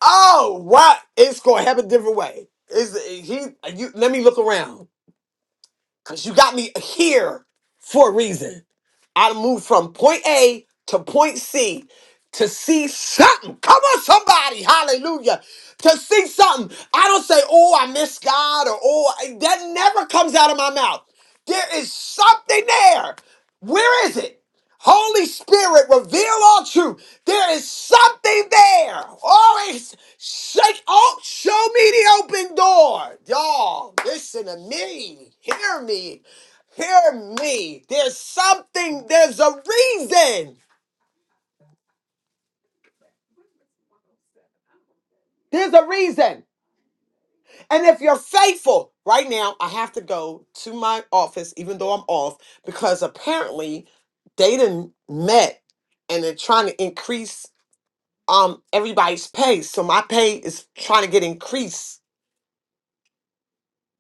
Oh, what? It's going to happen a different way. Is he? You let me look around. Cause you got me here for a reason. I moved from point A to point C to see something. Come on, somebody, hallelujah. To see something. I don't say, oh, I miss God or oh I-" that never comes out of my mouth. There is something there. Where is it? Holy Spirit, reveal all truth. There is something there. Always Shake oh, show me the open door. Y'all, listen to me. Hear me. Hear me. There's something, there's a reason. There's a reason. And if you're faithful, right now, I have to go to my office, even though I'm off, because apparently they done met and they're trying to increase um everybody's pay. So my pay is trying to get increased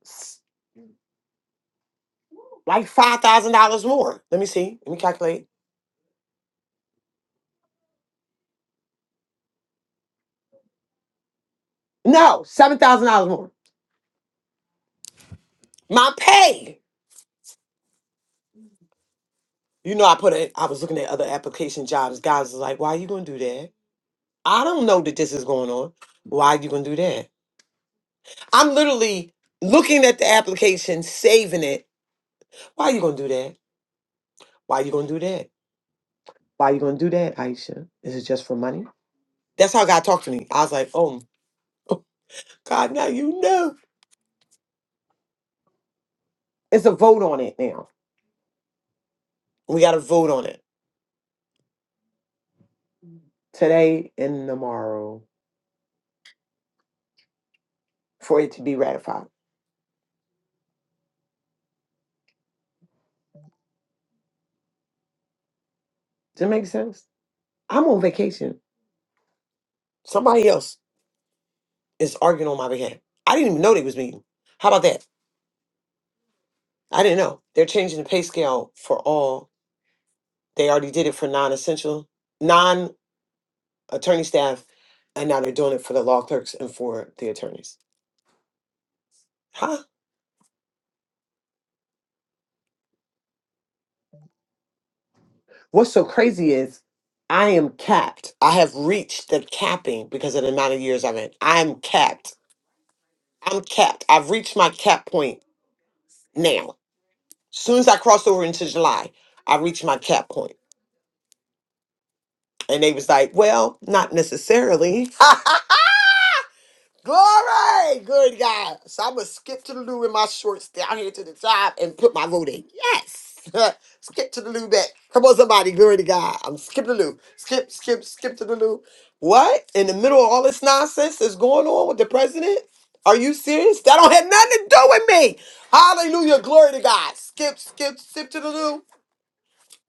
s- like five thousand dollars more. Let me see. Let me calculate. No, seven thousand dollars more. My pay. You know, I put it. I was looking at other application jobs. Guys was like, "Why are you gonna do that? I don't know that this is going on. Why are you gonna do that? I'm literally looking at the application, saving it. Why are you gonna do that? Why are you gonna do that? Why are you gonna do that, Aisha? Is it just for money? That's how God talked to me. I was like, "Oh God, now you know." It's a vote on it now. We got to vote on it today and tomorrow for it to be ratified. Does it make sense? I'm on vacation. Somebody else is arguing on my behalf. I didn't even know they was meeting. How about that? I didn't know. They're changing the pay scale for all. They already did it for non-essential, non-attorney staff, and now they're doing it for the law clerks and for the attorneys. Huh? What's so crazy is I am capped. I have reached the capping because of the amount of years I'm in. I'm capped. I'm capped. I've reached my cap point now. As soon as I cross over into July, I reach my cap point. And they was like, well, not necessarily. Glory, good God. So I'm gonna skip to the loo in my shorts down here to the top and put my vote in. Yes. skip to the loo back. Come on, somebody, glory to God. I'm skipping the loo. Skip, skip, skip to the loo. What? In the middle of all this nonsense that's going on with the president? Are you serious? That don't have nothing to do with me. Hallelujah. Glory to God. Skip, skip, skip to the loo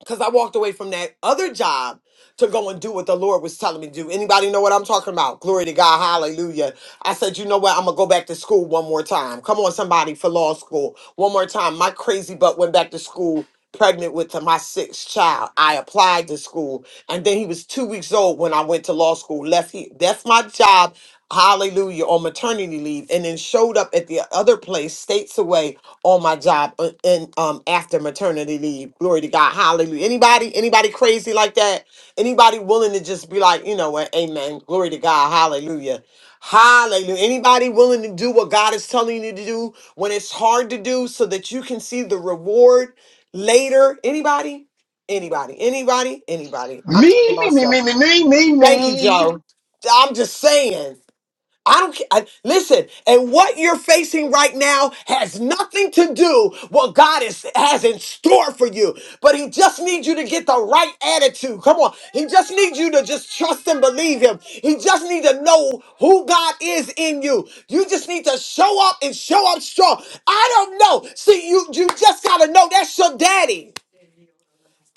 because I walked away from that other job to go and do what the Lord was telling me to do. Anybody know what I'm talking about? Glory to God. Hallelujah. I said, you know what? I'm going to go back to school one more time. Come on, somebody, for law school. One more time. My crazy butt went back to school pregnant with my sixth child. I applied to school. And then he was two weeks old when I went to law school. Left he left my job. Hallelujah on maternity leave and then showed up at the other place states away on my job uh, and um after maternity leave. Glory to God. Hallelujah. Anybody anybody crazy like that? Anybody willing to just be like, you know what? Amen. Glory to God. Hallelujah. Hallelujah. Anybody willing to do what God is telling you to do when it's hard to do so that you can see the reward later? Anybody? Anybody? Anybody? Anybody? I'm saying Me, me, me, myself. me, me, me, me, Thank you, me. Joe. I'm just saying. I don't care. I- listen, and what you're facing right now has nothing to do what God is, has in store for you. But He just needs you to get the right attitude. Come on. He just needs you to just trust and believe Him. He just needs to know who God is in you. You just need to show up and show up strong. I don't know. See, you you just gotta know that's your daddy.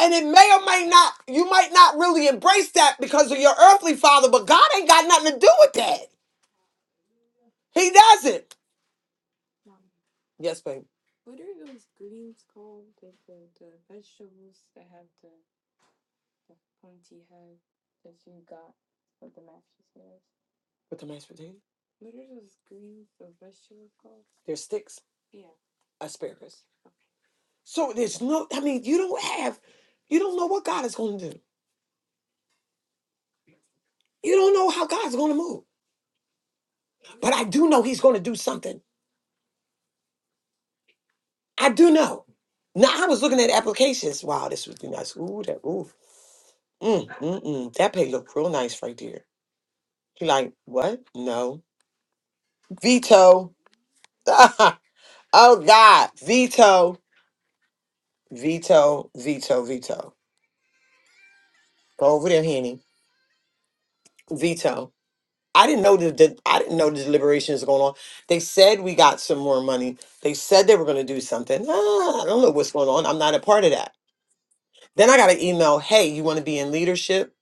And it may or may not, you might not really embrace that because of your earthly father, but God ain't got nothing to do with that. He doesn't. Yes, babe. With the mashed potato, there's sticks, asparagus. So there's no. I mean, you don't have. You don't know what God is going to do. You don't know how God's going to move. But I do know He's going to do something. I do know. Now I was looking at applications. Wow, this would be nice. Ooh, that ooh. Mm, mm, mm. That pay look real nice right there. You like what? No. Veto. oh God. Veto. Veto. Veto. Veto. Go over there, Henny. Veto. I didn't know that, that I didn't know the deliberations going on. They said we got some more money. They said they were going to do something. Ah, I don't know what's going on. I'm not a part of that. Then I got an email. Hey, you want to be in leadership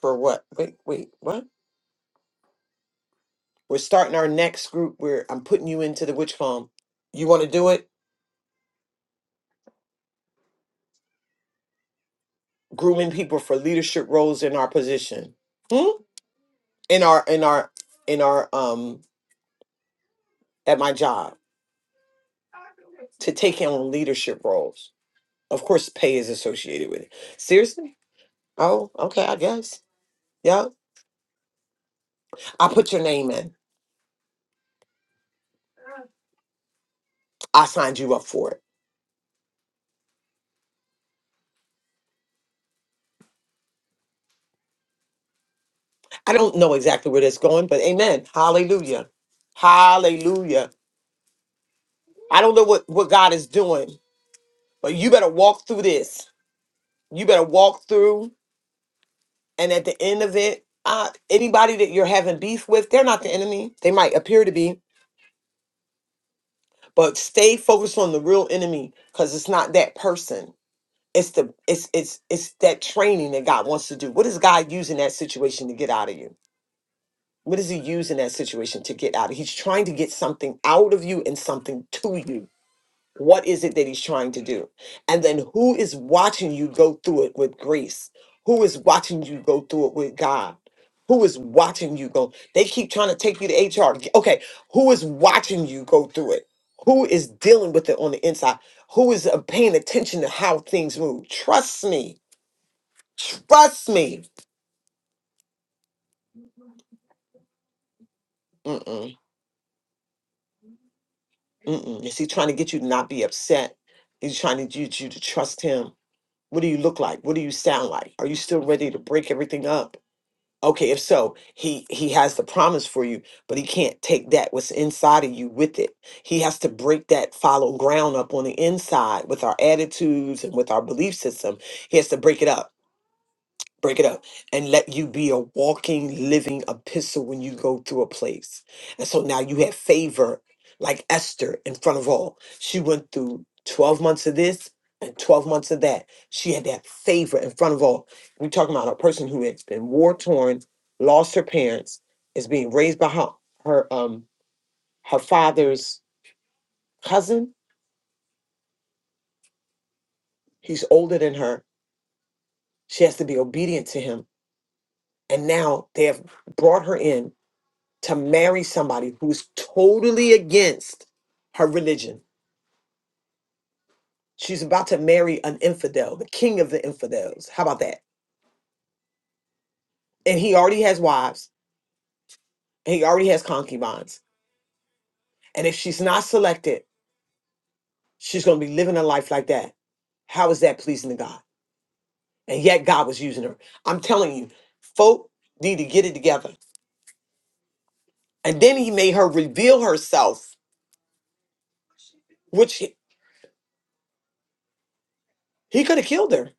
for what? Wait, wait, what? We're starting our next group where I'm putting you into the witch farm. You want to do it? Grooming people for leadership roles in our position, hmm? in our in our in our um at my job to take on leadership roles. Of course, pay is associated with it. Seriously. Oh, okay, I guess. Yeah. I put your name in. I signed you up for it. I don't know exactly where that's going, but amen. Hallelujah. Hallelujah. I don't know what, what God is doing, but you better walk through this. You better walk through. And at the end of it, uh, anybody that you're having beef with, they're not the enemy. They might appear to be, but stay focused on the real enemy because it's not that person. It's the it's it's it's that training that God wants to do. What is God using that situation to get out of you? What does he use in that situation to get out? He's trying to get something out of you and something to you. What is it that he's trying to do? And then who is watching you go through it with grace? Who is watching you go through it with God? Who is watching you go? They keep trying to take you to HR. Okay, who is watching you go through it? Who is dealing with it on the inside? Who is uh, paying attention to how things move? Trust me. Trust me. Mm-mm. Is he trying to get you to not be upset? Is he trying to get you to trust him? What do you look like? What do you sound like? Are you still ready to break everything up? Okay, if so, he he has the promise for you, but he can't take that what's inside of you with it. He has to break that follow ground up on the inside with our attitudes and with our belief system. He has to break it up break it up and let you be a walking living epistle when you go through a place and so now you have favor like esther in front of all she went through 12 months of this and 12 months of that she had that favor in front of all we're talking about a person who has been war torn lost her parents is being raised by her, her um her father's cousin he's older than her she has to be obedient to him and now they have brought her in to marry somebody who's totally against her religion. She's about to marry an infidel, the king of the infidels. How about that? And he already has wives, and he already has concubines. And if she's not selected, she's going to be living a life like that. How is that pleasing to God? And yet God was using her. I'm telling you, folk need to get it together. And then he made her reveal herself, which he, he could have killed her.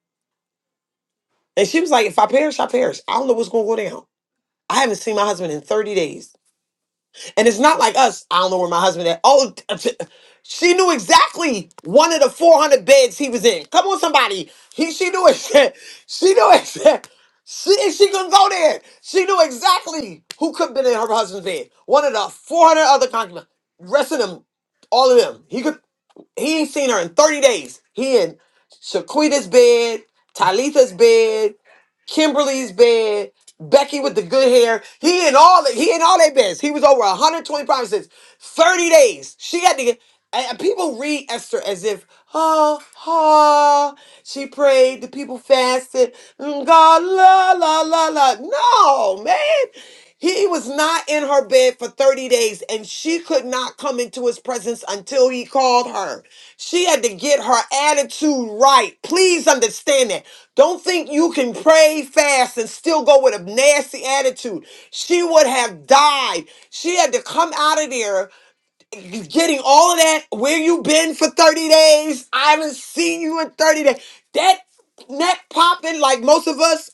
And she was like, if I perish, I perish. I don't know what's going to go down. I haven't seen my husband in 30 days. And it's not like us. I don't know where my husband at. Oh, she knew exactly one of the 400 beds he was in. Come on, somebody. He, she knew it. She knew it. She, and she couldn't go there. She knew exactly who could have been in her husband's bed. One of the 400 other concubines. Rest of them, all of them. He could. He ain't seen her in 30 days. He in Shaquita's bed, Talitha's bed, Kimberly's bed, Becky with the good hair. He in all the, he in all their beds. He was over 120 promises. 30 days. She had to get and and people read Esther as if, oh, oh, she prayed, the people fasted, mm, God, la, la, la, la. No, man. He was not in her bed for 30 days, and she could not come into his presence until he called her. She had to get her attitude right. Please understand that. Don't think you can pray fast and still go with a nasty attitude. She would have died. She had to come out of there getting all of that. Where you been for 30 days? I haven't seen you in 30 days. That neck popping like most of us.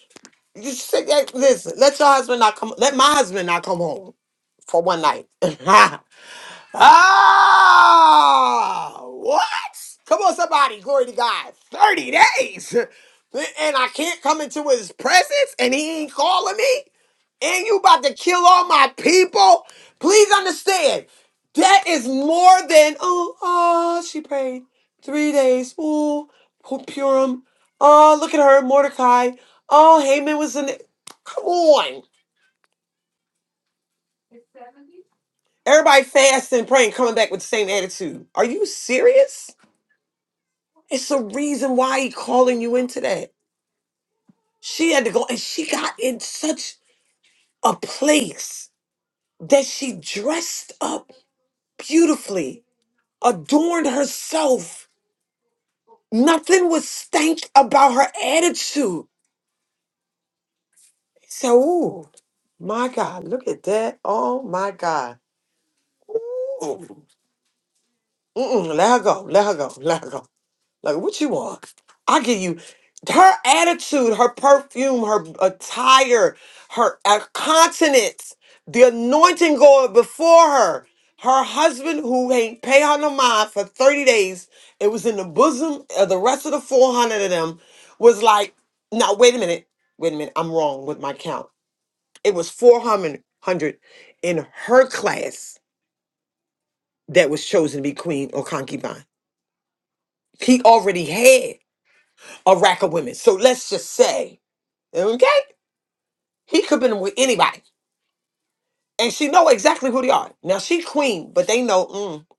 You should- Listen, let your husband not come. Let my husband not come home for one night. Ah, what? Come on, somebody. Glory to God. 30 days. And I can't come into his presence and he ain't calling me? And you about to kill all my people? Please understand. That is more than, oh, oh she prayed. Three days. Oh, Purim. Oh, look at her, Mordecai. Oh, Haman was in it. Come on. Everybody fasting, praying, coming back with the same attitude. Are you serious? It's a reason why he calling you into that. She had to go, and she got in such a place that she dressed up beautifully, adorned herself. Nothing was stank about her attitude. So, ooh, my God, look at that. Oh my God. Ooh. Mm-mm, let her go. Let her go. Let her go. Like, what you want? I give you her attitude, her perfume, her attire, her uh, continence, the anointing going before her. Her husband, who ain't pay her no mind for 30 days, it was in the bosom of the rest of the 400 of them, was like, now, wait a minute. Wait a minute. I'm wrong with my count. It was 400 in her class that was chosen to be queen or concubine. He already had. a rack of women. So let's just say, okay, he could been with anybody, and she know exactly who they are. Now she queen, but they know.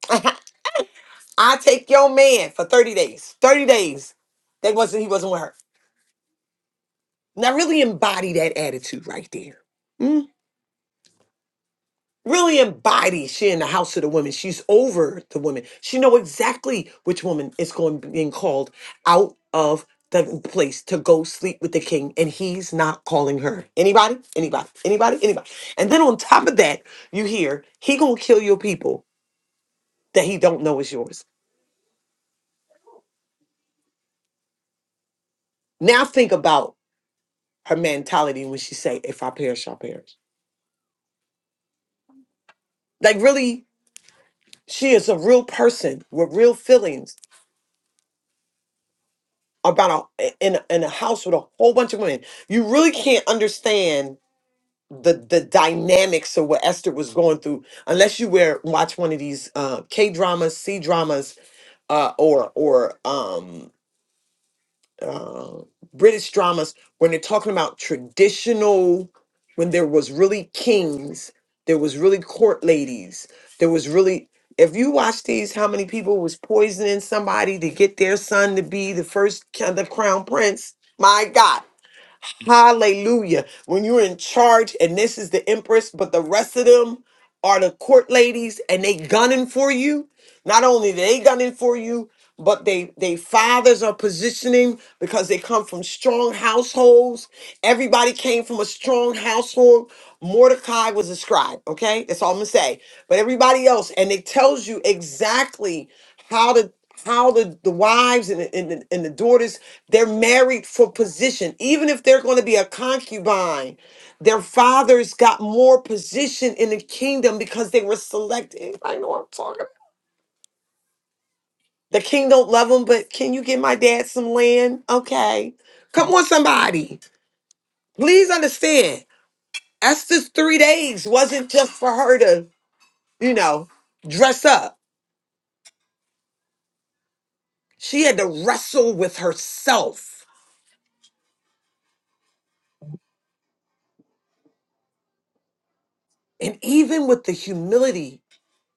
Mm, I take your man for thirty days. Thirty days. That wasn't he wasn't with her. Now really embody that attitude right there. really embodies she in the house of the women she's over the women she know exactly which woman is going being called out of the place to go sleep with the king and he's not calling her anybody anybody anybody anybody and then on top of that you hear he gonna kill your people that he don't know is yours now think about her mentality when she say if i perish i perish like really she is a real person with real feelings about a in a- in a house with a whole bunch of women. You really can't understand the the dynamics of what Esther was going through unless you were watch one of these uh K dramas, C dramas, uh or or um uh, British dramas when they're talking about traditional, when there was really kings, there was really court ladies, there was really. If you watch these, how many people was poisoning somebody to get their son to be the first kind of crown prince? My God Hallelujah. When you're in charge, and this is the empress, but the rest of them are the court ladies and they gunning for you. Not only they gunning for you, but they they fathers are positioning because they come from strong households. Everybody came from a strong household. Mordecai was a scribe, okay? That's all I'm gonna say. But everybody else, and it tells you exactly how to how the, the wives and the, and, the, and the daughters they're married for position. Even if they're going to be a concubine, their fathers got more position in the kingdom because they were selected. Anybody know what I'm talking about? The king don't love them, but can you get my dad some land? Okay. Come on, somebody. Please understand. Esther's three days wasn't just for her to, you know, dress up. She had to wrestle with herself. And even with the humility,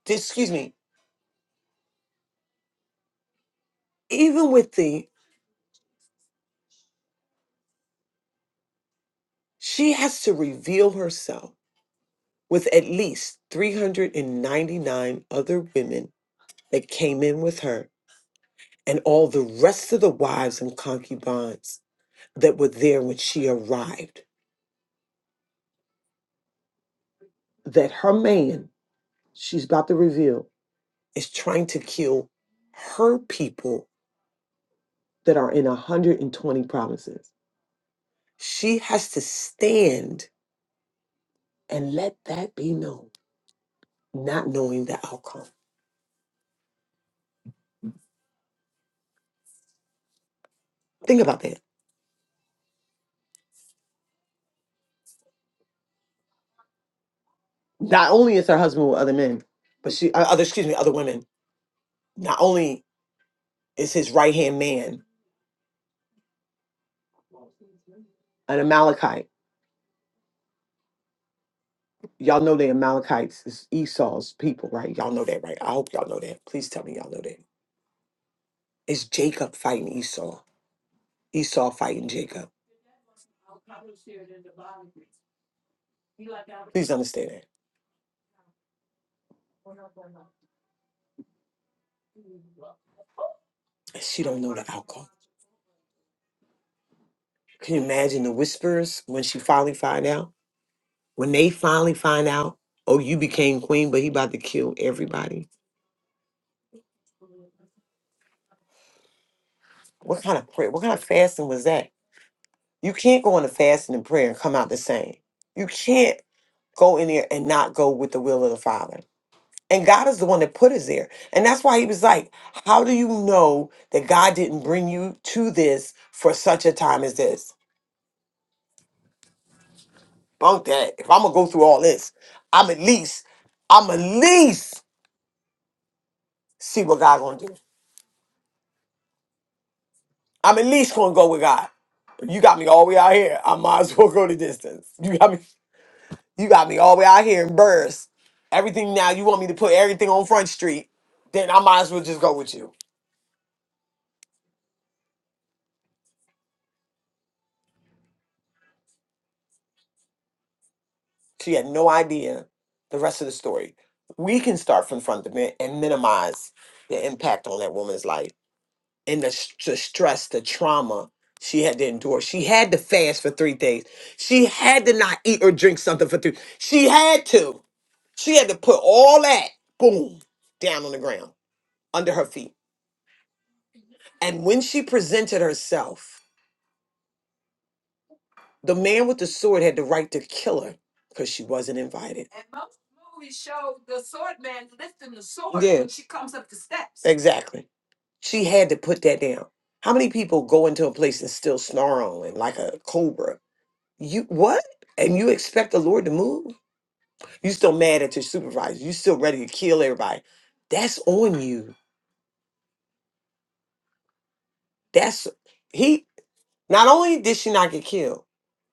excuse me, even with the She has to reveal herself with at least 399 other women that came in with her and all the rest of the wives and concubines that were there when she arrived. That her man, she's about to reveal, is trying to kill her people that are in 120 provinces. She has to stand and let that be known, not knowing the outcome. Think about that Not only is her husband with other men, but she uh, other excuse me other women. Not only is his right hand man an Amalekite. Y'all know they Amalekites is Esau's people, right? Y'all know that, right? I hope y'all know that. Please tell me y'all know that. It's Jacob fighting Esau. Esau fighting Jacob. Please understand that. And She don't know the outcome. Can you imagine the whispers when she finally find out? When they finally find out, oh, you became queen, but he about to kill everybody. What kind of prayer? What kind of fasting was that? You can't go into fasting and prayer and come out the same. You can't go in there and not go with the will of the Father. And God is the one that put us there. And that's why he was like, How do you know that God didn't bring you to this for such a time as this? Bunk that. If I'm gonna go through all this, I'm at least, I'm at least see what God gonna do. I'm at least gonna go with God. You got me all the way out here. I might as well go the distance. You got me You got me all the way out here in Burris. Everything now, you want me to put everything on Front Street, then I might as well just go with you. She had no idea the rest of the story. We can start from front of it and minimize the impact on that woman's life and the, st- the stress, the trauma she had to endure. She had to fast for three days. She had to not eat or drink something for three. She had to. She had to put all that, boom, down on the ground under her feet. And when she presented herself, The man with the sword had the right to kill her because she wasn't invited. And most movies show the sword man lifting the sword when Yeah. she comes up the steps. Exactly. She had to put that down. How many people go into a place and still snarling like a cobra? You what? And you expect the Lord to move? You still mad at your supervisor? You still ready to kill everybody? That's on you. That's he. Not only did she not get killed,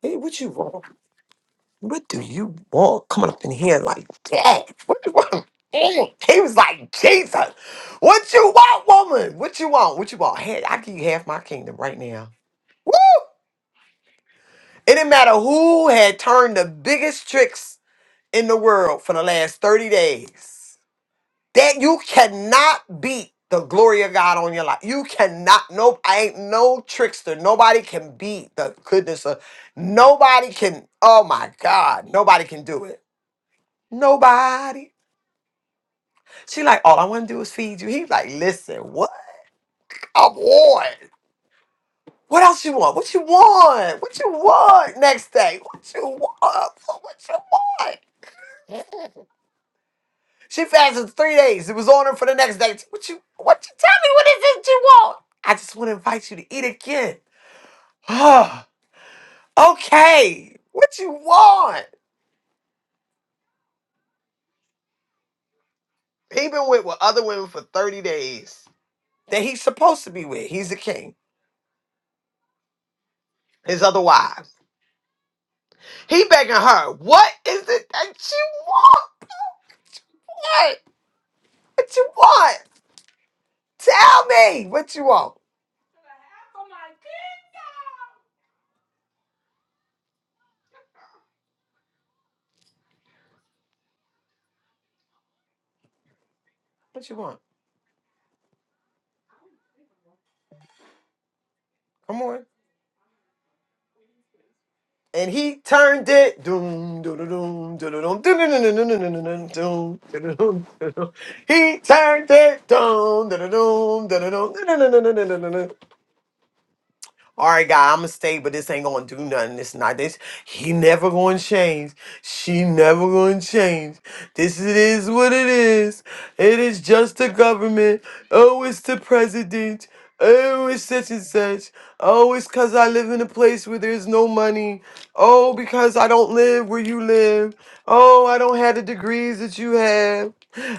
hey, what you want? What do you want coming up in here like that? What you want? Mm. He was like, Jesus, what you want, woman? What you want? What you want? Hey, I give you half my kingdom right now. Woo! It didn't matter who had turned the biggest tricks in the world for the last 30 days. That you cannot beat the glory of God on your life. You cannot, nope, I ain't no trickster. Nobody can beat the goodness of, nobody can, oh my God, nobody can do it. Nobody. She like, all I want to do is feed you. He like, listen, what I want. What else you want? What you want? What you want next day? What you want? What you want? She fasted three days. It was on her for the next day. What you what you tell me what is it you want? I just want to invite you to eat again. Oh, okay. What you want? He been with, with other women for 30 days that he's supposed to be with. He's the king. His other wives. He begging her, what is it that you want? Like, What you want? Tell me what you want. What you want? Come on. And he turned it. Doom, doom, doom, doom, doom, doom, doom, doom, doom, doom. He turned it. Doom, doom, doom, doom, doom, doom, doom, doom. doom, doom, doom. All right, God, I'ma stay, but this ain't gonna do nothing. This not this. He never gonna change. She never gonna change. This it is what it is. It is just the government. Oh, it's the president. Oh, it's such and such. Oh, it's cause I live in a place where there's no money. Oh, because I don't live where you live. Oh, I don't have the degrees that you have.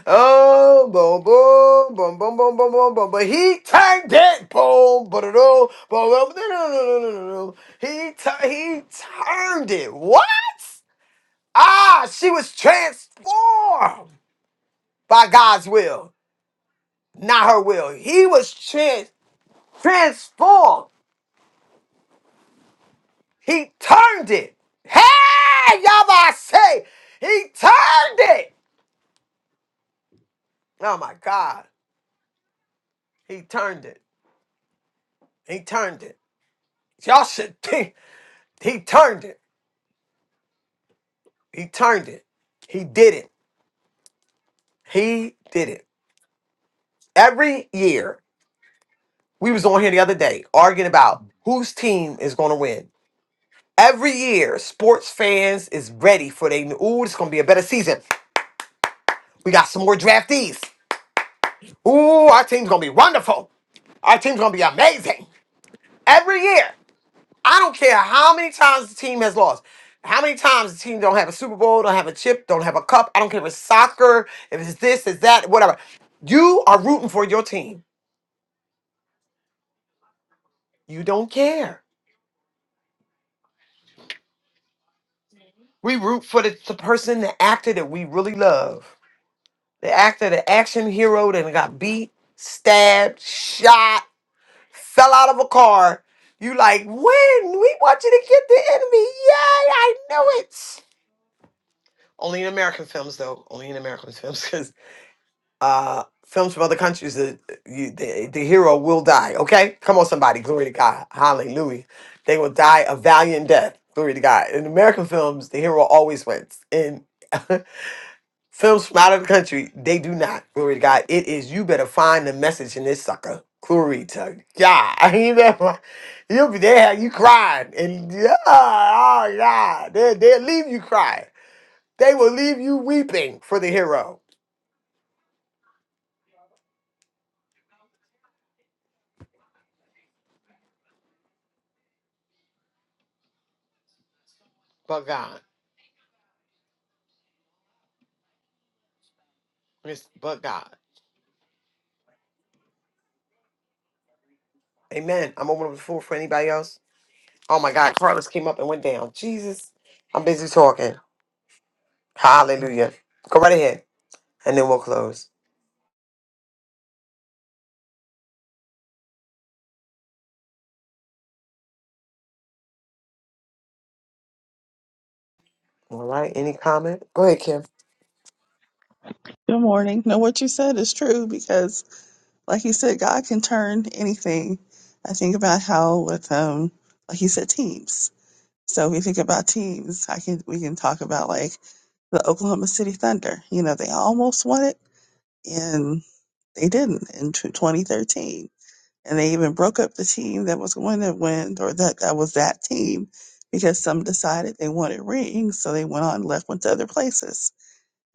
Oh, boom, boom, boom, boom, boom, boom, boom, boom. But he turned it, boom, boom, boom, boom, boom. boom, boom, He tu- he turned it. What? Ah, she was transformed by God's will, not her will. He was trans- transformed. He turned it. Hey, y'all say he turned it. Oh my God, he turned it. He turned it. Y'all should think he turned it. He turned it. He did it. He did it. Every year, we was on here the other day arguing about whose team is going to win. Every year, sports fans is ready for they. Ooh, it's going to be a better season. We got some more draftees. Ooh, our team's going to be wonderful. Our team's going to be amazing. Every year, I don't care how many times the team has lost. How many times the team don't have a Super Bowl, don't have a chip, don't have a cup? I don't care if it's soccer, if it's this, it's that, whatever. You are rooting for your team. You don't care. We root for the, the person, the actor that we really love. The actor, the action hero that got beat, stabbed, shot, fell out of a car. You like, when? We want you to get the enemy. Yay, I knew it. Only in American films, though. Only in American films. uh, films from other countries, the, you, the the hero will die. Okay, come on, somebody, glory to God, hallelujah. They will die a valiant death, glory to God. In American films, the hero always wins. In films from out of the country, they do not. Glory to God. It is you better find the message in this sucker. Glory to God. Amen. You'll be there, you crying, and yeah, oh God, they they'll leave you crying. They will leave you weeping for the hero. But God, Miss, but God. Amen. I'm opening up the floor for anybody else. Oh my God, Carlos came up and went down. Jesus, I'm busy talking. Hallelujah. Go right ahead, and then we'll close. All right. Any comment? Go ahead, Kim. Good morning. No, what you said is true because, like you said, God can turn anything. I think about how with um, like you said, teams. So we think about teams. I can we can talk about like the Oklahoma City Thunder. You know, they almost won it and they didn't in tw- 2013, and they even broke up the team that was going to win or that that was that team because some decided they wanted rings, so they went on and left went to other places.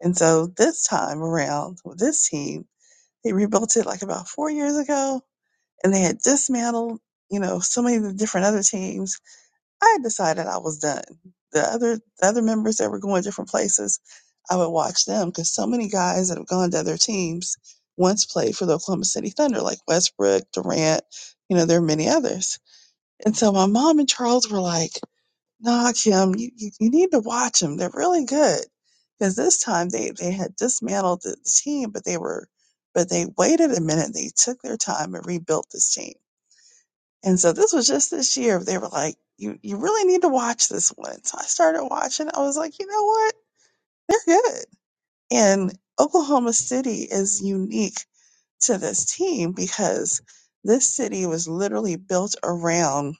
And so this time around with this team they rebuilt it like about four years ago and they had dismantled, you know, so many of the different other teams. I had decided I was done. The other, the other members that were going different places, I would watch them because so many guys that have gone to other teams once played for the Oklahoma City Thunder, like Westbrook, Durant, you know, there are many others. And so my mom and Charles were like, no, Kim, you, you, you need to watch them. They're really good. Because this time they, they had dismantled the the team, but they were, but they waited a minute. They took their time and rebuilt this team. And so this was just this year. They were like, you, you really need to watch this one. So I started watching. I was like, you know what? They're good. And Oklahoma City is unique to this team because this city was literally built around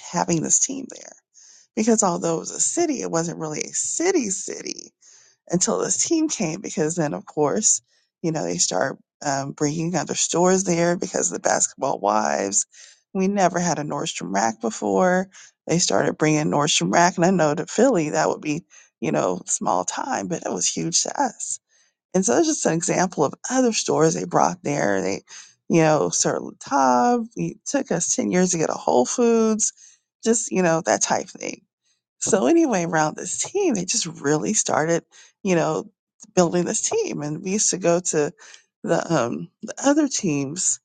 having this team there. because although it was a city, it wasn't really a city city until this team came. Because then, of course, you know they start um, bringing other stores there because of the Basketball Wives. We never had a Nordstrom Rack before. They started bringing Nordstrom Rack, and I know to Philly that would be you know small time, but it was huge to us. And so it's just an example of other stores they brought there. They, you know, Sir Latab. It took us ten years to get a Whole Foods. Just you know that type thing so anyway, around this team, they just really started, you know, building this team. And we used to go to the um the other teams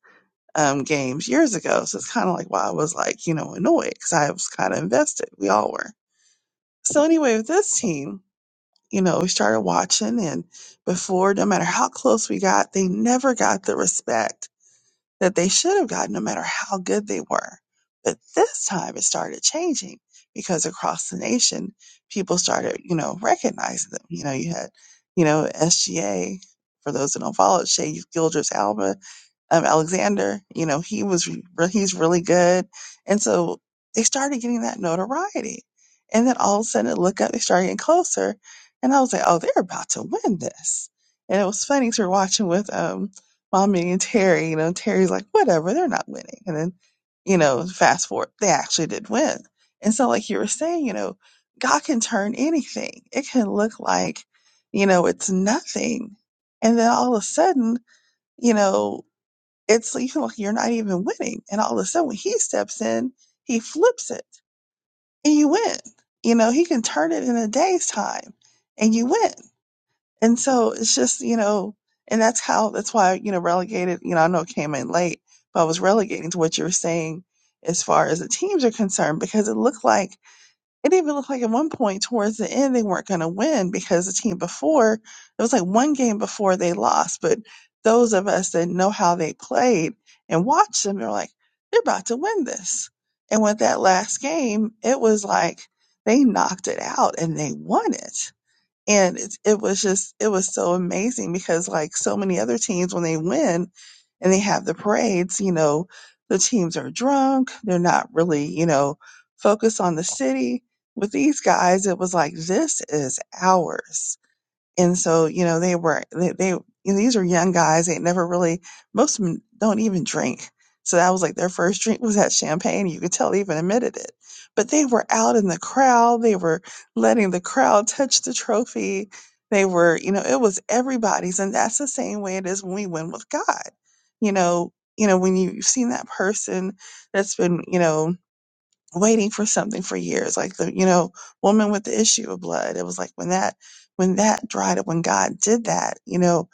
um games years ago. So it's kind of like why I was like, you know, annoyed because I was kind of invested. We all were. So anyway, with this team, you know, we started watching and before, no matter how close we got, they never got the respect that they should have gotten no matter how good they were. But this time it started changing because across the nation, people started, you know, recognizing them. You know, you had, you know, SGA, for those that don't follow it, Shea Gildress, Alba, um, Alexander, you know, he was, re- he's really good. And so they started getting that notoriety. And then all of a sudden it looked up, they started getting closer. And I was like, oh, they're about to win this. And it was funny 'cause we were watching with, um, Mommy and Terry, you know, Terry's like, whatever, they're not winning. And then, you know, fast forward, they actually did win. And so, like you were saying, you know, God can turn anything. It can look like, you know, it's nothing. And then all of a sudden, you know, it's like, you feel like you're not even winning. And all of a sudden, when he steps in, he flips it and you win. You know, he can turn it in a day's time and you win. And so it's just, you know, and that's how, that's why, you know, relegated, you know, I know it came in late, but I was relegating to what you were saying as far as the teams are concerned, because it looked like, it even looked like at one point towards the end, they weren't going to win because the team before, it was like one game before they lost. But those of us that know how they played and watched them, they're like, they're about to win this. And with that last game, it was like they knocked it out and they won it and it, it was just, it was so amazing because like so many other teams, when they win and they have the parades, you know, the teams are drunk. They're not really, you know, focused on the city. With these guys, it was like, this is ours and so you know they were they, they you know, these are young guys they never really most of them don't even drink so that was like their first drink was that champagne you could tell they even admitted it but they were out in the crowd they were letting the crowd touch the trophy they were you know it was everybody's and that's the same way it is when we win with god you know you know when you, you've seen that person that's been you know waiting for something for years like the you know woman with the issue of blood it was like when that when that dried up when god did that you know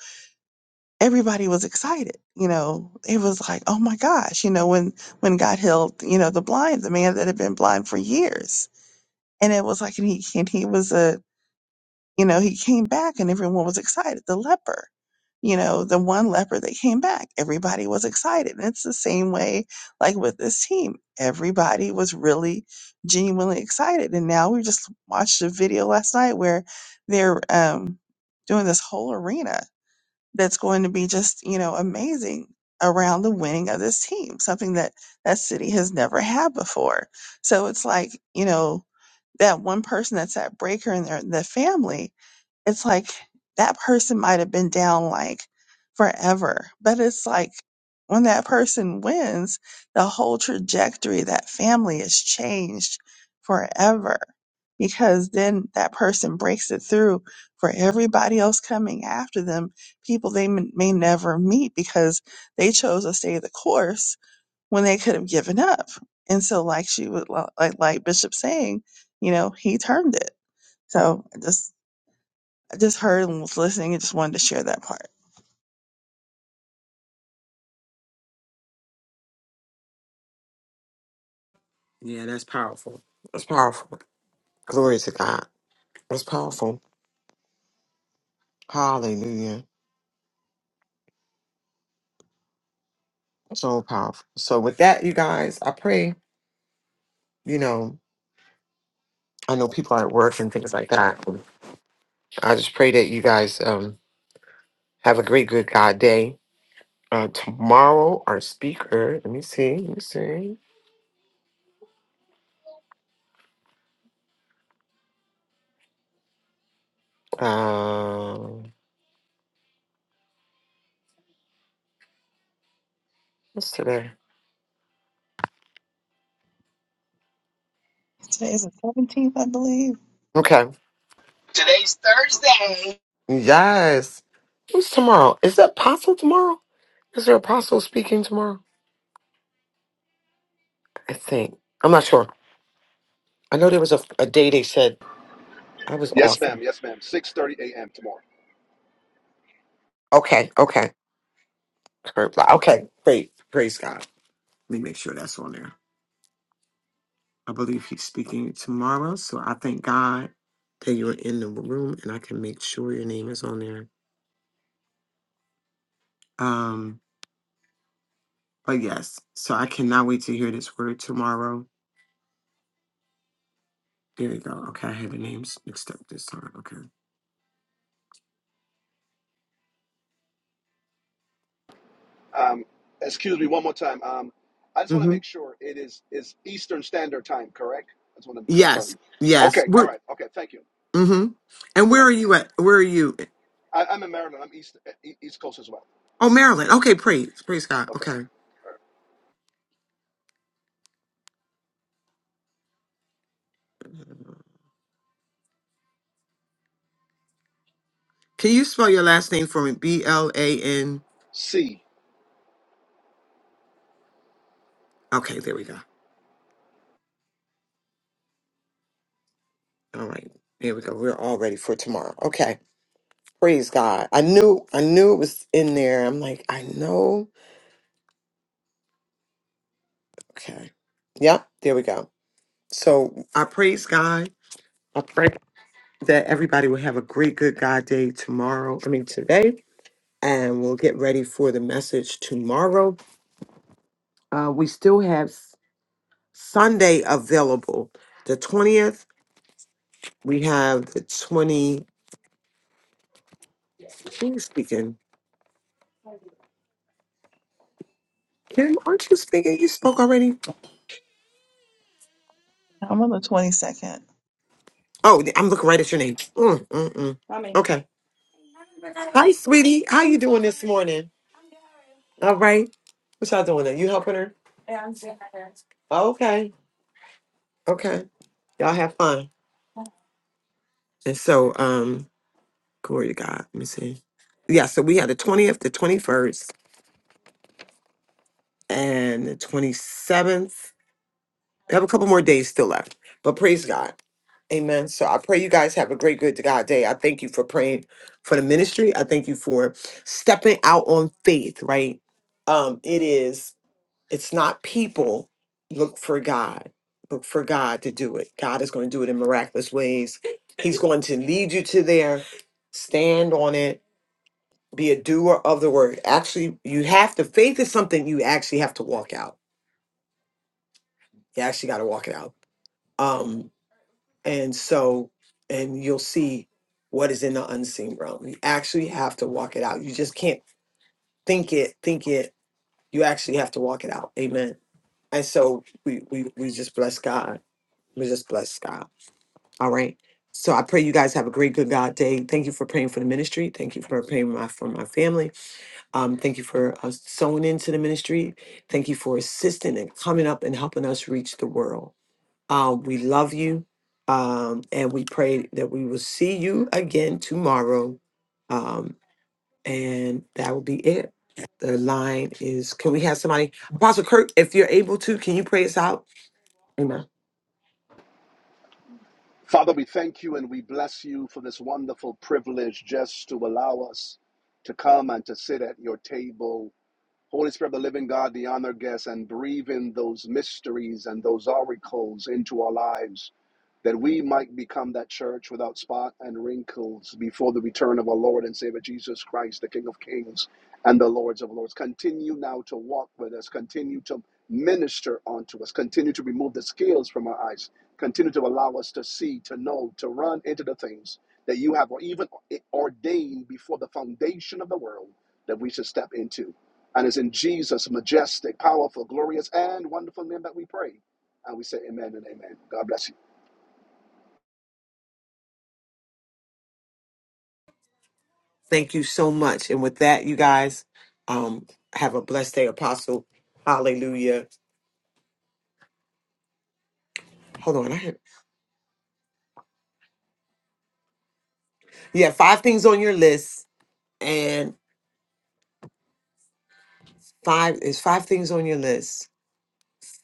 everybody was excited you know it was like oh my gosh you know when when god healed you know the blind the man that had been blind for years and it was like and he and he was a you know, he came back and everyone was excited. The leper, you know, the one leper that came back, everybody was excited. And it's the same way, like with this team, everybody was really genuinely excited. And now we just watched a video last night where they're um, doing this whole arena that's going to be just, you know, amazing around the winning of this team, something that that city has never had before. So it's like, you know, that one person that's at Breaker and their the family it's like that person might have been down like forever, but it's like when that person wins, the whole trajectory of that family is changed forever because then that person breaks it through for everybody else coming after them, people they m- may never meet because they chose to stay the course when they could have given up. And so, like she would, like like Bishop saying, you know, he turned it. So I just I just heard and was listening and just wanted to share that part. Yeah, that's powerful. That's powerful. Glory to God. That's powerful. Hallelujah. So powerful. So with that, you guys, I pray. You know, I know people are at work and things like that. I just pray that you guys um have a great, good God day. Uh, tomorrow, our speaker. Let me see. Let me see. Um, what's today? Today is the 17th, I believe. Okay. Today's Thursday. Yes. Who's tomorrow? Is that apostle tomorrow? Is there apostle speaking tomorrow? I think. I'm not sure. I know there was a, a day they said I was Yes, awesome. more. Okay. Okay. Kurt Black. Okay. Great. Praise God. Let me make sure that's on there. I believe he's speaking tomorrow. So I thank God that you're in the room and I can make sure your name is on there. Um, but yes, so I cannot wait to hear this word tomorrow. There we go. Okay, I had the names mixed up this time. Okay. Um, excuse me one more time. Um, I just want to hmm make sure it is is Eastern Standard Time, correct? I just want to Yes, confirm. yes. Okay, all We're right. Okay, thank you, hmm And where are thank you. you at? Where are you? I, I'm in Maryland. I'm East E- East Coast as well. Oh, Maryland. Okay, praise, praise God. Okay. Okay. Can you spell your last name for me? B L A N. C. Okay, there we go. All right, there we go. We're all ready for tomorrow. Okay, praise God. I knew, I knew it was in there. I'm like, I know. Okay. Yep. There we go. So I praise God. I pray that everybody will have a great, good God day tomorrow. I mean today and we'll get ready for the message tomorrow. Uh, we still have S- Sunday available. The 20th, we have the 20. Who's speaking? Kim, aren't you speaking? You spoke already? I'm on the 22nd. Oh, I'm looking right at your name. Mm, mm, mm. Okay. Hi, sweetie. How you doing this morning? All right. What y'all doing? Are you helping her? Okay. Okay. Y'all have fun. And so, um, glory to God. Let me see. Yeah, so we had the 20th, the 21st. and the 27th. I have a couple more days still left, but praise God. Amen. So I pray you guys have a great, good to God day. I thank you for praying for the ministry. I thank you for stepping out on faith, right? Um, it is, it's not people. Look for God. Look for God to do it. God is going to do it in miraculous ways. He's going to lead you to there. Stand on it. Be a doer of the word. Actually, you have to, faith is something you actually have to walk out You actually got to walk it out. Um, and so, and you'll see what is in the unseen realm. You actually have to walk it out. You just can't think it, think it. You actually have to walk it out. Amen. And so we we we just bless God. We just bless God. All right. So I pray you guys have a great good God day. Thank you for praying for the ministry. Thank you for praying my, for my family. Um, thank you for uh, sewing into the ministry. Thank you for assisting and coming up and helping us reach the world. Um, we love you. Um, and we pray that we will see you again tomorrow. Um, and that will be it. The line is can we have somebody? Apostle Kirk, if you're able to, can you pray us out? Amen. Father, we thank you and we bless you for this wonderful privilege just to allow us to come and to sit at your table Holy Spirit of the living God, the honor guest, and breathe in those mysteries and those oracles into our lives that we might become that church without spot and wrinkles before the return of our Lord and Savior Jesus Christ, the King of Kings and the Lords of Lords. Continue now to walk with us, continue to minister unto us, continue to remove the scales from our eyes, continue to allow us to see, to know, to run into the things that you have or even ordained before the foundation of the world that we should step into. And it's in Jesus' majestic, powerful, glorious, and wonderful name that we pray. And we say amen and amen. God bless you. Thank you so much. And with that, you guys, um, have a blessed day, Apostle. Hallelujah. Hold on. I have, you have five things on your list. and. Five is five things on your list.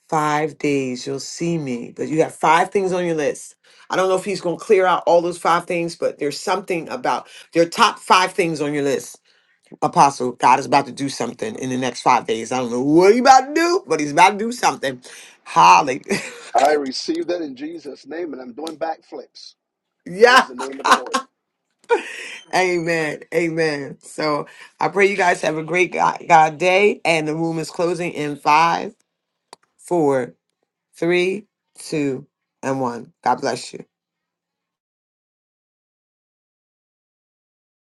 Five days you'll see me, but you have five things on your list. I don't know if he's going to clear out all those five things, but there's something about your top five things on your list. Apostle, God is about to do something in the next five days. I don't know what he's about to do, but he's about to do something. Holly. I received that in Jesus' name, and I'm doing backflips. Praise yeah. the name of the Lord. Amen. Amen. So I pray you guys have a great God, God day. And the room is closing in five, four, three, two, and one. God bless you.